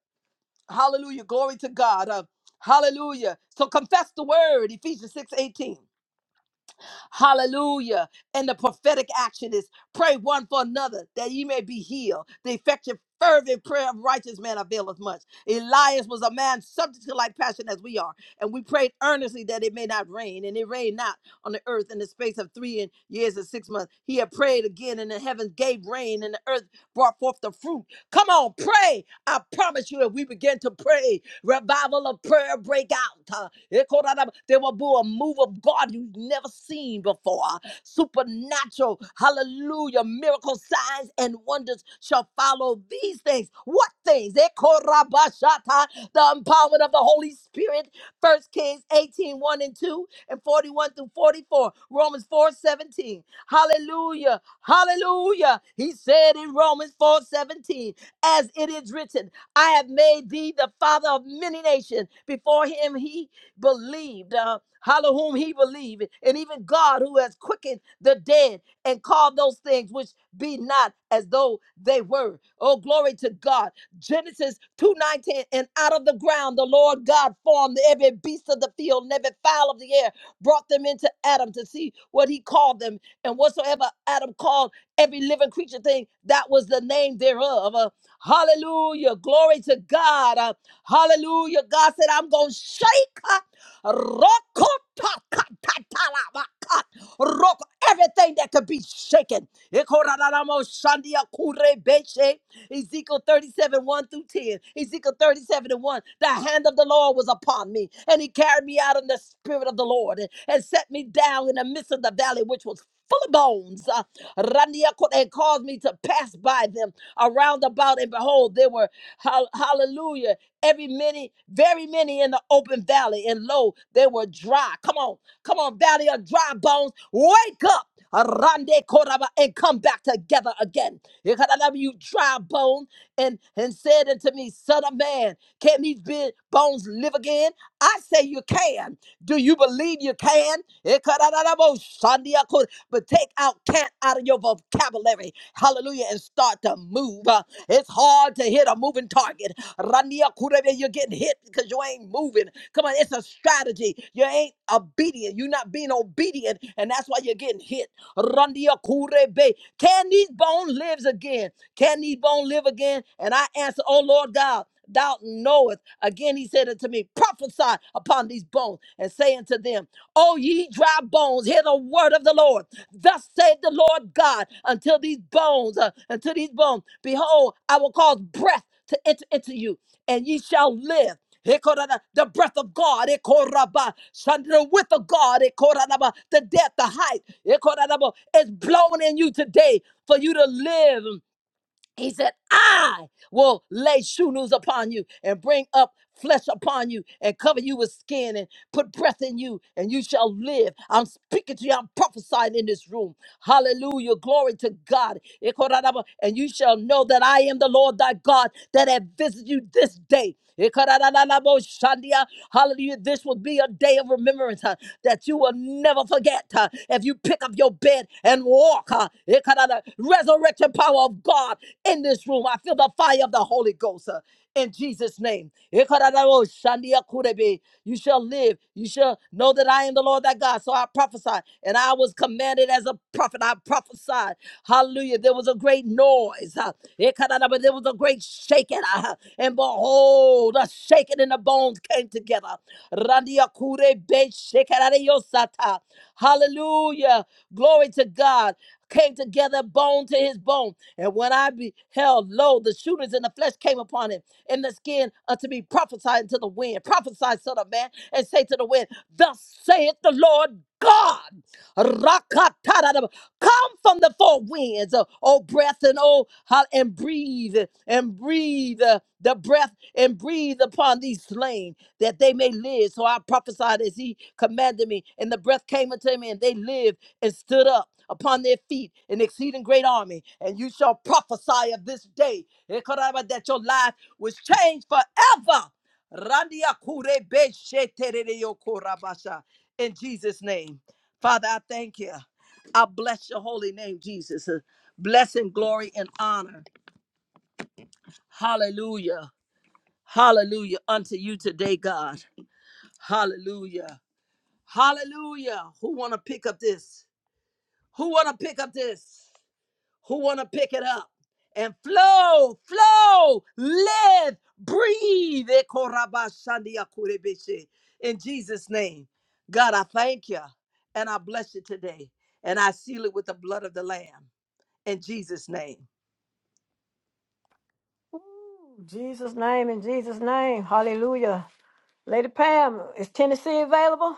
Speaker 4: Hallelujah. Glory to God. Uh, hallelujah. So confess the word, Ephesians 6:18. Hallelujah. And the prophetic action is pray one for another that ye may be healed. The effective, fervent prayer of righteous man availeth much. Elias was a man subject to like passion as we are, and we prayed earnestly that it may not rain, and it rained not on the earth in the space of three and years and six months. He had prayed again, and the heavens gave rain, and the earth brought forth the fruit. Come on, pray. I promise you, if we begin to pray, Revival of prayer break out. uh, Ekorada- There will be a move of God you've never seen before. Supernatural, hallelujah, miracle signs and wonders shall follow these things. What things? Ekorabashata, The empowerment of the Holy Spirit. First Kings eighteen one and 2 and 41 through 44. Romans 4 17. Hallelujah. Hallelujah. He said in Romans 4 17, as it is written. I have made thee the father of many nations. Before him he believed, uh, hollow whom he believed, and even God who has quickened the dead and called those things which be not as though they were. Oh, glory to God. Genesis 2:19, and out of the ground the Lord God formed every beast of the field and every fowl of the air brought them into Adam to see what he called them. And whatsoever Adam called every living creature thing, that was the name thereof. Uh, hallelujah. Glory to God. Uh, hallelujah. God said, I'm going to shake. uh, Rokotakatatalabaka. Roko everything that could be shaken. Ikoraramo shandia kurebeshe. Ezekiel 37, 1 through 10. Ezekiel 37 and 1. The hand of the Lord was upon me, and he carried me out in the spirit of the Lord and, and set me down in the midst of the valley, which was full of bones. Uh, Randia and caused me to pass by them around about, and behold, there were hal- hallelujah. Every many, very many in the open valley, and lo, they were dry. Come on, come on, valley of dry bones, wake up. Arande koraba, And come back together again. Ikaranabi, You dry bones, and, and said unto me, Son of man, can these be- bones live again? I say you can. Do you believe you can? But take out can't out of your vocabulary. Hallelujah. And start to move. Uh, It's hard to hit a moving target. Randiakurebe, You're getting hit because you ain't moving. Come on, it's a strategy. You ain't obedient. You're not being obedient. And that's why you're getting hit. Randia Kurebe. Can these bones live again? Can these bones live again? And I answer, Oh Lord God, thou knowest. Again he said unto me, Prophesy upon these bones and say unto them, O ye dry bones, hear the word of the Lord. Thus saith the Lord God, until these bones, uh, until these bones, behold, I will cause breath to enter into you, and ye shall live. The breath of God, ekoraba, son, the width of God, the depth, the height, ekoranaba, is blown in you today for you to live. He said, I will lay shunus upon you and bring up flesh upon you and cover you with skin and put breath in you and you shall live. I'm speaking to you, I'm prophesying in this room. Hallelujah. Glory to God. And you shall know that I am the Lord thy God that have visited you this day. Ekaradadadaboshandia. Hallelujah. This will be a day of remembrance uh, that you will never forget. uh, if you pick up your bed and walk, uh, ekarada- resurrection power of God in this room. I feel the fire of the Holy Ghost. uh, in Jesus' name. Ekaradadaboshandia kurebe. You shall live. You shall know Know that I am the Lord thy God. So I prophesied, and I was commanded as a prophet. I prophesied. Hallelujah. There was a great noise. huh. Ekanada, But there was a great shaking. ah, And behold, a shaking in the bones came together. Randia kure be shekarare yosata. Hallelujah. Glory to God came together bone to his bone. And when I beheld, lo, the shooters in the flesh came upon him, and the skin unto me prophesied to the wind. Prophesy, son of man, and say to the wind, Thus saith the Lord God. Rakatadadab. Come from the four winds, oh, oh breath, and oh, ho- and breathe, and breathe uh, the breath, and breathe upon these slain that they may live. So I prophesied as he commanded me, and the breath came unto me, and they lived and stood up upon their feet, an exceeding great army. And you shall prophesy of this day Ekaraba, that your life was changed forever. Randia kure be sheterere yo korabasha. In Jesus' name. Father, I thank you. I bless your holy name, Jesus. Uh, Blessing, glory, and honor. Hallelujah. Hallelujah unto you today, God. Hallelujah. Hallelujah. Who want to pick up this? Who want to pick up this? Who want to pick it up? And flow, flow, live, breathe. Ekorabashandiakurebeshe. In Jesus' name. God, I thank you and I bless you today. And I seal it with the blood of the Lamb. In Jesus' name.
Speaker 1: Woo. Jesus' name in Jesus' name. Hallelujah. Lady Pam, is Tennessee available?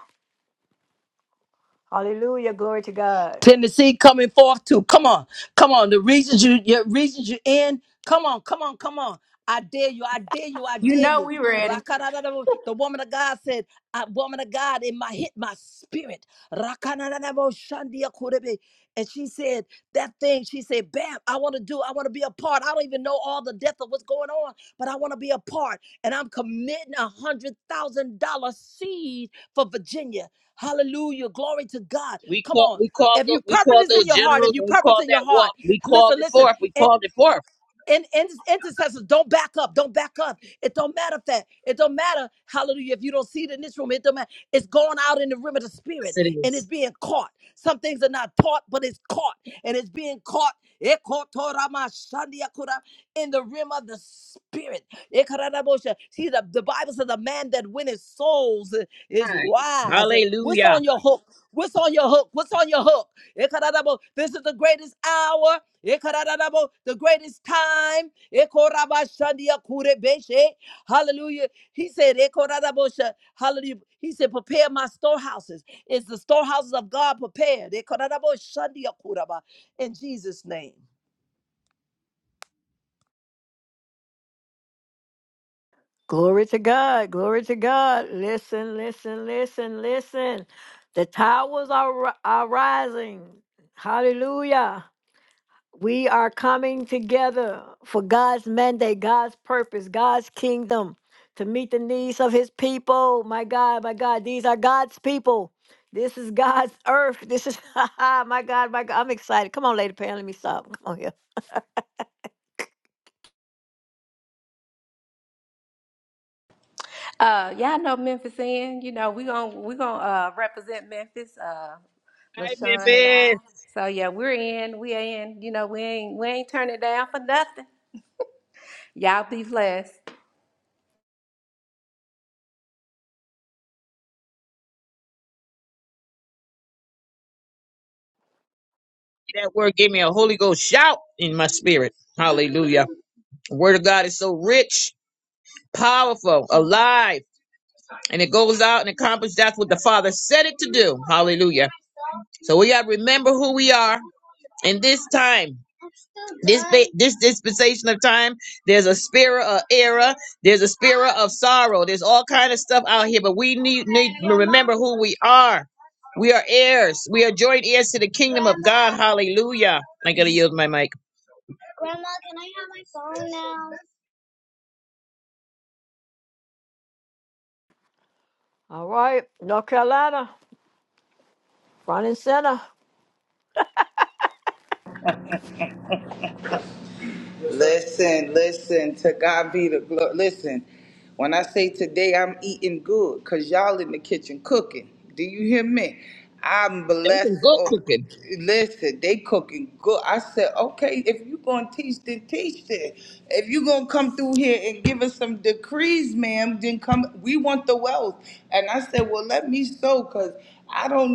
Speaker 1: Hallelujah. Glory to God.
Speaker 4: Tennessee coming forth too. Come on, come on. The reasons you, your reasons you in. Come on, come on, come on. I dare you. I dare you. I
Speaker 7: You
Speaker 4: dare
Speaker 7: know
Speaker 4: you.
Speaker 7: we ready.
Speaker 4: Rakarararabo. The woman of God said, "I woman of God, it my hit my spirit." Rakarararabo shandia kurebe. And she said. That thing she said, Bam, I want to do, I want to be a part. I don't even know all the depth of what's going on, but I want to be a part. And I'm committing a one hundred thousand dollar seed for Virginia. Hallelujah. Glory to God.
Speaker 3: We
Speaker 4: Come
Speaker 3: call,
Speaker 4: on.
Speaker 3: we call,
Speaker 4: If you
Speaker 3: tho- we
Speaker 4: purpose
Speaker 3: call
Speaker 4: is in
Speaker 3: those
Speaker 4: your heart, if
Speaker 3: generals
Speaker 4: you
Speaker 3: and we
Speaker 4: purpose
Speaker 3: call
Speaker 4: in your
Speaker 3: that
Speaker 4: heart,
Speaker 3: walk. We called
Speaker 4: listen,
Speaker 3: it
Speaker 4: listen
Speaker 3: forth. We called it forth.
Speaker 4: and, and intercessors don't back up don't back up it don't matter if that it don't matter hallelujah if you don't see it in this room it don't matter it's going out in the rim of the
Speaker 3: Yes,
Speaker 4: spirit
Speaker 3: it
Speaker 4: and it's
Speaker 3: is.
Speaker 4: being caught some things are not taught but it's caught and it's being caught Ekotoramashandiakura, in the rim of the spirit Ekarabosha. see the, the Bible says the man that winneth souls uh, is
Speaker 3: Hi.
Speaker 4: wise. What's
Speaker 3: Hallelujah.
Speaker 4: on your hook? What's on your hook? What's on your hook? Ekaradabo, This is the greatest hour. Ekaradabo, The greatest time. Ekorabashandia kurebeshe. Hallelujah. He said, Ekoradabosha. Hallelujah. He said, prepare my storehouses. Is the storehouses of God prepared? Ekoradaboshandia kuraba. In Jesus' name.
Speaker 1: Glory to God. Glory to God. Listen, listen, listen, listen. The towers are, ri- are rising. Hallelujah. We are coming together for God's mandate, God's purpose, God's kingdom to meet the needs of his people. My God, my God, these are God's people. This is God's earth. This is, my God, my God. I'm excited. Come on, Lady Pam, let me stop. Come on here.
Speaker 7: Uh, y'all know Memphis in. You know we gon' we gon' uh represent Memphis. Uh,
Speaker 3: Hi,
Speaker 7: LaShawn and I.
Speaker 3: Memphis.
Speaker 7: So yeah, we're in. We are in. You know we ain't we ain't turning down for nothing. Y'all be blessed.
Speaker 3: That word gave me a Holy Ghost shout in my spirit. Hallelujah. Word of God is so rich, powerful, alive, and it goes out and accomplishes that's what the Father said it to do. Hallelujah. So we gotta remember who we are in this time. This ba- this dispensation of time, there's a spirit of error, there's a spirit of sorrow, there's all kind of stuff out here, but we need need to remember who we are. We are heirs. We are joint heirs to the kingdom of God. Hallelujah. I gotta use my mic.
Speaker 1: All right, North Carolina, front and center.
Speaker 3: That's some good cooking.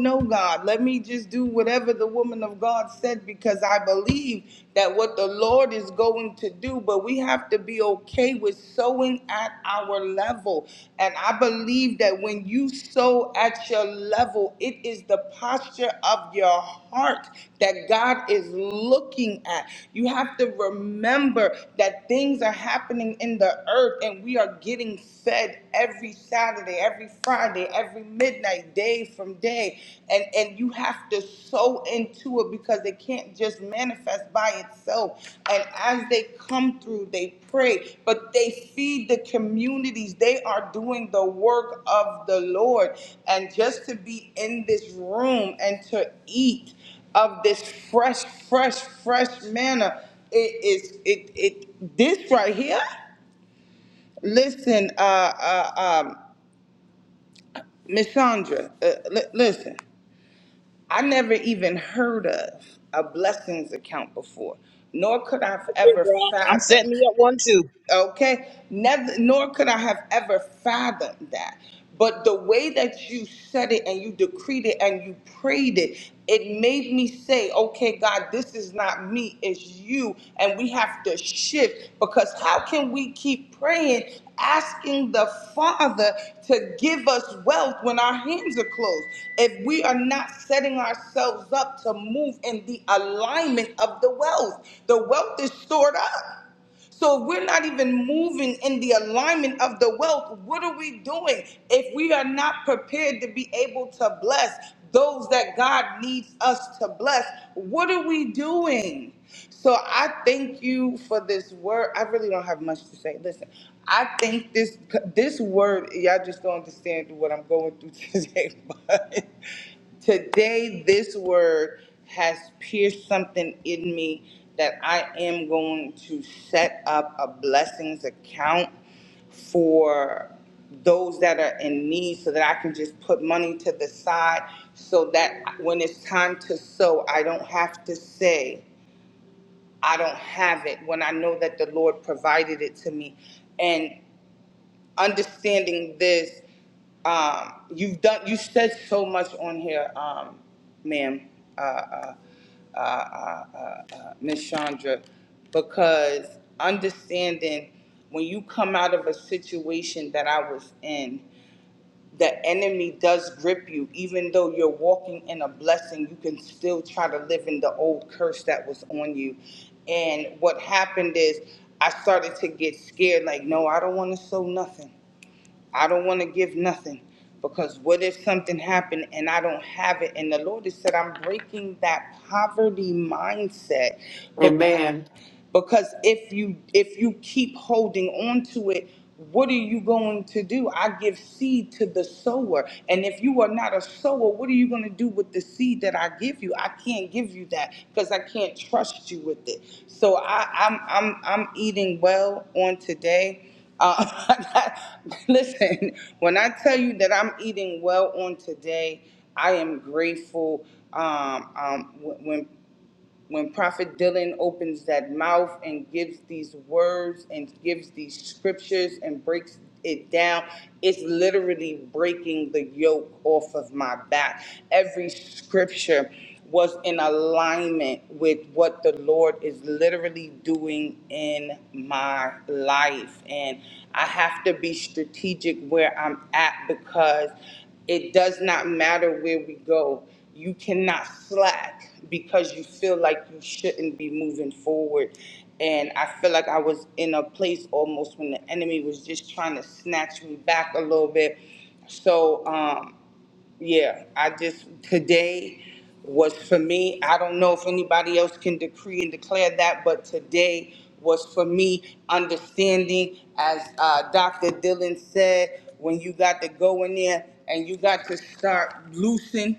Speaker 5: don't know God. Let me just do whatever the woman of God said because I believe that what the Lord is going to do, but we have to be okay with sowing at our level. And I believe that when you sow at your level, it is the posture of your heart that God is looking at. You have to remember that things are happening in the earth and we are getting fed every Saturday every Friday, every midnight, day from day. And and you have to sow into it because it can't just manifest by itself. And as they come through, they pray, but they feed the communities. They are doing the work of the Lord. And just to be in this room and to eat of this fresh, fresh, fresh manna, it is it it this right here. Listen, uh, uh, um, Miss Chandra, uh, li- listen, I never even heard of a blessings account before, nor could I've ever
Speaker 3: I'm setting
Speaker 5: fathomed.
Speaker 3: me up one too.
Speaker 5: Okay, never, nor could I have ever fathomed that. But the way that you said it and you decreed it and you prayed it, it made me say, okay, God, this is not me, it's you. And we have to shift because how can we keep praying, asking the Father to give us wealth when our hands are closed? If we are not setting ourselves up to move in the alignment of the wealth, the wealth is stored up. So if we're not even moving in the alignment of the wealth, what are we doing if we are not prepared to be able to bless those that God needs us to bless? What are we doing? So I thank you for this word. I really don't have much to say. Listen, I think this this word, y'all just don't understand what I'm going through today, but Today, this word has pierced something in me that I am going to set up a blessings account for those that are in need so that I can just put money to the side so that when it's time to sow, I don't have to say, I don't have it when I know that the Lord provided it to me. and understanding this. Um, you've done. You said so much on here, um, ma'am, uh, uh, uh, uh, uh, uh, Miss Chandra, because understanding when you come out of a situation that I was in, the enemy does grip you. Even though you're walking in a blessing, you can still try to live in the old curse that was on you. And what happened is, I started to get scared. Like, no, I don't want to sow nothing. I don't want to give nothing because what if something happened and I don't have it? And the Lord has said, I'm breaking that poverty mindset because
Speaker 6: Amen.
Speaker 5: because if you if you keep holding on to it what are you going to do i give seed to the sower and if you are not a sower what are you going to do with the seed that i give you i can't give you that because i can't trust you with it so i i'm i'm, I'm eating well on today uh, listen when i tell you that i'm eating well on today I am grateful um, um, when when Prophet Dylan opens that mouth and gives these words and gives these scriptures and breaks it down, it's literally breaking the yoke off of my back. Every scripture was in alignment with what the Lord is literally doing in my life. And I have to be strategic where I'm at because it does not matter where we go you cannot slack because you feel like you shouldn't be moving forward. And I feel like I was in a place almost when the enemy was just trying to snatch me back a little bit. So, um, yeah, I just, today was for me. I don't know if anybody else can decree and declare that, but today was for me understanding, as uh, Dr. Dylan said, when you got to go in there and you got to start loosing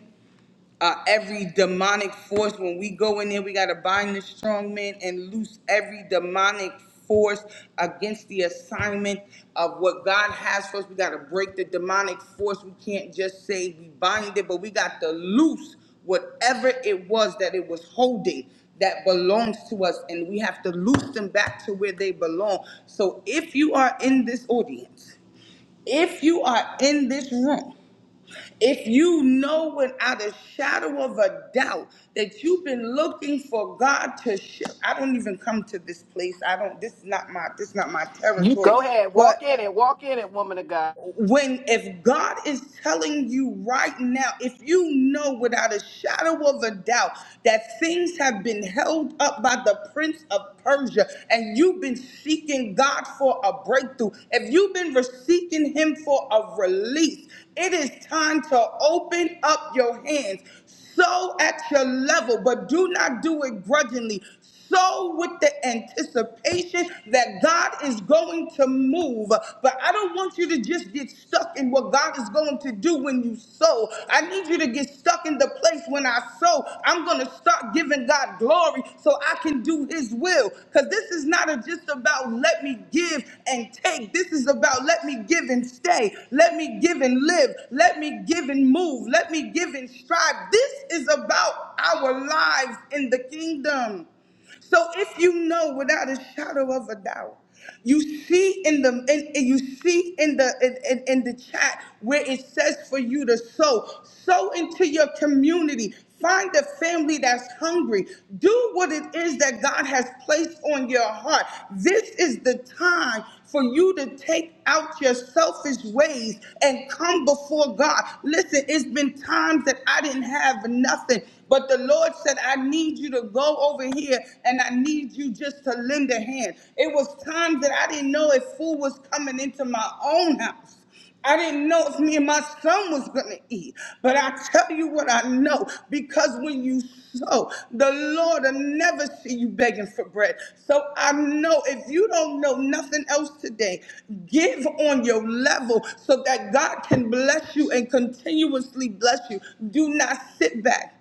Speaker 5: uh, every demonic force. When we go in there, we got to bind the strong man and loose every demonic force against the assignment of what God has for us. We got to break the demonic force. We can't just say we bind it, but we got to loose whatever it was that it was holding that belongs to us and we have to loose them back to where they belong. So if you are in this audience, if you are in this room if you know without a shadow of a doubt that you've been looking for God to show, I don't even come to this place. I don't. This is not my. This is not my
Speaker 6: You
Speaker 5: territory.
Speaker 6: go ahead. Walk
Speaker 5: But
Speaker 6: in it. Walk in it, woman of God.
Speaker 5: when if God is telling you right now, if you know without a shadow of a doubt that things have been held up by the prince of Persia and you've been seeking God for a breakthrough, if you've been seeking him for a release, it is time to open up your hands Sow at your level, but do not do it grudgingly. Sow with the anticipation that God is going to move. But I don't want you to just get stuck in what God is going to do when you sow. I need you to get stuck in the place when I sow. I'm going to start giving God glory so I can do his will. Because this is not a, just about let me give give and take. This is about let me give and stay. Let me give and live. Let me give and move. Let me give and strive. This is about our lives in the kingdom. So if you know without a shadow of a doubt, you see in the in, in- you see in the in, in, in the chat where it says for you to sow, sow into your community. Find a family that's hungry. Do what it is that God has placed on your heart. This is the time for you to take out your selfish ways and come before God. Listen, it's been times that I didn't have nothing, but the Lord said, I need you to go over here and I need you just to lend a hand. It was times that I didn't know if food was coming into my own house. I didn't know if me and my son was gonna eat, but I tell you what I know because when you sow, the Lord will never see you begging for bread. So I know if you don't know nothing else today, give on your level so that God can bless you and continuously bless you. Do not sit back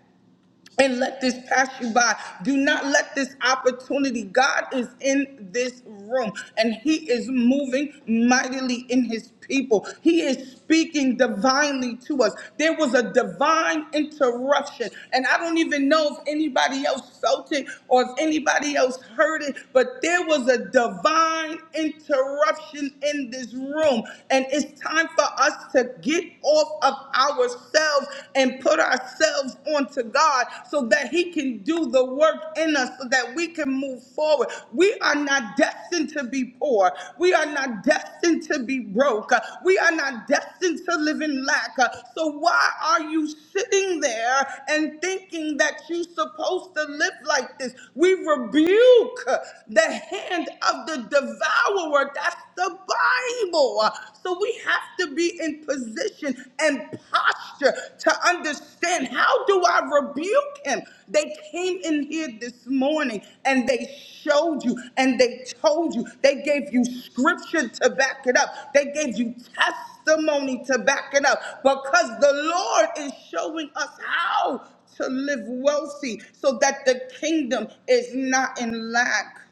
Speaker 5: and let this pass you by. Do not let this opportunity. God is in this room and He is moving mightily in His people. He is speaking divinely to us. There was a divine interruption, and I don't even know if anybody else felt it or if anybody else heard it, but there was a divine interruption in this room, and it's time for us to get off of of ourselves and put ourselves onto God so that He can do the work in us so that we can move forward. We are not destined to be poor. We are not destined to be broke. Uh, We are not destined to live in lack. Uh, So why are you sitting there and thinking that you're supposed to live like this? We rebuke uh, the hand of the devourer. That's the able. Uh, So we have to be in position and posture to understand how do I rebuke him? They came in here this morning and they showed you and they told you. They gave you scripture to back it up. They gave you testimony to back it up because the Lord is showing us how to live wealthy so that the kingdom is not in lack.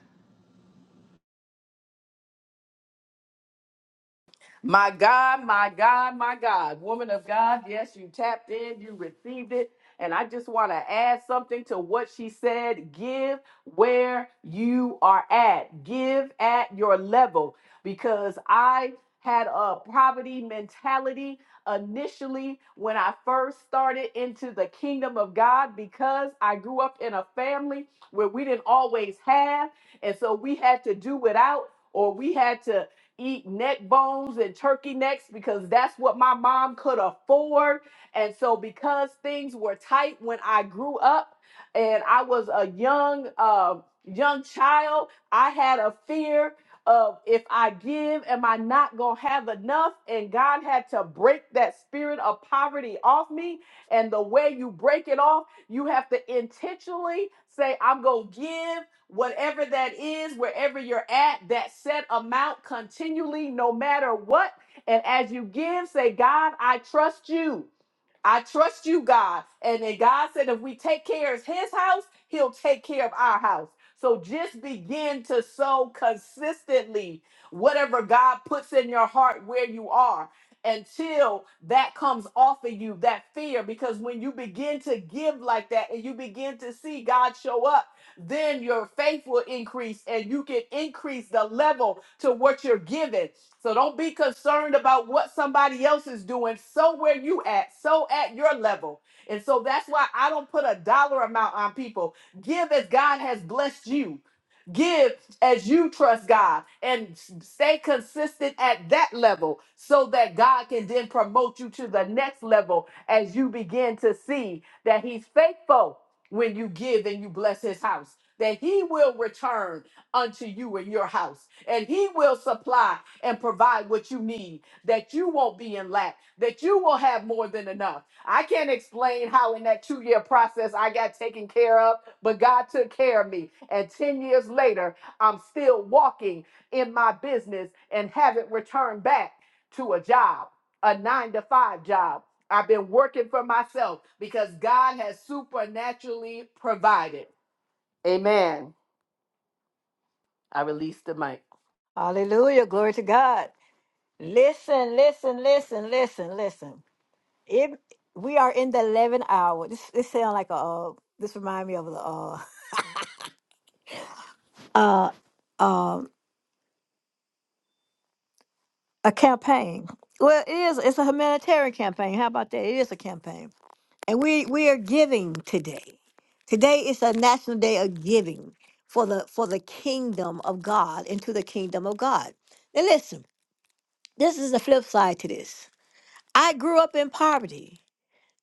Speaker 6: My God, my God, my God. Woman of God, yes, you tapped in, you received it. And I just want to add something to what she said. Give where you are at, give at your level. Because I had a poverty mentality initially when I first started into the kingdom of God because I grew up in a family where we didn't always have. And so we had to do without or we had to eat neck bones and turkey necks because that's what my mom could afford. And so, because things were tight when I grew up and I was a young, uh, young child, I had a fear of if I give, am I not going to have enough? And God had to break that spirit of poverty off me. And the way you break it off, you have to intentionally say, I'm going to give whatever that is, wherever you're at, that set amount continually, no matter what. And as you give, say, God, I trust you. I trust you, God. And then God said, if we take care of his house, he'll take care of our house. So just begin to sow consistently whatever God puts in your heart where you are until that comes off of you, that fear. Because when you begin to give like that and you begin to see God show up, then your faith will increase and you can increase the level to what you're given. So don't be concerned about what somebody else is doing. So where you at, so at your level. And so that's why I don't put a dollar amount on people. Give as God has blessed you. Give as you trust God and stay consistent at that level so that God can then promote you to the next level as you begin to see that He's faithful when you give and you bless his house, that he will return unto you in your house, and he will supply and provide what you need, that you won't be in lack, that you will have more than enough. I can't explain how in that two year process I got taken care of, but God took care of me. And 10 years later, I'm still walking in my business and haven't returned back to a job, a nine to five job. I've been working for myself because God has supernaturally provided. Amen. I release the mic.
Speaker 1: Hallelujah. Glory to God. Listen, listen, listen, listen, listen. If we are in the eleven hour, this this sound like a uh, this remind me of the uh uh um a campaign. Well, it is. It's a humanitarian campaign. How about that? It is a campaign, and we we are giving today. Today is a national day of giving for the for the kingdom of God into the kingdom of God. Now listen, this is the flip side to this. I grew up in poverty.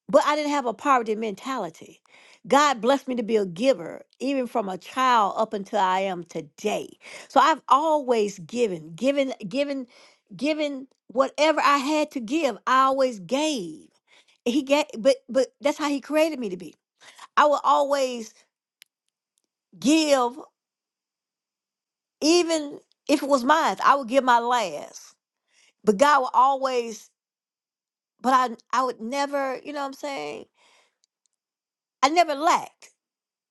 Speaker 1: but I didn't have a poverty mentality. God blessed me to be a giver, even from a child up until I am today. So I've always given, given, given, given whatever I had to give. I always gave. He gave, but but that's how He created me to be. I would always give, even if it was mine. I would give my last, but God would always. But I I would never, you know what I'm saying? I never lacked.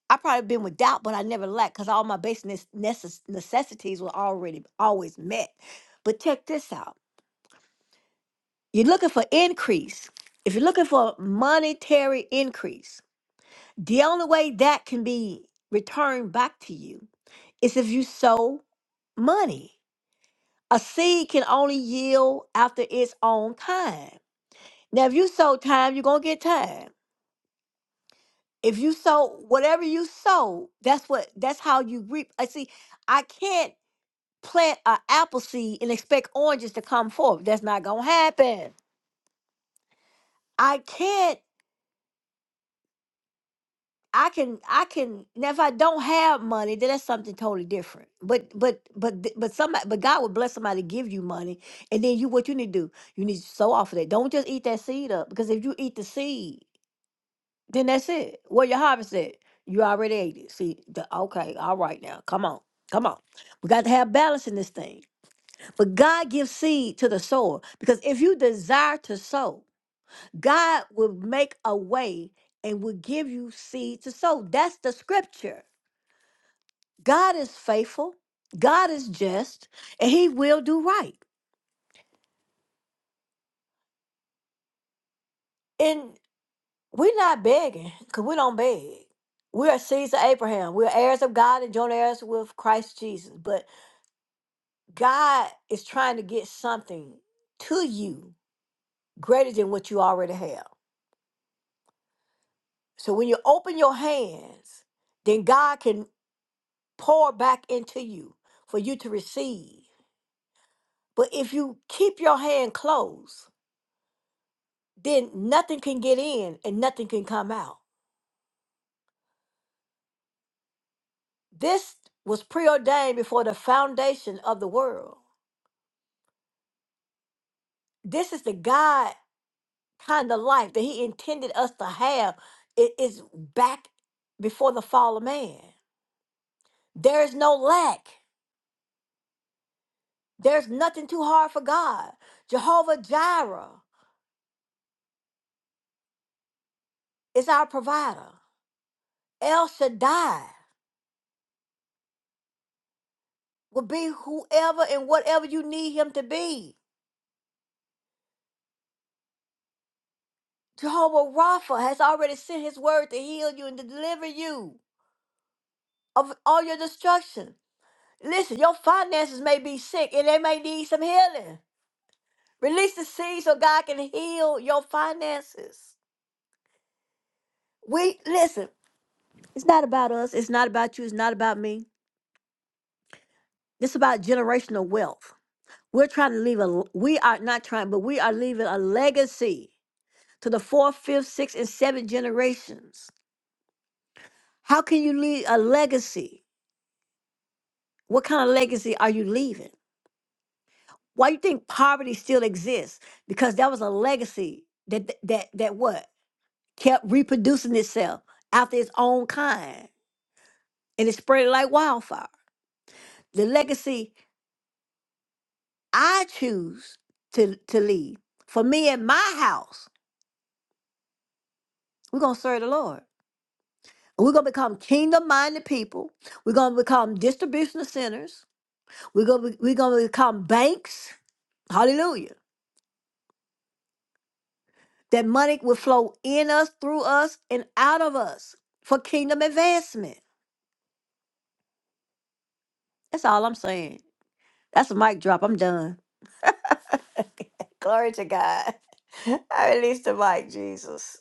Speaker 1: I probably been without, but I never lacked because all my basic nes- necess- necessities were already always met. But check this out: you're looking for increase. If you're looking for monetary increase, the only way that can be returned back to you is if you sow money. A seed can only yield after its own time. Now, if you sow time, you're gonna get time. If you sow whatever you sow, that's what that's how you reap. I see. I can't. plant an apple seed and expect oranges to come forth. That's not gonna happen. I can't. I can. I can. Now, if I don't have money, then that's something totally different. But but but th- but somebody. But God would bless somebody to give you money, and then you what you need to do? You need to sow off of that. Don't just eat that seed up because if you eat the seed, then that's it. Where your harvest at? You already ate it. See, the, okay, all right now. Come on, come on. We got to have balance in this thing. But God gives seed to the sower because if you desire to sow, God will make a way and will give you seed to sow. That's the scripture. God is faithful, God is just, and He will do right. And we're not begging because we don't beg. We are seeds of Abraham. We're heirs of God and joint heirs with Christ Jesus. But God is trying to get something to you greater than what you already have. So when you open your hands, then God can pour back into you for you to receive. But if you keep your hand closed, then nothing can get in and nothing can come out. This was preordained before the foundation of the world. This is the God kind of life that He intended us to have. It is back before the fall of man. There is no lack, there's nothing too hard for God. Jehovah Jireh is our provider. El Shaddai will be whoever and whatever you need Him to be. Jehovah Rapha has already sent his word to heal you and to deliver you of all your destruction. Listen, your finances may be sick and they may need some healing. Release the seed so God can heal your finances. We listen, it's not about us, it's not about you, it's not about me. It's about generational wealth. We're trying to leave a we are not trying, but we are leaving a legacy to the fourth, fifth, sixth, and seventh generations. How can you leave a legacy? What kind of legacy are you leaving? Why you think poverty still exists? Because that was a legacy that that that what kept reproducing itself after its own kind, and it spread like wildfire. The legacy I choose to to leave for me and my house, we're gonna serve the Lord. And We're gonna become kingdom-minded people. We're gonna become distribution centers. We're gonna be- we're gonna become banks. Hallelujah! That money will flow in us, through us, and out of us for kingdom advancement. That's all I'm saying. That's a mic drop. I'm done. Glory to God. I release the mic, Jesus.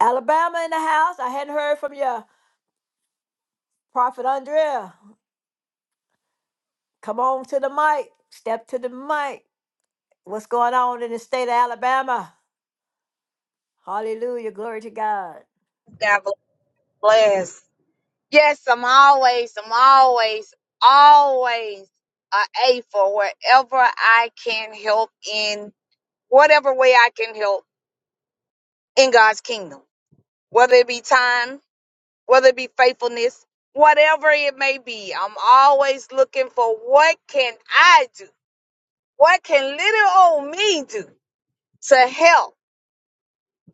Speaker 1: Alabama in the house. I hadn't heard from you, Prophet Andrea. Come on to the mic. Step to the mic. What's going on in the state of Alabama? Hallelujah. Glory to God.
Speaker 8: God bless. Yes, I'm always, I'm always, always a A for wherever I can help in whatever way I can help in God's kingdom. Whether it be time, whether it be faithfulness, whatever it may be, I'm always looking for what can I do? What can little old me do to help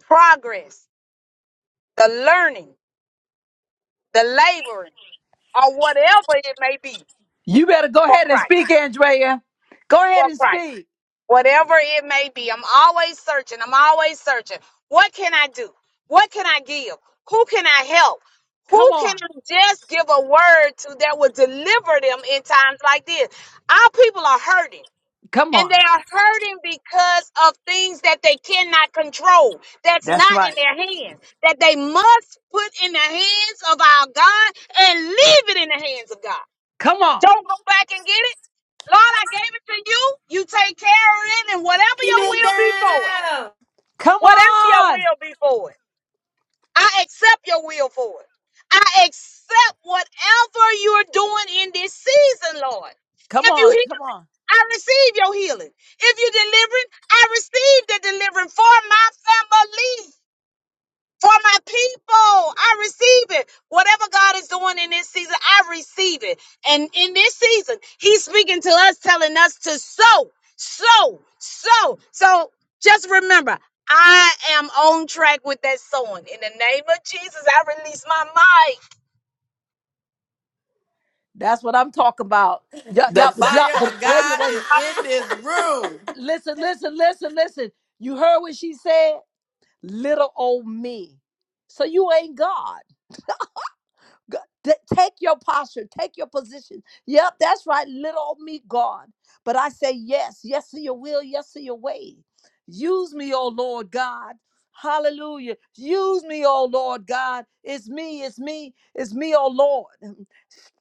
Speaker 8: progress, the learning, the laboring, or whatever it may be
Speaker 4: You better go
Speaker 8: for
Speaker 4: ahead and
Speaker 8: Christ,
Speaker 4: speak, Andrea. Go ahead
Speaker 8: for
Speaker 4: and
Speaker 8: Christ.
Speaker 4: speak.
Speaker 8: whatever it may be. I'm always searching. I'm always searching. What can I do? What can I give? Who can I help?
Speaker 4: Come
Speaker 8: Who can
Speaker 4: on.
Speaker 8: I just give a word to that will deliver them in times like this? Our people are hurting.
Speaker 4: Come
Speaker 8: And
Speaker 4: on.
Speaker 8: they are hurting because of things that they cannot control, that's
Speaker 4: That's
Speaker 8: not in
Speaker 4: right.
Speaker 8: their hands, that they must put in the hands of our God and leave it in the hands of God.
Speaker 4: Come on.
Speaker 8: Don't go back and get it. Lord, I gave it to you. You take care of it, and whatever your will be for it,
Speaker 4: Come
Speaker 8: whatever your
Speaker 4: on.
Speaker 8: will be for it, I accept your will for it. I accept whatever you're doing in this season, Lord.
Speaker 4: Come
Speaker 8: If you
Speaker 4: on. Come
Speaker 8: heal,
Speaker 4: on.
Speaker 8: I receive your healing. If you're delivering, I receive the delivering for my family for my people. I receive it. Whatever God is doing in this season, I receive it. And in this season, He's speaking to us, telling us to sow, sow, sow. So just remember, I am on track with that sowing. In the name of Jesus, I release my mic.
Speaker 4: That's what I'm talking about. Yup,
Speaker 6: The
Speaker 4: yup, but yup,
Speaker 6: fire
Speaker 4: but
Speaker 6: of
Speaker 4: wait a minute,
Speaker 6: God
Speaker 4: wait a minute.
Speaker 6: is in this room.
Speaker 4: Listen, listen, listen, listen. You heard what she said? Little old me. So you ain't God. G- t- Take your posture, take your position. Yep, that's right, little old me, God. But I say yes, yes to your will, yes to your way. Use me, oh Lord God. Hallelujah. Use me, oh Lord God. It's me, it's me, it's me, oh Lord.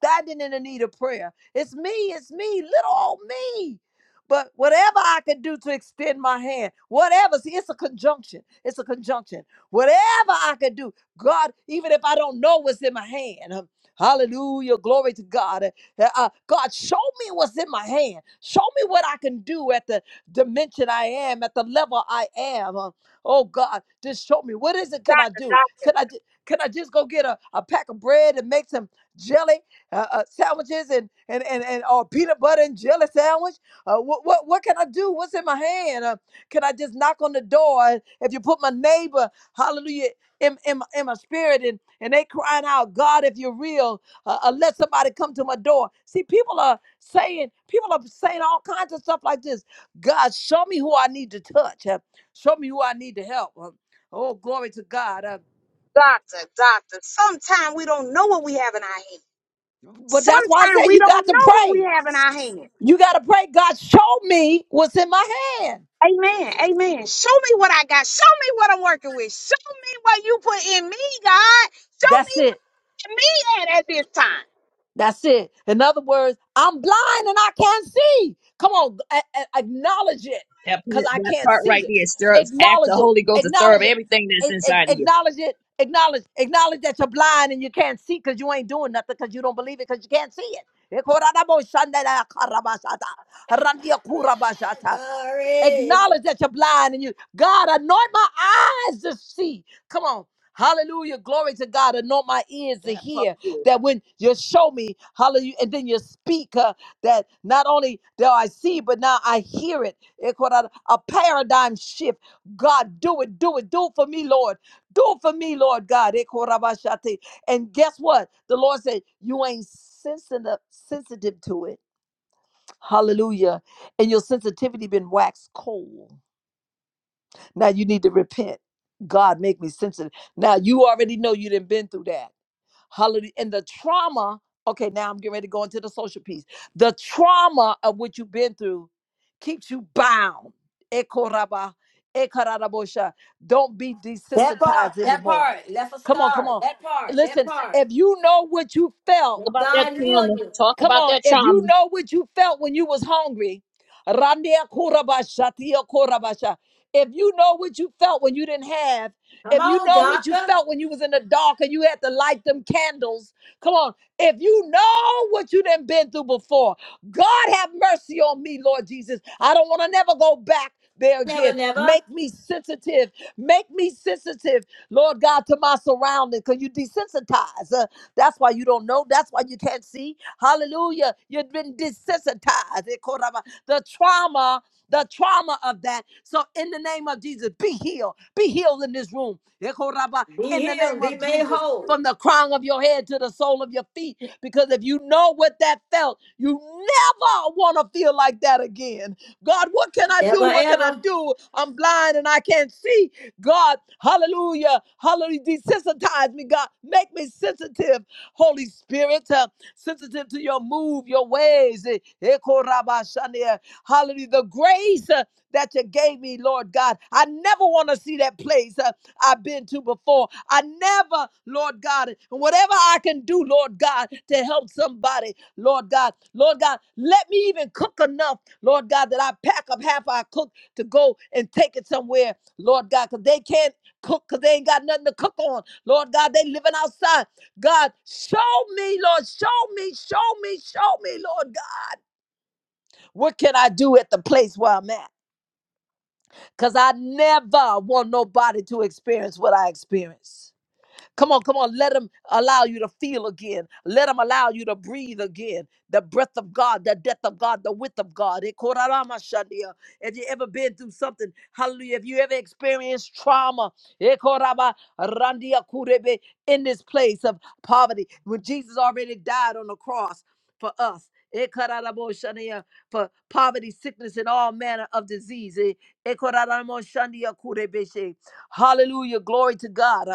Speaker 4: Standing in the need of prayer. It's me, it's me, little old me. But whatever I can do to extend my hand, whatever, see, it's a conjunction. It's a conjunction. Whatever I can do, God, even if I don't know what's in my hand. um, Hallelujah. Glory to God. Uh, uh, God, show me what's in my hand. Show me what I can do at the dimension I am, at the level I am. Uh, oh God, just show me. What is it can I do? Can
Speaker 8: Doctor,
Speaker 4: I, ju- can I just go get a, a pack of bread and make some jelly uh, uh, sandwiches and, and, and, and or peanut butter and jelly sandwich? Uh, what, what, what can I do? What's in my hand? Uh, can I just knock on the door? If you put my neighbor, hallelujah in, in, my- in my spirit and, and they crying out, God, if you're real, uh, uh, let somebody come to my door. See, people are saying, people are saying all kinds of stuff like this. God, show me who I need to touch. Uh, Show me who I need to help. Uh, Oh, glory to God. Uh,
Speaker 8: doctor, doctor, doctor. Sometimes we don't know what we have in our hand.
Speaker 4: but that's why I
Speaker 8: Sometimes
Speaker 4: say
Speaker 8: we
Speaker 4: you got
Speaker 8: don't
Speaker 4: to
Speaker 8: know what we
Speaker 4: pray.
Speaker 8: have in our hand.
Speaker 4: You got to pray. God, show me what's in my hand.
Speaker 8: Amen. Amen. Show me what I got. Show me what I'm working with. Show me what you put in me, God. Show
Speaker 4: That's
Speaker 8: me what
Speaker 4: it.
Speaker 8: me at at this
Speaker 4: That's it. In other words, I'm blind and I can't see. Come on, a- a- acknowledge it
Speaker 3: That part,
Speaker 4: because I
Speaker 3: that
Speaker 4: can't
Speaker 3: part right
Speaker 4: see it.
Speaker 3: there stirs after
Speaker 4: Acknowledge
Speaker 3: the
Speaker 4: it.
Speaker 3: Holy Ghost to stir up
Speaker 4: Acknowledge it.
Speaker 3: everything that's
Speaker 4: A-
Speaker 3: inside of
Speaker 4: a-
Speaker 3: you.
Speaker 4: Acknowledge it. Acknowledge. Acknowledge that you're blind and you can't see because you ain't doing nothing because you don't believe it because you can't see it.
Speaker 1: Glory.
Speaker 4: Acknowledge that you're blind and you, God, anoint my eyes to see. Come on. Hallelujah. Glory to God. Anoint my ears to
Speaker 3: That part
Speaker 4: hear
Speaker 3: there. Talk
Speaker 4: that when you show me, hallelujah, and then you speak, uh, that not only do I see, but now I hear it. It called out A paradigm shift. God, do it, do it, do it for me, Lord. Do it for me, Lord God. It called out Abashate. And guess what? The Lord said, You ain't sensitive, sensitive to it. Hallelujah. And your sensitivity been waxed cold. Now you need to repent. God, make me sensitive. Now you already know you didn't been through that. Hallelujah. And the trauma, okay, now I'm getting ready to go into the social piece. The trauma of what you've been through keeps you bound. Ekoraba, ekarabosha. Don't be
Speaker 1: That part.
Speaker 4: desensitized
Speaker 1: That
Speaker 4: anymore.
Speaker 1: part. Left a
Speaker 4: Come on, come
Speaker 1: scar.
Speaker 4: on.
Speaker 1: That part. That
Speaker 4: Listen,
Speaker 1: part.
Speaker 4: if you know what you felt,
Speaker 1: Let
Speaker 3: about that
Speaker 1: God heal
Speaker 3: trauma.
Speaker 1: you.
Speaker 3: Talk
Speaker 4: Come
Speaker 3: about
Speaker 4: on,
Speaker 3: that
Speaker 4: if you
Speaker 3: trauma.
Speaker 4: know what you felt when you was hungry, Randia Kurabasha, Tia Kurabasha. If you know what you felt when you didn't have,
Speaker 1: Come
Speaker 4: if you
Speaker 1: on,
Speaker 4: know what you
Speaker 1: doctor.
Speaker 4: felt when you was in the dark and you had to light them candles, come on. If you know what you done been through before, God have mercy on me, Lord Jesus. I don't want to never go back there again. Make me sensitive. Make me sensitive, Lord God, to my surroundings because you desensitize. Uh, that's why you don't know. That's why you can't see. Hallelujah. You've been desensitized. Eh, The trauma, the trauma of that. So in the name of Jesus, be healed. Be healed in this room. Eh, in
Speaker 1: Be
Speaker 4: the
Speaker 1: healed.
Speaker 4: name
Speaker 1: Be
Speaker 4: of
Speaker 1: made
Speaker 4: Jesus
Speaker 1: whole.
Speaker 4: from the crown of your head to the sole of your feet. Because if you know what that felt, you never want to feel like that again. God, what can I
Speaker 1: Never
Speaker 4: do? What can I
Speaker 1: ever.
Speaker 4: do? I'm blind and I can't see. God, hallelujah, hallelujah. Desensitize me, God. Make me sensitive, Holy Spirit uh, sensitive to your move, your ways. Eh, eh, Hallelujah. The grace uh, that you gave me, Lord God. I never want to see that place uh, I've been to before. I never, Lord God, and whatever I can do, Lord God, to help somebody, Lord God, Lord God, let me even cook enough, Lord God, that I pack up half I cook to go and take it somewhere, Lord God, because they can't cook because they ain't got nothing to cook on. Lord God, they living outside. God, show me, Lord, show me, show me, show me, Lord God. What can I do at the place where I'm at? Because I never want nobody to experience what I experienced. Come on, come on. Let him allow you to feel again. Let him allow you to breathe again. The breath of God, the depth of God, the width of God. Eh, korarama shandia. Have you ever been through something? Hallelujah. Have you ever experienced trauma? Eh, koraba randia kurebe. In this place of poverty, when Jesus already died on the cross for us. Eh, kararabo shandia, For poverty, sickness, and all manner of disease. Eh, eh, koraramo shandia kurebe she. Hallelujah. Glory to God.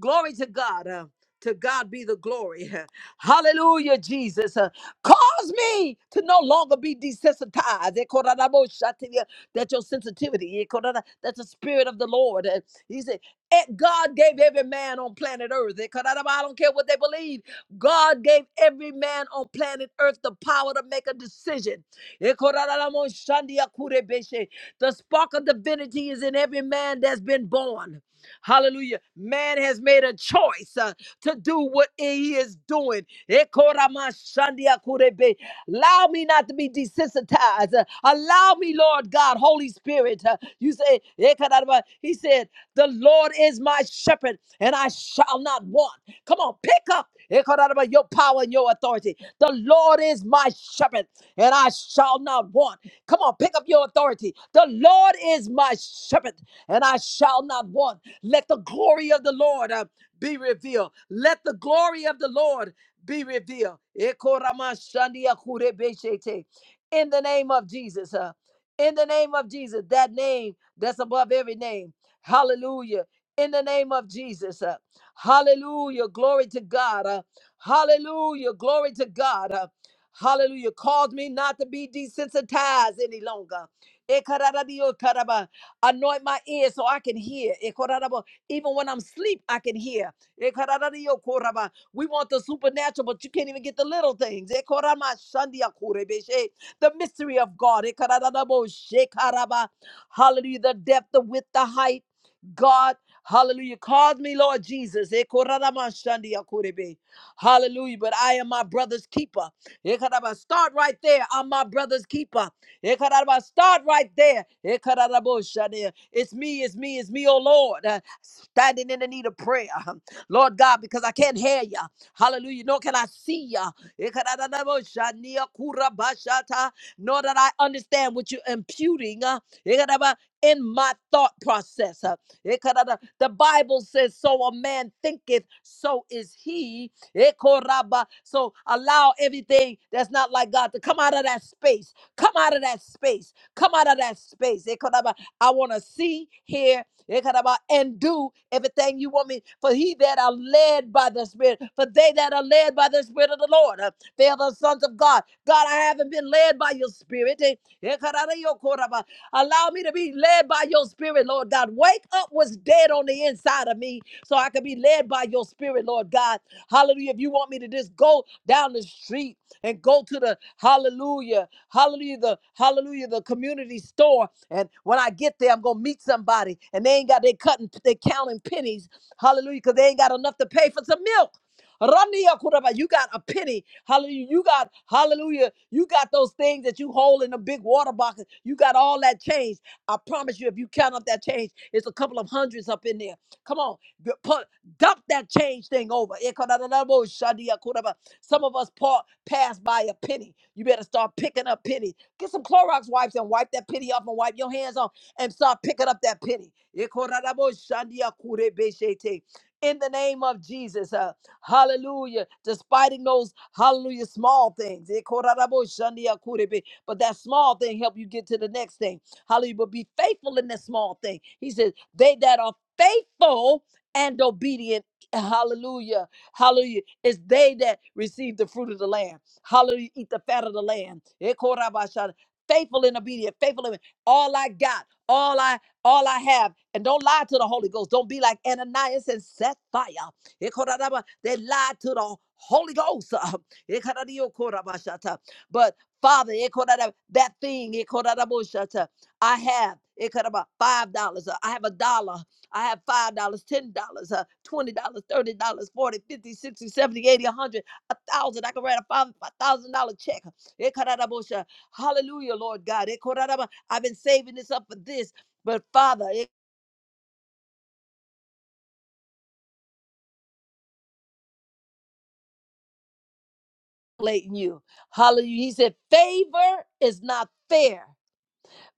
Speaker 4: Glory to God. Uh, to God be the glory. Hallelujah, Jesus. Uh, cause me to no longer be desensitized. Eh, koranabo shatiria, That your sensitivity, eh, korana- that the spirit of the Lord. uh, He said, eh, God gave every man on planet Earth. eh, koranaba, I don't care what they believe. God gave every man on planet Earth the power to make a decision. Eh, koranamo shandia kurebeshe. The spark of divinity is in every man that's been born. Hallelujah. Man has made a choice uh, to do what he is doing. Ekoramashandiakurebe. Allow me not to be desensitized. Uh, Allow me, Lord God, Holy Spirit. uh, You say, Ekarabba. He said, The Lord is my shepherd, and I shall not want. Come on, pick up Ekarabba, your power and your authority. The Lord is my shepherd, and I shall not want. Come on, pick up your authority. The Lord is my shepherd, and I shall not want. Let the glory of the Lord uh, be revealed. Let the glory of the Lord be revealed. Ekoramashandiakurebeshete. In the name of Jesus. uh, in the name of Jesus, that name that's above every name. Hallelujah. In the name of Jesus. uh, hallelujah. Glory to God. uh, hallelujah. Glory to God. uh, hallelujah. Cause me not to be desensitized any longer. Anoint my ears so I can hear. Ekorarabo. Even when I'm asleep, I can hear. Ekararariokoraba. We want the supernatural, but you can't even get the little things. Ekoramashandiakurebeshe. The mystery of God. Ekarararabo. Shekaraba. Hallelujah. The depth, the width, the height. God, hallelujah. Cause me, Lord Jesus. Ekoramashandiakurebe. Hallelujah. But I am my brother's keeper. Ekaraba. Start right there. I'm my brother's keeper. Ekaraba, Start right there. It's me, it's me, it's me, oh Lord. uh, Standing in the need of prayer. Lord God, because I can't hear you. Hallelujah. Nor can I see you. Nor that I understand what you're imputing uh, in my thought process. uh, The Bible says, So a man thinketh, so is he. So allow everything that's not like God to come out of that space Come out of that space. Come out of that space. Ekanaba, I want to see, hear, ekanaba, and do everything you want me. For he that are led by the Spirit, for they that are led by the Spirit of the Lord, uh, they are the sons of God. God, I haven't been led by your Spirit. Eh, ekanada, yokoraba. Allow me to be led by your spirit, Lord God. Wake up what's dead on the inside of me so I can be led by your spirit, Lord God. Hallelujah. If you want me to just go down the street and go to the hallelujah, hallelujah, the hallelujah, the community store. And when I get there, I'm gonna meet somebody and they ain't got they cutting they counting pennies. Hallelujah, because they ain't got enough to pay for some milk. Rania Kuraba, You got a penny. Hallelujah. You got, hallelujah. You got those things that you hold in a big water box. You got all that change. I promise you, if you count up that change, it's a couple of hundreds up in there. Come on. g- Put, dump that change thing over. Ekodadadabo shadia kuraba. Some of us pa- pass by a penny. You better start picking up pennies. Get some Clorox wipes and wipe that penny off and wipe your hands off and start picking up that penny. Ekodadabo shadia kurebe shete. In the name of Jesus. uh, Hallelujah. Despiting those, hallelujah, small things. Eh, korarabo shandia kurebe. But that small thing help you get to the next thing. Hallelujah. But be faithful in that small thing. He says, they that are faithful and obedient. Hallelujah. Hallelujah. It's they that receive the fruit of the land. Hallelujah. Eat the fat of the land. Eh, koraba shana. Faithful and obedient. Faithful and all I got. All I all I have. And don't lie to the Holy Ghost. Don't be like Ananias and set fire. They lied to the Holy Ghost. uh, But Father, that thing, I have ekoraba, five dollars. uh, I have a dollar. I have five dollars, ten dollars, uh, twenty dollars, thirty dollars, forty, fifty, sixty, seventy, eighty, a hundred, a thousand. I can write a five thousand dollar check. Hallelujah, Lord God. I've been saving this up for this. But Father, violating you. Hallelujah. He said, favor is not fair.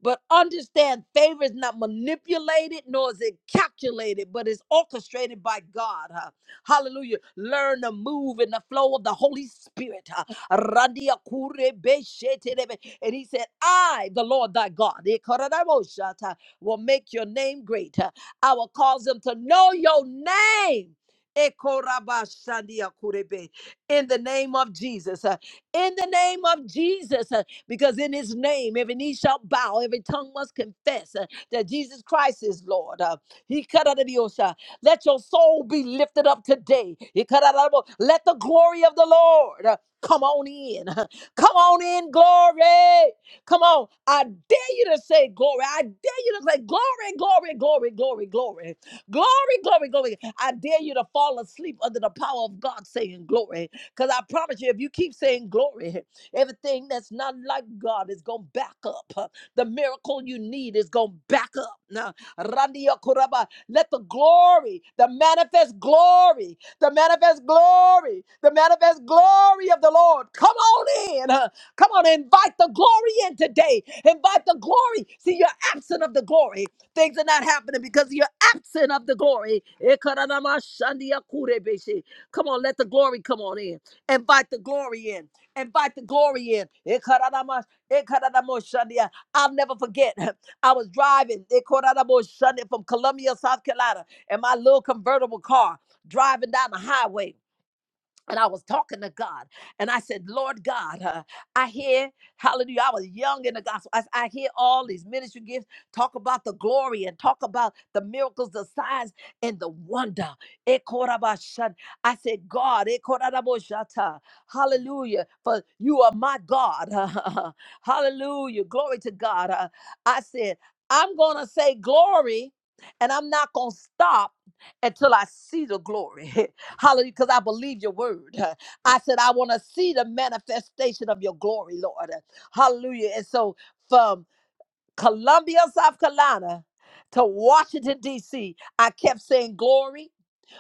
Speaker 4: But understand favor is not manipulated nor is it calculated, but it's orchestrated by God. huh? Hallelujah. Learn to move in the flow of the Holy Spirit. huh? Randia kure be shete debe. And he said, I, the Lord thy God, eh, karadabosata, will make your name great. huh? I will cause them to know your name. Eh, korabashandia kure be. In the name of Jesus. huh? In the name of Jesus. Huh? because in his name every knee shall bow, every tongue must confess uh, that Jesus Christ is Lord. Uh, he cut out of the ocean. Let your soul be lifted up today. He cut out of the- Let the glory of the Lord uh, come on in. Come on in, glory. Come on. I dare you to say glory. I dare you to say glory, glory, glory, glory, glory. Glory, glory, glory. I dare you to fall asleep under the power of God saying glory. Because I promise you, if you keep saying glory, Everything that's not like God is going to back up. huh. The miracle you need is going to back up. Now, Randia Kuraba, let the glory, the manifest glory, the manifest glory, the manifest glory of the Lord come on in. huh. Come on, invite the glory in today. Invite the glory. See, you're absent of the glory. Things are not happening because you're absent of the glory. Ekaranamashandiakurebeshi. Come on, let the glory come on in. Invite the glory in. Invite the glory in. Ekaradamas- Ekaradamoshandia. I'll never forget. I was driving Ekaradamoshandia from Columbia, South Carolina, in my little convertible car, driving down the highway and I was talking to God, and I said, Lord God, uh, I hear, hallelujah, I was young in the gospel. I, I hear all these ministry gifts talk about the glory and talk about the miracles, the signs, and the wonder. Ekorabashan. I said, God, ekorabashata. hallelujah, for you are my God. hallelujah, glory to God. Uh, I said, I'm going to say glory, and I'm not going to stop until I see the glory. Hallelujah, because I believe your word. I said, I want to see the manifestation of your glory, Lord. Hallelujah. And so from Columbia, South Carolina to Washington, D.C., I kept saying glory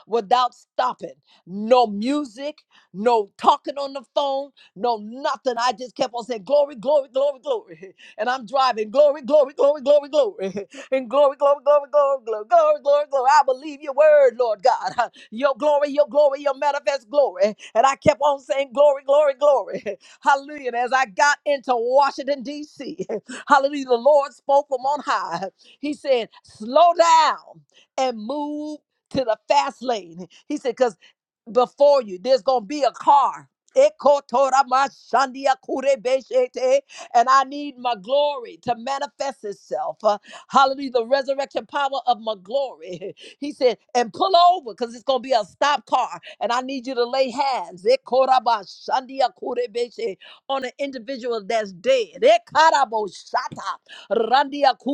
Speaker 4: without stopping. No music, no talking on the phone, no nothing. I just kept on saying, Glory, glory, glory, glory. And I'm driving, glory, glory, glory, glory, glory. And glory, glory, glory, glory, glory, glory, glory, glory. I believe your word, Lord God. Your glory, your glory, your manifest glory. And I kept on saying, Glory, glory, glory. Hallelujah. And as I got into Washington, D.C., hallelujah, the Lord spoke from on high. He said, Slow down and move to the fast lane. He said, because before you, there's going to be a car. And I need my glory to manifest itself. Uh, hallelujah. The resurrection power of my glory. He said, and pull over because it's going to be a stop car. And I need you to lay hands on an individual that's dead.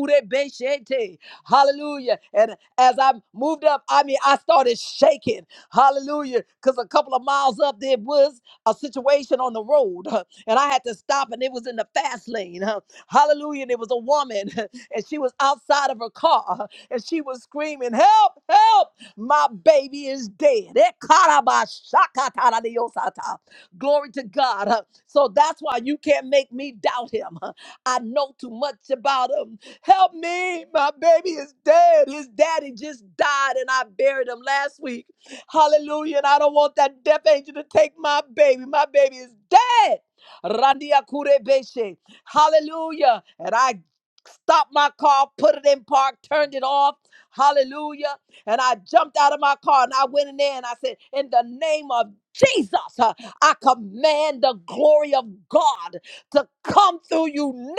Speaker 4: Hallelujah. And as I moved up, I mean, I started shaking. Hallelujah. Because a couple of miles up, there was a situation on the road, huh, and I had to stop, and it was in the fast lane. Huh. Hallelujah. There was a woman, and she was outside of her car, huh, and she was screaming, Help, help, my baby is dead. Ekarabashakataradiosata. Glory to God. Huh. So that's why you can't make me doubt him. Huh. I know too much about him. Help me. My baby is dead. His daddy just died and I buried him last week. Hallelujah. And I don't want that death angel to take my baby. My baby is dead. Randia Kurebeshe. Hallelujah. And I stopped my car, put it in park, turned it off. Hallelujah. And I jumped out of my car and I went in there and I said, In the name of Jesus, uh, I command the glory of God to come through you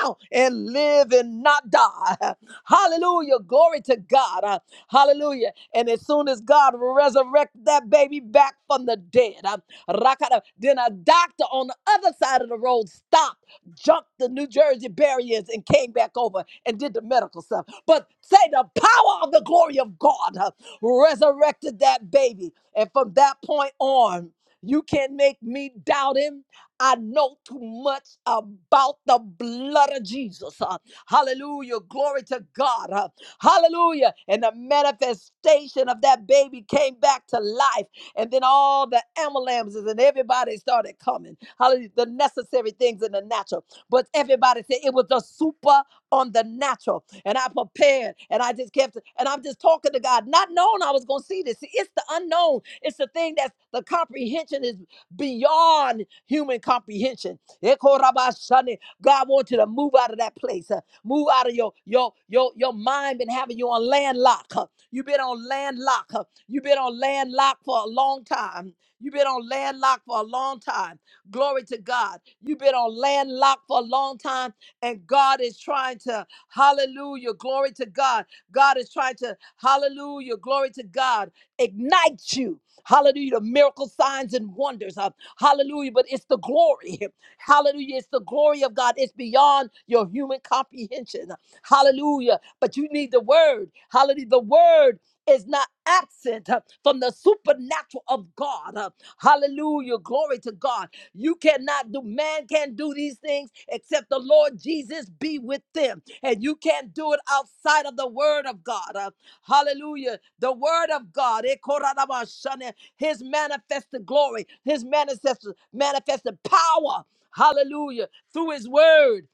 Speaker 4: now and live and not die. Hallelujah. Glory to God. Uh, Hallelujah. And as soon as God resurrected that baby back from the dead, uh, rakata, then a doctor on the other side of the road stopped, jumped the New Jersey barriers, and came back over and did the medical stuff. But say the power of the glory of God uh, resurrected that baby. And from that point on, you can't make me doubt him. I know too much about the blood of Jesus. Uh, hallelujah. Glory to God. Uh, hallelujah. And the manifestation of that baby came back to life. And then all the amalams and everybody started coming. Hallelujah. The necessary things in the natural. But everybody said it was the super on the natural. And I prepared and I just kept, and I'm just talking to God, not knowing I was going to see this. See, it's the unknown. It's the thing that's the comprehension is beyond human comprehension. Ekorabashane. God wants you to move out of that place. uh, Move out of your your your your mind been having you on landlock. huh? you have been on landlock. huh? you have been on landlock for a long time. you have been on landlock for a long time. Glory to God. You've been on landlock for a long time, and God is trying to, hallelujah, glory to God. God is trying to, hallelujah, glory to God, ignite you. Hallelujah. The miracle signs and wonders. Uh, hallelujah. But it's the glory. Hallelujah. It's the glory of God. It's beyond your human comprehension. Hallelujah but you need the word. Hallelujah. The word is not absent uh, from the supernatural of God. uh, Hallelujah. Glory to God. You cannot do, man can't do these things except the Lord Jesus be with them. And you can't do it outside of the word of God. uh, Hallelujah. The word of God, eh, koradabashane, his manifested glory, his manifested, manifested power. Hallelujah. Through his word.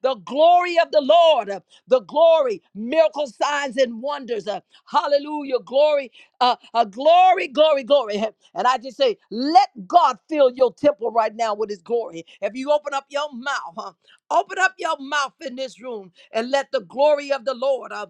Speaker 4: The glory of the Lord, uh, the glory, miracle signs and wonders. uh, Hallelujah. Glory, uh, uh, glory, glory, glory. And I just say, let God fill your temple right now with his glory. If you open up your mouth, huh, open up your mouth in this room and let the glory of the Lord uh,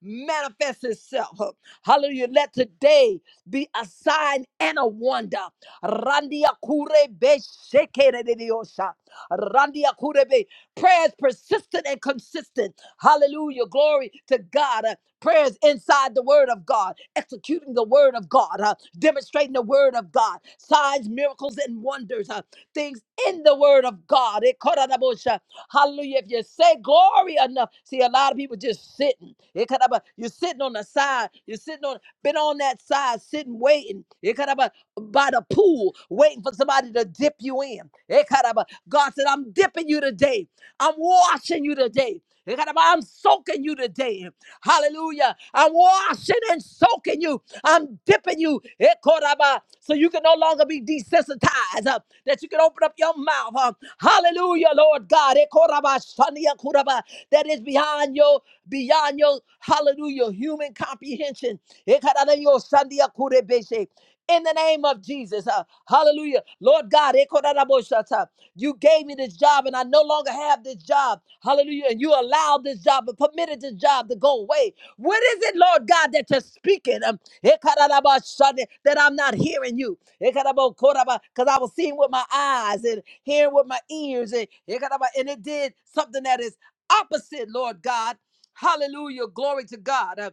Speaker 4: manifest itself. huh. Hallelujah. Let today be a sign and a wonder. Randia kurebe shekere de diosa. Randia kurebe. Prayer is persistent and consistent. Hallelujah. Glory to God. Uh, Prayers inside the word of God, executing the word of God, uh, demonstrating the word of God, signs, miracles, and wonders, uh, things in the word of God. Eh, koranabosha. Hallelujah. If you say glory enough, see, a lot of people just sitting. Eh, kadaba. You're sitting on the side. You're sitting on been on that side sitting waiting Ekaraba, by the pool waiting for somebody to dip you in Ekaraba, god said i'm dipping you today i'm washing you today Ekaraba, i'm soaking you today hallelujah i'm washing and soaking you i'm dipping you. eh, Koraba, So you can no longer be desensitized. uh, That you can open up your mouth. uh, Hallelujah, Lord God. eh, Koraba, Shania Koraba, That is beyond your beyond your hallelujah human comprehension. Eh, Karadayo, Shania Kurebeshe. In the name of Jesus, uh, hallelujah. Lord God, eh, Koradaboshata, you gave me this job and I no longer have this job. Hallelujah. And you allowed this job and permitted this job to go away. What is it, Lord God, that you're speaking? Um, Ekarabashane, that I'm not hearing you. Ekarabokoraba, Cause I was seeing with my eyes and hearing with my ears and, ekaraba, and it did something that is opposite, Lord God. Hallelujah. Glory to God. Uh,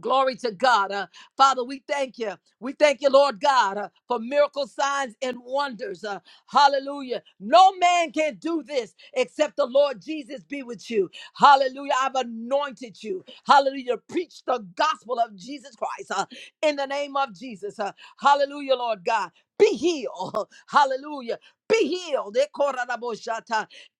Speaker 4: Glory to God. Uh, Father, we thank you. We thank you, Lord God, uh, for miracle signs and wonders. Uh, hallelujah. No man can do this except the Lord Jesus be with you. Hallelujah. I've anointed you. Hallelujah. Preach the gospel of Jesus Christ uh, in the name of Jesus. Uh, hallelujah, Lord God. Be healed. Hallelujah. Be healed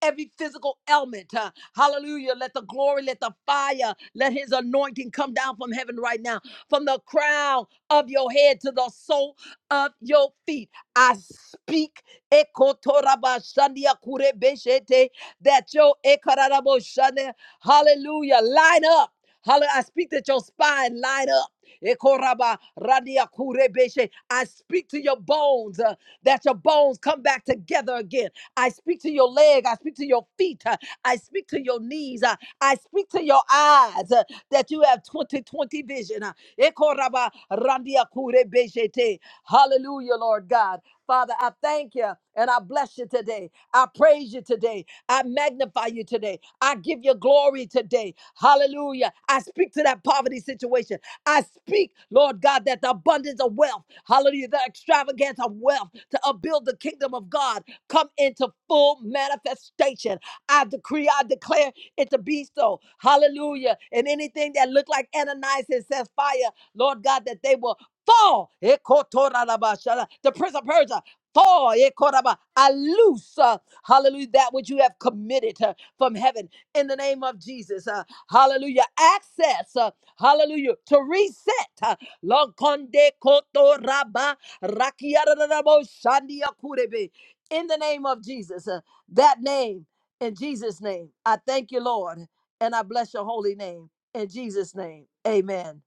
Speaker 4: every physical ailment. uh, hallelujah. Let the glory, let the fire, let his anointing come down from heaven right now, from the crown of your head to the sole of your feet. I speak ekotorabashandiakurebeshete, that your ekararaboshane- hallelujah line up. Hallelujah. I speak that your spine line up. Ekoraba radia kurebeshe. I speak to your bones uh, that your bones come back together again. I speak to your leg. I speak to your feet. uh, I speak to your knees. uh, I speak to your eyes uh, that you have 2020 vision. uh, Ekoraba randia kurebeshe te. Hallelujah, Lord God. Father, I thank thank you and I bless you today. I praise you today. I magnify you today. I give you glory today. Hallelujah. I speak to that poverty situation. I speak, Lord God, that the abundance of wealth, hallelujah, the extravagance of wealth to upbuild the kingdom of God come into full manifestation. I decree, I declare it to be so. Hallelujah. And anything that looked like Ananias and says fire, Lord God, that they will fall. Ekotorabashala. The Prince of Persia. Fall, Ekoraba. I loose, uh, hallelujah, that which you have committed uh, from heaven in the name of Jesus. uh, hallelujah. Access, uh, hallelujah, to reset. Uh, Lokonde kotoraba rakiarabo shandiakurebe. in the name of Jesus. uh, that name, in Jesus' name, I thank you, Lord, and I bless your holy name. In Jesus' name, amen.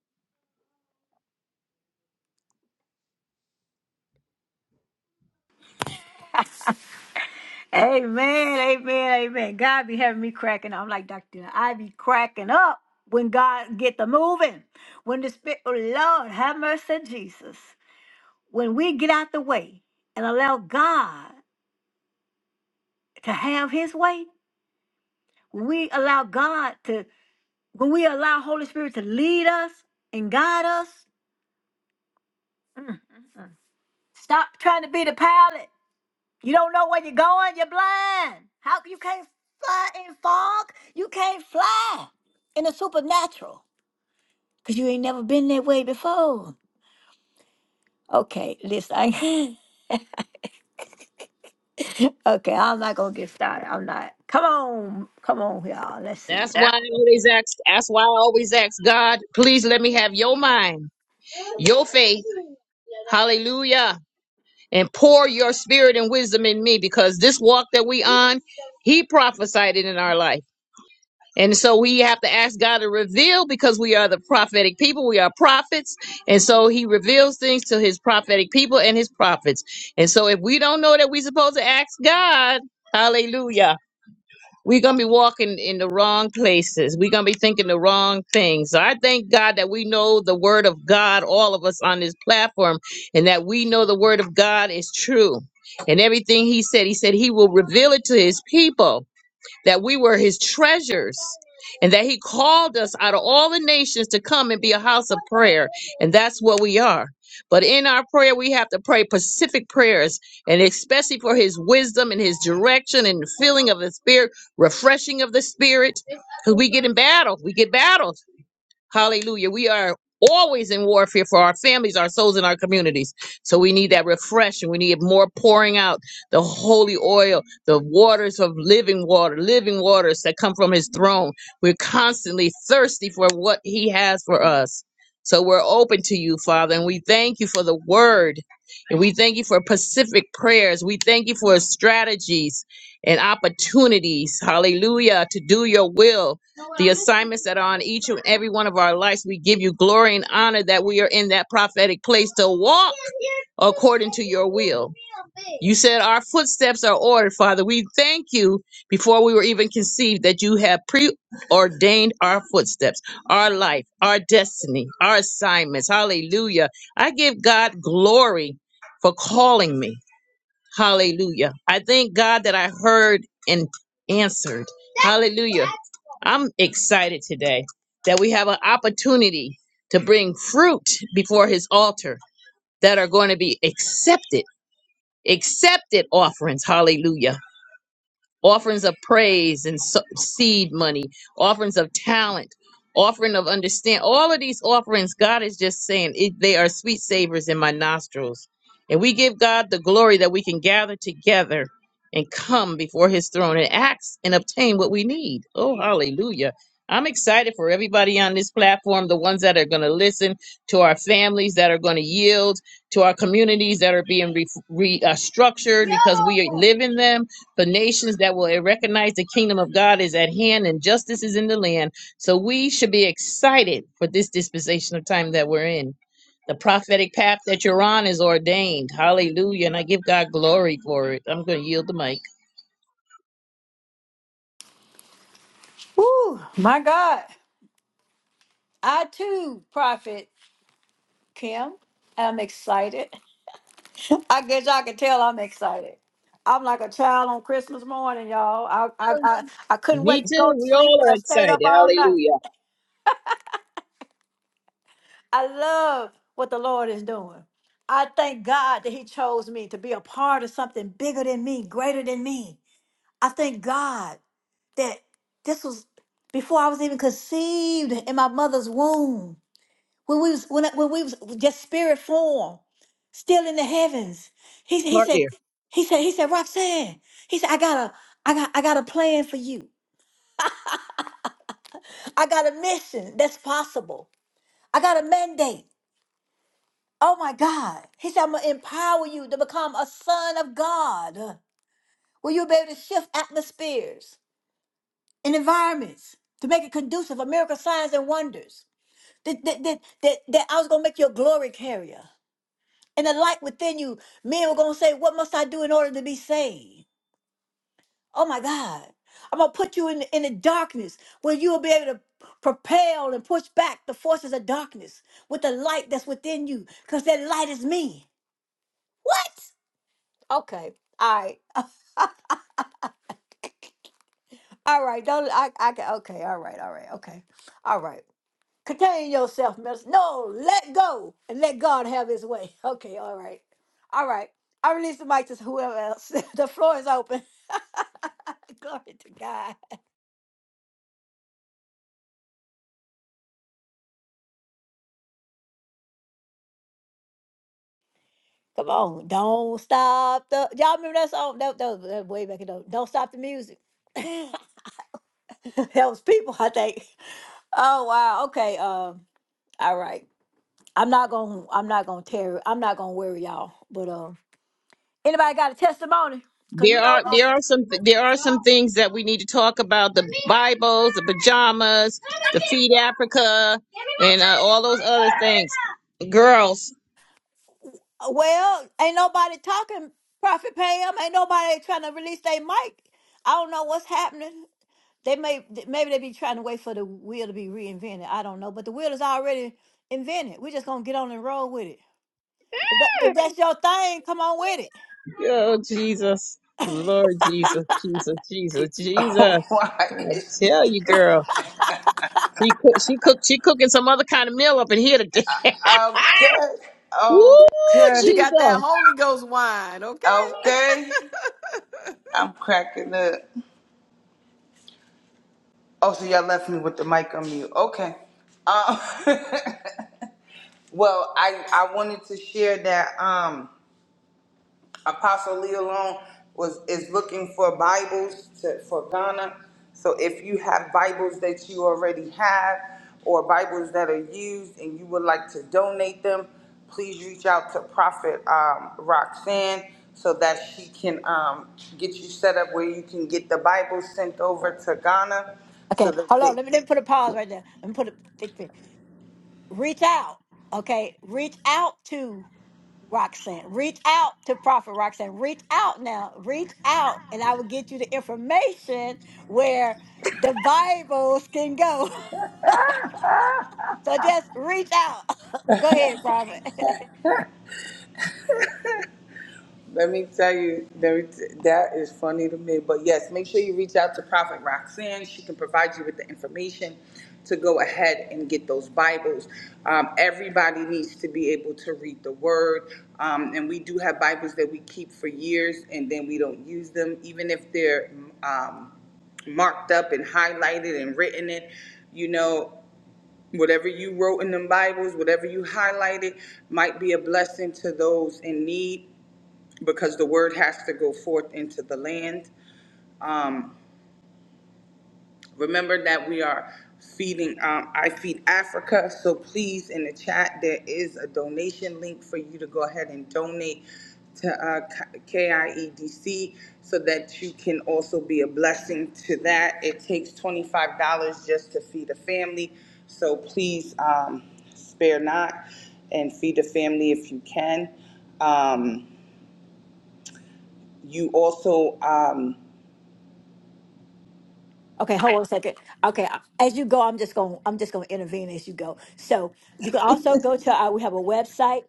Speaker 1: Amen, amen, amen. God be having me cracking. up. I'm like Dr. I be cracking up when God get the moving. When the spirit, oh Lord, have mercy, Jesus. When we get out the way and allow God to have His way, when we allow God to, when we allow Holy Spirit to lead us and guide us, mm, mm, mm. stop trying to be the pilot You don't know where you're going. You're blind. How you can't fly in fog? You can't fly in the supernatural because you ain't never been that way before. Okay, listen. I, okay, I'm not gonna get started. I'm not. Come on, come on, y'all. Let's see.
Speaker 3: That's why
Speaker 1: Yeah.
Speaker 3: I always ask. That's why I always ask God, please let me have your mind, your faith. Hallelujah. And pour your spirit and wisdom in me because this walk that we on, he prophesied it in our life. And so we have to ask God to reveal because we are the prophetic people. We are prophets. And so he reveals things to his prophetic people and his prophets. And so if we don't know that we're supposed to ask God, hallelujah, we're going to be walking in the wrong places. We're going to be thinking the wrong things. So I thank God that we know the word of God, all of us on this platform, and that we know the word of God is true. And everything he said, he said he will reveal it to his people that we were his treasures and that he called us out of all the nations to come and be a house of prayer. And that's what we are. But in our prayer, we have to pray specific prayers and especially for his wisdom and his direction and the filling of the spirit, refreshing of the spirit. Because we get in battle, we get battled. Hallelujah. We are always in warfare for our families, our souls, and our communities. So we need that refreshing. We need more pouring out the holy oil, the waters of living water, living waters that come from his throne. We're constantly thirsty for what he has for us. So we're open to you, Father, and we thank you for the word. And we thank you for Pacific prayers. We thank you for strategies and opportunities, hallelujah, to do your will the assignments that are on each and every one of our lives. We give you glory and honor that we are in that prophetic place to walk according to your will. You said our footsteps are ordered, Father. We thank you before we were even conceived that you have preordained our footsteps, our life, our destiny, our assignments. Hallelujah. I give God glory for calling me. Hallelujah. I thank God that I heard and answered. Hallelujah. I'm excited today that we have an opportunity to bring fruit before his altar that are going to be accepted, accepted offerings. Hallelujah offerings of praise and so- seed money, offerings of talent, offering of understand. All of these offerings, God is just saying it, they are sweet savors in my nostrils. And we give God the glory that we can gather together and come before his throne and ask and obtain what we need. Oh, hallelujah. I'm excited for everybody on this platform, the ones that are going to listen, to our families that are going to yield, to our communities that are being re, re, uh, structured because we live in them the nations that will recognize the kingdom of God is at hand and justice is in the land. So we should be excited for this dispensation of time that we're in. The prophetic path that you're on is ordained. Hallelujah. And I give God glory for it. I'm going to yield the mic.
Speaker 1: Woo, my God. I too, Prophet Kim, am excited. I guess y'all can tell I'm excited. I'm like a child on Christmas morning, y'all. I I I, I couldn't wait
Speaker 3: Me
Speaker 1: to go to
Speaker 3: too. We
Speaker 1: sleep.
Speaker 3: all are
Speaker 1: I stayed
Speaker 3: excited.
Speaker 1: up all night.
Speaker 3: Hallelujah.
Speaker 1: I love what the Lord is doing. I thank God that He chose me to be a part of something bigger than me, greater than me. I thank God that this was before I was even conceived in my mother's womb. When we was when, I- when we was just spirit form, still in the heavens. He he
Speaker 3: Part
Speaker 1: said
Speaker 3: there.
Speaker 1: he said he said Roxanne. He said I got a I got I got a plan for you. I got a mission that's possible. I got a mandate. Oh my God. He said, I'm going to empower you to become a son of God. Will you be able to shift atmospheres and environments to make it conducive for miracle signs and wonders? That, that, that, that, that I was going to make you a glory carrier. And the light within you, men were going to say, What must I do in order to be saved? Oh my God. I'm going to put you in, in the darkness where you will be able to propel and push back the forces of darkness with the light that's within you because that light is me. Okay. All right. All right, don't I I can okay, all right, all right, okay. All right. Contain yourself, miss. No, let go and let God have his way. Okay, all right. All right. I release the mic to whoever else. the floor is open. Glory to God. Come on. Don't stop the y'all remember that song? That, that was that way back in the Don't Stop the Music. that was people, I think. Oh wow. Okay. Um, all right. I'm not gonna I'm not gonna tear I'm not gonna worry y'all. But um. Anybody got a testimony? Cause you
Speaker 3: There
Speaker 1: know
Speaker 3: are there
Speaker 1: this.
Speaker 3: are some there are some things that we need to talk about the Bibles, the pajamas, the Feed Africa and uh, all those other things. Girls,
Speaker 1: Well, ain't nobody talking, Prophet Pam. Ain't nobody trying to release their mic. I don't know what's happening. They may maybe they be trying to wait for the wheel to be reinvented. I don't know, but the wheel is already invented. We're just gonna get on and roll with it. If, that, if that's your thing, come on with it.
Speaker 3: oh Jesus, Lord Jesus, Jesus, Jesus,
Speaker 5: Oh,
Speaker 3: Jesus!
Speaker 5: why?
Speaker 3: I
Speaker 5: is
Speaker 3: tell you, girl, she cook, she cook, she cooking some other kind of meal up in here today.
Speaker 5: Okay,
Speaker 3: Woo,
Speaker 5: okay,
Speaker 6: You
Speaker 3: Jesus!
Speaker 6: got that
Speaker 3: I
Speaker 6: Holy Ghost wine, okay?
Speaker 5: okay. I'm cracking up. Oh, so y'all left me with the mic on mute. Okay. Um, well, I I wanted to share that. Um, Apostle Lee alone was is looking for Bibles to, for Ghana. So if you have Bibles that you already have or Bibles that are used and you would like to donate them, please reach out to Prophet um, Roxanne so that she can um, get you set up where you can get the Bibles sent over to Ghana so
Speaker 1: Okay,
Speaker 5: that
Speaker 1: hold on.
Speaker 5: they,
Speaker 1: Let me let me put a pause right there. Let me put a thick thing. Reach out. Okay, reach out to. Roxanne. Reach out to Prophet Roxanne. Reach out now. Reach out, and I will get you the information where the Bibles can go. so just reach out. go ahead, Prophet.
Speaker 5: Let me tell you, there is- that is funny to me. But yes, make sure you reach out to Prophet Roxanne. She can provide you with the information to go ahead and get those Bibles. Um, everybody needs to be able to read the Word. Um, and we do have Bibles that we keep for years and then we don't use them, even if they're um, marked up and highlighted and written in. You know, whatever you wrote in them Bibles, whatever you highlighted, might be a blessing to those in need because the word has to go forth into the land. Um, remember that we are feeding, um, I Feed Africa, so please, in the chat, there is a donation link for you to go ahead and donate to uh, KIEDC so that you can also be a blessing to that. It takes $25 just to feed a family, so please um, spare not and feed a family if you can. Um, you also, um,
Speaker 1: okay, hold on a second. Okay, I- as you go, I'm just going. I'm just going to intervene as you go. So you can also go to. Our, we have a website.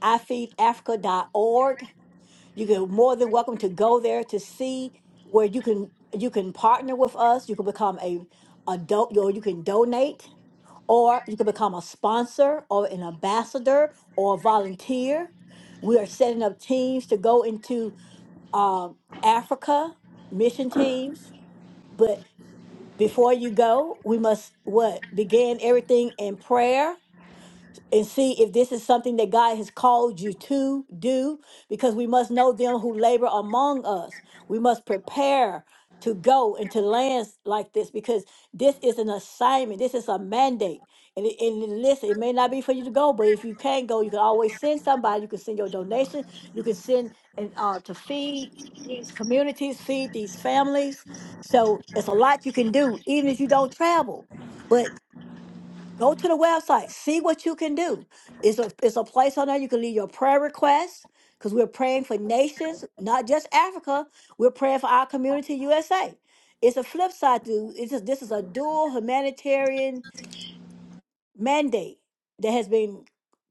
Speaker 1: i feed africa dot org. you can more than welcome to go there to see where you can you can partner with us you can become a adult or you can donate or you can become a sponsor or an ambassador or a volunteer we are setting up teams to go into um, africa mission teams but before you go we must what begin everything in prayer and see if this is something that God has called you to do, because we must know them who labor among us. We must prepare to go into lands like this because this is an assignment, this is a mandate. And, it- and it- listen, it may not be for you to go, but if you can't go, you can always send somebody. You can send your donation. You can send and uh, to feed these communities, feed these families. So it's a lot you can do, even if you don't travel. But Go to the website, see what you can do. It's a, it's a place on there you can leave your prayer requests because we're praying for nations, not just Africa. We're praying for our community, USA. It's a flip side to it's a, this is a dual humanitarian mandate that has been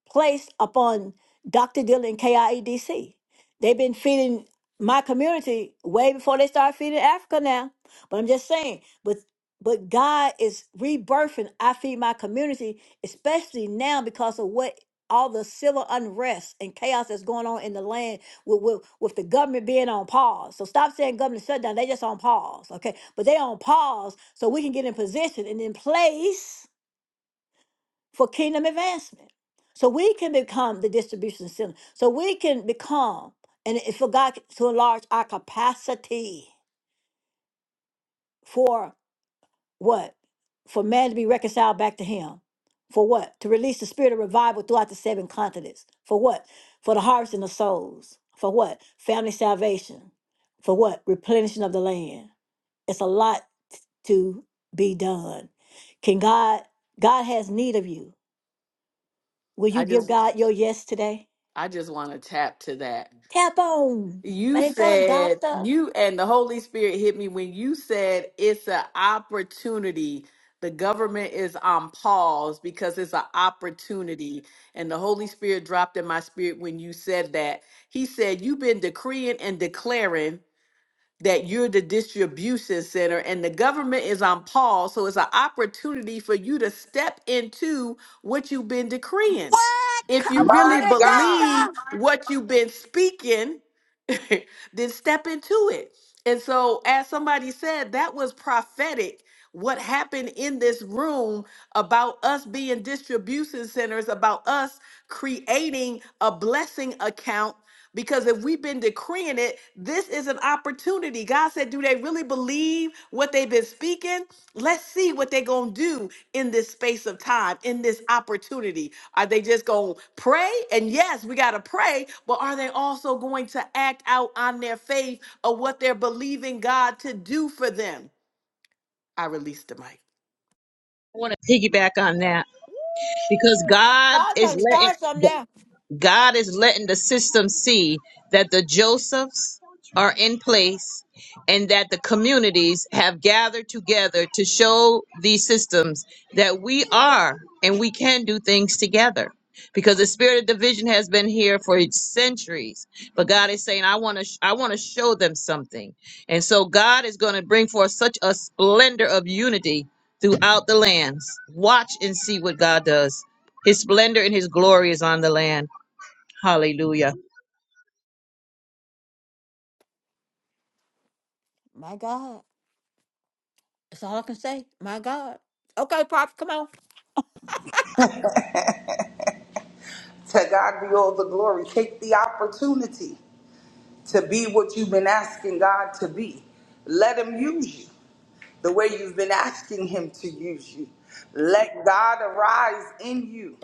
Speaker 1: placed upon Dr. Dillon KIEDC. They've been feeding my community way before they started feeding Africa now. But I'm just saying, but but God is rebirthing I feed my community, especially now because of what all the civil unrest and chaos that's going on in the land with, with, with the government being on pause. So stop saying government shutdown. They just on pause. Okay. But they on pause so we can get in position and in place for kingdom advancement. So we can become the distribution center. So we can become, and it- for God to enlarge our capacity for what? For man to be reconciled back to Him. For what? To release the spirit of revival throughout the seven continents. For what? For the harvesting of souls. For what? Family salvation. For what? Replenishing of the land. It's a lot to be done. Can God, God has need of you. Will you
Speaker 6: I
Speaker 1: give
Speaker 6: just
Speaker 1: God your yes today?
Speaker 6: I just want to tap to that.
Speaker 1: Tap on.
Speaker 6: You
Speaker 1: Way to go,
Speaker 6: said
Speaker 1: doctor.
Speaker 6: you and the Holy Spirit hit me when you said it's an opportunity. The government is on pause because it's an opportunity. And the Holy Spirit dropped in my spirit when you said that. He said, You've been decreeing and declaring that you're the distribution center and the government is on pause. So it's an opportunity for you to step into what you've been decreeing. If you
Speaker 1: Oh,
Speaker 6: really
Speaker 5: My
Speaker 1: hey,
Speaker 5: God,
Speaker 6: believe what you've been speaking, then step into it. And so, as somebody said, that was prophetic. What happened in this room about us being distribution centers, about us creating a blessing account because if we've been decreeing it, this is an opportunity. God said, Do they really believe what they've been speaking? Let's see what they're going to do in this space of time, in this opportunity. Are they just going to pray? And yes, we got to pray, but are they also going to act out on their faith of what they're believing God to do for them? I released the mic.
Speaker 3: want to piggyback on that because God
Speaker 1: I'm
Speaker 3: is
Speaker 1: trying to
Speaker 3: letting.
Speaker 1: start something now.
Speaker 3: God is letting the system see that the Josephs are in place and that the communities have gathered together to show these systems that we are and we can do things together. Because the spirit of division has been here for centuries, but God is saying, "I want to, I want to show them something," and so God is going to bring forth such a splendor of unity throughout the lands. Watch and see what God does. His splendor and His glory is on the land. Hallelujah.
Speaker 1: My God. That's all I can say. My God. Okay, Pop, come on.
Speaker 5: to God be all the glory. Take the opportunity to be what you've been asking God to be. Let Him use you the way you've been asking Him to use you. Let God arise in you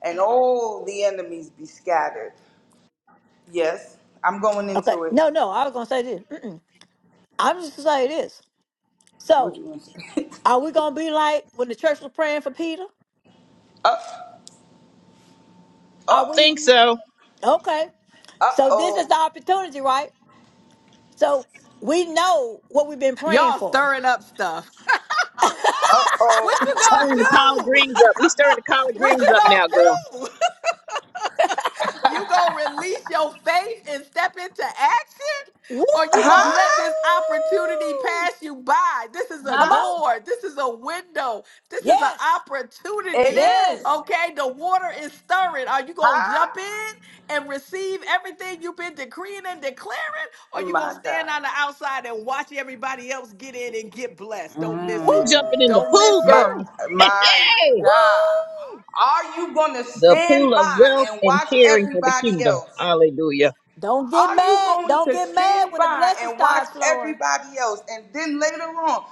Speaker 5: and all the enemies be scattered. Yes, I'm going
Speaker 1: Okay.
Speaker 5: into it.
Speaker 1: No, no, I was going to say this. Mm-mm. I'm just going to say this.
Speaker 5: What
Speaker 1: So,
Speaker 5: you want to say?
Speaker 1: are we going to be like when the church was praying for Peter?
Speaker 5: uh,
Speaker 1: Are
Speaker 5: uh,
Speaker 3: Think
Speaker 1: we?
Speaker 3: so.
Speaker 1: Okay.
Speaker 5: uh
Speaker 1: So this is
Speaker 5: oh,
Speaker 1: the opportunity, right? So we know what we've been praying
Speaker 6: Y'all
Speaker 1: for.
Speaker 6: stirring up stuff.
Speaker 5: uh oh.
Speaker 6: what you going
Speaker 3: Stirring
Speaker 6: to
Speaker 3: the collard
Speaker 6: do?
Speaker 3: greens up. We stirring the collard
Speaker 6: What
Speaker 3: greens
Speaker 6: you
Speaker 3: up now, girl.
Speaker 6: gonna do? You gonna release your faith and step into action?
Speaker 1: Woo!
Speaker 6: Or you gonna let
Speaker 5: Huh?
Speaker 6: this opportunity pass you by? This is a
Speaker 1: Come
Speaker 5: Huh?
Speaker 1: on.
Speaker 6: door. This is a window. This is an
Speaker 1: Yes.
Speaker 5: It
Speaker 6: opportunity.
Speaker 5: is.
Speaker 1: Yes.
Speaker 6: Okay, the water is stirring. Are you gonna jump
Speaker 5: Huh?
Speaker 6: in and receive everything you've been decreeing and declaring? Or you gonna
Speaker 5: My God.
Speaker 6: stand on the outside and watch everybody else get in and get blessed? Don't
Speaker 1: Woo!
Speaker 6: miss
Speaker 3: I'm
Speaker 6: it.
Speaker 5: Mm.
Speaker 3: jumping in the
Speaker 6: Don't
Speaker 3: pool,
Speaker 6: miss
Speaker 5: My,
Speaker 6: it.
Speaker 3: girl.
Speaker 5: my
Speaker 3: Hey,
Speaker 1: Woo!
Speaker 5: God. Are you going to
Speaker 3: the pool
Speaker 5: stand
Speaker 3: of
Speaker 5: by
Speaker 3: wealth
Speaker 5: and
Speaker 3: and
Speaker 5: watch
Speaker 3: caring for the
Speaker 5: everybody
Speaker 3: kingdom.
Speaker 5: else?
Speaker 3: Hallelujah.
Speaker 1: Don't get
Speaker 5: Are you
Speaker 1: mad.
Speaker 5: going
Speaker 1: Don't
Speaker 5: to
Speaker 1: get mad
Speaker 5: stand
Speaker 1: when the
Speaker 5: by
Speaker 1: blessings
Speaker 5: and watch
Speaker 1: start flowing.
Speaker 5: everybody else and then later on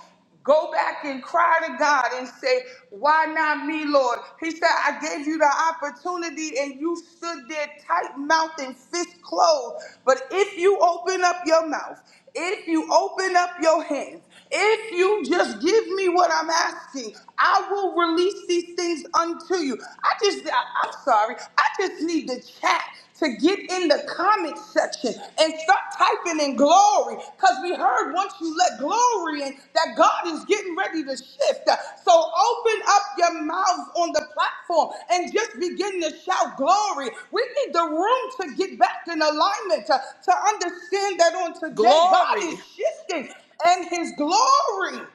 Speaker 5: go back and cry to God and say, Why not me, Lord? He said, I gave you the opportunity and you stood there tight mouthed and fist closed. But if you open up your mouth, if you open up your hands, if you just give me what I'm asking, I will release these things unto you. I just, I, I'm sorry, I just need to chat to get in the comment section and start typing in glory because we heard once you let glory in that God is getting ready to shift. So open up your mouths on the platform and just begin to shout glory. We need the room to get back in alignment to, to understand that on today, God is
Speaker 6: Glory,
Speaker 5: shifting and his glory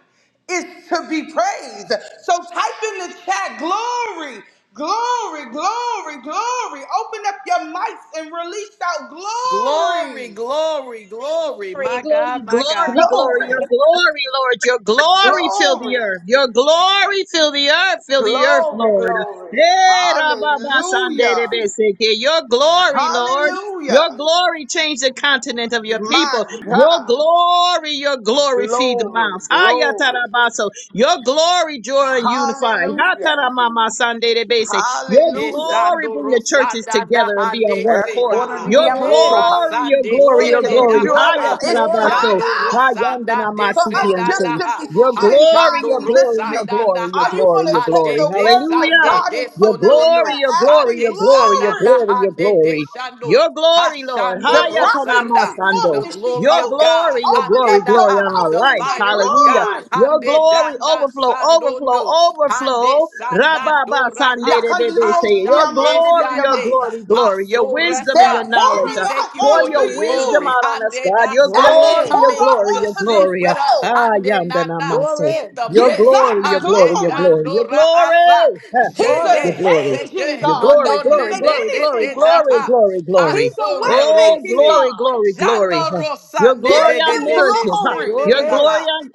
Speaker 5: is to be praised. So type in the chat glory, glory, glory, glory. Open up your mics and release out
Speaker 6: glory,
Speaker 5: glory,
Speaker 6: glory, glory. My
Speaker 8: time.
Speaker 3: glory,
Speaker 6: God, my God.
Speaker 3: glory, glory,
Speaker 5: glory,
Speaker 3: your glory, Lord, your glory fill the
Speaker 5: glory,
Speaker 3: earth, your glory fill the earth, fill the earth,
Speaker 5: glory,
Speaker 3: Lord.
Speaker 5: glory.
Speaker 3: Eh, rababa sande de
Speaker 5: Hallelujah,
Speaker 3: beseke. Your glory, Lord.
Speaker 5: hallelujah.
Speaker 3: Your glory change the continent of your people.
Speaker 5: My
Speaker 3: Your
Speaker 5: God,
Speaker 3: glory, your glory feed the
Speaker 5: glory,
Speaker 3: mouths.
Speaker 5: glory,
Speaker 3: Hayatarabaso. Your glory, joy and unify.
Speaker 5: hallelujah,
Speaker 3: Hataramama sande de bese. Your
Speaker 5: hallelujah.
Speaker 3: glory
Speaker 6: Esando
Speaker 3: bring the churches
Speaker 6: rosada da
Speaker 3: together and be on
Speaker 6: hande
Speaker 3: one
Speaker 5: Eh,
Speaker 6: sena
Speaker 3: accord.
Speaker 5: corner di
Speaker 6: la
Speaker 3: Your
Speaker 5: dia
Speaker 1: Glory.
Speaker 6: ora
Speaker 5: masoha.
Speaker 3: glory, your
Speaker 6: sande
Speaker 3: glory,
Speaker 5: It
Speaker 1: Glory,
Speaker 3: your
Speaker 5: can
Speaker 6: sende
Speaker 5: give
Speaker 1: Lord.
Speaker 3: glory.
Speaker 6: da
Speaker 5: you
Speaker 6: ha
Speaker 5: almost.
Speaker 1: Glory.
Speaker 3: Haya
Speaker 6: ha
Speaker 5: It's time
Speaker 1: Glory.
Speaker 3: tarabaso.
Speaker 6: jando
Speaker 5: out
Speaker 3: Hayandana
Speaker 6: rosanda de
Speaker 5: for
Speaker 3: masiti
Speaker 5: us
Speaker 3: and
Speaker 6: senda
Speaker 5: just
Speaker 6: da
Speaker 3: say,
Speaker 5: to be
Speaker 6: ha
Speaker 3: Your
Speaker 5: sitting by
Speaker 3: glory,
Speaker 6: ashando
Speaker 3: your
Speaker 5: and
Speaker 3: glory, your
Speaker 5: listening.
Speaker 6: rosanda da
Speaker 3: glory, your
Speaker 5: Are
Speaker 6: ha
Speaker 5: you going
Speaker 3: glory,
Speaker 5: to
Speaker 3: your
Speaker 5: take
Speaker 3: glory.
Speaker 6: hande
Speaker 5: the
Speaker 6: de
Speaker 5: words of
Speaker 6: sande
Speaker 3: Hallelujah.
Speaker 5: God
Speaker 6: de
Speaker 5: and
Speaker 3: Your
Speaker 5: put them
Speaker 6: sondo
Speaker 5: into
Speaker 3: glory,
Speaker 6: no
Speaker 3: your glory,
Speaker 5: action?
Speaker 3: your
Speaker 6: hande
Speaker 3: glory, your
Speaker 6: sanda
Speaker 5: Glory!
Speaker 6: da
Speaker 3: glory, your
Speaker 6: hande de
Speaker 3: glory.
Speaker 6: shando
Speaker 3: Your glory, Lord.
Speaker 5: The
Speaker 6: Hashando
Speaker 3: Haya
Speaker 5: prophet
Speaker 6: Rosanda,
Speaker 5: came forth
Speaker 3: tanamasando.
Speaker 6: the
Speaker 5: and she
Speaker 6: glory
Speaker 3: Your
Speaker 5: told
Speaker 6: of
Speaker 5: her,
Speaker 6: God,
Speaker 3: glory, your
Speaker 5: Open
Speaker 3: glory,
Speaker 6: Hande
Speaker 5: up
Speaker 6: da
Speaker 5: your
Speaker 3: glory on our
Speaker 5: mouth
Speaker 6: the
Speaker 5: and
Speaker 3: lives.
Speaker 5: say,
Speaker 6: fire of
Speaker 3: Hallelujah.
Speaker 6: God,
Speaker 5: Glory!
Speaker 3: Your
Speaker 6: Hande
Speaker 3: glory,
Speaker 6: Danda
Speaker 3: overflow,
Speaker 6: Sando
Speaker 3: overflow,
Speaker 6: no. Sando, Hande
Speaker 3: overflow. Rababa
Speaker 6: Sandandora, Ha
Speaker 3: Sandere bebe say your
Speaker 6: Hashande
Speaker 3: glory, your
Speaker 6: Sande,
Speaker 5: Yakandiroshiamandiriamasa.
Speaker 3: glory, glory, your wisdom and
Speaker 5: They're
Speaker 6: Hasorasa.
Speaker 3: your
Speaker 6: We
Speaker 3: knowledge.
Speaker 5: pouring
Speaker 3: uh,
Speaker 5: out
Speaker 6: thank you
Speaker 3: Pour
Speaker 6: for
Speaker 5: onto
Speaker 3: your
Speaker 6: your
Speaker 5: you
Speaker 3: wisdom
Speaker 6: glory,
Speaker 3: out on us,
Speaker 6: Hande
Speaker 3: God. Your
Speaker 6: Dasa,
Speaker 5: as they
Speaker 3: glory,
Speaker 1: Glory.
Speaker 3: your
Speaker 5: pour
Speaker 6: coming
Speaker 5: out
Speaker 3: glory,
Speaker 6: to
Speaker 3: your
Speaker 5: onto
Speaker 6: sit
Speaker 3: glory. uh,
Speaker 6: with us,
Speaker 5: themselves.
Speaker 3: Ah,
Speaker 6: Hande
Speaker 3: yanda
Speaker 6: Nada,
Speaker 3: maso.
Speaker 6: in
Speaker 1: Glory.
Speaker 6: the
Speaker 3: Your
Speaker 5: Give
Speaker 6: midst,
Speaker 5: God
Speaker 3: glory,
Speaker 5: the
Speaker 3: your glory,
Speaker 6: Hande
Speaker 3: your
Speaker 5: glory.
Speaker 3: glory, your
Speaker 6: Dandora Hasa,
Speaker 3: glory
Speaker 5: He's a
Speaker 3: your
Speaker 1: Glory.
Speaker 6: Jede,
Speaker 3: glory,
Speaker 5: changing
Speaker 6: Zede,
Speaker 3: your
Speaker 6: No
Speaker 5: God
Speaker 3: glory,
Speaker 6: No
Speaker 5: that can
Speaker 3: glory,
Speaker 5: make
Speaker 3: glory,
Speaker 6: Nende, De
Speaker 3: glory,
Speaker 5: anything
Speaker 6: De Da
Speaker 3: glory,
Speaker 5: happen.
Speaker 6: Ha,
Speaker 3: glory, glory.
Speaker 5: He's a way
Speaker 3: Oh,
Speaker 5: making
Speaker 6: Hasonerose.
Speaker 3: glory,
Speaker 5: God.
Speaker 3: glory, glory.
Speaker 6: Jando
Speaker 3: Huh. Your
Speaker 5: Give
Speaker 6: Rosande,
Speaker 3: glory
Speaker 6: De De
Speaker 3: on
Speaker 5: him
Speaker 6: De De
Speaker 3: marriages, huh.
Speaker 6: Se,
Speaker 5: glory.
Speaker 6: De
Speaker 3: your
Speaker 6: De Da
Speaker 1: Glory.
Speaker 3: glory on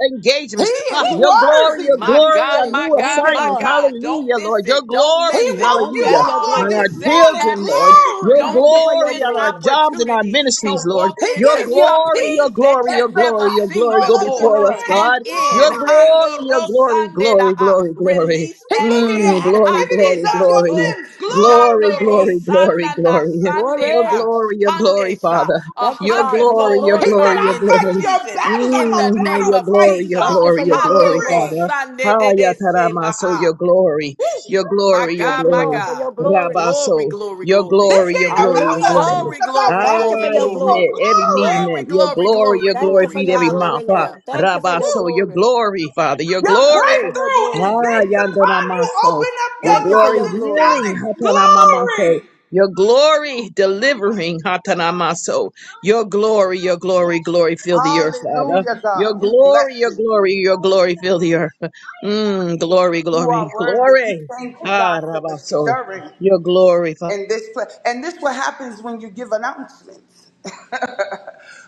Speaker 5: He
Speaker 3: engagements, huh.
Speaker 6: Woo!
Speaker 5: is
Speaker 3: your glory,
Speaker 5: worthy
Speaker 3: your
Speaker 5: to
Speaker 6: My
Speaker 5: be
Speaker 3: glory
Speaker 6: God,
Speaker 3: on new
Speaker 6: my
Speaker 5: praised.
Speaker 1: Thank
Speaker 6: God,
Speaker 1: you,
Speaker 6: my
Speaker 3: assignments.
Speaker 1: Lord.
Speaker 6: God. Don't
Speaker 3: Hallelujah,
Speaker 6: miss
Speaker 3: Lord. Your
Speaker 6: it. Don't
Speaker 5: He
Speaker 3: glory,
Speaker 6: miss it.
Speaker 5: woke
Speaker 1: Thank you
Speaker 5: you
Speaker 1: for
Speaker 3: hallelujah.
Speaker 6: That's
Speaker 1: your
Speaker 5: up
Speaker 6: all I
Speaker 5: on
Speaker 3: On
Speaker 1: glory.
Speaker 3: our
Speaker 6: can
Speaker 5: this
Speaker 6: say.
Speaker 5: morning.
Speaker 6: Tap
Speaker 3: children, Lord.
Speaker 6: in.
Speaker 3: Your
Speaker 5: Glory.
Speaker 1: Thank
Speaker 6: Don't
Speaker 1: you for
Speaker 6: miss
Speaker 1: your
Speaker 3: glory
Speaker 6: this
Speaker 3: on our
Speaker 1: glory.
Speaker 3: jobs and our
Speaker 6: opportunity
Speaker 3: ministries,
Speaker 6: to
Speaker 3: Lord.
Speaker 6: walk
Speaker 5: He
Speaker 3: Your
Speaker 6: into
Speaker 5: gave you
Speaker 3: glory,
Speaker 6: something
Speaker 3: your
Speaker 5: peace
Speaker 6: that
Speaker 3: glory,
Speaker 5: that
Speaker 6: you
Speaker 3: your glory,
Speaker 6: never
Speaker 3: your
Speaker 5: surpasses
Speaker 6: seen
Speaker 3: glory
Speaker 5: all
Speaker 3: go
Speaker 1: Thank you,
Speaker 6: before.
Speaker 3: before us,
Speaker 1: Lord.
Speaker 5: understanding.
Speaker 6: Tap
Speaker 3: God.
Speaker 6: in.
Speaker 3: Your
Speaker 5: Glory.
Speaker 3: glory, your glory, glory,
Speaker 6: Handorosandedaha.
Speaker 3: glory, glory.
Speaker 6: Release
Speaker 5: He
Speaker 6: that
Speaker 5: gave you the
Speaker 3: Mm,
Speaker 6: seed.
Speaker 3: glory,
Speaker 5: activities
Speaker 3: glory,
Speaker 5: of your
Speaker 3: glory.
Speaker 6: Handedaso.
Speaker 5: limbs.
Speaker 3: Glory, glory,
Speaker 5: Glory.
Speaker 3: glory, glory. Your
Speaker 1: Glory.
Speaker 6: Janorosananasandeha.
Speaker 3: glory, your glory,
Speaker 6: Handesa.
Speaker 3: Father.
Speaker 6: A
Speaker 1: Thank you,
Speaker 3: Your
Speaker 1: Father, for your
Speaker 3: glory,
Speaker 6: hundredfold
Speaker 3: your
Speaker 5: He
Speaker 1: glory.
Speaker 5: said,
Speaker 3: glory,
Speaker 6: return
Speaker 5: I
Speaker 3: your
Speaker 6: in this
Speaker 5: fight
Speaker 3: glory.
Speaker 5: your
Speaker 6: season
Speaker 5: battles.
Speaker 6: in
Speaker 5: I'm
Speaker 3: Mm,
Speaker 6: the
Speaker 5: a
Speaker 3: ah,
Speaker 6: name
Speaker 5: battle
Speaker 3: your
Speaker 6: of
Speaker 3: glory,
Speaker 5: fighting
Speaker 3: your
Speaker 1: Thank
Speaker 6: Jesus.
Speaker 5: God.
Speaker 1: you
Speaker 3: glory,
Speaker 1: for
Speaker 3: your
Speaker 1: your
Speaker 6: Ha
Speaker 1: glory,
Speaker 3: glory,
Speaker 6: no
Speaker 1: Lord.
Speaker 5: Glory.
Speaker 3: Father.
Speaker 6: rosande de
Speaker 3: Haya
Speaker 6: de se
Speaker 3: tarama,
Speaker 6: na
Speaker 3: so your
Speaker 6: ha.
Speaker 3: glory,
Speaker 6: Woo!
Speaker 3: your
Speaker 6: My
Speaker 3: glory, your
Speaker 1: Thank
Speaker 6: God,
Speaker 1: you,
Speaker 6: my
Speaker 3: glory.
Speaker 1: Lord, for
Speaker 6: God.
Speaker 1: your glory.
Speaker 6: Glory,
Speaker 3: Rabaso,
Speaker 6: glory,
Speaker 3: your
Speaker 6: glory.
Speaker 5: This
Speaker 3: glory, your
Speaker 5: ain't
Speaker 3: glory,
Speaker 5: about
Speaker 3: your
Speaker 5: us.
Speaker 1: Hallelujah.
Speaker 5: This
Speaker 3: glory.
Speaker 5: is
Speaker 6: Glory,
Speaker 5: about
Speaker 6: glory,
Speaker 1: Thank
Speaker 5: God's
Speaker 1: you
Speaker 6: glory,
Speaker 1: for
Speaker 3: Ah,
Speaker 1: your
Speaker 3: every
Speaker 6: glory.
Speaker 5: people.
Speaker 1: glory.
Speaker 3: met, every need
Speaker 5: Glory.
Speaker 6: Glory,
Speaker 3: met. Your
Speaker 6: glory,
Speaker 3: glory,
Speaker 6: glory,
Speaker 3: your
Speaker 1: Thank
Speaker 3: glory,
Speaker 1: you for
Speaker 6: glory.
Speaker 3: feed
Speaker 1: your
Speaker 3: every
Speaker 1: glory,
Speaker 3: mouth. Ah,
Speaker 1: Lord.
Speaker 6: Hallelujah.
Speaker 1: Thank you for your
Speaker 3: Rabaso,
Speaker 6: Woo!
Speaker 3: your
Speaker 1: glory.
Speaker 3: glory, Father, your
Speaker 5: Your
Speaker 1: Thank you for
Speaker 3: glory.
Speaker 1: your
Speaker 5: breakthrough
Speaker 1: glory.
Speaker 5: is
Speaker 3: Ah,
Speaker 5: based
Speaker 3: Yandana
Speaker 5: upon you.
Speaker 3: Maso.
Speaker 5: Open up
Speaker 3: Your
Speaker 5: your
Speaker 1: Thank you for
Speaker 3: glory
Speaker 5: mouth
Speaker 1: your
Speaker 5: and
Speaker 1: glory.
Speaker 3: healing,
Speaker 5: shout
Speaker 3: Hatana Mamaso.
Speaker 5: it. Glory.
Speaker 3: Your glory delivering, Hatana Maso. Your glory, your glory, glory fill the earth, Father.
Speaker 5: Hallelujah,
Speaker 3: Your
Speaker 5: God. We
Speaker 3: glory,
Speaker 5: bless
Speaker 3: your
Speaker 5: you.
Speaker 3: glory, your glory fill the earth. Mm, glory,
Speaker 5: You
Speaker 3: glory,
Speaker 5: are worthy. We
Speaker 3: glory.
Speaker 5: thank you, God,
Speaker 3: Ah,
Speaker 5: for the
Speaker 3: Rabaso.
Speaker 5: stirring
Speaker 3: Your glory, Father.
Speaker 5: in this place. And this what happens when you give announcements.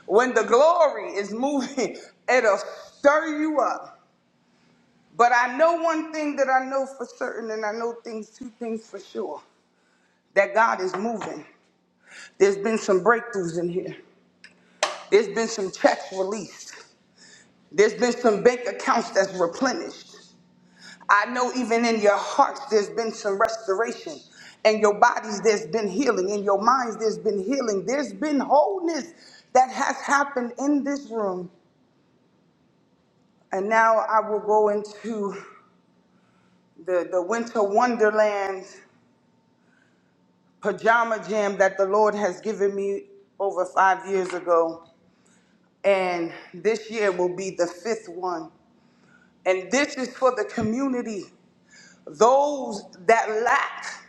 Speaker 5: when the glory is moving, it'll stir you up. But I know one thing that I know for certain, and I know things, two things for sure, that God is moving. There's been some breakthroughs in here. There's been some checks released. There's been some bank accounts that's replenished. I know even in your hearts there's been some restoration. In your bodies there's been healing. In your minds there's been healing. There's been wholeness that has happened in this room. And now I will go into the, the winter wonderland pajama jam that the Lord has given me over five years ago. And this year will be the fifth one. And this is for the community, those that lack,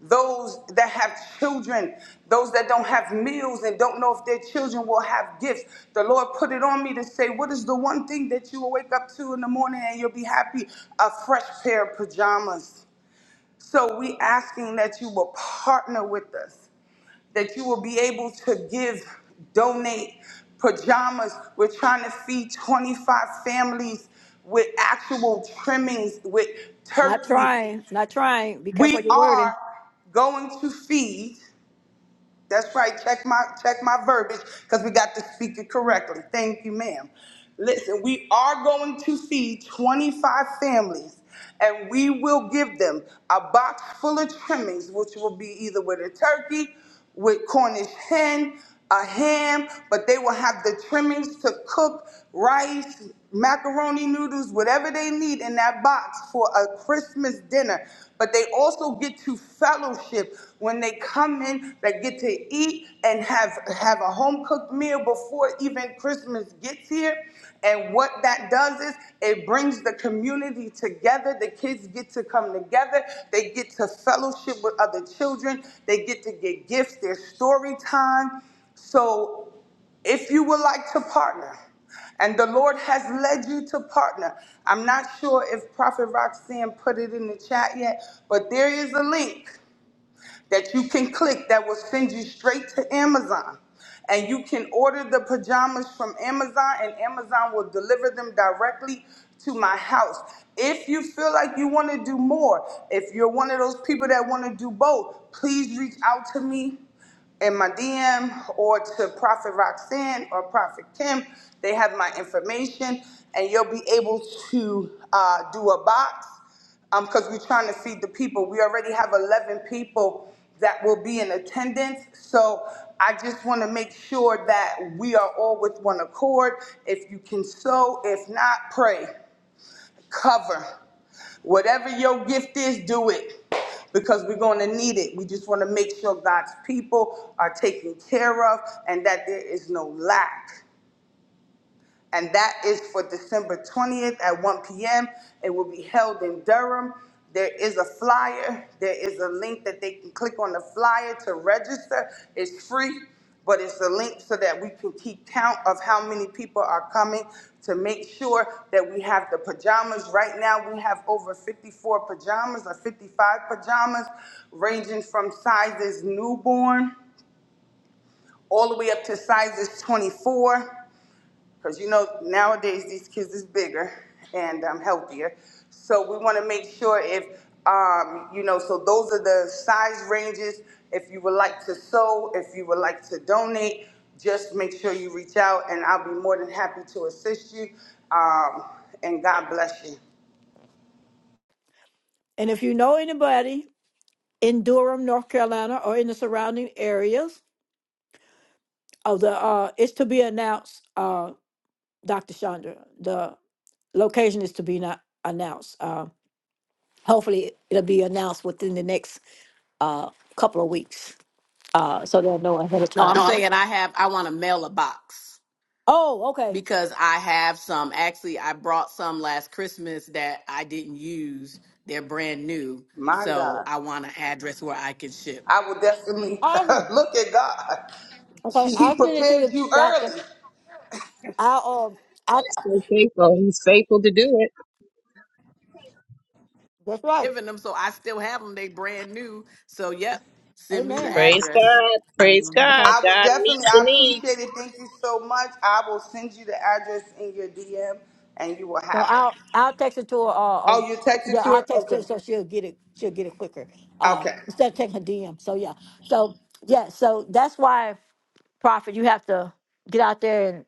Speaker 5: those that have children, those that don't have meals and don't know if their children will have gifts. The Lord put it on me to say, What is the one thing that you will wake up to in the morning and you'll be happy? A fresh pair of pajamas. So we asking that you will partner with us, that you will be able to give, donate pajamas. We're trying to feed 25 families with actual trimmings, with
Speaker 1: Not
Speaker 5: turkey.
Speaker 1: trying, not trying. Be careful
Speaker 5: We
Speaker 1: your wording.
Speaker 5: are going to feed. That's right. Check my check my verbiage because we got to speak it correctly. Thank you, ma'am. Listen, we are going to feed 25 families, and we will give them a box full of trimmings, which will be either with a turkey, with Cornish hen a ham, but they will have the trimmings to cook rice, macaroni noodles, whatever they need in that box for a Christmas dinner. But they also get to fellowship when they come in. They get to eat and have have a home cooked meal before even Christmas gets here. And what that does is it brings the community together. The kids get to come together. They get to fellowship with other children. They get to get gifts. Their story time. So if you would like to partner, and the Lord has led you to partner, I'm not sure if Prophet Roxanne put it in the chat yet, but there is a link that you can click that will send you straight to Amazon. And you can order the pajamas from Amazon, and Amazon will deliver them directly to my house. If you feel like you want to do more, if you're one of those people that want to do both, please reach out to me in my DM or to Prophet Roxanne or Prophet Kim. They have my information, and you'll be able to uh, do a box um, because we're trying to see the people. We already have 11 people that will be in attendance. So I just want to make sure that we are all with one accord. If you can sow, if not, pray, cover. Whatever your gift is, do it because we're going to need it. We just want to make sure God's people are taken care of and that there is no lack and that is for December 20th at 1 p.m. It will be held in Durham. There is a flyer, there is a link that they can click on the flyer to register. It's free, but it's a link so that we can keep count of how many people are coming to make sure that we have the pajamas. Right now, we have over 54 pajamas or 55 pajamas, ranging from sizes newborn all the way up to sizes 24. Because you know nowadays these kids is bigger and um, healthier. So we want to make sure if um, you know. So those are the size ranges. If you would like to sew, if you would like to donate, just make sure you reach out, and I'll be more than happy to assist you. Um, and God bless you.
Speaker 1: And if you know anybody in Durham, North Carolina, or in the surrounding areas of the, uh, it's to be announced, uh, Dr. Chandra. The location is to be not announced. Um. hopefully it'll be announced within the next uh couple of weeks. Uh so they'll know ahead of
Speaker 6: No,
Speaker 1: time.
Speaker 6: I'm
Speaker 1: No, I'm-
Speaker 6: saying I have I want to mail a box
Speaker 1: Oh, okay.
Speaker 6: because I have some actually I brought some last Christmas that I didn't use. They're brand new.
Speaker 5: My
Speaker 6: So
Speaker 5: God,
Speaker 6: I want an address where I can ship.
Speaker 5: I will definitely
Speaker 1: Awesome.
Speaker 5: look at God.
Speaker 1: Okay,
Speaker 5: He
Speaker 1: I'll send it to
Speaker 5: prepared
Speaker 1: you,
Speaker 5: you
Speaker 1: Doctor.
Speaker 5: early.
Speaker 1: I'll um I
Speaker 3: So faithful. He's faithful to do it.
Speaker 1: that's right.
Speaker 6: giving them, so I still have them. They brand new. So yeah, send me the
Speaker 1: Amen.
Speaker 3: Praise
Speaker 6: address.
Speaker 3: God. Praise God.
Speaker 6: Mhm.
Speaker 1: Okay.
Speaker 5: I will
Speaker 3: God
Speaker 5: definitely.
Speaker 3: meets the
Speaker 5: I
Speaker 3: needs.
Speaker 5: appreciate it. Thank you so much. I will send you the address in your DM, and you will
Speaker 1: So
Speaker 5: have it.
Speaker 1: I'll I'll text it to her uh, uh
Speaker 5: Oh, you
Speaker 1: yeah,
Speaker 5: texted to
Speaker 1: I'll
Speaker 5: her?
Speaker 1: text
Speaker 5: Okay.
Speaker 1: her so she'll get it she'll get it quicker. Uh
Speaker 5: Okay.
Speaker 1: instead of taking her DM. So yeah. So yeah, so that's why prophet you have to get out there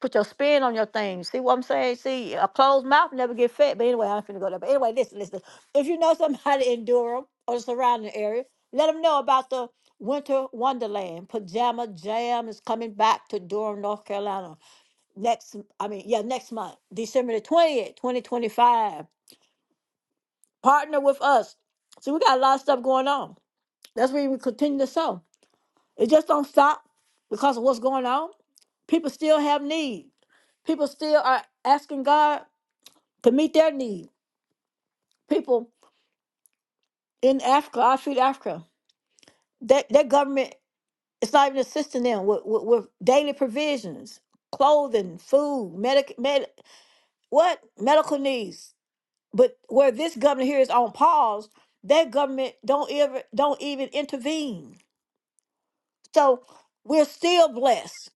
Speaker 1: put your spin on your thing. See what I'm saying? See, a closed mouth never get fed. But anyway, I'm finna go there. But anyway, listen, listen. If you know somebody in Durham or the surrounding area, let them know about the Winter Wonderland. Pajama Jam is coming back to Durham, North Carolina. Next, I mean, yeah, next month, December the 20th, 2025. Partner with us. See, we got a lot of stuff going on. That's where we continue to sow. It just don't stop because of what's going on. People still have need. People still are asking God to meet their need. People in Africa, I feed Africa, that their government is not even assisting them with, with, with daily provisions, clothing, food, medic, med, what medical needs. But where this government here is on pause, their government don't ever don't even intervene. So we're still blessed,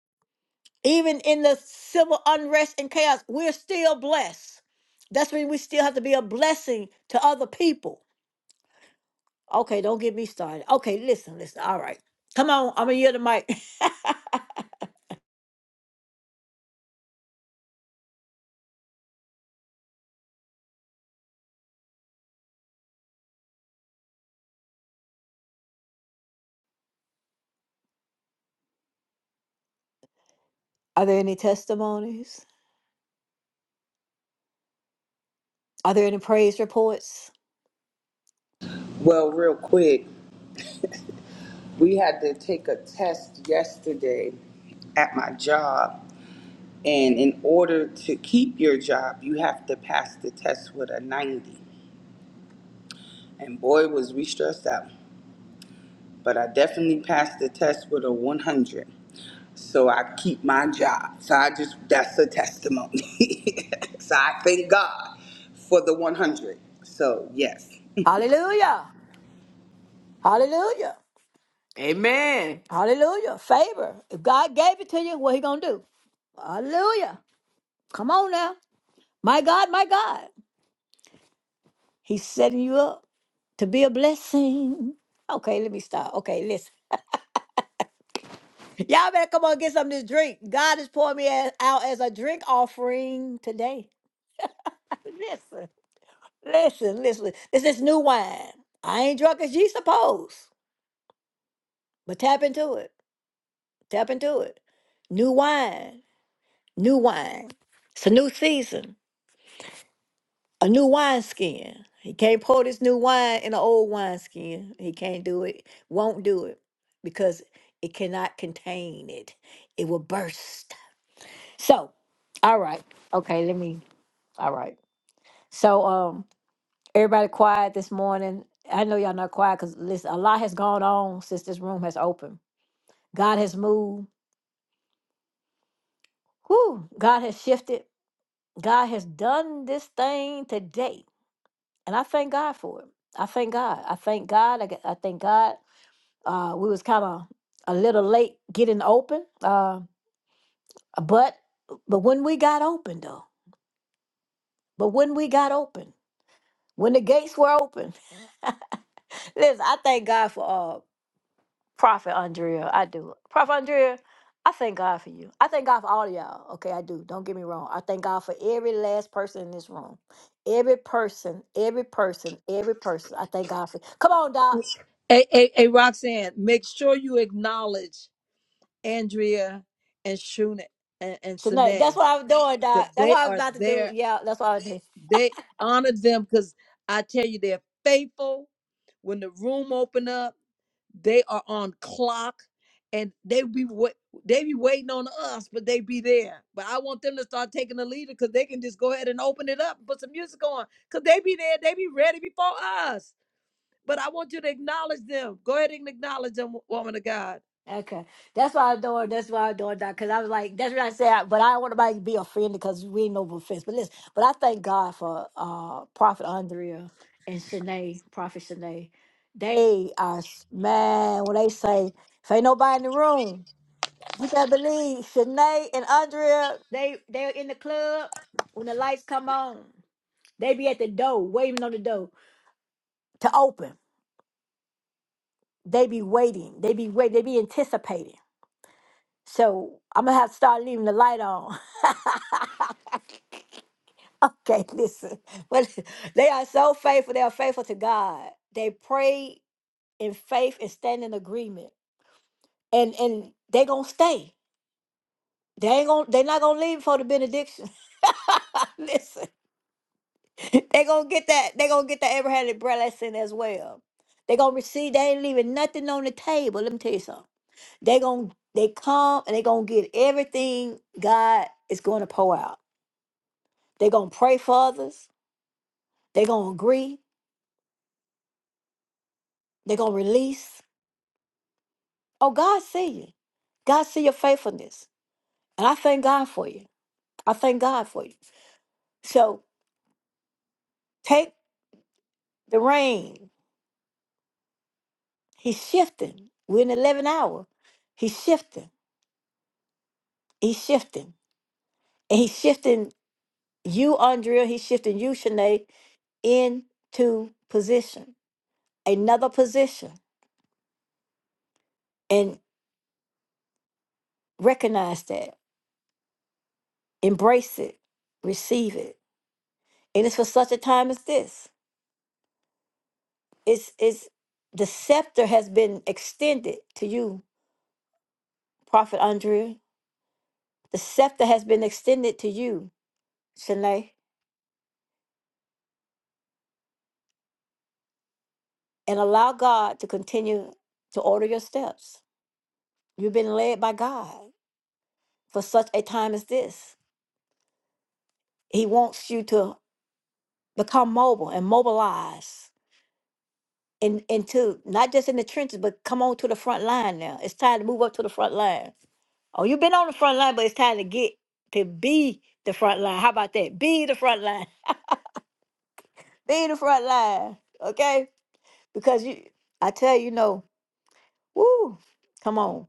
Speaker 1: even in the civil unrest and chaos. We're still blessed. That's when we still have to be a blessing to other people Okay, don't get me started. Okay, listen, listen. All right. Come on, I'm gonna yield the mic. Are there any testimonies? Are there any praise reports?
Speaker 5: Well, real quick, we had to take a test yesterday at my job, and in order to keep your job, you have to pass the test with a ninety. And boy, was we stressed out. but I definitely passed the test with a 100. So I keep my job. So I just, that's a testimony. so I thank God for the 100. So, yes.
Speaker 1: Hallelujah. Hallelujah.
Speaker 6: Amen.
Speaker 1: Hallelujah. Favor. If God gave it to you, what he gonna do? Hallelujah. Come on now. My God, my God. He's setting you up. to be a blessing. Okay, let me stop. Okay, listen. Y'all better come on get some of this drink. God is pouring me a- out as a drink offering today. Listen, listen, listen. This is new wine. I ain't drunk as ye suppose, but tap into it. Tap into it. New wine, new wine. It's a new season. a new wineskin. He can't pour this new wine in an old wineskin. He can't do it, won't do it because it cannot contain it. It will burst. So, all right. Okay, let me. All right. So, um, everybody quiet this morning. I know y'all not quiet because listen, a lot has gone on since this room has opened. God has moved. Whew, God has shifted. God has done this thing today. And I thank God for it. I thank God. I thank God. I, g- I thank God Uh, we was kind of a little late getting open, uh, but but when we got open though, but when we got open, when the gates were open, listen, I thank God for uh, Prophet Andrea. I do, Prophet Andrea. I thank God for you. I thank God for all of y'all. Okay, I do. Don't get me wrong. I thank God for every last person in this room. Every person, every person, every person. I thank God for. Come on, Doc.
Speaker 4: Hey, hey, hey, Roxanne, make sure you acknowledge Andrea and Shuna and, and
Speaker 1: Shanae, that's
Speaker 4: Sine
Speaker 1: what I was doing,
Speaker 4: because
Speaker 1: Doc. That's
Speaker 4: they
Speaker 1: what I was
Speaker 4: are
Speaker 1: about to do.
Speaker 4: there.
Speaker 1: Yeah, that's what I was doing.
Speaker 4: They honor them because I tell you, they're faithful. When the room open up, they are on clock and they be wait, they be waiting on us, but they be there. But I want them to start taking the leader because they can just go ahead and open it up and put some music on because they be there. They be ready before us. But I want you to acknowledge them. Go ahead and acknowledge them, woman of God.
Speaker 1: Okay, that's why I'm doing. That's why I'm doing that because I was like, that's what I said. But I don't want nobody to be offended because we ain't no offense. But listen, but I thank God for uh Prophet Andrea and Shanae, Prophet Shanae. They are s- man when they say if ain't nobody in the room, you better believe Shanae and Andrea. They they're in the club when the lights come on. They be at the door waiting on the door to open. They be waiting. They be wait. They be anticipating. So I'm gonna have to start leaving the light on. Okay, listen. Well, they are so faithful. They are faithful to God. They pray in faith and stand in agreement. And and they gonna stay. They ain't gonna they're not gonna leave for the benediction. listen. They gonna get that they gonna get that Abrahamic blessing as well. They gonna receive, they ain't leaving nothing on the table. Let me tell you something. They gonna they come and they gonna get everything God is gonna pour out. They gonna pray for others, they gonna agree, they gonna release. Oh, God see you. God see your faithfulness. And I thank God for you. I thank God for you. So take the rain. He's shifting. We're in the 11th hour. He's shifting. He's shifting. And he's shifting you, Andrea. He's shifting you, Shanae, into position, another position. And recognize that. Embrace it. Receive it. And it's for such a time as this. It's, it's, the scepter has been extended to you, Prophet Andrea The scepter has been extended to you, Shanae, and allow God to continue to order your steps. You've been led by God for such a time as this. He wants you to become mobile and mobilize in, into not just in the trenches, but come on to the front line now. It's time to move up to the front line. Oh, you've been on the front line, but it's time to get to be the front line. How about that? Be the front line. Be the front line. Okay? Because you I tell you, you know, woo, come on.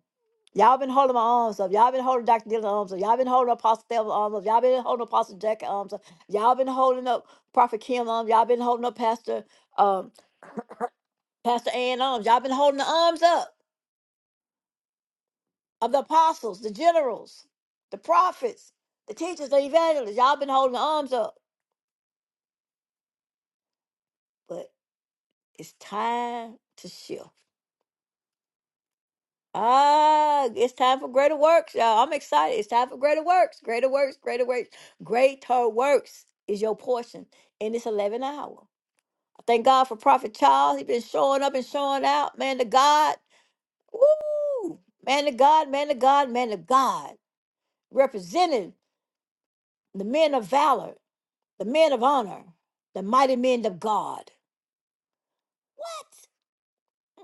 Speaker 1: Y'all been holding my arms up. Y'all been holding Dr. Dylan's arms up. Y'all been holding Apostle Thelma's arms up. Y'all been holding Apostle Jack's arms up. Y'all been holding up Prophet Kim's arms. Y'all been holding up Pastor um Pastor Ann's arms. Y'all been holding the arms up of the apostles, the generals, the prophets, the teachers, the evangelists. Y'all been holding the arms up. But it's time to shift. Ah, it's time for greater works, y'all. I'm excited. It's time for greater works. Greater works, greater works. Greater works is your portion in this 11 hour. Thank God for Prophet Charles. He been showing up and showing out. Man to God. Woo! Man to God, man to God, man to God. Representing the men of valor, the men of honor, the mighty men of God.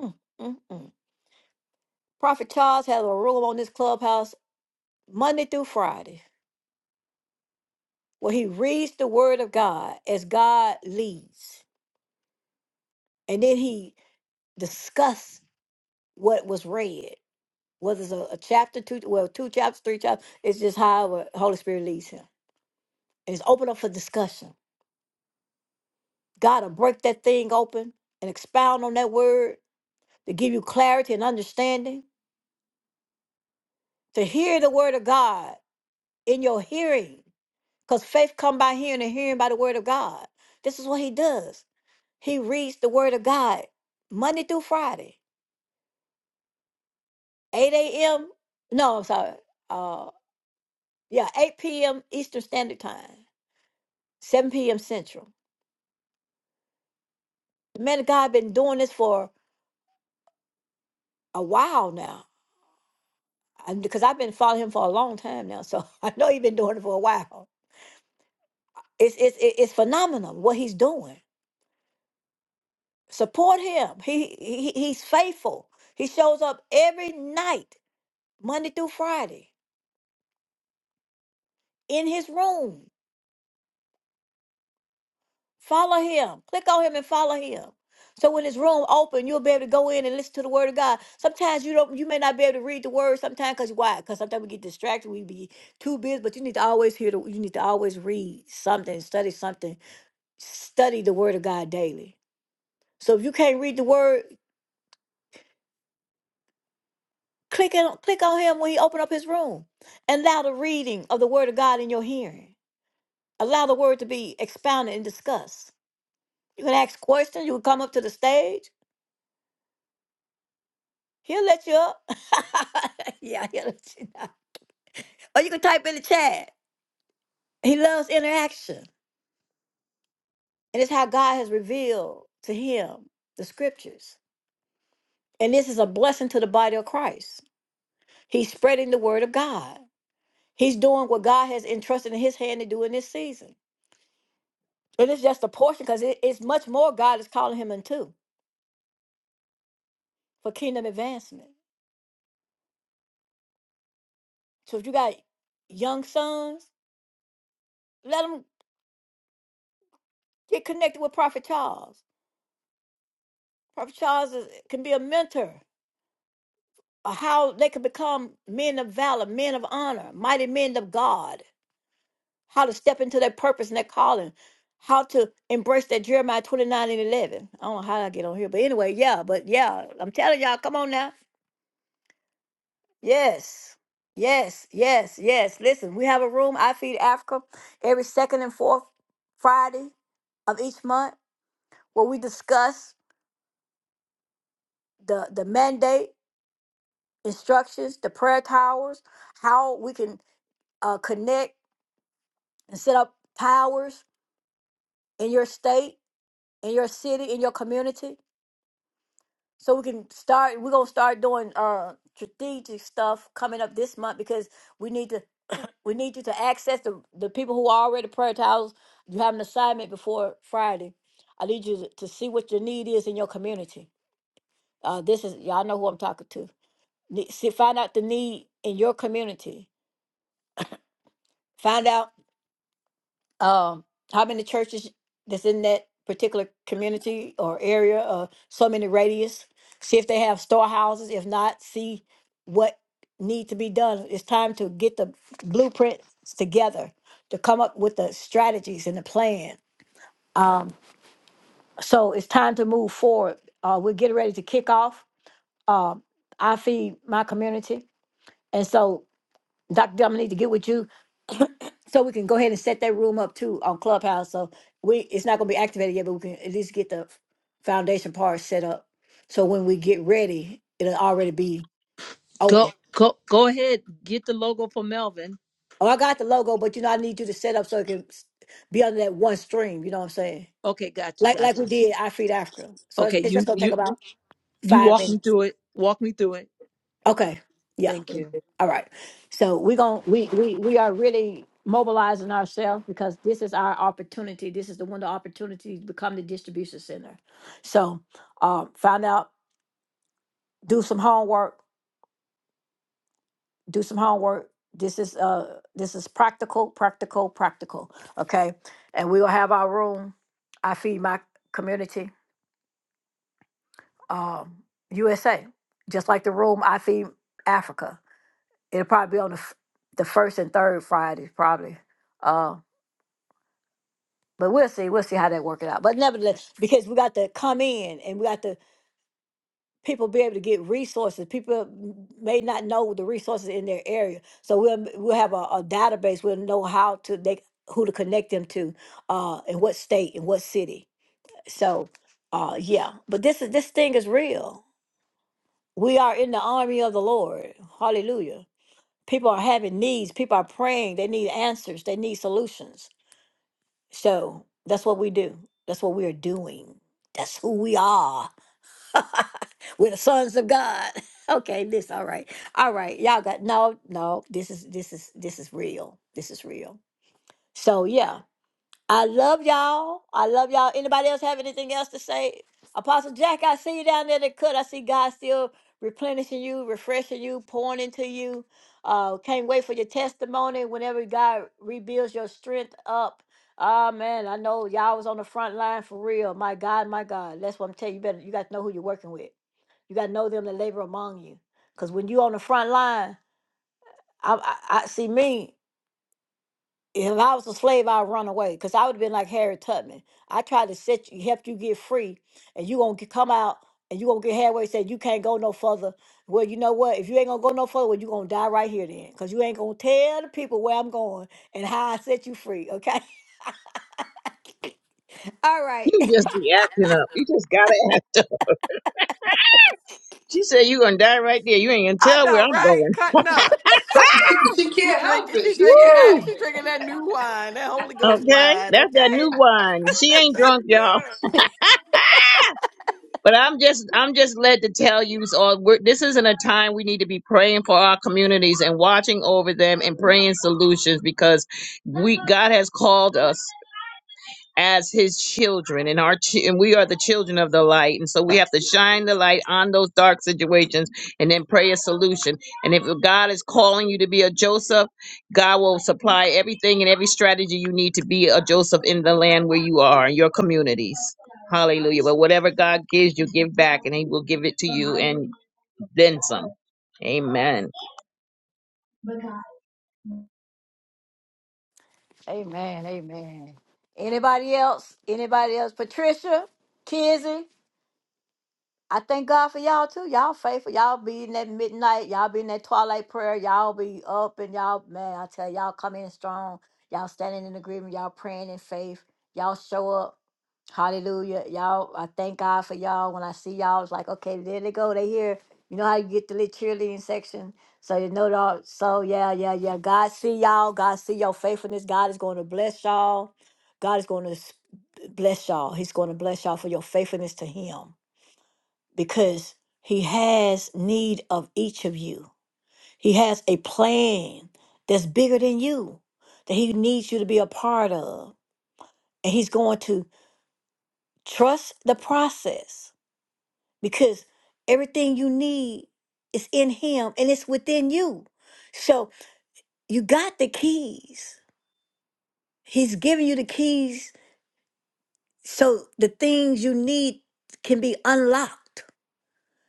Speaker 1: Mm, mm, mm. Prophet Charles has a room on this clubhouse Monday through Friday where he reads the word of God as God leads. And then he discusses what was read, whether it's a, a chapter, two, well, two chapters, three chapters. It's just however Holy Spirit leads him. and it's open up for discussion. God will break that thing open and expound on that word to give you clarity and understanding to hear the word of God in your hearing. Because faith come by hearing and hearing by the word of God. This is what he does. He reads the word of God Monday through Friday, 8 a.m. No, I'm sorry. Uh, yeah, 8 p.m. Eastern Standard Time, 7 p.m. Central. The man of God been doing this for a while now I'm, because I've been following him for a long time now, so I know he's been doing it for a while. It's it's it- it's phenomenal what he's doing. Support him. He, he he's faithful. He shows up every night, Monday through Friday, in his room. Follow him. Click on him and follow him. So when his room open, you'll be able to go in and listen to the word of God. Sometimes you don't, you may not be able to read the word. Sometimes, cause why? Cause sometimes we get distracted. We be too busy. But you need to always hear the. You need to always read something, study something study the word of God daily. So if you can't read the word, click on click on him when he open up his room. And allow the reading of the word of God in your hearing. Allow the word to be expounded and discussed. You can ask questions, you can come up to the stage. He'll let you up. yeah, he'll let you up. Or you can type in the chat. He loves interaction. And it's how God has revealed to him the scriptures. And this is a blessing to the body of Christ. He's spreading the word of God. He's doing what God has entrusted in his hand to do in this season. And it's just a portion because it, it's much more God is calling him into for kingdom advancement. So if you got young sons, let them get connected with Prophet Charles. Prophet Charles is, can be a mentor of how they can become men of valor, men of honor, mighty men of God, how to step into their purpose and their calling, how to embrace that Jeremiah 29 and 11. I don't know how I get on here, but anyway, yeah, but yeah, I'm telling y'all, come on now. Yes. Yes, yes, yes. Listen, we have a room, I Feed Africa, every second and fourth Friday of each month where we discuss the, the mandate, instructions, the prayer towers, how we can uh, connect and set up towers in your state, in your city, in your community. So we can start, we're going to start doing uh, strategic stuff coming up this month because we need to. We need you to access the, the people who are already prayer towels. You have an assignment before Friday. I need you to, to see what your need is in your community. Uh, this is y'all know who I'm talking to. Ne- See, find out the need in your community. Find out um, how many churches that's in that particular community or area or so many radius see if they have storehouses if not see what need to be done it's time to get the blueprints together to come up with the strategies and the plan um, so it's time to move forward uh, we're getting ready to kick off um, i feed my community and so dr Dillon, I need to get with you so we can go ahead and set that room up too on Clubhouse. So we it's not gonna be activated yet, but we can at least get the foundation part set up. So when we get ready, it'll already be
Speaker 4: Go
Speaker 1: open.
Speaker 4: go go ahead. Get the logo for Melvin.
Speaker 1: Oh, I got the logo, but you know I need you to set up so it can s- be under that one stream. You know what I'm saying?
Speaker 4: Okay, got you,
Speaker 1: Like like
Speaker 4: got
Speaker 1: we
Speaker 4: you.
Speaker 1: did I Feed Africa. So it's,
Speaker 4: Okay,
Speaker 1: it's
Speaker 4: you
Speaker 1: just gonna take
Speaker 4: you
Speaker 1: about
Speaker 4: you
Speaker 1: five
Speaker 4: walk me
Speaker 1: minutes.
Speaker 4: through it. Walk me through it.
Speaker 1: Okay. Yeah.
Speaker 4: Thank you.
Speaker 1: All right. So we're going we we we are really mobilizing ourselves because this is our opportunity. This is the window of opportunity to become the distribution center. So uh, find out, do some homework, do some homework. This is uh this is practical, practical, practical. Okay. And we will have our room. I feed my community, um, USA. Just like the room I feed Africa. It'll probably be on the f- the first and third Fridays, probably. uh, But we'll see. We'll see how they work it out. But nevertheless, because we got to come in and we got to people be able to get resources. People may not know the resources in their area, so we'll we'll have a, a database. We'll know how to they who to connect them to, uh, in what state and what city. So, uh, yeah. But this is this thing is real. We are in the army of the Lord. Hallelujah. People are having needs. People are praying. They need answers. They need solutions. So that's what we do. That's what we are doing. That's who we are. We're the sons of God. Okay, this all right. All right. Y'all got no, no, this is this is this is real. This is real. So yeah. I love y'all. I love y'all. Anybody else have anything else to say? Apostle Jack, I see you down there that could. I see God still replenishing you, refreshing you, pouring into you. Uh, can't wait for your testimony whenever God rebuilds your strength up. Ah man, I know y'all was on the front line for real. My God, my God. That's what I'm telling you. You better you got to know who you're working with. You got to know them that labor among you. Cause when you on the front line, I, I, I see me if I was a slave, I'd run away because I would have been like Harriet Tubman. I tried to set you, help you get free, and you gonna get, come out and you gonna get halfway. and Say you can't go no further. Well, you know what? If you ain't gonna go no further, well, you gonna die right here then, because you ain't gonna tell the people where I'm going and how I set you free. Okay. All right.
Speaker 3: You just be acting up. You just gotta act. She said, you going to die right there. You ain't going to
Speaker 6: I
Speaker 3: tell where
Speaker 6: know,
Speaker 3: I'm
Speaker 6: right?
Speaker 3: going.
Speaker 6: Cutting up.
Speaker 3: Ah!
Speaker 6: She drinking. She drinking that.
Speaker 3: Woo!
Speaker 6: She drinking that new wine, that Holy Ghost
Speaker 3: Okay,
Speaker 6: wine.
Speaker 3: that's that new
Speaker 6: Okay.
Speaker 3: wine. She ain't drunk, y'all. But I'm just, I'm just led to tell you all. We're, this isn't a time we need to be praying for our communities and watching over them and praying solutions because we, God has called us. as his children and our chi- and we are the children of the light and so we have to shine the light on those dark situations and then pray a solution and if god is calling you to be a joseph god will supply everything and every strategy you need to be a joseph in the land where you are in your communities hallelujah but whatever god gives you give back and he will give it to you and then some amen
Speaker 1: Amen. Amen. Anybody else? Anybody else? Patricia, Kizzy. I thank God for y'all too. Y'all faithful. Y'all be in that midnight. Y'all be in that twilight prayer. Y'all be up and y'all, man, I tell y'all come in strong. Y'all standing in agreement. Y'all praying in faith. Y'all show up. Hallelujah. Y'all, I thank God for y'all. When I see y'all, it's like, okay, there they go. They here. You know how you get the little cheerleading section. So you know that. So yeah, yeah, yeah. God see y'all. God see your faithfulness. God is going to bless y'all. God is going to bless y'all. He's going to bless y'all for your faithfulness to him because he has need of each of you. He has a plan that's bigger than you that he needs you to be a part of. And he's going to trust the process because everything you need is in him and it's within you. So you got the keys. He's giving you the keys so the things you need can be unlocked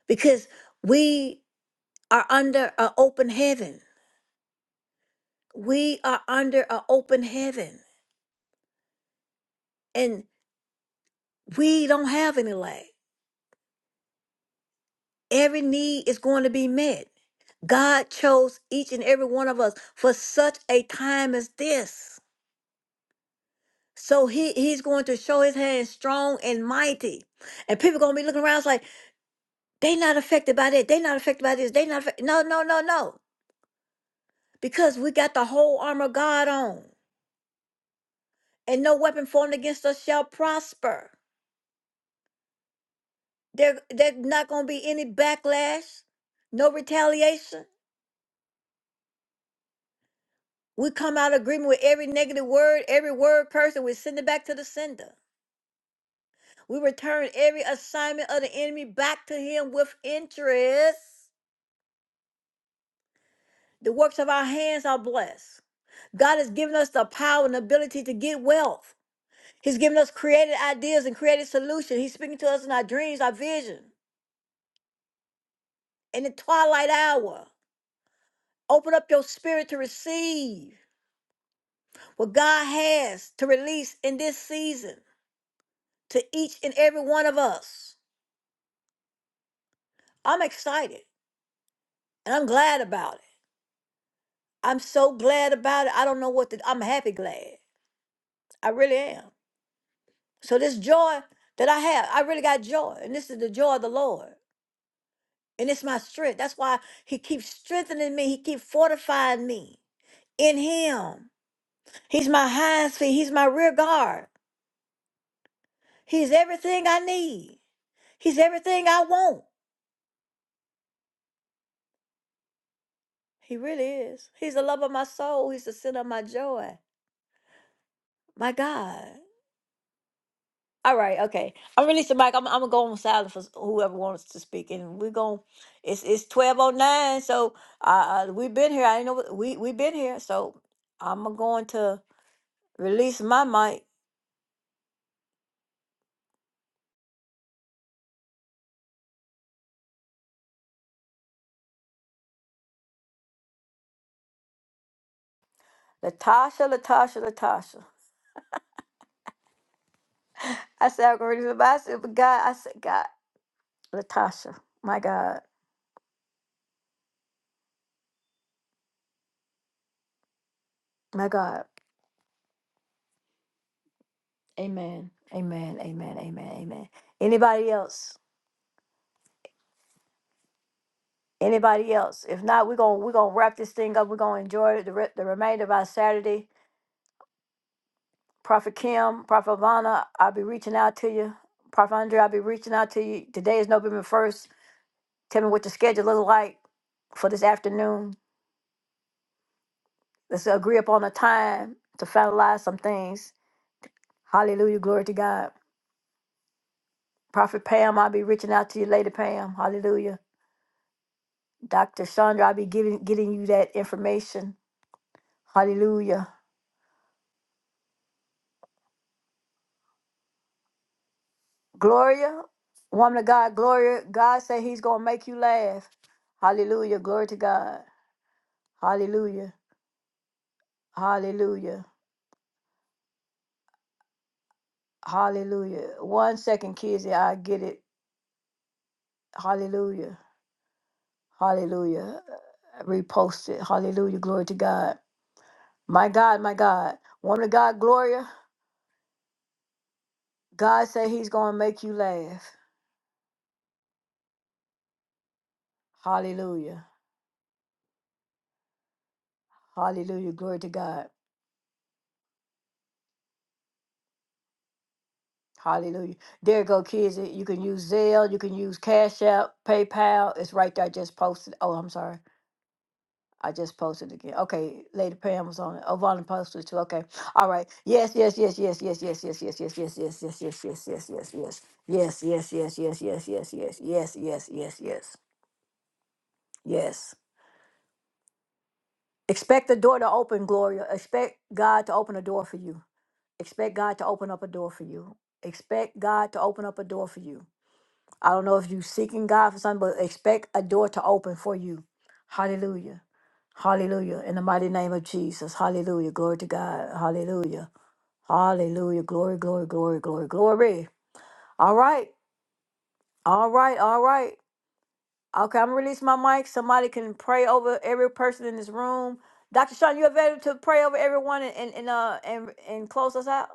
Speaker 1: because we are under an open heaven We are under an open heaven and we don't have any lack. Every need is going to be met. God chose each and every one of us for such a time as this. So he, he's going to show his hand strong and mighty. And people going to be looking around it's like, they not affected by that. They not affected by this. They not affected. No, no, no, no. Because we got the whole armor of God on. And no weapon formed against us shall prosper. There, there's not going to be any backlash, no retaliation. We come out of agreement with every negative word, every word curse, and we send it back to the sender. We return every assignment of the enemy back to him with interest. The works of our hands are blessed. God has given us the power and ability to get wealth. He's given us creative ideas and creative solutions. He's speaking to us in our dreams, our vision, in the twilight hour. Open up your spirit to receive. what God has to release in this season to each and every one of us. I'm excited and I'm glad about it. I'm so glad about it. I don't know what to, I'm happy glad. I really am. So this joy that I have, I really got joy. And this is the joy of the Lord. And it's my strength. That's why he keeps strengthening me. He keeps fortifying me in him. He's my highest feet. He's my rear guard. He, he really is. He, oh, he's not my joy. My God. All right. Okay. I'm ready And so I, I'm going to release my mic. Latasha, Latasha, Latasha. I said, I'm going to release my mic. I said, but God, I said, God, Latasha, my God, my God. Amen, amen, amen, amen, amen. Anybody else? Anybody else? If not, we're going to we're gonna wrap this thing up. We're going to enjoy the, re- the remainder of our Saturday. Prophet Kim, Prophet Ivana, I'll be reaching out to you. Prophet Andre, I'll be reaching out to you. Today is November 1st. Tell me what your schedule looks like for this afternoon Let's agree upon a time to finalize some things. Hallelujah. Glory to God. Prophet Pam, I'll be reaching out to you later, Pam. Hallelujah. Dr. Chandra, I'll be giving getting you that information. Hallelujah. Gloria, woman of God, Gloria, God said he's gonna make you laugh. Hallelujah. Glory to God. Hallelujah. Hallelujah. Hallelujah. One second, Kizzy, I get it. Hallelujah. Hallelujah. Repost it. Hallelujah. Glory to God. My God, my God. Woman of God, Gloria, God said he's going to make you laugh. Hallelujah. Hallelujah. Glory to God. Hallelujah. There you go, kids. You can use Zelle. You can use Cash App, PayPal. It's right there. I just posted. Oh, I'm sorry. I just posted again. Okay, Lady Pam was on it. Oh, Vonda posted it too. Okay. All right. Yes, yes, yes, yes, yes, yes, yes, yes, yes, yes, yes, yes, yes, yes, yes, yes, yes. Yes, yes, yes, yes, yes, yes, yes, yes, yes, yes, yes, yes. Expect the door to open, Gloria. Expect God to open a door for you. Expect God to open up a door for you. Expect God to open up a door for you. I don't know if you're seeking God for something, but expect a door to open for you. Hallelujah. Hallelujah. In the mighty name of Jesus. Hallelujah. Glory to God. Hallelujah. Hallelujah. Glory, glory, glory, glory, glory. All right. All right. All right. Okay, I'm gonna release my mic. Somebody can pray over every person in this room. Dr. Sean, you available to pray over everyone and, and, and uh and and close us out?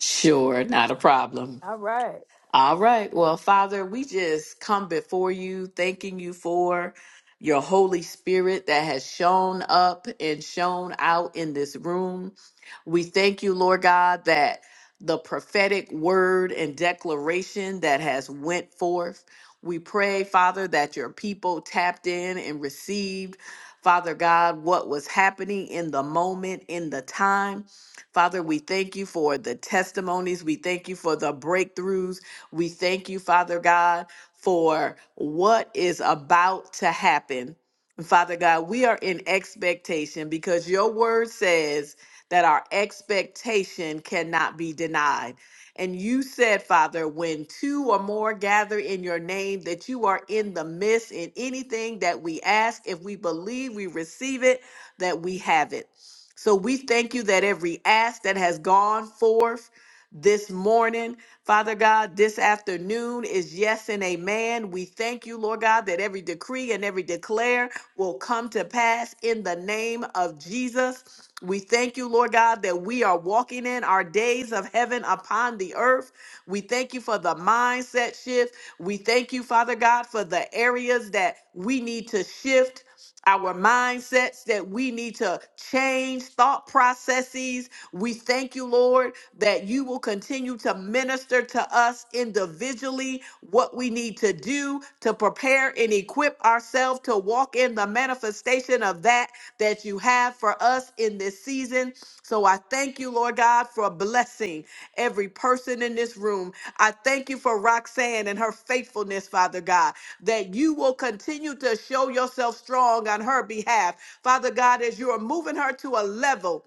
Speaker 6: sure, not a problem.
Speaker 1: All right.
Speaker 6: All right. Well, Father, we just come before you, thanking you for your Holy Spirit that has shown up and shown out in this room. We thank you, Lord God, that the prophetic word and declaration that has went forth. We pray, Father, that your people tapped in and received, Father God, what was happening in the moment, in the time. Father, we thank you for the testimonies. We thank you for the breakthroughs. We thank you, Father God, for what is about to happen. Father God, we are in expectation because your word says that our expectation cannot be denied. And you said, Father, when two or more gather in your name, that you are in the midst in anything that we ask. If we believe we receive it, that we have it. So we thank you that every ask that has gone forth this morning Father God, this afternoon is yes and amen. We thank you, Lord God, that every decree and every declare will come to pass in the name of Jesus. We thank you, Lord God, that we are walking in our days of heaven upon the earth. We thank you for the mindset shift. We thank you, Father God, for the areas that we need to shift our mindsets that we need to change thought processes. We thank you, Lord, that you will continue to minister to us individually what we need to do to prepare and equip ourselves to walk in the manifestation of that that you have for us in this season. So I thank you, Lord God, for blessing every person in this room. I thank you for Roxanne and her faithfulness, Father God, that you will continue to show yourself strong on her behalf. Father God, as you are moving her to a level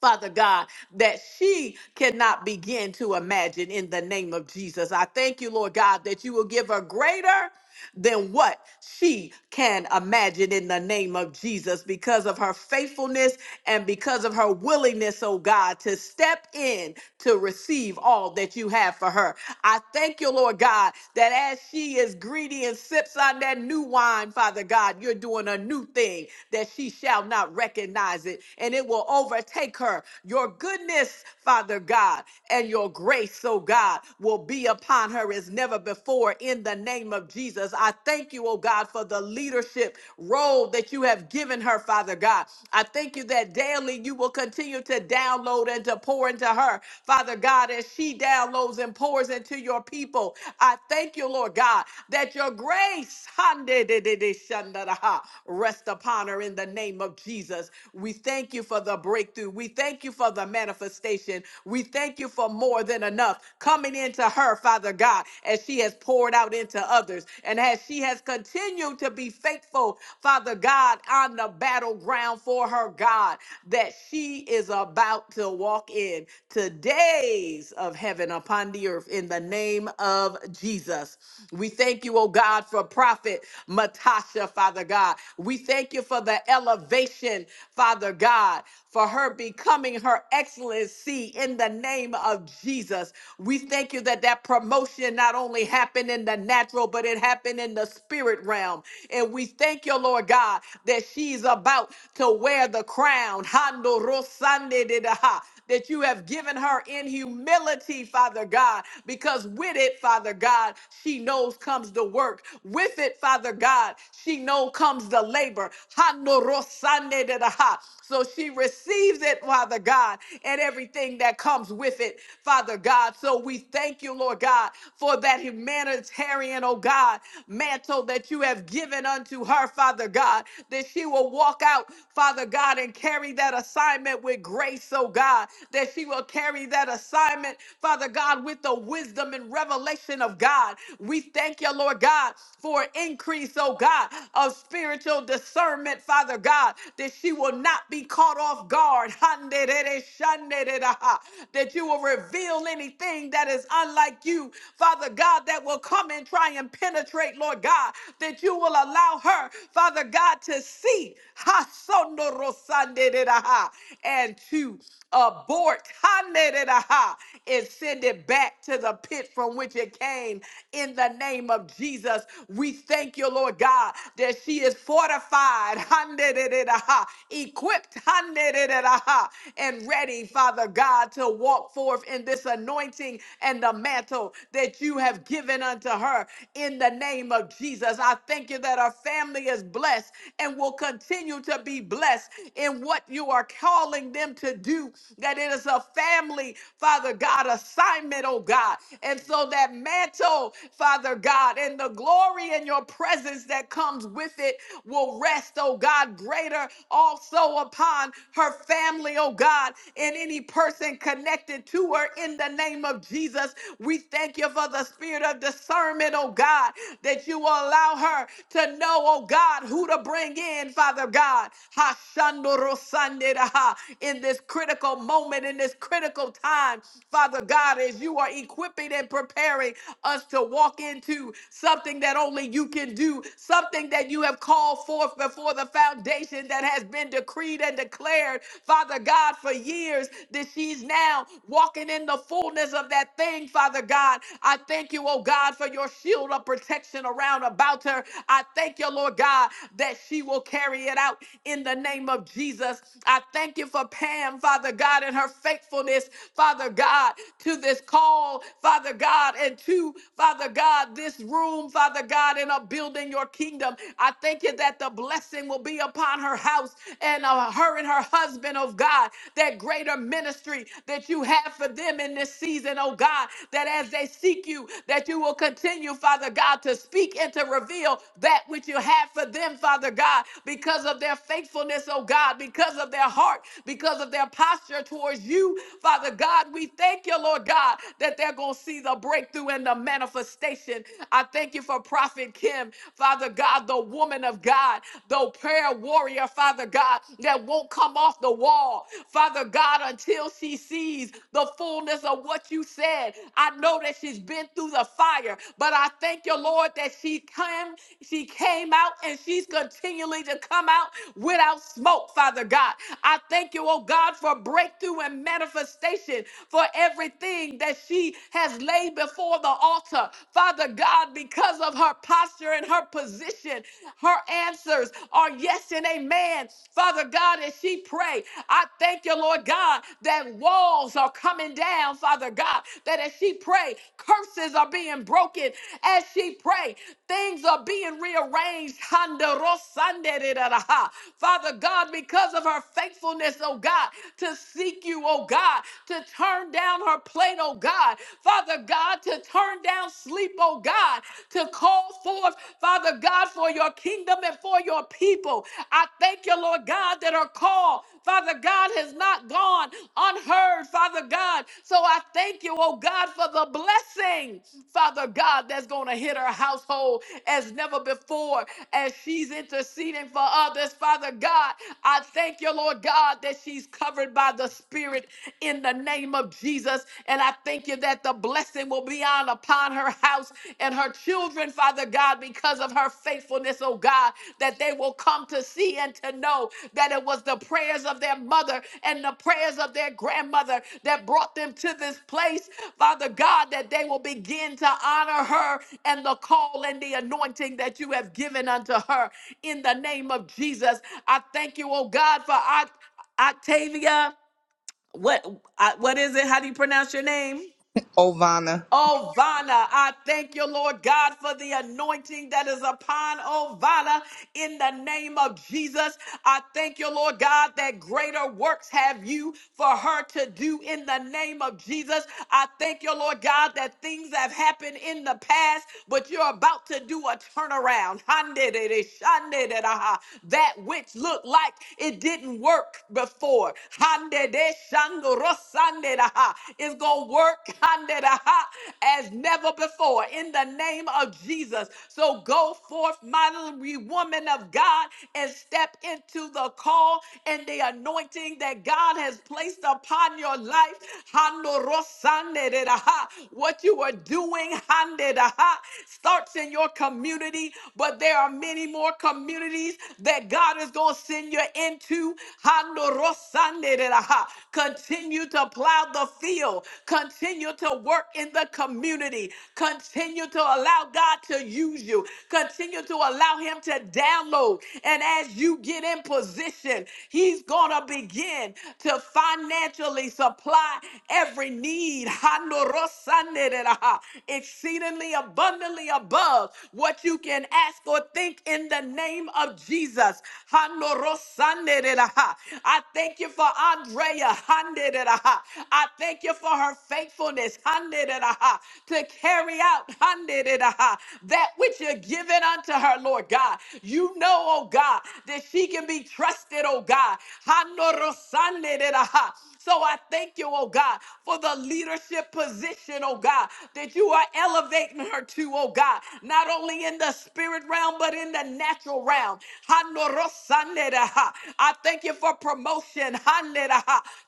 Speaker 6: Father God, that she cannot begin to imagine in the name of Jesus. I thank you, Lord God, that you will give her greater than what she can imagine in the name of Jesus because of her faithfulness and because of her willingness, oh God, to step in to receive all that you have for her. I thank you, Lord God, that as she is greedy and sips on that new wine, Father God, you're doing a new thing that she shall not recognize it and it will overtake her. Your goodness, Father God, and your grace, oh God, will be upon her as never before for in the name of Jesus. I thank you, oh God, for the leadership role that you have given her, Father God. I thank you that daily you will continue to download and to pour into her, Father God, as she downloads and pours into your people. I thank you, Lord God, that your grace rest upon her in the name of Jesus. We thank you for the breakthrough. We thank you for the manifestation. We thank you for more than enough coming into her her, Father God, as she has poured out into others and as she has continued to be faithful, Father God, on the battleground for her God that she is about to walk in today's of heaven upon the earth in the name of Jesus. We thank you, oh God, for prophet Matasha, Father God. We thank you for the elevation, Father God, for her becoming her excellency in the name of Jesus. Jesus. We thank you that that promotion not only happened in the natural, but it happened in the spirit realm. And we thank you, Lord God, that she's about to wear the crown. Hando rosande de daha, That you have given her in humility, Father God, because with it, Father God, she knows comes the work. With it, Father God, she knows comes the labor. Hando rosande de daha. So she receives it, Father God, and everything everything that comes with it, Father God. So we thank you, Lord God, for that humanitarian, oh God, mantle that you have given unto her, Father God, that she will walk out, Father God, and carry that assignment with grace, oh God, that she will carry that assignment, Father God, with the wisdom and revelation of God. We thank you, Lord God, for increase, oh God, of spiritual discernment, Father God, that she will not be caught off guard that you will reveal anything that is unlike you, Father God, that will come and try and penetrate, Lord God, that you will allow her, Father God, to see and to abort and send it back to the pit from which it came in the name of Jesus. We thank you, Lord God, that she is fortified equipped ha and ready, Father God, to walk forth in this anointing and the mantle that you have given unto her in the name of Jesus. I thank you that our family is blessed and will continue to be blessed in what you are calling them to do, that it is a family, Father God, assignment, oh God. And so that mantle, Father God, and the glory in your presence that comes with it will rest oh God, greater also upon her family, oh God, and any person connected to her in the name of Jesus. We thank you for the spirit of discernment, oh God, that you will allow her to know, oh God, who to bring in, Father God. Hashandorosanderaha, In this critical moment, in this critical time, Father God, as you are equipping and preparing us to walk into something that only you can do, something everything that you have called forth before the foundation that has been decreed and declared, Father God, for years, that she's now walking in the fullness of that thing, Father God. I thank you, oh God, for your shield of protection around about her. I thank you, Lord God, that she will carry it out in the name of Jesus. I thank you for Pam, Father God, and her faithfulness, Father God, to this call, Father God, and to, Father God, this room, Father God. God, and of building your kingdom. I thank you that the blessing will be upon her house and uh, her and her husband, oh God, that greater ministry that you have for them in this season, oh God, that as they seek you, that you will continue, Father God, to speak and to reveal that which you have for them, Father God, because of their faithfulness, oh God, because of their heart, because of their posture towards you, Father God. We thank you, Lord God, that they're going to see the breakthrough and the manifestation manifestation. I thank you for Prophet Kim, Father God, the woman of God, the prayer warrior, Father God, that won't come off the wall, Father God, until she sees the fullness of what you said. I know that she's been through the fire, but I thank you, Lord, that she came, she came out and she's continually to come out without smoke, Father God. I thank you, oh God, for breakthrough and manifestation for everything that she has has laid before the altar. Father God, because of her posture and her position, her answers are yes and amen. Father God, as she pray, I thank you, Lord God, that walls are coming down, Father God, that as she pray, curses are being broken. As she pray, things are being rearranged. Handarosandereraha. Father God, because of her faithfulness, oh God, to seek you, oh God, to turn down on her plate, oh God. Father God, to turn down sleep, oh God, to call forth, Father God, for your kingdom and for your people. I thank you, Lord God, that her call, Father God, has not gone unheard, Father God. So I thank you, oh God, for the blessing, Father God, that's going to hit her household as never before as she's interceding for others, Father God. I thank you, Lord God, that she's covered by the Spirit in the name of Jesus. And I thank you that the blessing will be on upon her house and her children, Father God, because of her faithfulness, oh God, that they will come to see and to know that it was the prayers of their mother and the prayers of their grandmother that brought them to this place, Father God, that they will begin to honor her and the call and the anointing that you have given unto her in the name of Jesus. I thank you, oh God, for Oct- Octavia. What I, what is it? How do you pronounce your name? Ovana, I thank you, Lord God, for the anointing that is upon Ovana in the name of Jesus. I thank you, Lord God, that greater works have you for her to do in the name of Jesus. I thank you, Lord God, that things have happened in the past, but you're about to do a turnaround. Handedede, shandedadaha. That which looked like it didn't work before. Handede, shandorosandedadaha. It's going to work work Kanderaha, as never before in the name of Jesus. So go forth, mighty woman of God, and step into the call and the anointing that God has placed upon your life. Handorosaneraha. What you are doing handeraha, starts in your community, but there are many more communities that God is going to send you into. Handorosaneraha. Continue to plow the field, continue to work in the community, continue to allow God to use you, continue to allow Him to download. And as you get in position, He's going to begin to financially supply every need. Handorosaneraha, Exceedingly abundantly above what you can ask or think in the name of Jesus. Handorosaneraha. I thank you for Andre. I thank you for her faithfulness to carry out that which you're giving unto her, Lord God. You know, oh God, that she can be trusted, oh God. So I thank you, oh God, for the leadership position, oh God, that you are elevating her to, oh God, not only in the spirit realm, but in the natural realm. I thank you for promotion promotion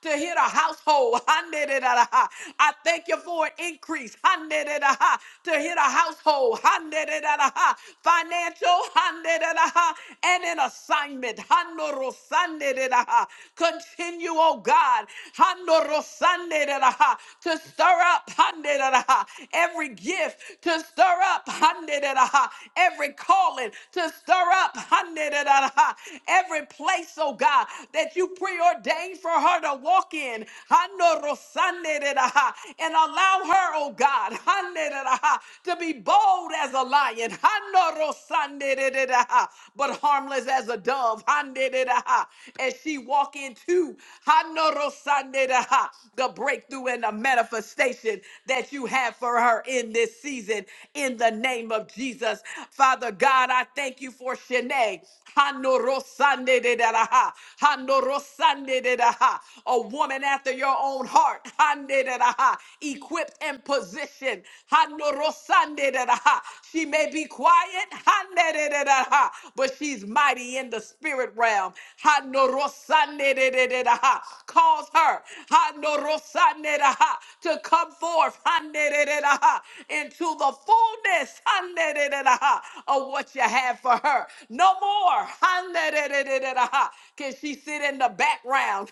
Speaker 6: to hit a household. I thank you for an increase to hit a household. Financial and an assignment. Continue, oh God, to stir up every gift, to stir up every calling, to stir up every place, oh God, that you preordained for her to walk in. Hanorosanderaha, And allow her, oh God, Hanereraha, to be bold as a lion, Hanorosanderaha, but harmless as a dove. Hanereraha, As she walk into Hanorosanderaha, the breakthrough and the manifestation that you have for her in this season in the name of Jesus. Father God, I thank you for Shanae. Hanorosande de da da ha. Hanorosande de da ha. A woman after your own heart. Hande de da ha. Equipped and positioned. Hanorosande de da ha. She may be quiet. Hande de da da ha. But she's mighty in the spirit realm. Hanorosande de de de da ha. Cause her. Hanorosande de da ha. To come forth. Hande de de da ha. Into the fullness. Hande de de da ha. Of what you have had for her. No more can she sit in the background.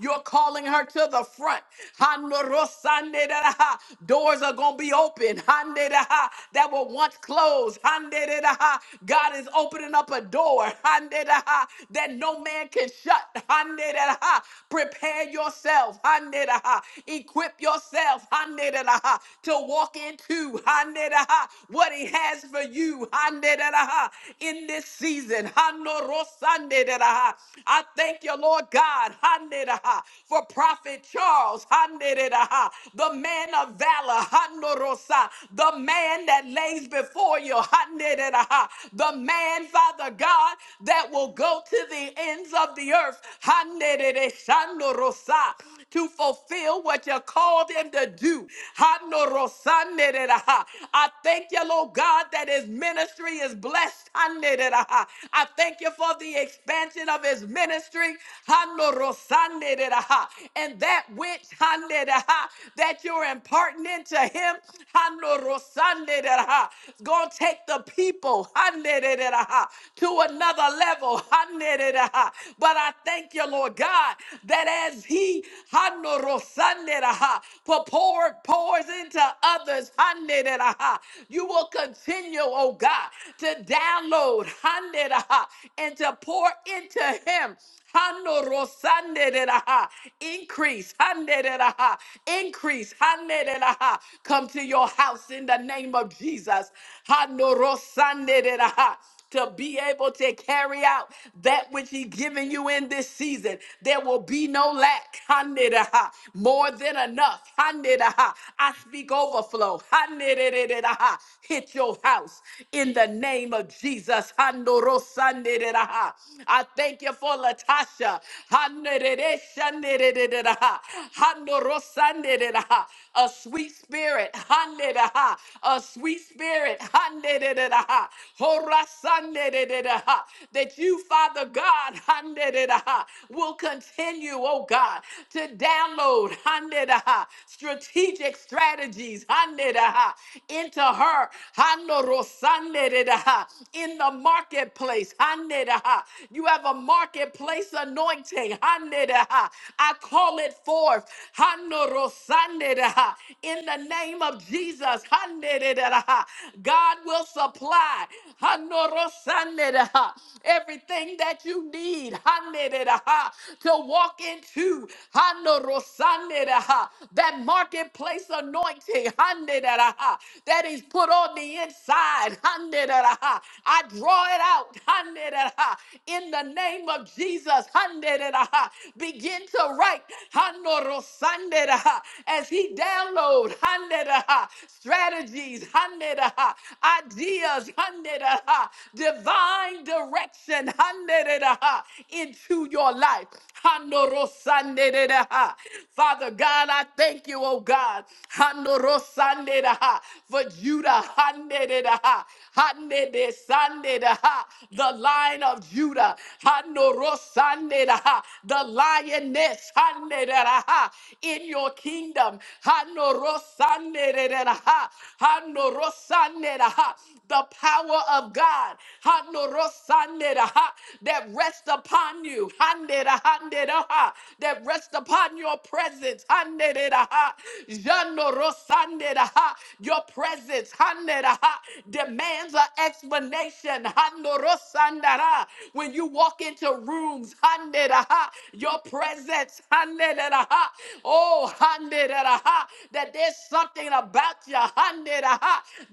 Speaker 6: You're calling her to the front. Doors are going to be open that were once closed. God is opening up a door that no man can shut. Prepare yourself. Equip yourself to walk into what he he has for you in this season. I thank you, Lord God, for Prophet Charles, the man of valor, the man that lays before you, the man, Father God, that will go to the ends of the earth. To fulfill what you called him to do. I thank you, Lord God, that his ministry is blessed. I thank you for the expansion of his ministry. And that which that you're imparting into him is going to take the people to another level. But I thank you, Lord God, that as he pours pours into others. You will continue, oh God, to download and to pour into him. Increase. Increase. Come to your house in the name of Jesus to be able to carry out that which He's given you in this season. There will be no lack. Hanidaha. More than enough. Hanidaha. I speak overflow. Hanididididaha. Hit your house in the name of Jesus. Handorosandididaha. I thank you for Latasha. Hanididishandidididaha. Handorosandididaha. A sweet spirit. Hanidaha. A sweet spirit. Hanidididaha that you, Father God, will continue, oh God, to download strategic strategies into her in the marketplace. You have a marketplace anointing. I call it forth in the name of Jesus. God will supply. Hanorosandera. Everything that you need hanera, to walk into hanorosandera, that marketplace anointing hanera, that is put on the inside. hanera. I draw it out hanera, in the name of Jesus. hanera. Begin to write hanorosandera, as He download hanera, strategies, hanera, ideas, divine direction into your life. Father God, I thank you, oh God, for Judah, the lion of Judah, the lioness in your kingdom, the power power of God Hanorosanera, ha, that rests upon you, Hanera, hanera, that rests upon your presence. Hanera, ha, Janorosanera, Your presence hanera, demands an explanation. Hanorosandara, When you walk into rooms, hanera, your presence, hanera, oh, hanera, that there's something about you hanera,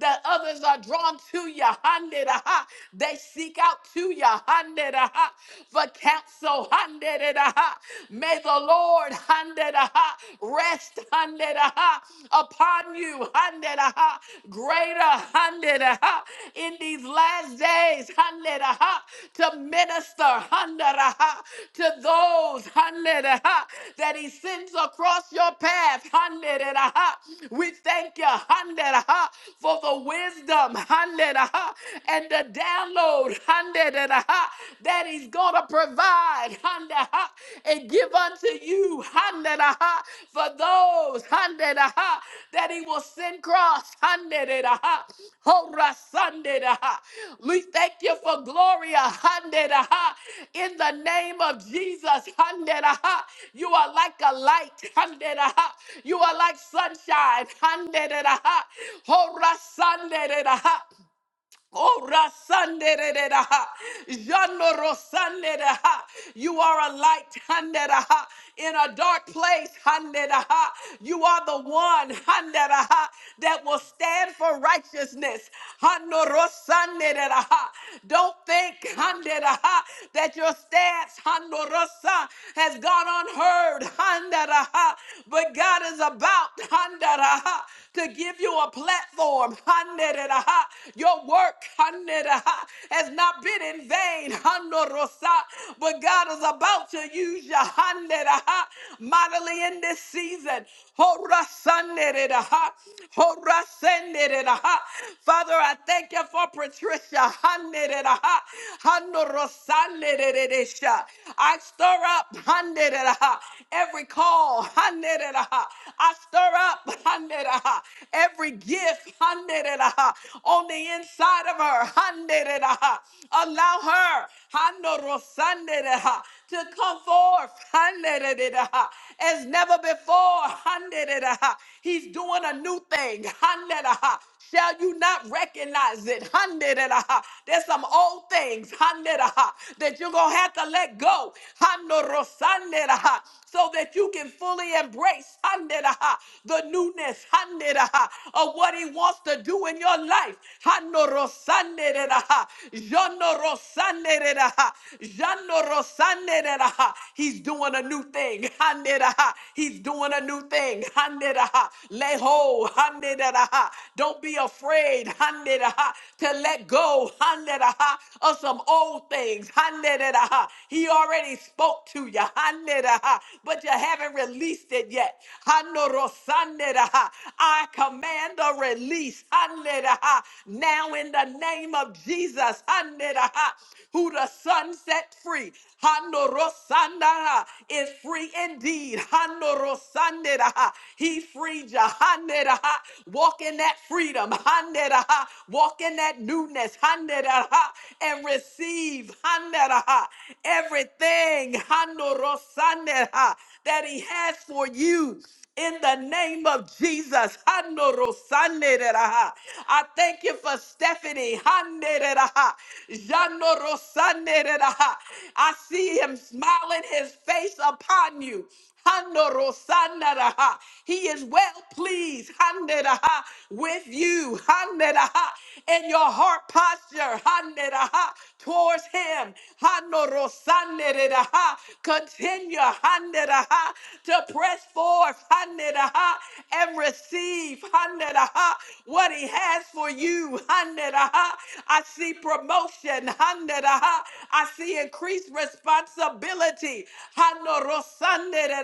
Speaker 6: that others are drawn to you ya. Hande da ha. They seek out to ya. Hande da ha. For counsel. Hande da ha. May the Lord hande da ha. rest hande da ha. upon you. Hande da ha. Greater hande da ha. in these last days hande da ha. to minister hande da ha. to those hande da ha. that He sends across your path. Hande da ha. We thank you, Handeraha, for the wisdom, hande and the download hundred, and aha, that He's going to provide hundred, and give unto you hundred, aha, for those hundred, aha, that He will send cross hundred, and aha, hora sunday, aha. We thank you for Gloria hundred, aha, in the name of Jesus hundred, aha. You are like a light hundred, aha. You are like sunshine hundred, aha. Hora Sunday. Oh, rasanderereha, jano rosandereha. You are a light handereha, in a dark place. handereha. You are the one handereha, that will stand for righteousness. Hano rosanderereha. Don't think handereha, that your stance hano rosa, has gone unheard. handereha. But God is about handereha, to give you a platform. Haneraha. Your work Haneraha, has not been in vain, Hanorosa, but God is about to use you Haneraha, mightily in this season. Horasanereraha, Horasenereraha. Father, I thank you for Patricia. Haneraha, Hanorosanereresha. I stir up Haneraha, every call. Haneraha. I stir up Haneraha, every every gift handeraha, on the inside of her. handeraha. Allow her handorosanderaha, to come forth handeraha, as never before. handeraha. He's doing a new thing. handeraha. Shall you not recognize it? Hundred and a ha. There's some old things, hundred and a ha, that you're gonna have to let go. Hando rosande and a ha, So that you can fully embrace hundred and a ha, the newness hundred and a ha, of what he wants to do in your life. Hando rosande and a ha, Jono rosande and a ha, Jono rosande and a ha. He's doing a new thing. Handed He's doing a new thing. Handed Lay ho. Handed don't be afraid to let go of some old things. He already spoke to you, but you haven't released it yet. I command a release now in the name of Jesus, who the Son set free is free indeed. He freed you. Hanera. Walk in that freedom. Handeraha. Walk in that newness. Handeraha. And receive handeraha. everything handorosaneraha, that He has for you. In the name of Jesus, handorosaneraha. I thank you for Stephanie. handeraha, janorosaneraha. I see him smiling his face upon you. Handorosandaraha. He is well pleased handaraha, with you handaraha, and your heart posture handaraha, towards Him. Handorosandaraha. Continue handaraha, to press forth handaraha, and receive handaraha, what He has for you. handaraha. I see promotion. handaraha. I see increased responsibility. Hano rosande de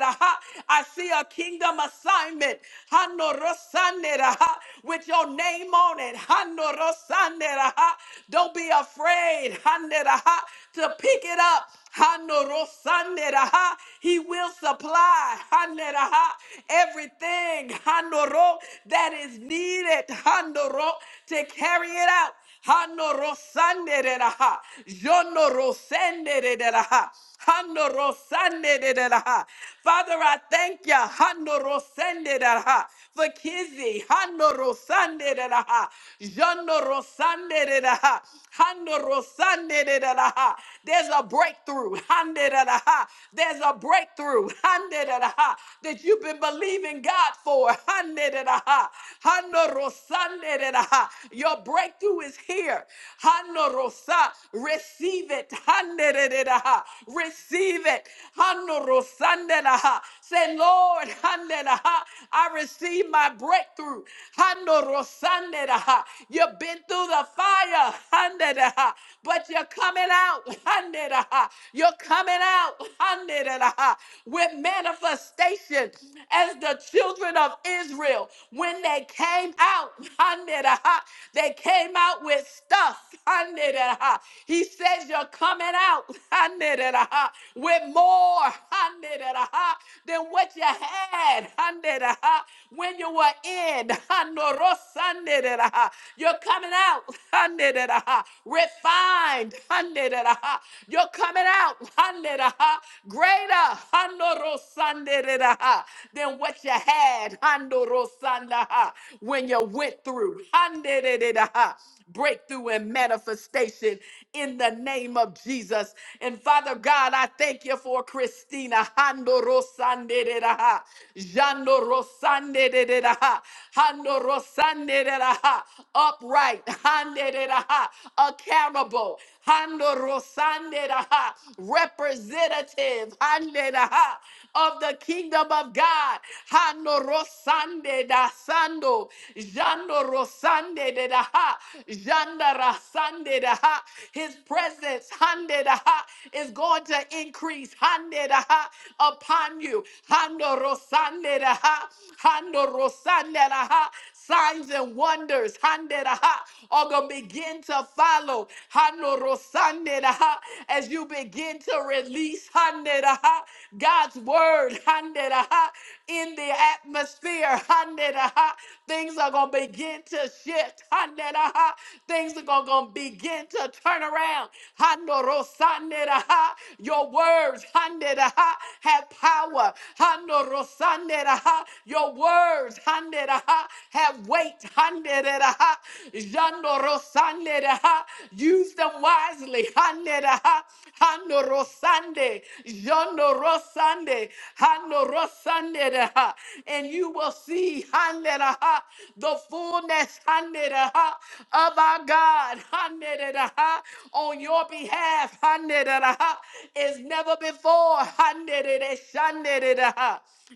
Speaker 6: I see a kingdom assignment. Hano rosande de With your name on it. Hano rosande de Don't be afraid hande de to pick it up. Hano rosande de He will supply hande de everything hano ro, that is needed hano ro, to carry it out. Hano rosande de la ha. Jono rosende de la ha. Hano rosande de la ha. Father, I thank you. Hano rosende de la ha. For Kizzy. Hano rosande de la ha. Jono rosande de la ha. Hano rosande de la ha. There's a breakthrough. Hande de la ha. There's a breakthrough. Hande de la ha. That you've been believing God for. Hande de la ha. Hano rosande de da. Your breakthrough is here. Hano rosa. Receive it. Hande de da. Receive it. Hano rosande da. Say, Lord, hande da. I receive my breakthrough. Hano rosande da. You've been through the fire. Hande da. But you're coming out. Hande da. You're coming out. Hande da. With manifestation as the children of Israel when they came out. They came out with stuff. He says, You're coming out with more than what you had when you were in. You're coming out refined. You're coming out greater handorosanderedaha, than what you had handorosandaha, when you went through. Handerededaha, Breakthrough and manifestation in the name of Jesus. And Father God, I thank you for Christina. handorosanderedaha, jandorosanderedaha, handorosanderedaha, Upright, handeraha, accountable, Mando Rosande Raha, representative Hande Raha, of the kingdom of God. Hando Rosande da Sando, Jando Rosande de Raha, Janda Rasande Raha. His presence Hande Raha, is going to increase Hande Raha, upon you. Hando Rosande Raha, Hando Rosande Raha. Signs and wonders handed, aha, are going to begin to follow Hano rosande, aha, as you begin to release handed, aha, God's word handed, aha, in the atmosphere. handed, aha. Things are going to begin to shift. handed, aha. Things are going to begin to turn around. Hano rosande, aha. Your words handed, aha, have power. Hano rosande, aha. Your words words handed, have weight. Handed, use them wisely. Handed, Handorosande, Jondorosande, Handorosande, and you will see handed, the fullness handed, of our God handed, on your behalf handed, is never before. Handed,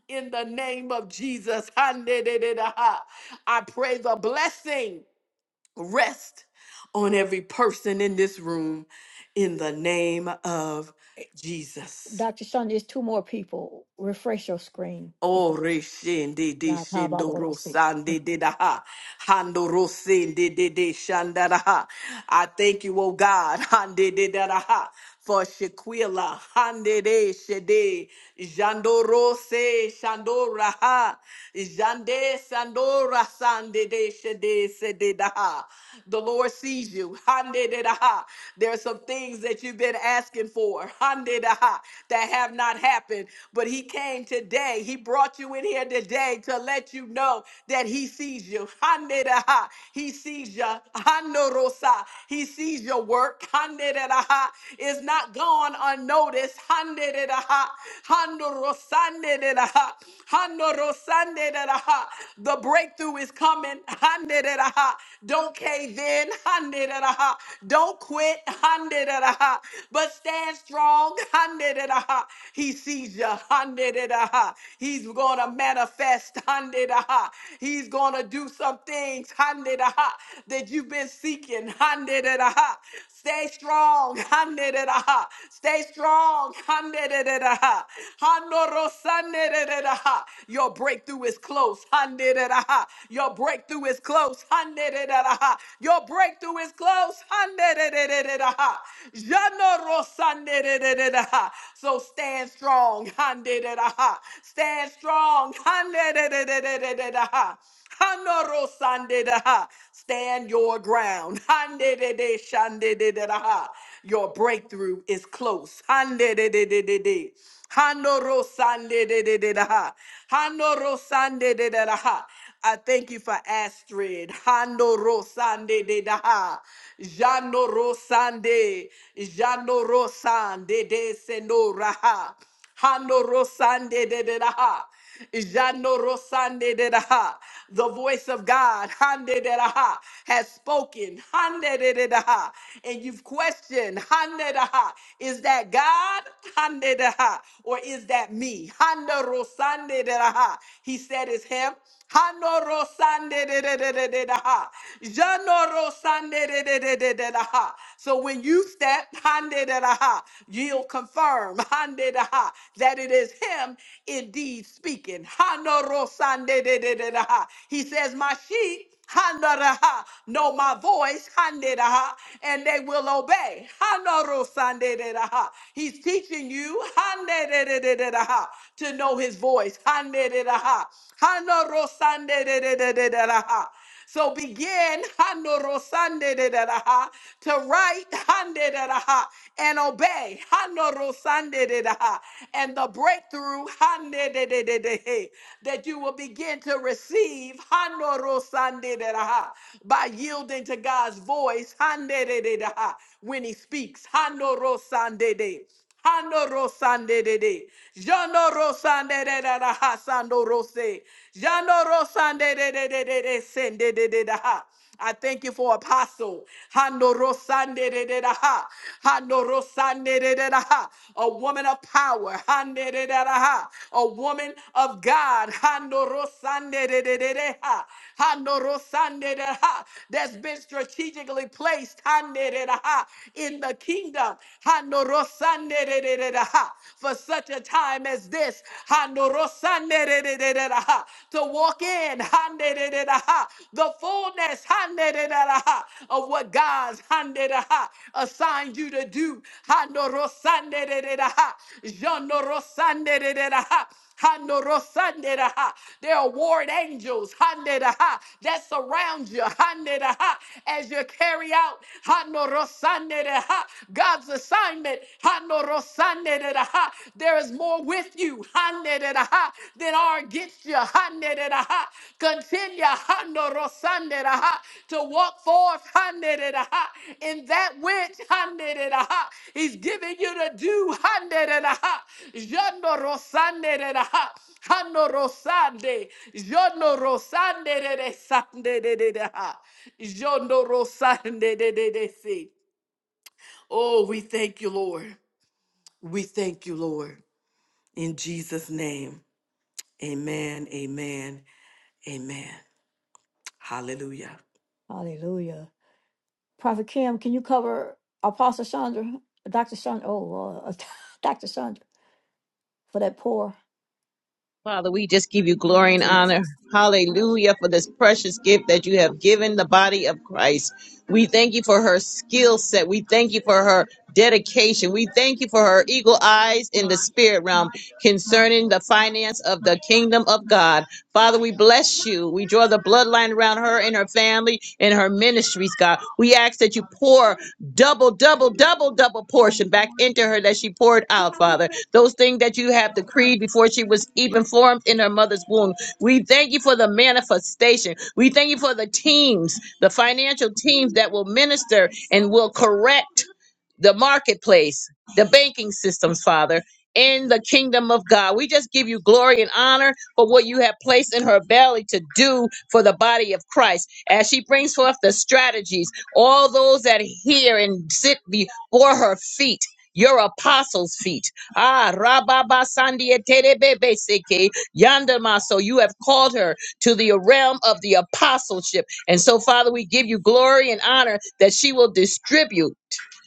Speaker 6: in the name of Jesus. I pray the blessing rest on every person in this room in the name of Jesus.
Speaker 1: Dr. Sean, there's two more people. Refresh your screen.
Speaker 6: Oh, reshende de
Speaker 1: La ta ba
Speaker 6: shendo
Speaker 1: si.
Speaker 6: rosande de da ha. Hando rosende de de shanda da ha. I thank you, oh God, hande de da da ha. For Shaquila, hande de shede, jando rose, shando raha, jande sandora sande de shede sede da ha. The Lord sees you, hande de da ha. There are some things that you've been asking for, hande da ha, that have not happened happened, but he came today. He brought you in here today to let you know that he sees you. Haneraha. He sees you. Hanorosa. He sees your work. Haneraha. It's not gone unnoticed. Haneraha. Hanorosaneraha. Hanorosaneraha. The breakthrough is coming. Haneraha. Don't cave in. Haneraha. Don't quit. Haneraha. But stand strong. Handedada. He sees you. Handedada. He's going to manifest. Handedada. He's going to do some things handedada, that you've been seeking. Handedada. Stay strong. Handedada. Stay strong. Handedada. Handorosandedada. Your breakthrough is close. Handedada. Your breakthrough is close. Handedada. Your breakthrough is close. So stand strong. Stand strong. Stand your ground. Your breakthrough is close. Hande-de-de-de-de-de. Hando-ro-sande-de-de-de-da-ha. Hando-ro-sande-de-de-da-ha. I thank you for Astrid. Hando Rosande de Daha. Jano Rosande. Jano Rosande de Senoraha. Hano rosande de de da ha. Jano rosande de da ha. The voice of God, hande de da ha, has spoken, hande de de da ha. And you've questioned, hande da ha, is that God, hande da ha, or is that me? Hando rosande de da ha. He said, "Is him." Hanoro sande de de de de de da ha. Janoro sande de de de de de da ha. So when you step hande de da ha, you'll confirm hande da ha that it is him indeed speaking. Hanoro sande de de de da ha. He says, "My sheep." Handaraha, know my voice, handaraha, and they will obey. Hanarosandaraha. He's teaching you handararaha, to know his voice. Handaraha. Hanarosandaraha. So begin Hanorosandaraha, to write handaraha, and obey. Hanorosandaraha. And the breakthrough hande de de de de he, that you will begin to receive hando ro sande de da ha, by yielding to God's voice hande de de da ha, when He speaks. Hando ro sande de. Hando rosande de de. Jano rosande de da da ha sando rose. Jano rosande de de de de de sende de de da ha. I thank you for apostle. Hando rosande de de da ha. Hando rosande de de da ha. A woman of power. Hande de de da ha. A woman of God. Hando rosande de de de de ha. Hando rosande de ha. That's been strategically placed. Hande de da ha. In the kingdom. Hando rosande de de de da ha. For such a time as this. Hando rosande de de de de da ha to walk in the fullness of what God's assigned you to do. Hanorosanderereha. There are ward angels handereha, that surround you handereha, as you carry out hanorosandereha, God's assignment. There is more with you than are against you. Continue to walk forth in that which He's giving you to do. Haneraha. Jandorosaneraha, Hanorosande, Jandorosanderesandereha, Jandorosandererese. Oh, we thank you, Lord. We thank you, Lord. In Jesus' name, amen, amen, amen. Hallelujah.
Speaker 1: Hallelujah. Prophet Kim, can you cover Apostle Chandra, Dr. Chandra, oh, uh, Dr. Chandra for that poor?
Speaker 3: Father, we just give you glory and honor. Hallelujah for this precious gift that you have given the body of Christ. We thank you for her skill set. We thank you for her dedication. We thank you for her eagle eyes in the spirit realm concerning the finance of the kingdom of God. Father, we bless you. We draw the bloodline around her and her family and her ministries, God. We ask that you pour double, double, double, double portion back into her that she poured out, Father. Those things that you have decreed before she was even formed in her mother's womb. We thank you for the manifestation. We thank you for the teams, the financial teams that will minister and will correct the marketplace, the banking systems, Father. In the kingdom of God, we just give you glory and honor for what you have placed in her belly to do for the body of Christ as she brings forth the strategies all those that hear and sit before her feet, your apostles' feet. Ah, Rababa Sandia Terebebe Seke Yandama. So you have called her to the realm of the apostleship. And so, Father, we give you glory and honor that she will distribute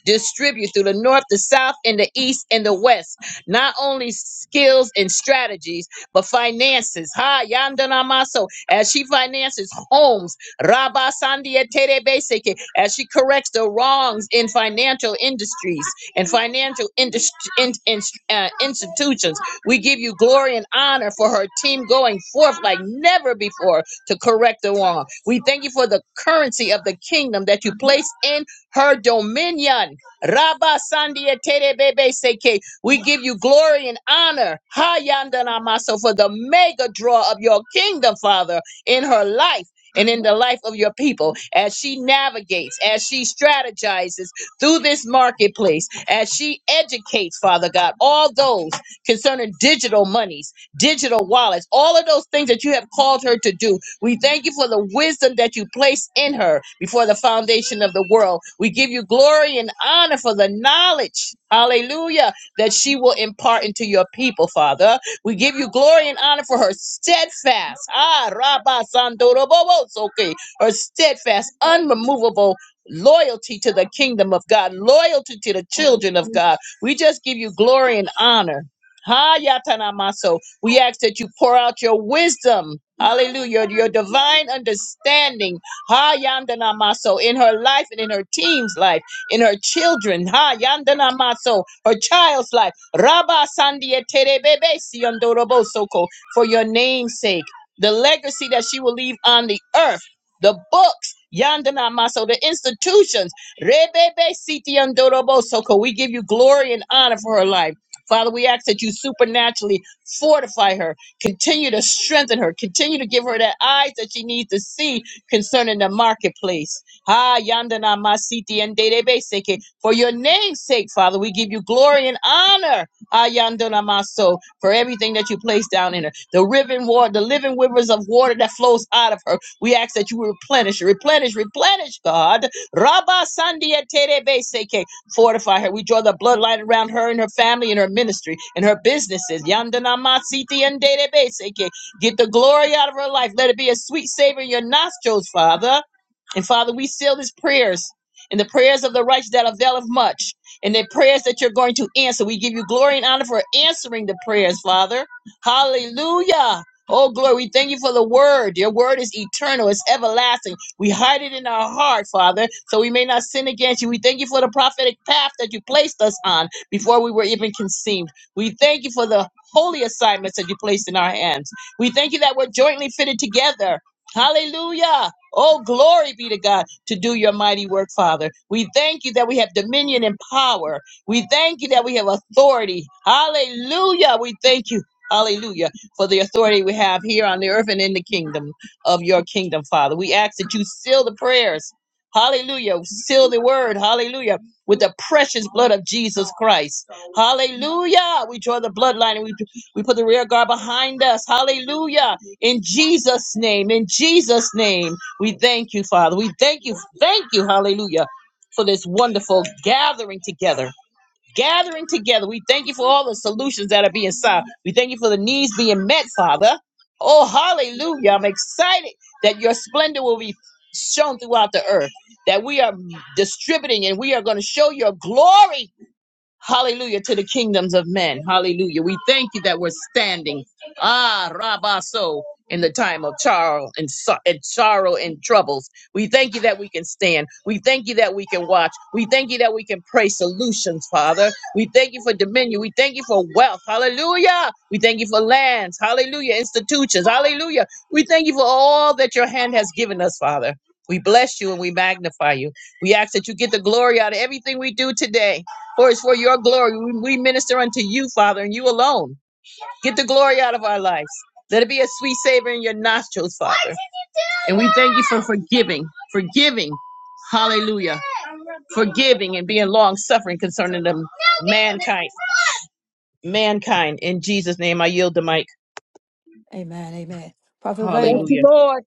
Speaker 3: distribute through the north, the south, and the east and the west. Not only skills and strategies, but finances. Ha Yandanamaso. As she finances homes, Rabba Sandia Terebeseke, as she corrects the wrongs in financial industries and financial industri- in, in- uh, institutions. We give you glory and honor for her team going forth like never before to correct the wrong. We thank you for the currency of the kingdom that you place in her dominion. Rabba Sandia Tere Bebe Seke. We give you glory and honor. Hayandana Maso for the mega draw of your kingdom, Father, in her life. And in the life of your people, as she navigates, as she strategizes through this marketplace, as she educates, Father God, all those concerning digital monies, digital wallets, all of those things that you have called her to do. We thank you for the wisdom that you placed in her before the foundation of the world. We give you glory and honor for the knowledge, hallelujah, that she will impart into your people, Father. We give you glory and honor for her steadfast, ah, Rabba Sandorobobosoke, her steadfast, unremovable loyalty to the kingdom of God, loyalty to the children of God. We just give you glory and honor. Ha we ask that you pour out your wisdom, hallelujah, your divine understanding, ha Yandana Maso, in her life and in her team's life, in her children, ha Yandana Maso, her child's life, rabba sandia terebebe siondorobosoko, for your name's sake, the legacy that she will leave on the earth, the books, Yandana Maso, the institutions, rebebe sitiondorobosoko. We give you glory and honor for her life. Father, we ask that you supernaturally Fortify her. Continue to strengthen her. Continue to give her that eyes that she needs to see concerning the marketplace. Ah, yandana masiti and seke. For your name's sake, Father, we give you glory and honor. Ah, yandana maso. For everything that you place down in her. The riven water, the living rivers of water that flows out of her. We ask that you replenish, replenish, replenish, God. Rabba sandia terebe seke. Fortify her. We draw the bloodline around her and her family and her ministry and her businesses. Yandanamasiti and Dedebeseke. Get the glory out of her life. Let it be a sweet savor in your nostrils, Father. And Father, we seal these prayers and the prayers of the righteous that avail of much. And the prayers that you're going to answer. We give you glory and honor for answering the prayers, Father. Hallelujah. Oh, glory. We thank you for the word. Your word is eternal, it's everlasting. We hide it in our heart, Father, so we may not sin against you. We thank you for the prophetic path that you placed us on before we were even conceived. We thank you for the holy assignments that you placed in our hands. We thank you that we're jointly fitted together. Hallelujah. Oh, glory be to God to do your mighty work, Father. We thank you that we have dominion and power. We thank you that we have authority. Hallelujah. We thank you. Hallelujah. For the authority we have here on the earth and in the kingdom of your kingdom, Father. We ask that you seal the prayers. Hallelujah. Seal the word. Hallelujah. With the precious blood of Jesus Christ. Hallelujah. We draw the bloodline and we, we put the rear guard behind us. Hallelujah. In Jesus' name. In Jesus' name. We thank you, Father. We thank you. Thank you. Hallelujah. For this wonderful gathering together gathering together. We thank you for all the solutions that are being solved. We thank you for the needs being met, Father. Oh, hallelujah. I'm excited that your splendor will be shown throughout the earth, that we are distributing and we are going to show your glory Hallelujah to the kingdoms of men. Hallelujah. We thank you that we're standing. Ah, Rabaso, in the time of sorrow and, so- and sorrow and troubles. We thank you that we can stand. We thank you that we can watch. We thank you that we can pray solutions, Father. We thank you for dominion. We thank you for wealth. Hallelujah. We thank you for lands. Hallelujah. Institutions. Hallelujah. We thank you for all that your hand has given us, Father. We bless you and we magnify you. We ask that you get the glory out of everything we do today. For it's for your glory. We minister unto you, Father, and you alone. Get the glory out of our lives. Let it be a sweet savor in your nostrils, Father. And we thank you for forgiving, forgiving. Hallelujah. Forgiving and being long suffering concerning them mankind. Mankind. In Jesus' name, I yield the mic.
Speaker 1: Amen, amen. Prophet
Speaker 9: Thank
Speaker 1: Vane.
Speaker 9: you,
Speaker 3: Hallelujah.
Speaker 9: Lord.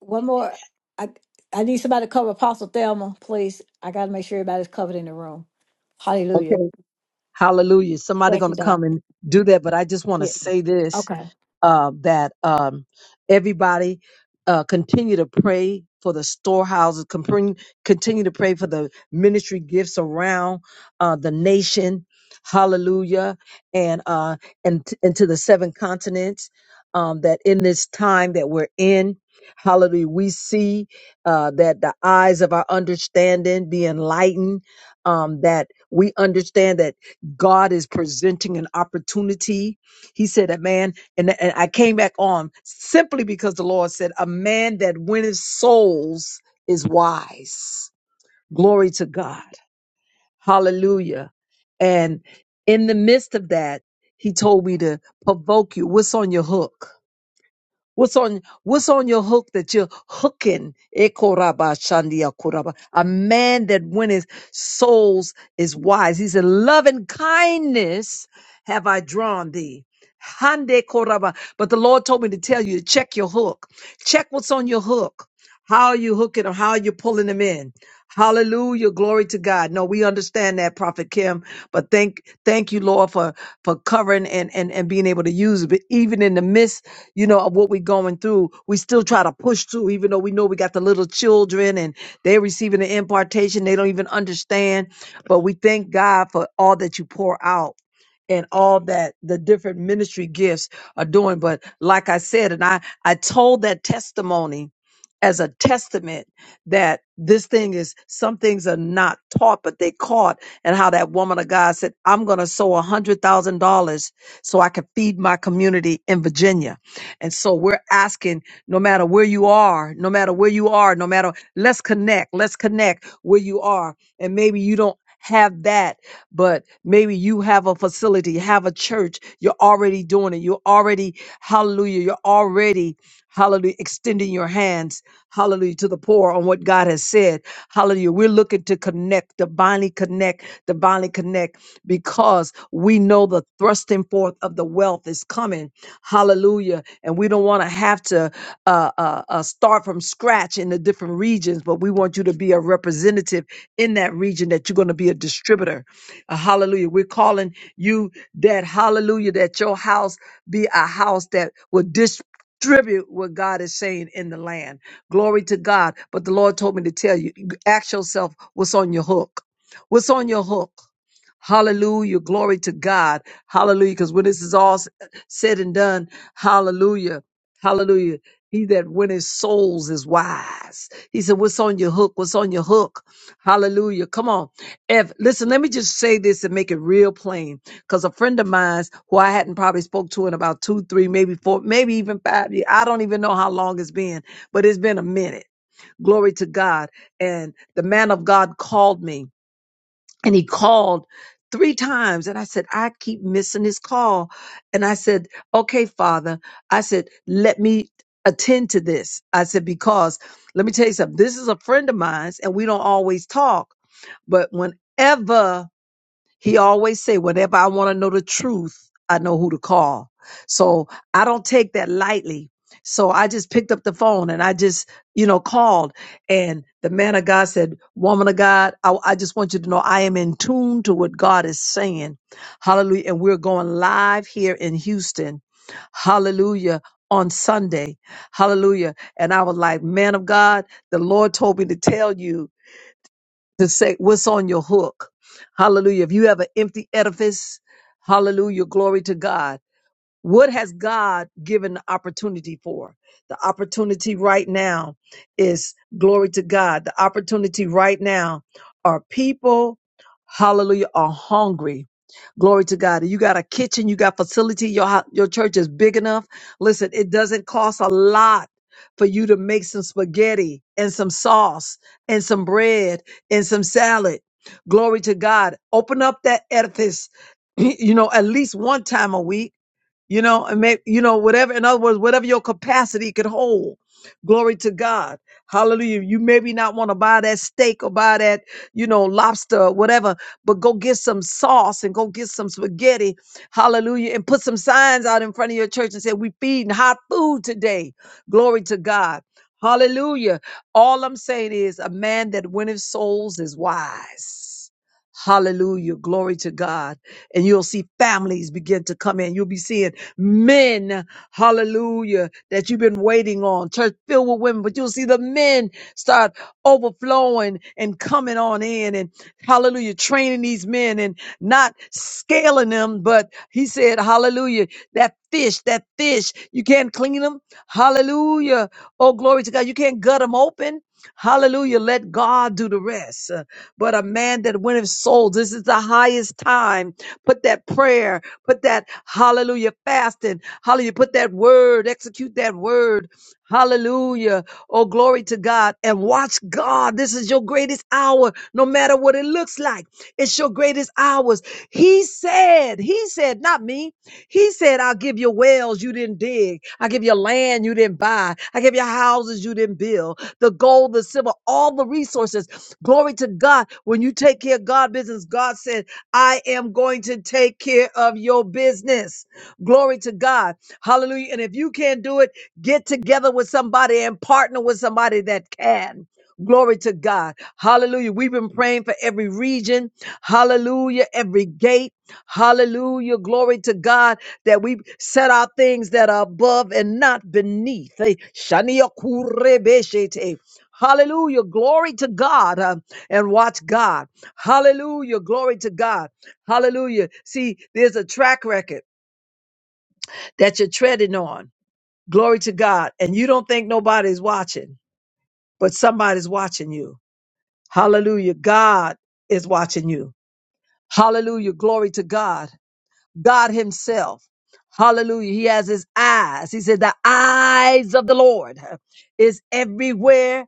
Speaker 1: One more. I I need somebody to cover Apostle Thelma, please. I got to make sure everybody's covered in the room. Hallelujah.
Speaker 9: Okay. Hallelujah. Somebody
Speaker 1: Thank you,
Speaker 9: gonna
Speaker 1: Doc.
Speaker 9: come and do that, but I just want to
Speaker 1: Yeah.
Speaker 9: say this.
Speaker 1: Okay.
Speaker 9: uh, that um, everybody uh, continue to pray for the storehouses, compre- continue to pray for the ministry gifts around uh, the nation. Hallelujah, and uh, and t- and to the seven continents. Um, that in this time that we're in, Hallelujah, we see uh, that the eyes of our understanding be enlightened. Um, that we understand that God is presenting an opportunity. He said, "That man." and, and I came back on simply because the Lord said, "A man that winneth souls is wise." Glory to God, Hallelujah! And in the midst of that, He told me to provoke you. What's on your hook? What's on what's on your hook that you're hooking? Ekoraba shandia koraba. A man that winneth souls is wise. He said, Love and kindness have I drawn thee. Hande koraba. But the Lord told me to tell you to check your hook. Check what's on your hook. How are you hooking them? How are you pulling them in? Hallelujah. Glory to God. No, we understand that, Prophet Kim. But thank thank you, Lord, for for covering and and, and being able to use it, but even in the midst you know, of what we're going through, we still try to push through, even though we know we got the little children and they're receiving the impartation. They don't even understand. But we thank God for all that you pour out and all that the different ministry gifts are doing. But like I said, and I, I told that testimony as a testament that this thing is some things are not taught, but they caught. And how that woman of God said, I'm going to sow a hundred thousand dollars so I can feed my community in Virginia and so we're asking, no matter where you are, no matter where you are, no matter, let's connect, let's connect where you are. And maybe you don't have that, but maybe you have a facility, have a church. You're already doing it. You're already, hallelujah, you're already, hallelujah, extending your hands, hallelujah, to the poor on what God has said. Hallelujah. We're looking to connect, divinely connect, divinely connect, because we know the thrusting forth of the wealth is coming Hallelujah. And we don't want to have to uh, uh, uh, start from scratch in the different regions, but we want you to be a representative in that region that you're going to be a distributor. Uh, hallelujah. We're calling you that, hallelujah, that your house be a house that will distribute what God is saying in the land. Glory to God. But the Lord told me to tell you, ask yourself what's on your hook. What's on your hook? Hallelujah. Glory to God. Hallelujah. Because when this is all s- said and done, hallelujah. Hallelujah. He that winneth souls is wise. He said, What's on your hook? What's on your hook? Hallelujah. Come on. If listen, let me just say this and make it real plain. Because a friend of mine who I hadn't probably spoke to in about two, three, maybe four, maybe even five years. I don't even know how long it's been, but it's been a minute. Glory to God. And the man of God called me and he called three times and i said i keep missing his call and i said okay father i said let me attend to this i said because let me tell you something this is a friend of mine, and we don't always talk but whenever he always say, whenever I want to know the truth, I know who to call. So I don't take that lightly. So I just picked up the phone and I just, you know, called. And the man of God said, woman of God, I, I just want you to know I am in tune to what God is saying. Hallelujah. And we're going live here in Houston. Hallelujah. On Sunday. Hallelujah. And I was like, man of God, the Lord told me to tell you to say what's on your hook. Hallelujah. If you have an empty edifice, hallelujah, glory to God. What has God given the opportunity for? The opportunity right now is glory to God. The opportunity right now are people, hallelujah, are hungry. Glory to God. You got a kitchen, you got facility, your hou- your church is big enough. Listen, it doesn't cost a lot for you to make some spaghetti and some sauce and some bread and some salad. Glory to God. Open up that edifice, you know, at least one time a week you know, and may, you know, whatever, in other words, whatever your capacity could hold. Glory to God. Hallelujah. You maybe not want to buy that steak or buy that, you know, lobster or whatever, but go get some sauce and go get some spaghetti. Hallelujah. And put some signs out in front of your church and say, we feeding hot food today. Glory to God. Hallelujah. All I'm saying is a man that winneth souls is wise. Hallelujah. Glory to God. And you'll see families begin to come in. You'll be seeing men, hallelujah, that you've been waiting on, church filled with women, but you'll see the men start overflowing and coming on in and hallelujah, training these men and not scaling them. But he said, hallelujah, that fish, that fish, you can't clean them. Hallelujah. Oh, glory to God. You can't gut them open. Hallelujah. Let God do the rest but a man that winneth souls. This is the highest time. Put that prayer, put that hallelujah fasting, hallelujah, put that word, execute that word, hallelujah. Oh, glory to God. And watch God. This is your greatest hour, no matter what it looks like. It's your greatest hours. He said, He said, not me. He said, I'll give you wells you didn't dig. I'll give you land you didn't buy. I'll give you houses you didn't build the gold, the silver, all the resources. Glory to God. When you take care of God business, God said, I am going to take care of your business. Glory to God. Hallelujah. And if you can't do it, get together with somebody and partner with somebody that can. Glory to God. Hallelujah. We've been praying for every region. Hallelujah. Every gate. Hallelujah. Glory to God that we set our things that are above and not beneath. Eh, shania kurebeshete. Hallelujah. Glory to God. uh, and watch God. Hallelujah. Glory to God. Hallelujah. See, there's a track record that you're treading on. Glory to God. And you don't think nobody's watching, but somebody's watching you. Hallelujah. God is watching you. Hallelujah. Glory to God. God Himself. Hallelujah. He has His eyes. He said, The eyes of the Lord is everywhere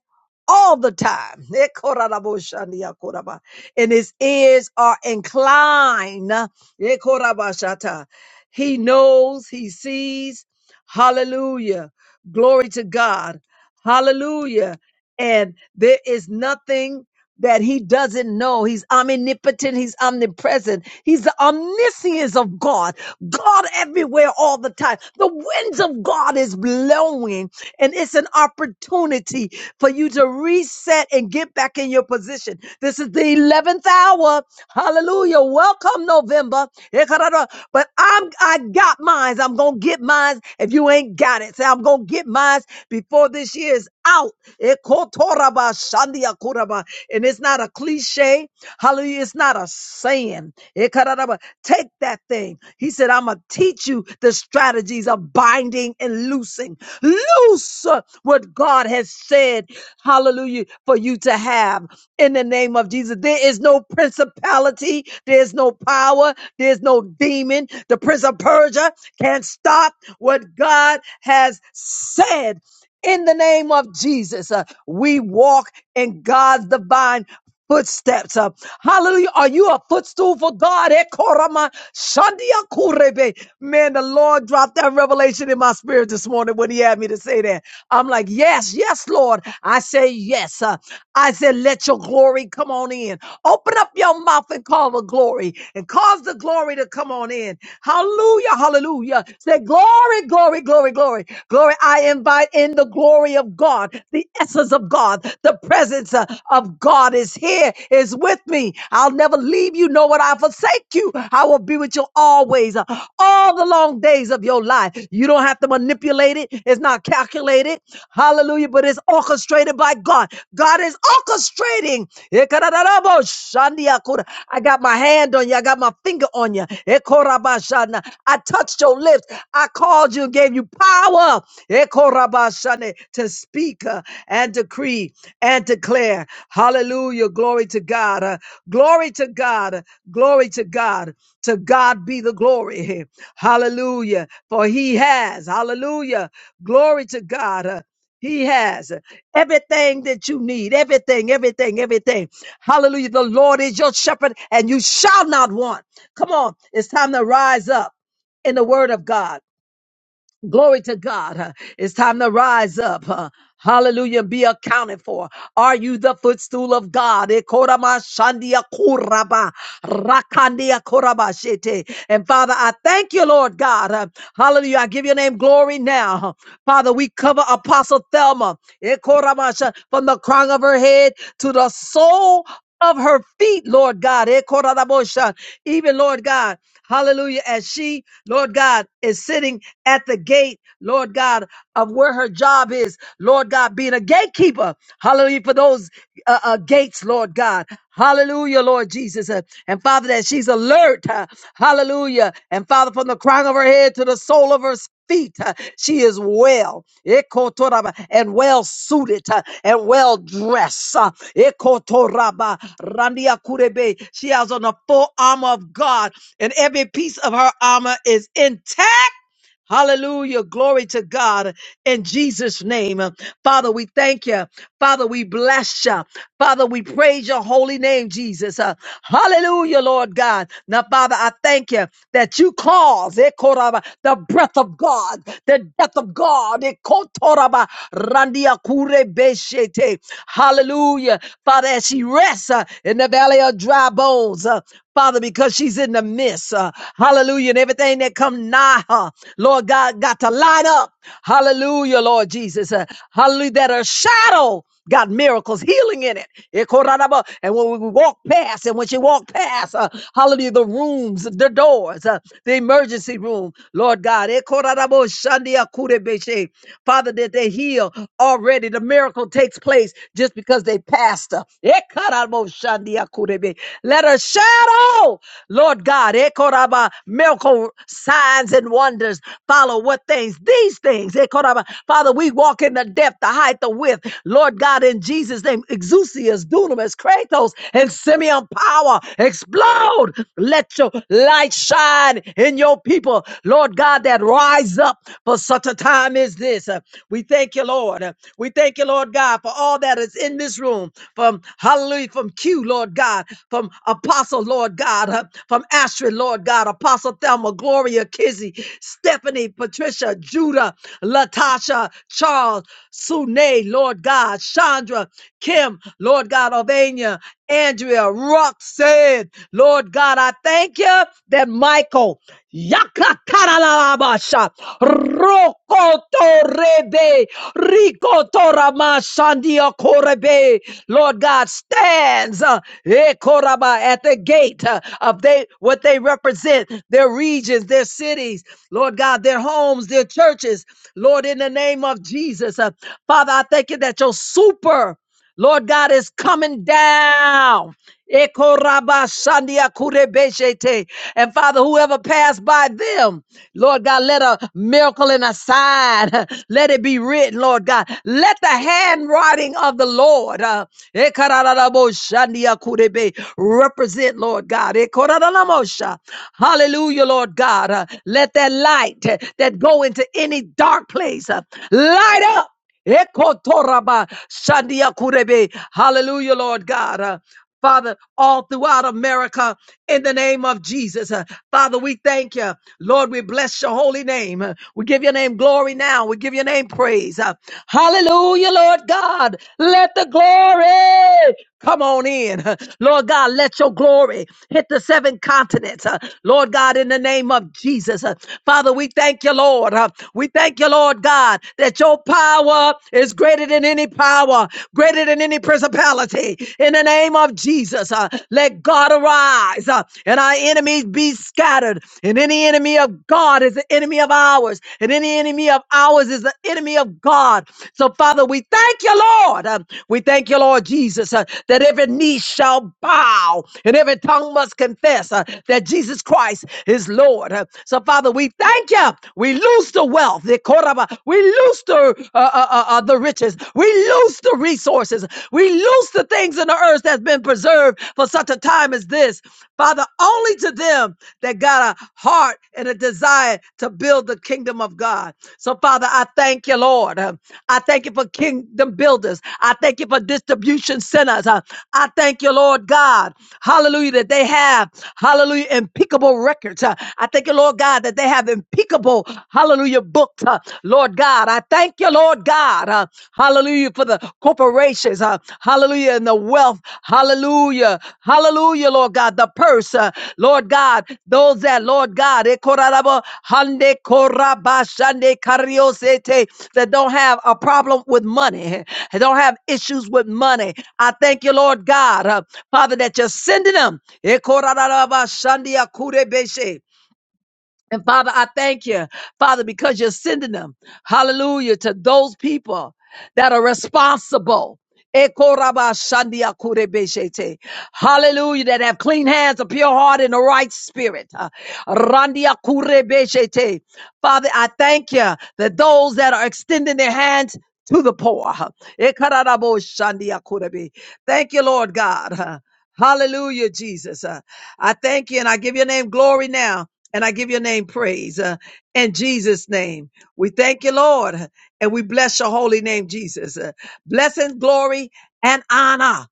Speaker 9: all the time. Ekoraboshandiakoraba. And His ears are inclined. Ekorabashata. He knows, He sees. Hallelujah. Glory to God. Hallelujah. And there is nothing that he doesn't know. He's omnipotent. He's omnipresent. He's the omniscience of God. God everywhere all the time. The winds of God is blowing and it's an opportunity for you to reset and get back in your position. This is the 11th hour. Hallelujah. Welcome November. Ekarada. But I'm, I got mines. I'm going to get mines if you ain't got it. Say, I'm going to get mines before this year's out. Ekotoraba shandia kuraba. And it's not a cliche. Hallelujah. It's not a saying. Ekararaba. Take that thing. He said, I'm going to teach you the strategies of binding and loosing. Loose what God has said, hallelujah, for you to have in the name of Jesus. There is no principality, there's no power, there's no demon. The prince of Persia can't stop what God has said. In the name of Jesus, Uh, we walk in God's divine footsteps. Uh, Hallelujah. Are you a footstool for God? Eh, korama, shandia kurebe. Man, the Lord dropped that revelation in my spirit this morning when he had me to say that. I'm like, yes, yes, Lord. I say yes. Uh, I said, let your glory come on in. Open up your mouth and call the glory and cause the glory to come on in. Hallelujah. Hallelujah. Say glory, glory, glory, glory glory. Glory, I invite in the glory of God, the essence of God, the presence uh, of God is here, is with me. I'll never leave you, nor will I forsake you. I will be with you always, uh, all the long days of your life. You don't have to manipulate it, it's not calculated. Hallelujah, but it's orchestrated by God. God is orchestrating. I got my hand on you. I got my finger on you. Ekorabashana. I touched your lips. I called you and gave you power Ekorabashane, to speak uh, and decree and declare. Hallelujah. Glory to God. Uh, Glory to God. Uh, Glory to God. To God be the glory. Hallelujah. For he has. Hallelujah. Glory to God. Uh, he has everything that you need, everything, everything, everything. Hallelujah. The Lord is your shepherd and you shall not want. Come on. It's time to rise up in the word of God. Glory to God. Uh, It's time to rise up. uh, Hallelujah. Be accounted for. Are you the footstool of God? Ekorama shandia koraba, rakandia koraba shete. And Father, I thank you, Lord God. Uh, Hallelujah. I give your name glory now. Father, we cover Apostle Thelma Ekorama sha- from the crown of her head to the sole of her feet, Lord God. Eh, koradabosha. Even, Lord God, hallelujah, as she, Lord God, is sitting at the gate, Lord God, of where her job is, Lord God, being a gatekeeper, hallelujah, for those uh, uh, gates, Lord God. Hallelujah, Lord Jesus. Uh, And Father, that she's alert. uh, hallelujah. And Father, from the crown of her head to the sole of her feet. uh, She is well ekotoraba, and well suited uh, and well dressed. uh, ekotoraba, randia kurebe. She has on the full armor of God, and every piece of her armor is intact. Hallelujah. Glory to God in Jesus' name. Father, we thank you. Father, we bless you. Father, we praise your holy name, Jesus. Uh, hallelujah, Lord God. Now, Father, I thank you that you cause eh, koraba, the breath of God, the death of God. eh, kotoraba, randia kure beshete. Hallelujah. Father, as she rests uh, in the valley of dry bones, uh, Father, because she's in the midst. uh, hallelujah. And everything that come nigh her, Lord God, got to line up. Hallelujah, Lord Jesus. uh, hallelujah. That her shadow. Got miracles, healing in it. Ekoranaba. And when we walk past, and when she walked past, uh, hallelujah, the rooms, the doors, uh, the emergency room, Lord God. Ekoranabo shandia kurebeshe. Father, that they heal already. The miracle takes place just because they passed her. Ekarabo shandia kurebe. Let her shadow, Lord God, Ekoraba miracle signs and wonders follow what things these things eh, Koraba. father we walk in the depth the height the width lord god in jesus name exousias dunamis kratos and simeon power explode let your light shine in your people lord god that rise up for such a time as this Uh, we thank you lord Uh, we thank you lord god for all that that is in this room from hallelujah, from Q, Lord God, from Apostle, Lord God, uh, from Astrid, Lord God, Apostle Thelma, Gloria, Kizzy, Stephanie, Patricia, Judah, Latasha, Charles, Sune, Lord God, Chandra, Kim, Lord God, Ovania, Andrea, Roxanne, Lord God, I thank you that Michael. Yakakaralabasha. Rokotorebe. Rikotoramashandia korebe. Lord God stands uh, Ekoraba, at the gate uh, of they what they represent, their regions, their cities, Lord God, their homes, their churches. Lord, in the name of Jesus. uh, Father, I thank you that your super Lord God is coming down. Ekorabasandia And Father, whoever passed by them, Lord God, let a miracle and a sign, let it be written, Lord God. Let the handwriting of the Lord uh, ekarararaboshandia represent, Lord God. Ekorararamosha. Hallelujah, Lord God. Uh, let that light uh, that go into any dark place uh, light up. Ekotoraba shandia kurebe. Hallelujah, Lord God. Uh, Father, all throughout America, in the name of Jesus. Uh, Father, we thank you. Lord, we bless your holy name. Uh, We give your name glory now. We give your name praise. Uh, Hallelujah, Lord God. Let the glory Come on in. Lord God, let your glory hit the seven continents. Uh, Lord God, in the name of Jesus. Uh, Father, we thank you, Lord. Uh, We thank you, Lord God, that your power is greater than any power, greater than any principality. In the name of Jesus, uh, let God arise uh, and our enemies be scattered. And any enemy of God is an enemy of ours. And any enemy enemy of ours is the enemy of God. So, Father, we thank you, Lord. Um, we thank you, Lord Jesus, uh, that every knee shall bow and every tongue must confess uh, that Jesus Christ is Lord. Uh, so, Father, we thank you. We lose the wealth. the koraba. We lose the, uh, uh, uh, uh, the riches. We lose the resources. We lose the things in the earth that's been preserved for such a time as this this, Father, only to them that got a heart and a desire to build the kingdom of God. So, Father, I thank you, Lord. Um, I thank you for kingdom builders. I thank you for distribution centers. Uh, I thank you, Lord God. Hallelujah, that they have, hallelujah, impeccable records. Uh, I thank you, Lord God, that they have impeccable, hallelujah, books. Uh, Lord God, I thank you, Lord God. Uh, uh, hallelujah, for the corporations, uh, hallelujah, and the wealth, hallelujah, hallelujah, Lord God, the purse, uh, Lord God, those that, Lord God, eh, korarabo, hande korabashande kariosete, that don't have a problem with money, that don't have issues with money. I thank you, Lord God, uh, Father, that you're sending them. eh, korarabashandia kurebeshe. And Father, I thank you, Father, because you're sending them, hallelujah, to those people that are responsible. Ekorabashandiakurebeshete. Hallelujah, that have clean hands, a pure heart, and a right spirit. Uh, randiakurebeshete. Father, I thank you that those that are extending their hands to the poor. Ekaraboshandiakurebe. Thank you, Lord God. Hallelujah, Jesus. Uh, I thank you and I give your name glory now. And I give your name praise uh, in Jesus' name. We thank you, Lord, and we bless your holy name, Jesus. Uh, blessing, glory, and honor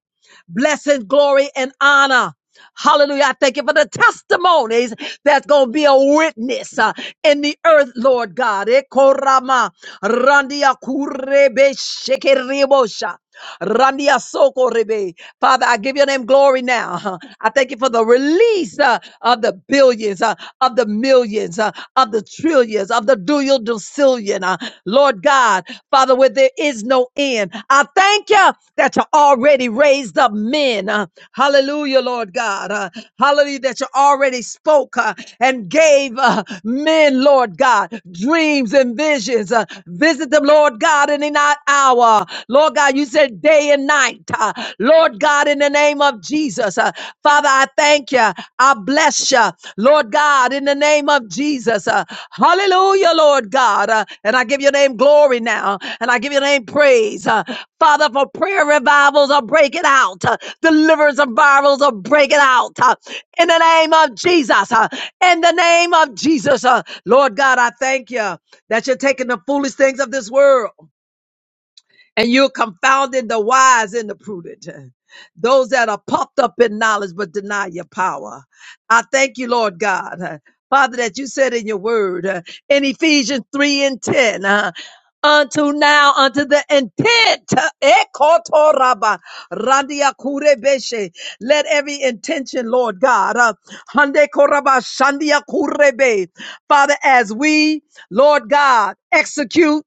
Speaker 9: blessing, glory, and honor. Hallelujah. I thank you for the testimonies that's going to be a witness uh, in the earth, Lord God. Ekorama randia kurebe shekeribosha. Randia soko rebe. Father, I give your name glory now. Uh, I thank you for the release uh, of the billions, uh, of the millions, uh, of the trillions. Cecilias, of the Dual Ducilian, uh, Lord God, Father, where there is no end. I thank you that you already raised up men. uh, hallelujah, Lord God. uh, hallelujah, that you already spoke uh, and gave uh, men, Lord God, dreams and visions. uh, visit them, Lord God, in the night hour. Lord God, God. You said day and night. uh, Lord God, in the name of Jesus. uh, Father, I thank you. I bless you. Lord God, in the name of Jesus. uh, hallelujah, Lord God. uh, and I give your name glory now. And I give your name praise. uh, Father, for prayer revivals are breaking out. uh, deliverance and virals are breaking out. uh, in the name of Jesus. uh, in the name of Jesus. uh, Lord God, I thank you that you're taking the foolish things of this world and you're confounding the wise and the prudent. Those that are puffed up in knowledge but deny your power. I thank you, Lord God. Father, that you said in your word uh, in Ephesians 3 and 10, uh, unto now, unto the intent, uh, ekotoraba, randiakurebeshe. let every intention, Lord God, uh, handekoraba, shandiakurebe. Father, as we, Lord God, execute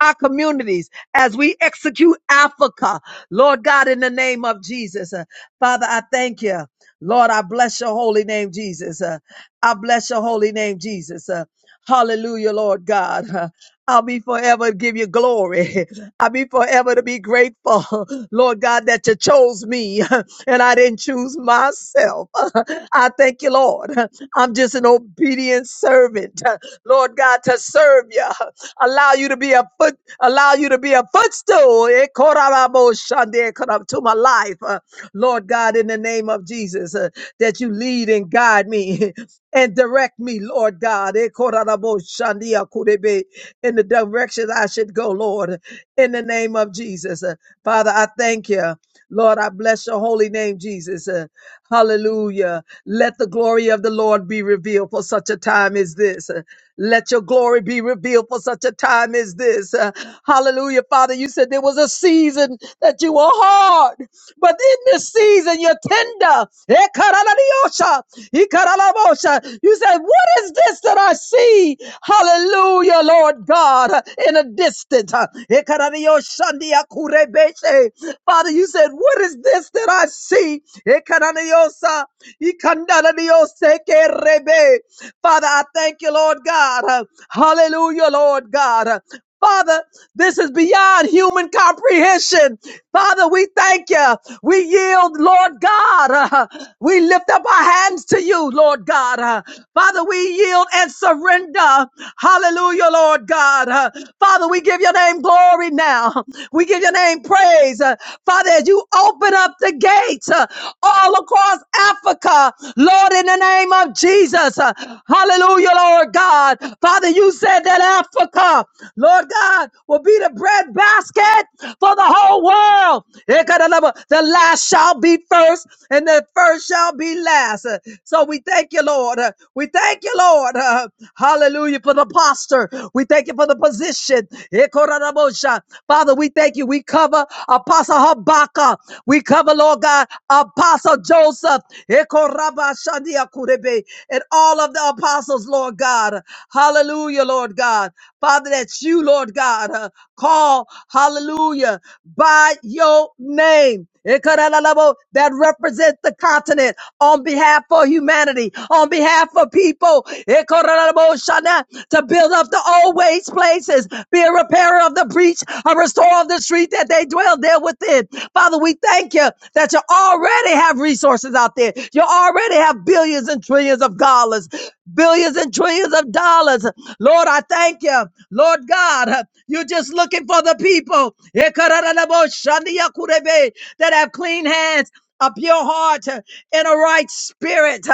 Speaker 9: our communities as we execute Africa. Lord God, in the name of Jesus. Uh, Father, I thank you. Lord, I bless your holy name, Jesus. Uh, I bless your holy name, Jesus. Uh, hallelujah, Lord God. Uh, I'll be forever to give you glory. I'll be forever to be grateful, Lord God, that you chose me and I didn't choose myself. I thank you, Lord. I'm just an obedient servant, Lord God, to serve you. allow you to be a foot, allow you to be a footstool eh, korarabo shande, kora- to my life, uh, Lord God, in the name of Jesus, uh, that you lead and guide me and direct me, Lord God, eh, korarabo shande, akurebe, in the direction I should go, Lord, in the name of Jesus. Uh, Father, I thank you. Lord, I bless your holy name, Jesus. Uh, Hallelujah. Let the glory of the Lord be revealed for such a time as this. Let your glory be revealed for such a time as this. Uh, Hallelujah. Father, you said there was a season that you were hard. But in this season, you're tender. Ekaraladiosha, ikaralabosha. You said, What is this that I see? Hallelujah, Lord God, in a distance. Ekaradioshandiakurebeshe. Father, you said, What is this that I see? Ekaraliosa, ikandaliosekerebe. Father, I thank you, Lord God. Uh, Hallelujah, Lord God. Uh, Father, this is beyond human comprehension. Father, we thank you. We yield, Lord God. Uh, We lift up our hands to you, Lord God. Uh, Father, we yield and surrender. Hallelujah, Lord God. Uh, Father, we give your name glory now. We give your name praise. Uh, Father, as you open open up the gates uh, all across Africa, Lord, in the name of Jesus. Uh, Hallelujah, Lord God. Father, you said that Africa, Lord God, will be the bread basket for the whole world. Ekadalaba, The last shall be first, and the first shall be last. Uh, So we thank you, Lord. Uh, We thank you, Lord. Uh, Hallelujah for the posture. We thank thank you for the position. Ekorarabosha. Father, we thank you. We cover Apostle Habakkuk. We cover, Lord God, Apostle Joseph. Ekorabashandiakurebe. And all of the apostles, Lord God. Hallelujah, Lord God. Father, that you, Lord God, uh, call, hallelujah, by your name. Ekalalabo, that represents the continent on behalf of humanity, on behalf of people, Ekalalabo shana, to build up the old waste places, be a repairer of the breach, a restorer of the street that they dwell there within. Father, we thank you that you already have resources out there. You already have billions and trillions of dollars billions and trillions of dollars. Lord, I thank you. Lord God, you're just looking for the people that have clean hands. A pure heart in a right spirit,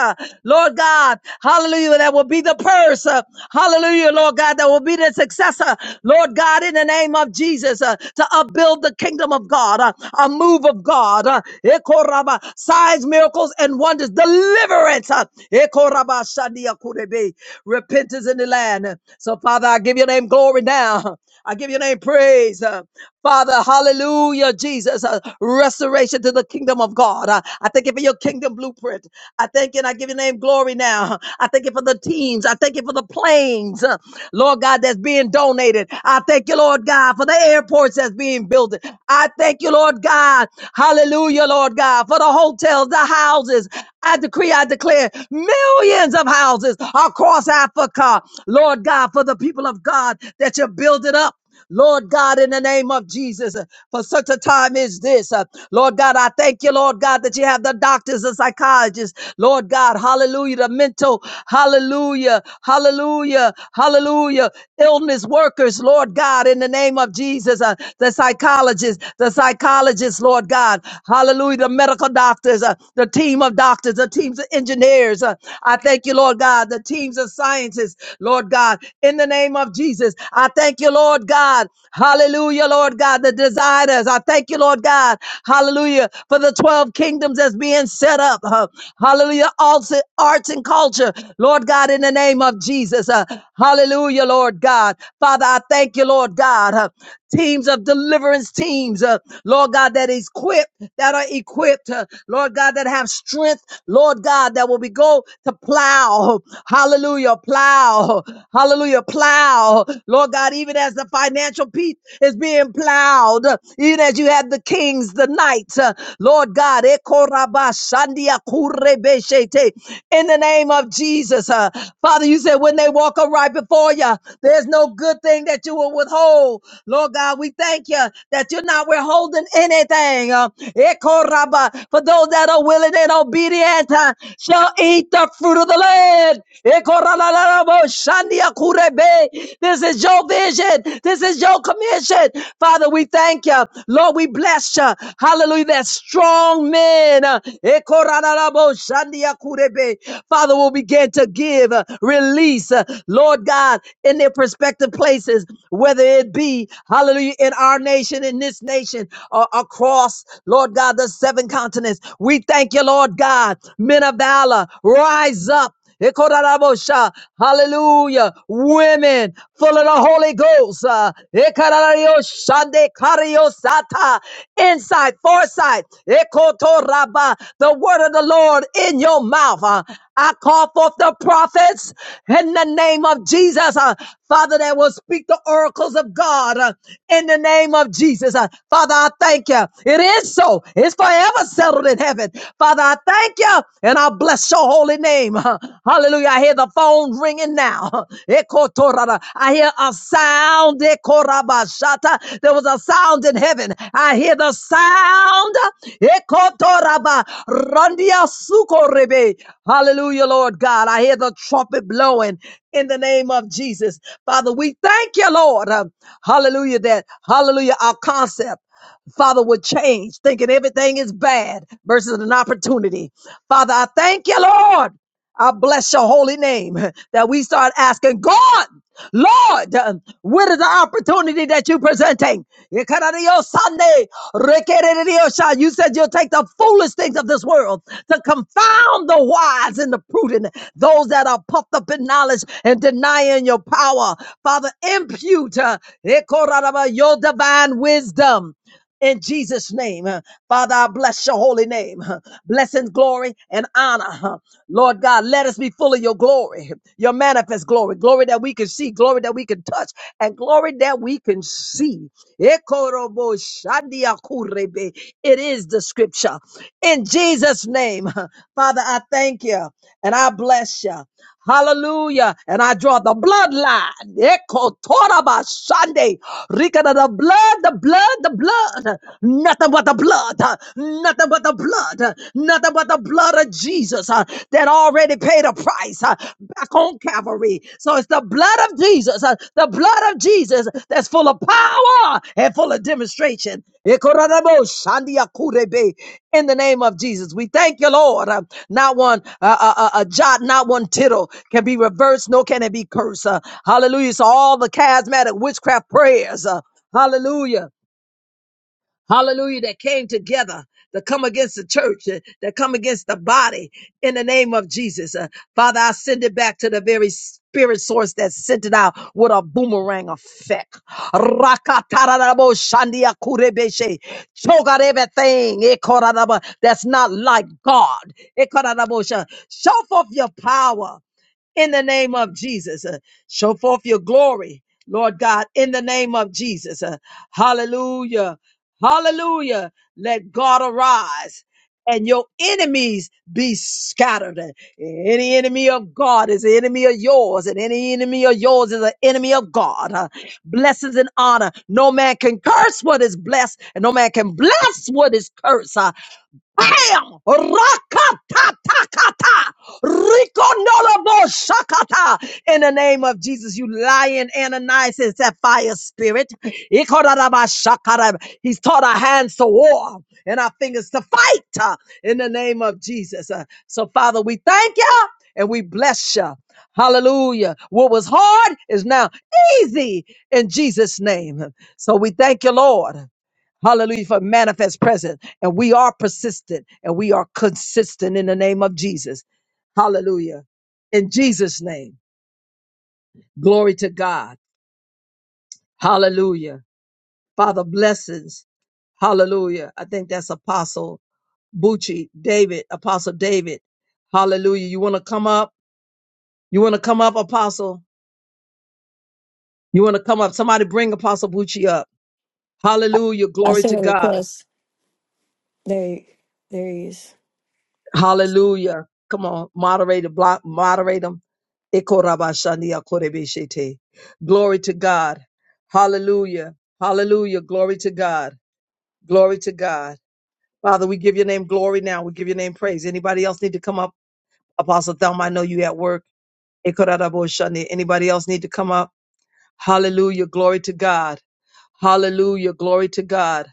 Speaker 9: Lord God, hallelujah. that that will be the purse. uh, Hallelujah, Lord God, that will be the successor. Lord God, in the name of Jesus, uh, to upbuild the kingdom of God, uh, a move of God, uh, Ekoraba, signs, miracles, and wonders, deliverance. uh, Ekoraba Shandia Kurebe, repentance in the land. So, Father, I give your name glory now. I give your name praise. uh, Father, hallelujah, Jesus, uh, restoration to the kingdom of God. Uh, I thank you for your kingdom blueprint. I thank you and I give your name glory now. I thank you for the teams. I thank you for the planes, uh, Lord God, that's being donated. I thank you, Lord God, for the airports that's being built. I thank you, Lord God. Hallelujah, Lord God, for the hotels, the houses. I decree, I declare millions of houses across Africa, Lord God, for the people of God that you're building up. Lord God, in the name of Jesus, uh, for such a time is this. uh, Lord God, I thank you, Lord God, that you have the doctors and psychologists. Lord God, hallelujah, the mental, hallelujah, hallelujah, hallelujah, illness workers, Lord God, in the name of Jesus, uh, the psychologists, the psychologists, Lord God, hallelujah, the medical doctors, uh, the team of doctors, the teams of engineers. uh, I thank you, Lord God, the teams of scientists, Lord God, in the name name of Jesus. I thank you, Lord God. Hallelujah, Lord God, the desires. I thank you, Lord God. Hallelujah, for the 12 kingdoms that's being set up. Uh, Hallelujah, arts arts and culture. Lord God, in the name of Jesus. Uh, Hallelujah, Lord God. Father, I thank you, Lord God. Uh, Teams of deliverance teams, uh, Lord God, that is equipped, that are equipped, uh, Lord God, that have strength, Lord God, that will be go to plow, hallelujah, Hallelujah. Plow. Hallelujah. Plow. Lord God, even as the financial piece is being plowed, even as you had the kings, the knights, uh, Lord God, Ekorabashandia kurebeshete. in the name of Jesus. uh, Father, you said when they walk up right before you, there's no good thing that you will withhold. Lord God, we thank you that you're not withholding anything. uh, Ekoraba. For those that are willing and obedient uh, shall eat the fruit of the land. This is your vision. This is your commission. Father, we thank you. Lord, we bless you. Hallelujah. That strong men. uh, Father, will begin to give, uh, release, uh, Lord God, in their prospective places, whether it be, hallelujah, in our nation, in this nation, or across, Lord God, the seven continents. We thank you, Lord. Lord God, men of valor, rise up. Ekorarabosha, Hallelujah. Women full of the Holy Ghost. uh, Ekararioshande kariosata, Insight, foresight. Ekotoraba, The word of the Lord in your mouth. uh, I call forth the prophets in the name of Jesus. uh, Father, that will speak the oracles of God uh, in the name of Jesus. Uh, Father, I thank you. It is so. It's is forever settled in heaven. Father, I thank you and I bless your holy name. Hallelujah. I hear the phone ringing now. I hear a sound. There was a sound in heaven. I hear the sound. Hallelujah, Lord God. I hear the trumpet blowing in the name of Jesus. Father, we thank you, Lord. Hallelujah, that, hallelujah, our concept. Father, would change, thinking everything is bad versus an opportunity. Father, I thank you, Lord. I bless your holy name that we start asking God, Lord, uh, what is the opportunity that you're presenting? Ikarariyo Sunday, rekereriyo sha. You said you'll take the foolish things of this world to confound the wise and the prudent, those that are puffed up in knowledge and denying your power. Father, impute uh, your divine wisdom in Jesus' name. Uh, Father, I bless your holy name. Uh, Blessing, glory, and honor. Uh, Lord God, let us be full of your glory, your manifest glory, glory that we can see, glory that we can touch, and glory that we can see. Ekorobo shandiakurebe. It is the scripture. In Jesus' name, uh, Father, I thank you and I bless you. Hallelujah. And I draw the bloodline. Eko toraba Sunday, Rika da the blood, the blood, the blood. Nothing but the blood. uh, Nothing but the blood. uh, Nothing but the blood of Jesus uh, that already paid a price uh, back on Calvary. So it's the blood of Jesus. uh, the blood of Jesus that's full of power and full of demonstration. In the name of Jesus, we thank you, Lord. Uh, Not one uh, uh, uh, a jot, not one tittle can be reversed, nor can it be cursed. Uh, Hallelujah. So all the charismatic witchcraft prayers. uh, Hallelujah hallelujah, that came together to come against the church, uh, that come against the body in the name of Jesus. Uh, Father, I send it back to the very spirit source that sent it out with a boomerang effect. Rakatarabo shandia kurebeshe. Choke out everything ekorarabo, that's not like God. Ekorarabo sha- Show forth your power in the name of Jesus. Uh, show forth your glory, Lord God, in the name of Jesus. Uh, hallelujah. Hallelujah. Let God arise and your enemies be scattered. Uh, Any enemy of God is an enemy of yours, and any enemy of yours is an enemy of God. Uh, blessings and honor. No man can curse what is blessed, and no man can bless what is cursed. Uh, Bam! Rakatatakata! Rikonolobo shakata! In the name of Jesus, you lying Ananias, is that fire spirit. Ikoraraba shakara. He's taught our hands to war and our fingers to fight uh, in the name of Jesus. Uh, So, Father, we thank you and we bless you. Hallelujah. What was hard is now easy in Jesus' name. So we thank you, Lord. Hallelujah for manifest presence. And we are persistent and we are consistent in the name of Jesus. Hallelujah. In Jesus' name, glory to God. Hallelujah. Father, blessings. Hallelujah. I think that's Apostle Bucci, David, Apostle David. Hallelujah. You want to come up? You want to come up, Apostle? You want to come up? Somebody bring Apostle Bucci up. Hallelujah.
Speaker 1: I
Speaker 9: Glory to
Speaker 1: sent a
Speaker 9: God.
Speaker 1: request. There, you- there he is.
Speaker 9: Hallelujah. Come on, moderator, block, moderate them. Glory to God. Hallelujah. Hallelujah. Glory to God. Glory to God. Father, we give your name glory now. We give your name praise. Anybody else need to come up? Apostle Thelma, I know you at work. Anybody else need to come up? Hallelujah. Glory to God. Hallelujah. Glory to God.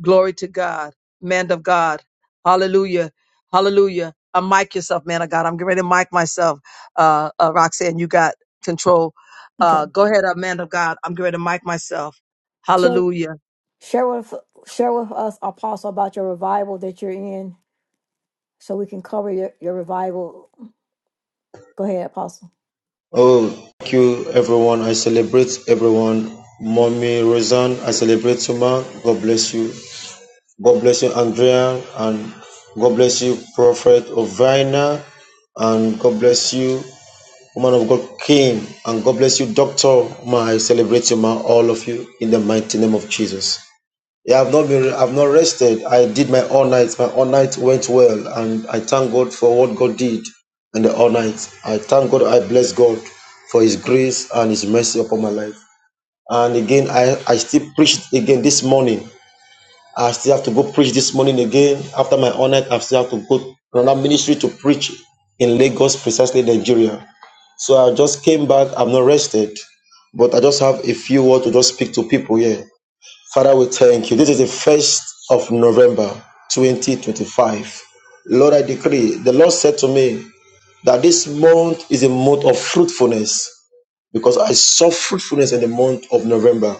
Speaker 9: Glory to God. Man of God. Hallelujah. Hallelujah. I mic yourself, man of God. I'm getting ready to mic myself. Uh, uh Roxanne, you got control.
Speaker 1: Okay.
Speaker 9: Uh, go ahead, uh, man of God. I'm getting ready to mic myself.
Speaker 1: Share,
Speaker 9: Hallelujah.
Speaker 1: share with share with us, Apostle, about your revival that you're in, so we can cover your your revival. Go ahead, Apostle.
Speaker 10: Oh, thank you, everyone. I celebrate everyone. Mommy Roseanne, I celebrate you, ma. God bless you. God bless you, Andrea, and God bless you, Prophet Ovina, and God bless you, woman of God, King, and God bless you, Doctor. Ma, I celebrate you, ma, all of you, in the mighty name of Jesus. Yeah, I've not been, I've not rested. I did my all night. My all night went well, and I thank God for what God did in the all night. I thank God. I bless God for His grace and His mercy upon my life. And again, I I still preached again this morning. I still have to go preach this morning again after my all night. I still have to go to another ministry to preach in Lagos, precisely Nigeria. So I just came back. i have not rested, but I just have a few words to just speak to people here Father, we thank you. This is the first of November 2025. Lord, I decree, the Lord said to me that this month is a month of fruitfulness because I saw fruitfulness in the month of November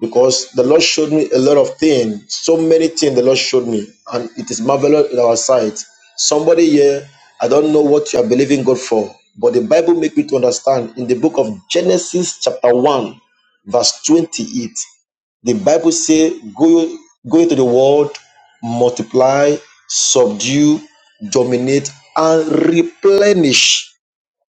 Speaker 10: because the Lord showed me a lot of things, so many things the Lord showed me, and it is marvelous in our sight. Somebody here, I don't know what you are believing God for, but the Bible make me to understand in the book of Genesis chapter 1, verse 28, the Bible say, go, go into the world, multiply, subdue, dominate, and replenish.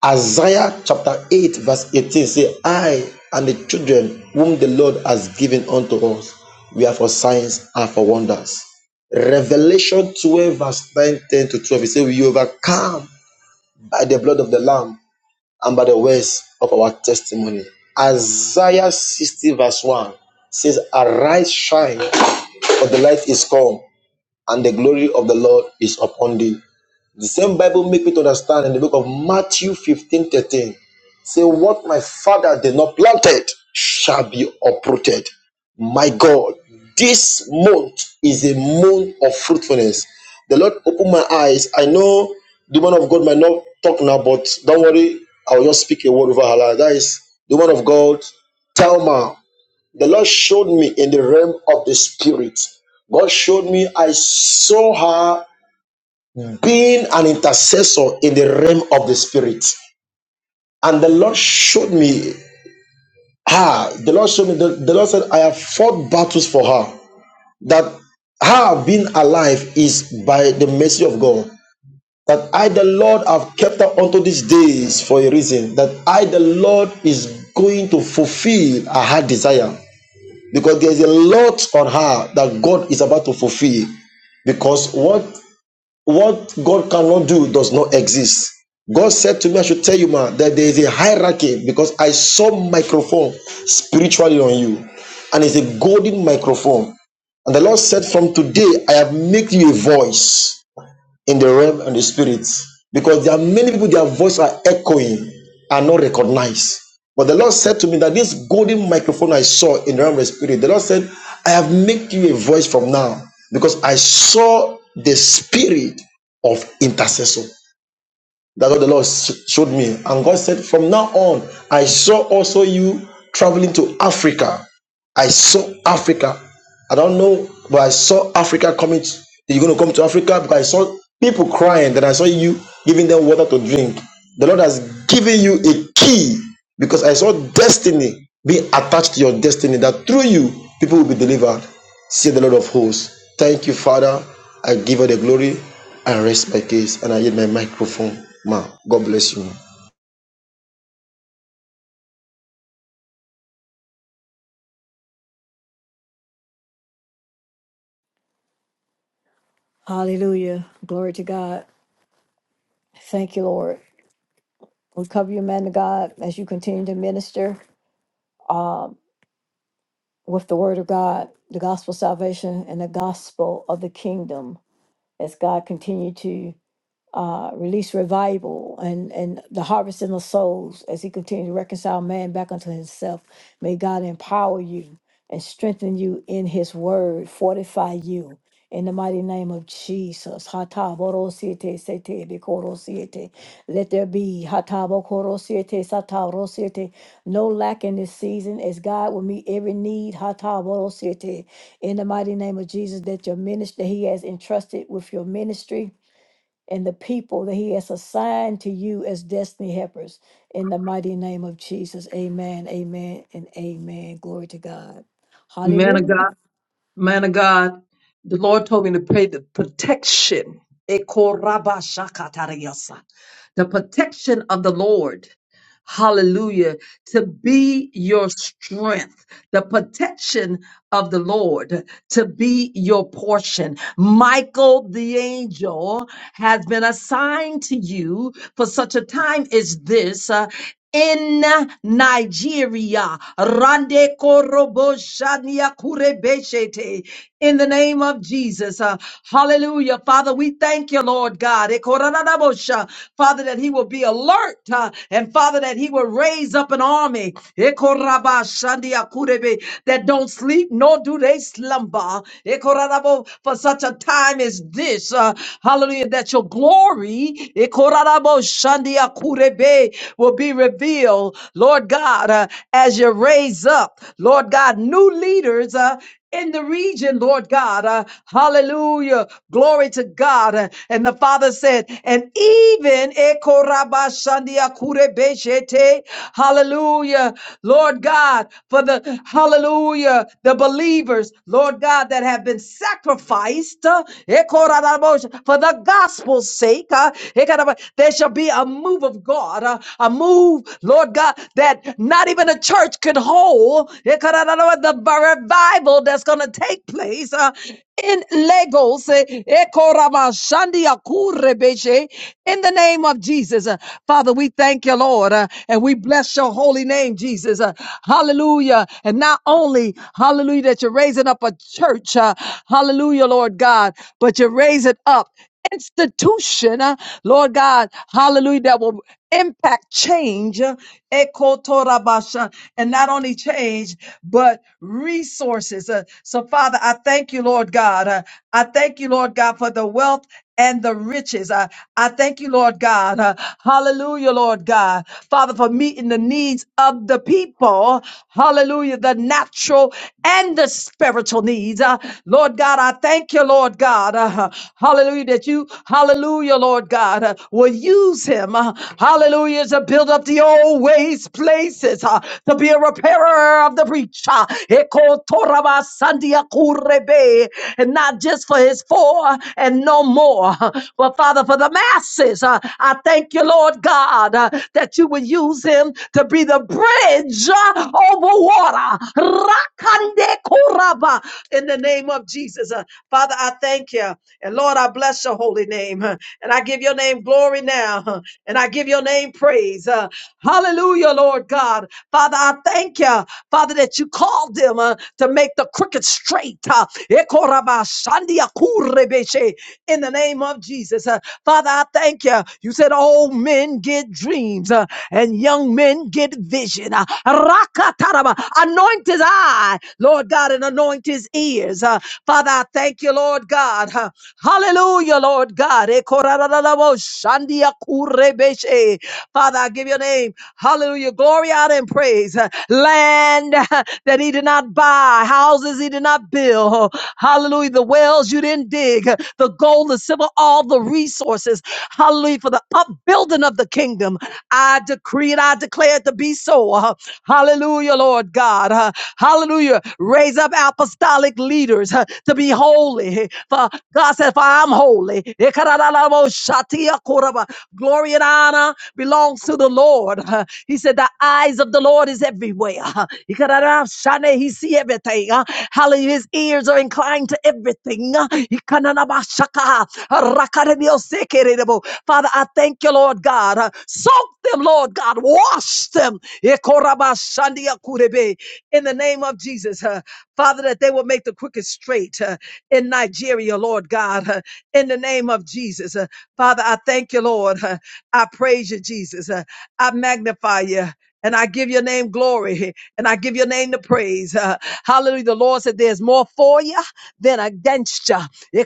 Speaker 10: Isaiah chapter 8, verse 18 say, I and the children whom the Lord has given unto us, we are for signs and for wonders. Revelation 12, verse 9 10 to 12, it says, We overcome by the blood of the Lamb and by the words of our testimony. Isaiah 60, verse 1 says, Arise, shine, for the light is come, and the glory of the Lord is upon thee. The same Bible make me to understand in the book of Matthew 15 13. Say, what my father did not planted shall be uprooted. My God, this month is a month of fruitfulness. The Lord opened my eyes. I know the man of God might not talk now, but don't worry, I'll just speak a word over her life. That is the man of God, Talma. The Lord showed me in the realm of the spirit. God showed me I saw her being an intercessor in the realm of the spirit. And the Lord showed me her. The Lord showed me, the, the Lord said, I have fought battles for her. That her being alive is by the mercy of God. That I, the Lord, have kept her unto these days for a reason. That I, the Lord, is going to fulfill her heart desire. Because there's a lot on her that God is about to fulfill because what What God cannot do does not exist. God said to me, I should tell you, man, that there is a hierarchy because I saw microphone spiritually on you, and it's a golden microphone. And the Lord said, From today, I have made you a voice in the realm and the spirit because there are many people their voice are echoing and not recognized but the lord said to me that this golden microphone i saw in the realm of the spirit the lord said i have made you a voice from now because i saw the spirit of intercessor that's what the lord s- showed me and god said from now on i saw also you traveling to africa I saw Africa. I don't know, but I saw Africa coming. To, you're going to come to Africa because I saw people crying. Then I saw you giving them water to drink. The Lord has given you a key because I saw destiny being attached to your destiny that through you, people will be delivered. Say the Lord of hosts. Thank you, Father. I give you the glory. I rest my case and I yield my microphone. Ma, God bless you.
Speaker 1: Hallelujah. Glory to God. Thank you, Lord. We cover you, man of God, as you continue to minister. with the word of God, the gospel of salvation, and the gospel of the kingdom as God continued to uh, release revival and, and the harvesting of souls as he continues to reconcile man back unto himself. May God empower you and strengthen you in his word, fortify you. In the mighty name of Jesus, Hata boro siete sete bikoro siete. let there be Hata bokoro siete sata ro siete. no lack in this season as God will meet every need. Hata boro siete. In the mighty name of Jesus, that your ministry that He has entrusted with your ministry and the people that He has assigned to you as destiny helpers. In the mighty name of Jesus, amen, amen, and amen. Glory to God.
Speaker 9: Man of
Speaker 1: Hallelujah.
Speaker 9: God. Man of God, the Lord told me to pray the protection. Ekorabashakatariyasa. The protection of the Lord. Hallelujah. To be your strength. The protection of the Lord to be your portion. Michael the angel has been assigned to you for such a time as this. uh, in Nigeria. Rande koroboshania kurebeshete. In the name of Jesus. Uh, hallelujah. Father, we thank you, Lord God. Ekoranabosha. Father, that he will be alert uh, and Father, that he will raise up an army Ekorabashandia kurebe, that don't sleep nor do they slumber. Ekorarabo, For such a time as this. Uh, hallelujah. That your glory Ekoraraboshandia kurebe, will be revealed reveal, Lord God, uh, as you raise up, Lord God, new leaders uh, in the region, Lord God. Uh, hallelujah. Glory to God. Uh, and the Father said, and even, Ekorabashandiakurebeshete. hallelujah, Lord God, for the, hallelujah, the believers, Lord God, that have been sacrificed uh, Ekorabasha- for the gospel's sake, uh, Ekoraba- there shall be a move of God, uh, a move Lord God, that not even a church could hold the revival that's going to take place uh, in Lagos. eh, eh, Koramashandi Akurebeshe, In the name of Jesus. Uh, Father, we thank you, Lord, uh, and we bless your holy name, Jesus. Uh, Hallelujah. And not only, hallelujah, that you're raising up a church, uh, hallelujah, Lord God, but you're raising up institution, uh, Lord God, hallelujah, that will impact change uh, ekotorabasha, and not only change but resources Uh, so father i thank you lord god Uh, i thank you lord god for the wealth and the riches. I, I thank you, Lord God. Uh, hallelujah, Lord God. Father, for meeting the needs of the people. Hallelujah, the natural and the spiritual needs. Uh, Lord God, I thank you, Lord God. Uh, hallelujah, that you you, hallelujah, Lord God, uh, will use him, uh, hallelujah, to build up the old ways places, uh, to be a repairer of the breach, uh, Eko and not just for his four uh, and no more, uh, but Father, for the masses, uh, I thank you, Lord God, uh, that you will use him to be the bridge uh, over water. Rakande kuraba, in the name name of Jesus. Uh, Father, I thank you. And Lord, I bless your holy name. Uh, And I give your name glory now. Uh, And I give your name praise. Uh, Hallelujah, Lord God. Father, I thank you, Father, that you called them uh, to make the crooked straight. Uh, Ekorabashandiakurebeshe, In the name of Jesus. Uh, Father, I thank you. You said old men get dreams uh, and young men get vision. Uh, Anoint his eye, Lord God, and anoint his ears. Uh, Father, I thank you, Lord God. Uh, Hallelujah, Lord God. Eh, korarararabo, shandia kurebeshe. Father, I give your name. Hallelujah. Glory out and praise. Uh, Land uh, that he did not buy, houses he did not build. Oh, Hallelujah. The wells you didn't dig, uh, the gold, the silver, all the resources. Hallelujah. For the upbuilding of the kingdom. I decree and I declare it to be so. Uh, Hallelujah, Lord God. Uh, Hallelujah. Raise up apostolic leaders uh, to be holy. For God said, For I'm holy. Glory and honor belongs to the Lord. Uh, He said, The eyes of the Lord is everywhere. Uh, He see everything. Uh, Hallelujah. His ears are inclined to everything. Uh, Father, I thank you, Lord God. Uh, Soak them, Lord God. Wash them. In the name of Jesus, uh, Father, that they will make the quickest straight uh, in Nigeria, Lord God. uh, In the name of Jesus, Uh, Father, I thank you, Lord. Uh, I praise you, Jesus. Uh, I magnify you. And I give your name glory and I give your name the praise. Uh, hallelujah. The Lord said there's more for you than against you. In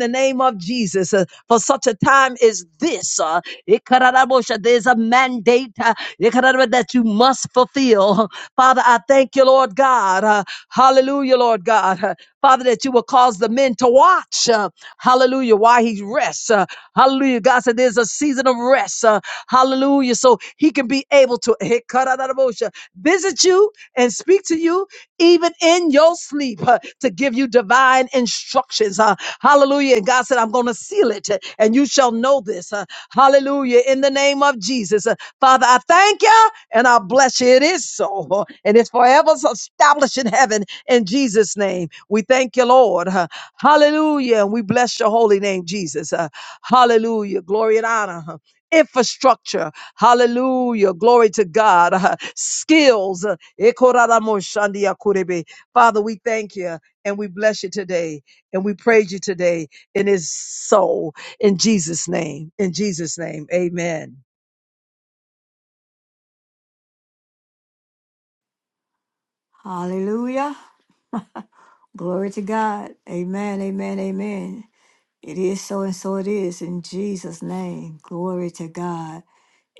Speaker 9: the name of Jesus, uh, for such a time as this, uh, there's a mandate uh, that you must fulfill. Father, I thank you, Lord God. Uh, hallelujah, Lord God. Uh, Father, that you will cause the men to watch. uh, hallelujah. Why he rests. Uh, hallelujah. God said there's a season of rest. Uh, son. Hallelujah. So he can be able to visit you and speak to you even in your sleep uh, to give you divine instructions. uh, hallelujah. And God said, I'm going to seal it uh, and you shall know this. uh, hallelujah. In the name of Jesus. Uh, Father, I thank you and I bless you. It is so. And it's forever established in heaven in Jesus' name. We thank you, Lord. uh, hallelujah. And we bless your holy name, Jesus. uh, hallelujah. Glory and honor. huh, infrastructure. Hallelujah. Glory to God. Uh, Skills. Ekoraramosandiakurebe. Father, we thank you and we bless you today and we praise you today in his soul. In Jesus' name. In Jesus' name. Amen.
Speaker 1: Hallelujah. Glory to God. Amen, amen, amen. It is so and so it is in Jesus' name. Glory to God.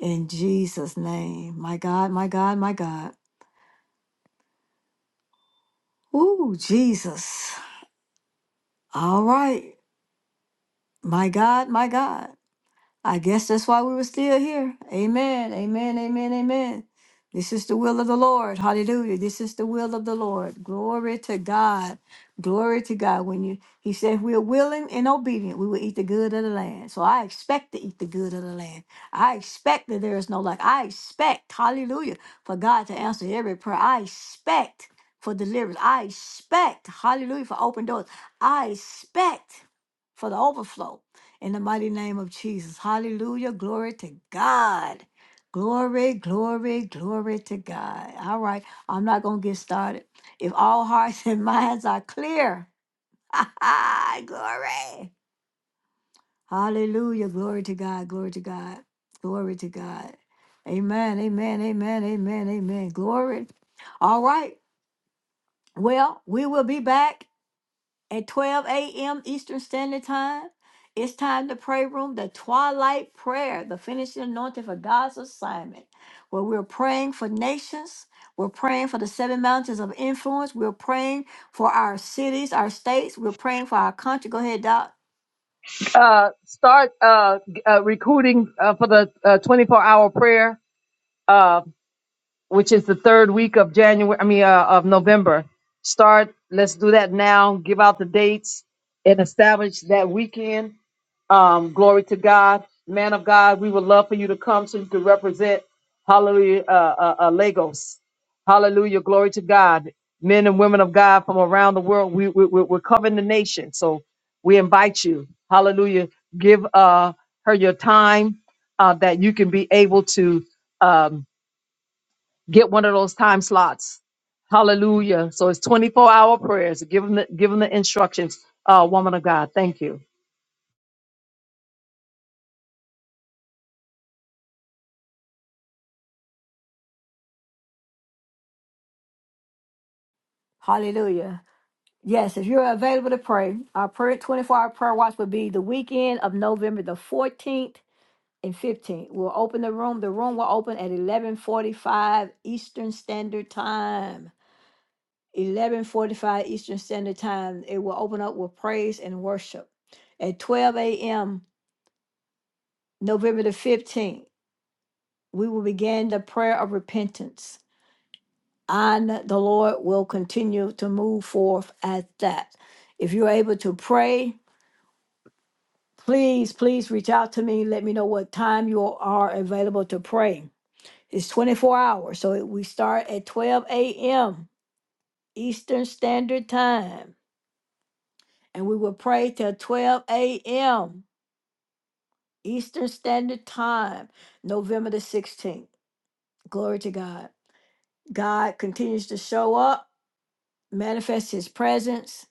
Speaker 1: In Jesus' name. My God, my God, my God. Ooh, Jesus. All right. My God, my God. I guess that's why we were still here. Amen. Amen. Amen. Amen. This is the will of the Lord. Hallelujah. This is the will of the Lord. Glory to God. Glory to God. When you he said if we are willing and obedient, we will eat the good of the land. So I expect to eat the good of the land. I expect that there is no lack. I expect, hallelujah, for God to answer every prayer. I expect for deliverance. I expect, hallelujah, for open doors. I expect for the overflow in the mighty name of Jesus. Hallelujah. Glory to God. Glory, glory, glory to God. All right. I'm not going to get started. If all hearts and minds are clear, glory. Hallelujah. Glory to God. Glory to God. Glory to God. Amen. Amen. Amen. Amen. Amen. Glory. All right. Well, we will be back. at 12 a.m. Eastern Standard Time. It's time to pray room, the twilight prayer, the finishing anointing for God's assignment, where we're praying for nations. We're praying for the seven mountains of influence. We're praying for our cities, our states. We're praying for our country. Go ahead, Doc.
Speaker 9: Uh, start uh, g- uh, recruiting uh, for the uh, 24 hour prayer. which is the third week of January, I mean, uh, of November. Start, let's do that now. Give out the dates and establish that weekend. Um, glory to God. Man of God, we would love for you to come so you can represent, hallelujah, uh, uh, uh, Lagos. Hallelujah, glory to God. Men and women of God from around the world, we, we, we- we're covering the nation. So we invite you, hallelujah, give uh, her your time uh, that you can be able to. Um, Get one of those time slots. Hallelujah. So it's 24 hour prayers. Give them the, give them the instructions. Uh, woman of God, thank you.
Speaker 1: Hallelujah. Yes, if you're available to pray, our prayer 24 hour prayer watch will be the weekend of November the 14th and 15. We'll open the room. The room will open at 11:45 Eastern Standard Time. 11:45 Eastern Standard Time. It will open up with praise and worship. At 12 a.m. November the 15th, we will begin the prayer of repentance. And the Lord will continue to move forth at that. If you're able to pray, please, please reach out to me. Let me know what time you are available to pray It's 24 hours. So it- we start at 12 a.m. Eastern Standard Time. And we will pray till 12 a.m. Eastern Standard Time, November the 16th. Glory to God. God continues to show up, manifest his presence.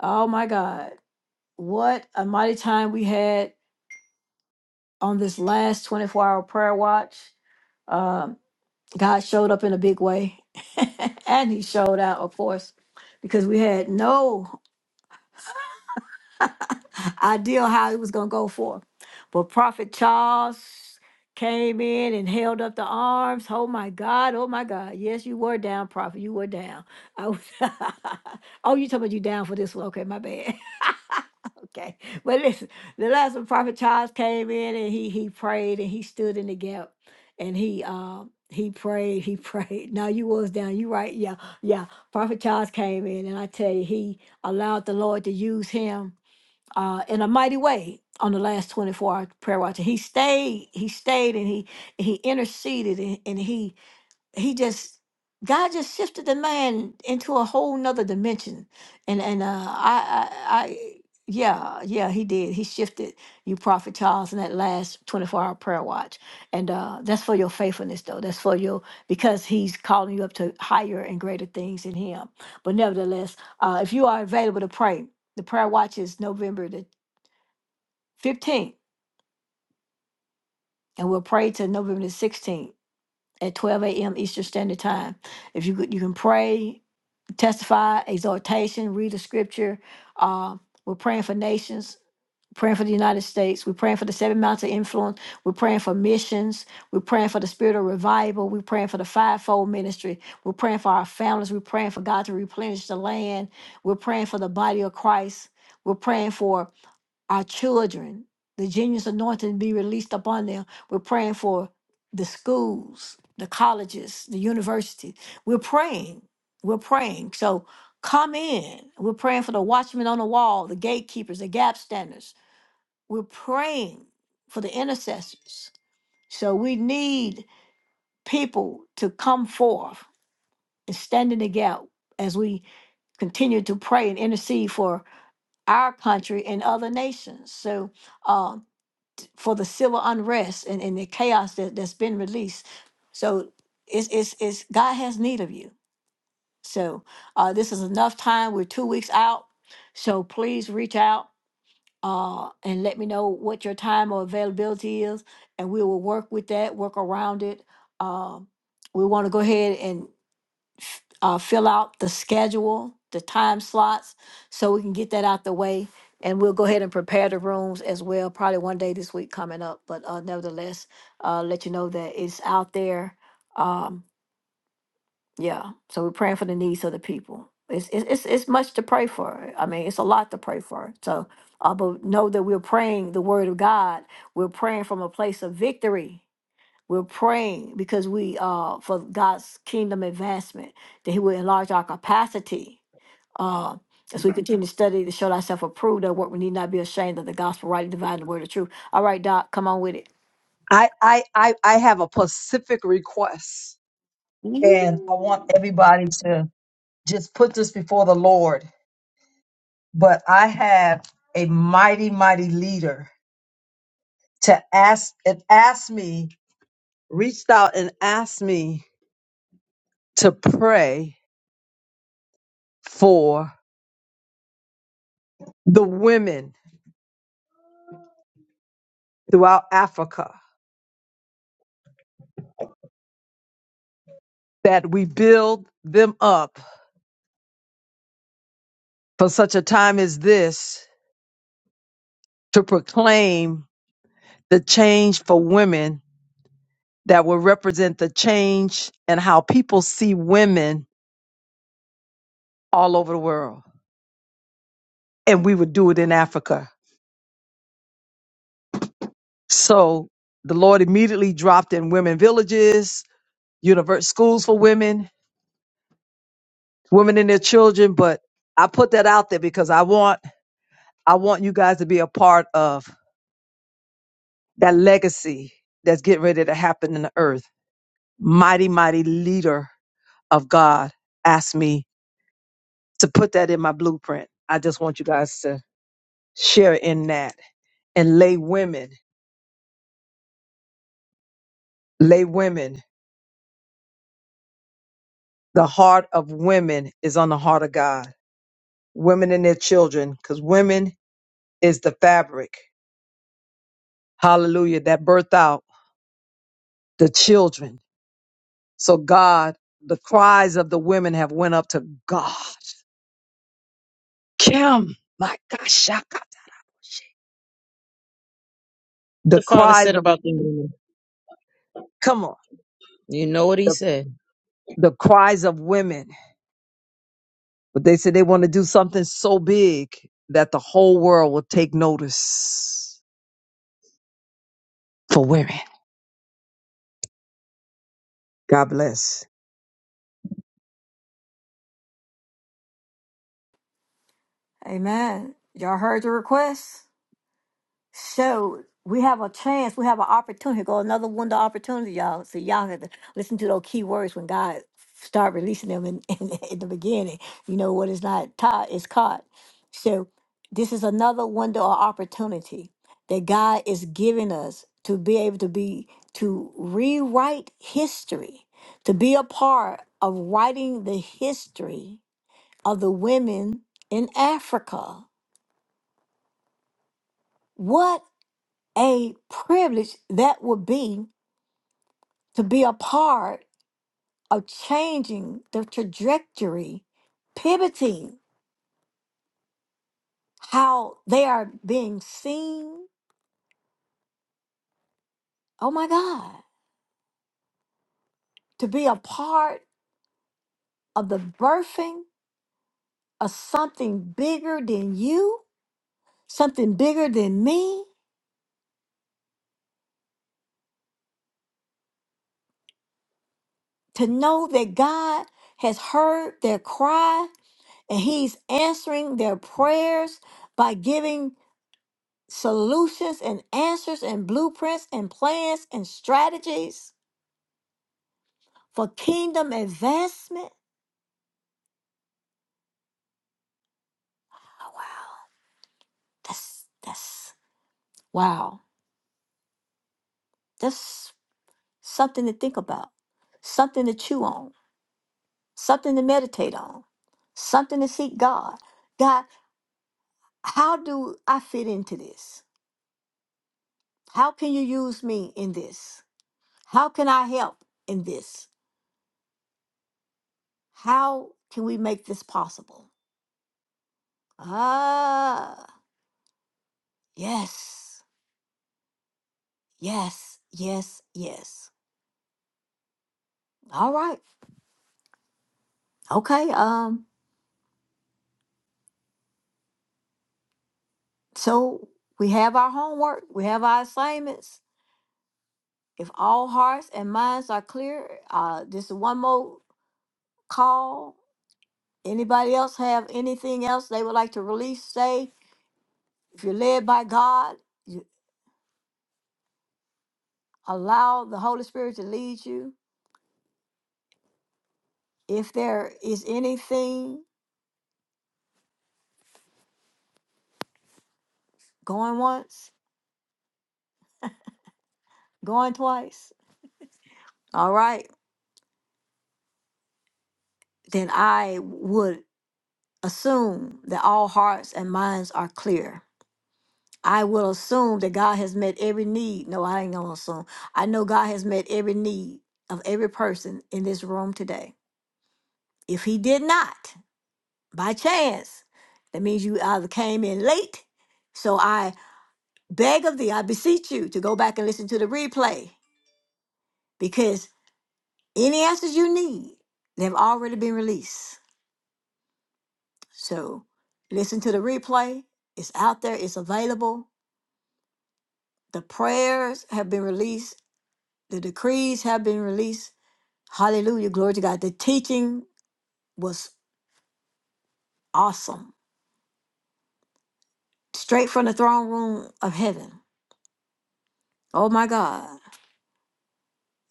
Speaker 1: Oh my God. What a mighty time we had on this last 24 hour prayer watch. Um, God showed up in a big way. and he showed out, of course because we had no idea how it was going to go for, But Prophet Charles came in and held up the arms. Oh my God. Oh my God. Yes, you were down, Prophet. You were down. I was oh, you talking about you down for this one. Okay, my bad. okay. But listen, the last one, Prophet Charles came in and he he prayed and he stood in the gap and he um he prayed, he prayed. Now you was down, you right, yeah, yeah. Prophet Charles came in, and I tell you, he allowed the Lord to use him uh, in a mighty way on the last 24 hour prayer watch. And he stayed, he stayed and he he interceded and, and he he just God just shifted the man into a whole nother dimension. And and uh I I, I yeah, yeah, he did. He shifted you, Prophet Charles, in that last 24 hour prayer watch. And uh, that's for your faithfulness, though. That's for your, because he's calling you up to higher and greater things in him. But nevertheless, uh, if you are available to pray, the prayer watch is November the 15th, and we'll pray till November the 16th at 12 a.m. Eastern Standard Time. If you could, you can pray, testify, exhortation, read the scripture. Uh, we're praying for nations. Praying for the United States. We're praying for the seven mountains of influence. We're praying for missions. We're praying for the spirit of revival. We're praying for the fivefold ministry. We're praying for our families. We're praying for God to replenish the land. We're praying for the body of Christ. We're praying for our children, the genius anointing be released upon them. We're praying for the schools, the colleges, the universities. We're praying. We're praying. So come in. We're praying for the watchmen on the wall, the gatekeepers, the gap standers. We're praying for the intercessors. So we need people to come forth and stand in the gap as we continue to pray and intercede for our country and other nations. So um, for the civil unrest and, and the chaos that, that's been released. So it's, it's, it's God has need of you. So uh, this is enough time. We're two weeks out. So please reach out uh, and let me know what your time or availability is, and we will work with that, work around it. Um, we want to go ahead and f- uh, fill out the schedule, the time slots, so we can get that out the way. And we'll go ahead and prepare the rooms as well, probably one day this week coming up. But uh, nevertheless, uh, let you know that it's out there. Um, yeah, so we're praying for the needs of the people. It's, it's it's it's much to pray for. I mean, it's a lot to pray for. So, uh, but know that we're praying the word of God. We're praying from a place of victory we're praying because we uh for God's kingdom advancement, that He will enlarge our capacity. Uh as we continue to study to show thyself approved that work we need not be ashamed of the gospel, rightly dividing the word of truth. All right, Doc, come on with it.
Speaker 9: I, I, I, I have a specific request, and I want everybody to just put this before the Lord. But I have a mighty, mighty leader to ask and asked me, reached out and asked me to pray for the women throughout Africa that we build them up for such a time as this to proclaim the change for women that will represent the change and how people see women all over the world. And we would do it in Africa. So the Lord immediately dropped in women villages, universe schools for women, women and their children. But I put that out there because I want I want you guys to be a part of that legacy that's getting ready to happen in the earth. Mighty, mighty leader of God asked me to put that in my blueprint. I just want you guys to share in that and lay women, lay women. The heart of women is on the heart of God. Women and their children, because women is the fabric. Hallelujah. That birth out the children. So God, the cries of the women have went up to God. Kim, my gosh, shaka. the
Speaker 3: The Father
Speaker 9: cries
Speaker 3: said
Speaker 9: of
Speaker 3: about the woman.
Speaker 9: come on,
Speaker 3: You know what he
Speaker 9: the,
Speaker 3: said.
Speaker 9: the cries of women. But they said they want to do something so big that the whole world will take notice for women. God bless.
Speaker 1: Amen. Y'all heard the request? So we have a chance, we have an opportunity, go another window of opportunity, y'all. So y'all have to listen to those key words when God start releasing them in, in, in the beginning. You know what is not taught is caught. So this is another window or opportunity that God is giving us to be able to be to rewrite history, to be a part of writing the history of the women in Africa. What? a privilege that would be to be a part of changing the trajectory, pivoting how they are being seen. Oh my God, to be a part of the birthing of something bigger than you, something bigger than me, to know that God has heard their cry and He's answering their prayers by giving. solutions and answers and blueprints and plans and strategies for kingdom advancement. That's that's wow. That's something to think about, something to chew on, something to meditate on, something to seek God. God, how do I fit into this? How can you use me in this? How can I help in this? How can we make this possible? Ah, yes, yes, yes, yes. All right. Okay. Um, so we have our homework, we have our assignments. If all hearts and minds are clear, uh, this is one more call. Anybody else have anything else they would like to release? Say, if you're led by God, you allow the Holy Spirit to lead you. If there is anything going once, going twice, all right, then I would assume that all hearts and minds are clear. I will assume that God has met every need. No, I ain't gonna assume. I know God has met every need of every person in this room today. If He did not, by chance, that means you either came in late. So I beg of thee, I beseech you to go back and listen to the replay because any answers you need, they've already been released. So listen to the replay. It's out there, it's available. The prayers have been released, the decrees have been released Hallelujah. Glory to God. The teaching was awesome. Straight from the throne room of heaven. Oh my God.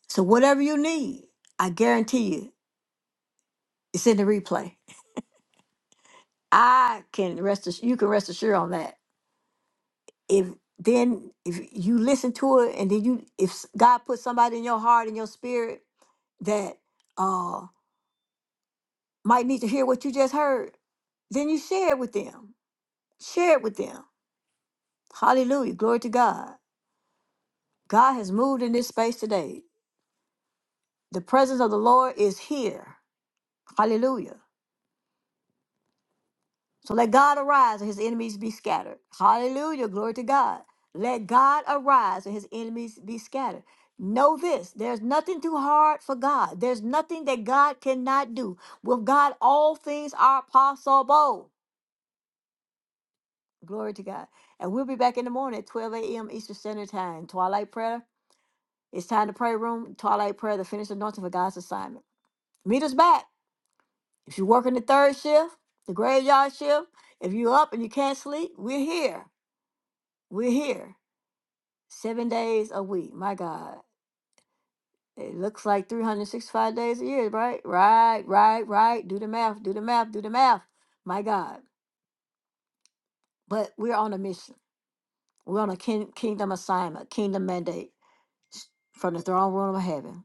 Speaker 1: So whatever you need, I guarantee you, it's in the replay. I can rest ass- you can rest assured on that. If then if you listen to it and then you if God put somebody in your heart and your spirit that uh might need to hear what you just heard, then you share it with them. Share it with them. Hallelujah. Glory to God. God has moved in this space today. The presence of the Lord is here. Hallelujah. So let God arise and his enemies be scattered. Hallelujah. Glory to God. Let God arise and his enemies be scattered. Know this there's nothing too hard for God, there's nothing that God cannot do. With God, all things are possible. Glory to God. And we'll be back in the morning at 12 a.m. Eastern Standard Time. Twilight prayer. It's time to pray room. Twilight prayer, the finished anointing for God's assignment. Meet us back. If you're working the third shift, the graveyard shift, if you're up and you can't sleep, we're here. We're here. Seven days a week. My God. It looks like 365 days a year, right? Right, right, right. Do the math, do the math, do the math. My God. But we're on a mission. We're on a kin- kingdom assignment, kingdom mandate s- from the throne room of heaven.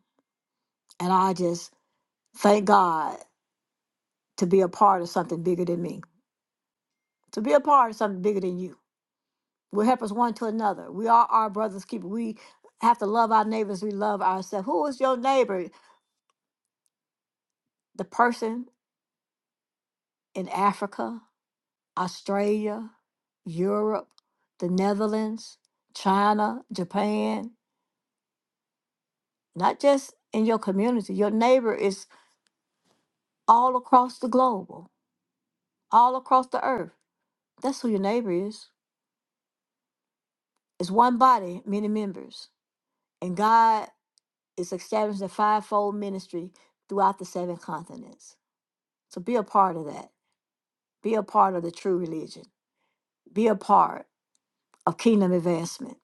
Speaker 1: And I just thank God to be a part of something bigger than me, to be a part of something bigger than you we help us one to another. We are our brother's keeper. We have to love our neighbors. We love ourselves. Who is your neighbor? The person in Africa, Australia, Europe, the Netherlands, China, Japan, not just in your community. Your neighbor is all across the globe, all across the earth. That's who your neighbor is. It's one body, many members. And God is establishing a fivefold ministry throughout the seven continents. So be a part of that Be a part of the true religion. Be a part of kingdom advancement.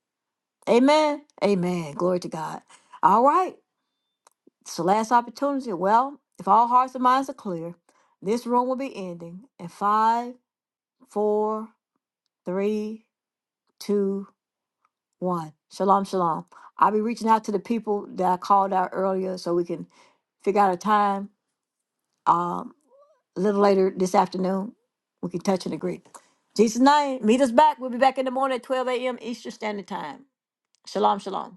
Speaker 1: Amen. Amen. Glory to God. All right. It's the last opportunity. Well, if all hearts and minds are clear, this room will be ending in five, four, three, two, one. Shalom, shalom. I'll be reaching out to the people that I called out earlier so we can figure out a time um, a little later this afternoon. We can touch and agree. Jesus' name, meet us back. We'll be back in the morning at 12 a.m. Eastern Standard Time. Shalom, shalom.